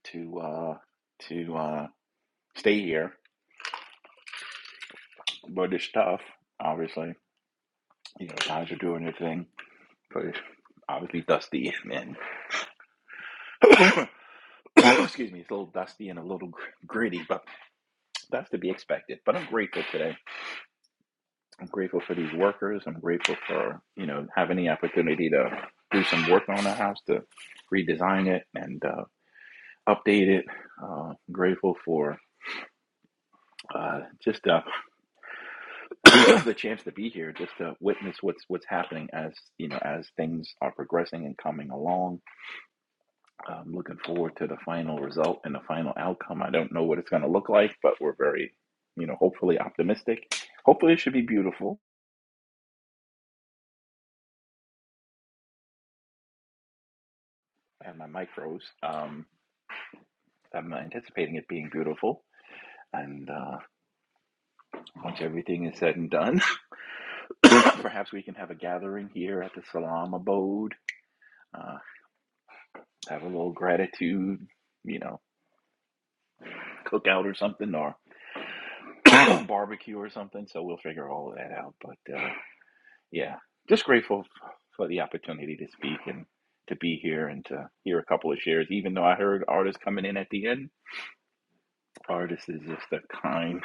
[SPEAKER 35] to uh, to uh, stay here. But it's tough, obviously. You know, guys are doing their thing, but it's obviously dusty and, and excuse me, it's a little dusty and a little gr- gritty, but that's to be expected. But I'm grateful today I'm grateful for these workers. I'm grateful for, you know, having the opportunity to do some work on the house, to redesign it and uh, update it. Uh, I'm grateful for uh, just uh, the chance to be here, just to witness what's what's happening as you know as things are progressing and coming along. I'm looking forward to the final result and the final outcome. I don't know what it's going to look like, but we're very, you know, hopefully optimistic. Hopefully, it should be beautiful. I have my mic froze. Um, I'm anticipating it being beautiful. And uh, once everything is said and done, perhaps we can have a gathering here at the Salam abode, uh, have a little gratitude, you know, cookout or something, or barbecue or something. So we'll figure all of that out. But uh, yeah, just grateful f- for the opportunity to speak and to be here and to hear a couple of shares, even though I heard artists coming in at the end. Artist is just a kind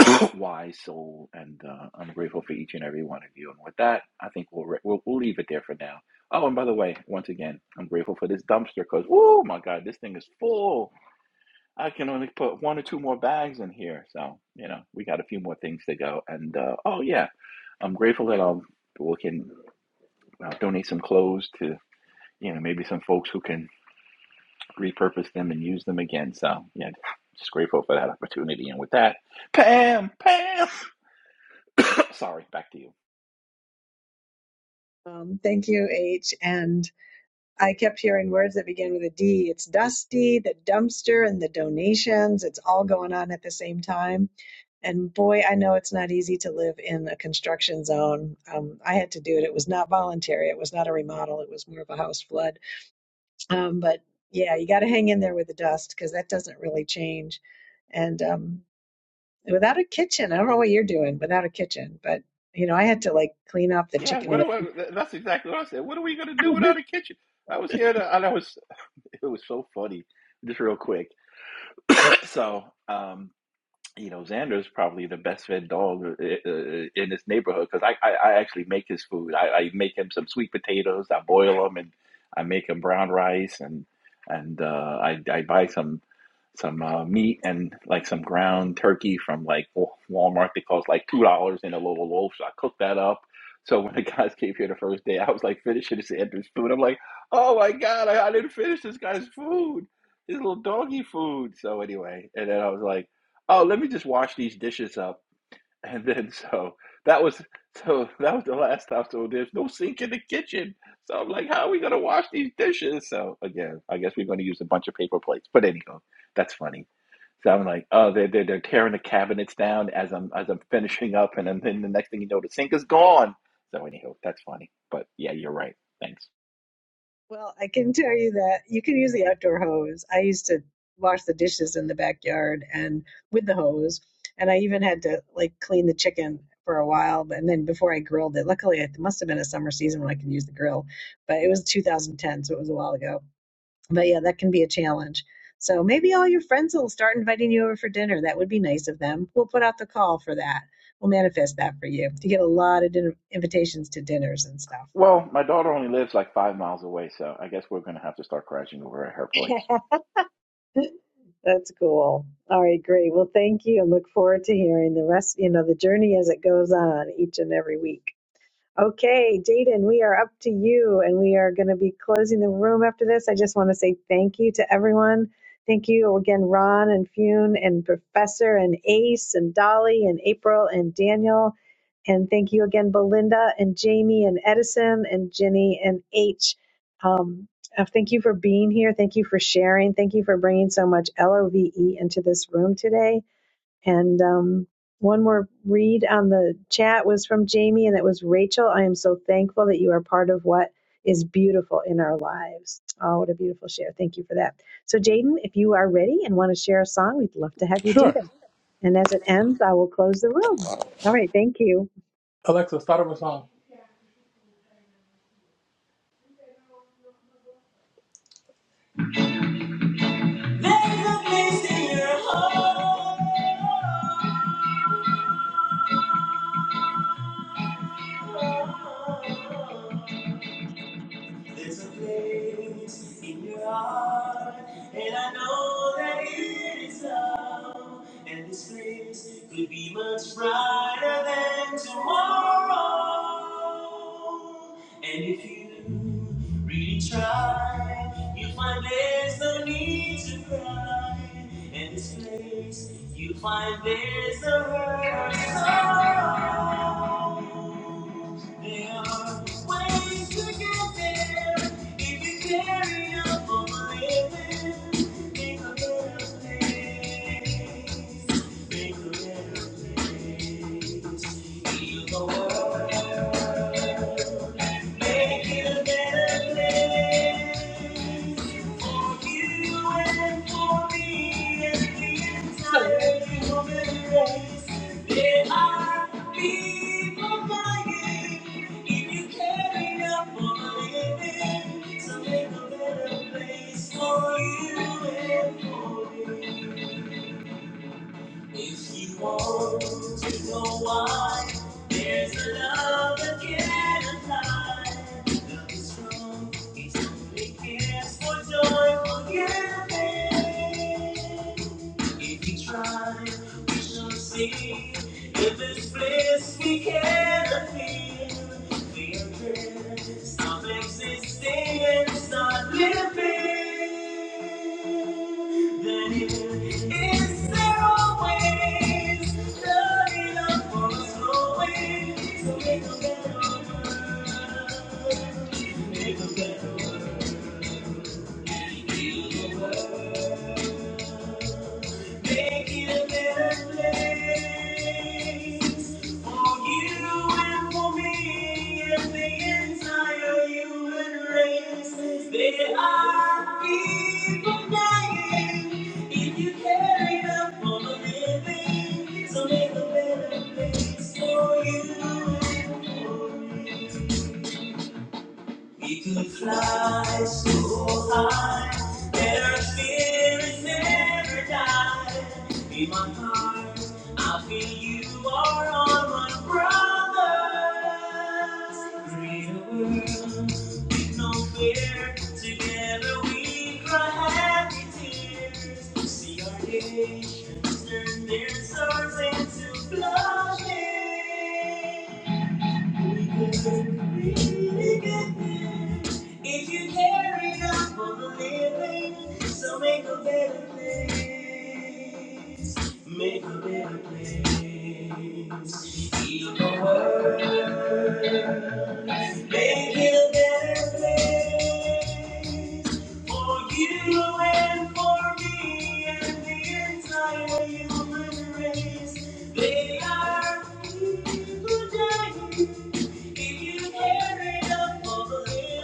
[SPEAKER 35] wise soul, and uh, I'm grateful for each and every one of you. And with that, I think we'll, re- we'll we'll leave it there for now. Oh, and by the way, once again, I'm grateful for this dumpster because oh my God, this thing is full. I can only put one or two more bags in here, so you know we got a few more things to go. And uh, oh yeah, I'm grateful that um we can uh, donate some clothes to you know maybe some folks who can repurpose them and use them again. So yeah, just grateful for that opportunity. And with that, Pam, Pam, sorry, back to you.
[SPEAKER 27] Um, thank you, H. And I kept hearing words that began with a D. It's dusty, the dumpster, and the donations. It's all going on at the same time. And boy, I know it's not easy to live in a construction zone. Um, I had to do it. It was not voluntary. It was not a remodel. It was more of a house flood Um, but yeah, you got to hang in there with the dust because that doesn't really change. And um, without a kitchen, I don't know what you're doing without a kitchen, but you know, I had to like clean up the
[SPEAKER 35] Yeah,
[SPEAKER 27] chicken.
[SPEAKER 35] what
[SPEAKER 27] And
[SPEAKER 35] do I, that's exactly what I said. What are we gonna do
[SPEAKER 27] the-
[SPEAKER 35] without a kitchen? I was here to, and I was, it was so funny, just real quick. So, um, you know, Xander's probably the best fed dog uh, uh, in this neighborhood because I, I, I actually make his food. I, I make him some sweet potatoes. I boil them and I make him brown rice and and uh, I I buy some some uh, meat and like some ground turkey from like Wa- Walmart that costs like two dollars in a little loaf. So I cook that up. So when the guys came here the first day, I was like finishing this Xander's food. I'm like, oh my god, I, I didn't finish this guy's food, his little doggy food. So anyway, and then I was like oh, let me just wash these dishes up. And then so that was so that was the last time. So there's no sink in the kitchen. So I'm like, how are we gonna wash these dishes? So again, I guess we're gonna use a bunch of paper plates. But anyhow, that's funny. So I'm like, oh, they're they're, they're tearing the cabinets down as I'm as I'm finishing up, and then then the next thing you know, the sink is gone. So anyhow, that's funny. But yeah, you're right. Thanks.
[SPEAKER 27] well, I can tell you that you can use the outdoor hose. I used to wash the dishes in the backyard and with the hose, and I even had to like clean the chicken for a while. And then before I grilled it, luckily it must have been a summer season when I could use the grill, but it was 2010, so it was a while ago But yeah, that can be a challenge. So maybe all your friends will start inviting you over for dinner. That would be nice of them. We'll put out the call for that. We'll manifest that for you. You get a lot of dinner, invitations to dinners and stuff.
[SPEAKER 35] Well, my daughter only lives like five miles away, so I guess we're gonna have to start crashing over at her place.
[SPEAKER 27] That's cool. All right, great. Well, thank you and look forward to hearing the rest, you know, the journey as it goes on each and every week. Okay, Jaden, we are up to you and we are going to be closing the room after this. I just want to say thank you to everyone. Thank you again, Ron and Fune and Professor and Ace and Dolly and April and Daniel. And thank you again, Belinda and Jamie and Edison and Jenny and H. Um, uh, thank you for being here. Thank you for sharing. Thank you for bringing so much LOVE into this room today. And um, one more read on the chat was from Jamie, and it was Rachel. I am so thankful that you are part of what is beautiful in our lives. Oh, what a beautiful share. Thank you for that. So, Jaden, if you are ready and want to share a song, we'd love to have you do
[SPEAKER 6] Sure.
[SPEAKER 27] that. And as it ends, I will close the room. All right. Thank you.
[SPEAKER 6] Alexa, start up a song. There's a place in your heart, and I know that it is love. And this place could be much brighter than tomorrow. And if you really try, you'll find there's no need to cry. And this place, you'll find there's no hurt or sorrow. There are ways to get there if you carry up for Make a better place. Make a better place. Heal the world. Make it a better place for you and for me and the entire human race. There are people dying. If you carry up for a living, so make a better place for you and for me. If you want to know why, there's a love that can't lie. Love is strong, it only cares for joy, joyful giving. If we try, we shall see. If it's bliss we cannot feel, we are dead. Stop existing and start living. Then it is there always the love for us always. Make a better world. Make it a better place for you and for me and the entire human race. There are people dying if you care enough for the living. So make a better place for you and for me. We could fly so high that our spirits never die. In my heart, I feel you are all my brothers. Greater world, with no fear. Together we cry happy tears. See our nations turn their swords into bloodshed. If you carry on for the living, so make a better place. Make a better place. Heal the world. Make it a better place for you and for me and the entire human race. They are people dying. If you care enough for the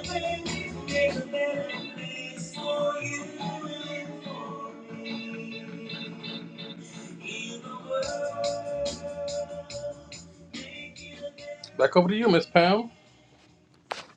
[SPEAKER 6] living, make a better place for you and for me. Heal the world. Make it a better- Back over to you, Miss Pam.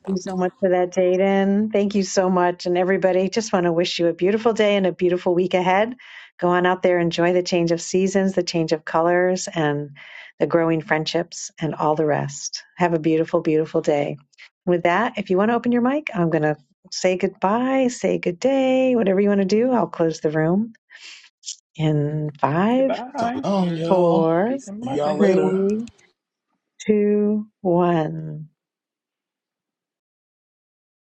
[SPEAKER 27] Thank you so much for that, Jaden. Thank you so much. And everybody, just want to wish you a beautiful day and a beautiful week ahead. Go on out there, enjoy the change of seasons, the change of colors, and the growing friendships and all the rest. Have a beautiful, beautiful day. With that, if you want to open your mic, I'm going to say goodbye, say good day, whatever you want to do. I'll close the room in five,
[SPEAKER 6] So
[SPEAKER 35] Goodbye.
[SPEAKER 6] long, y'all.
[SPEAKER 27] four,
[SPEAKER 35] Peace and
[SPEAKER 6] See y'all
[SPEAKER 35] blessings.
[SPEAKER 6] later.
[SPEAKER 27] three, two, one.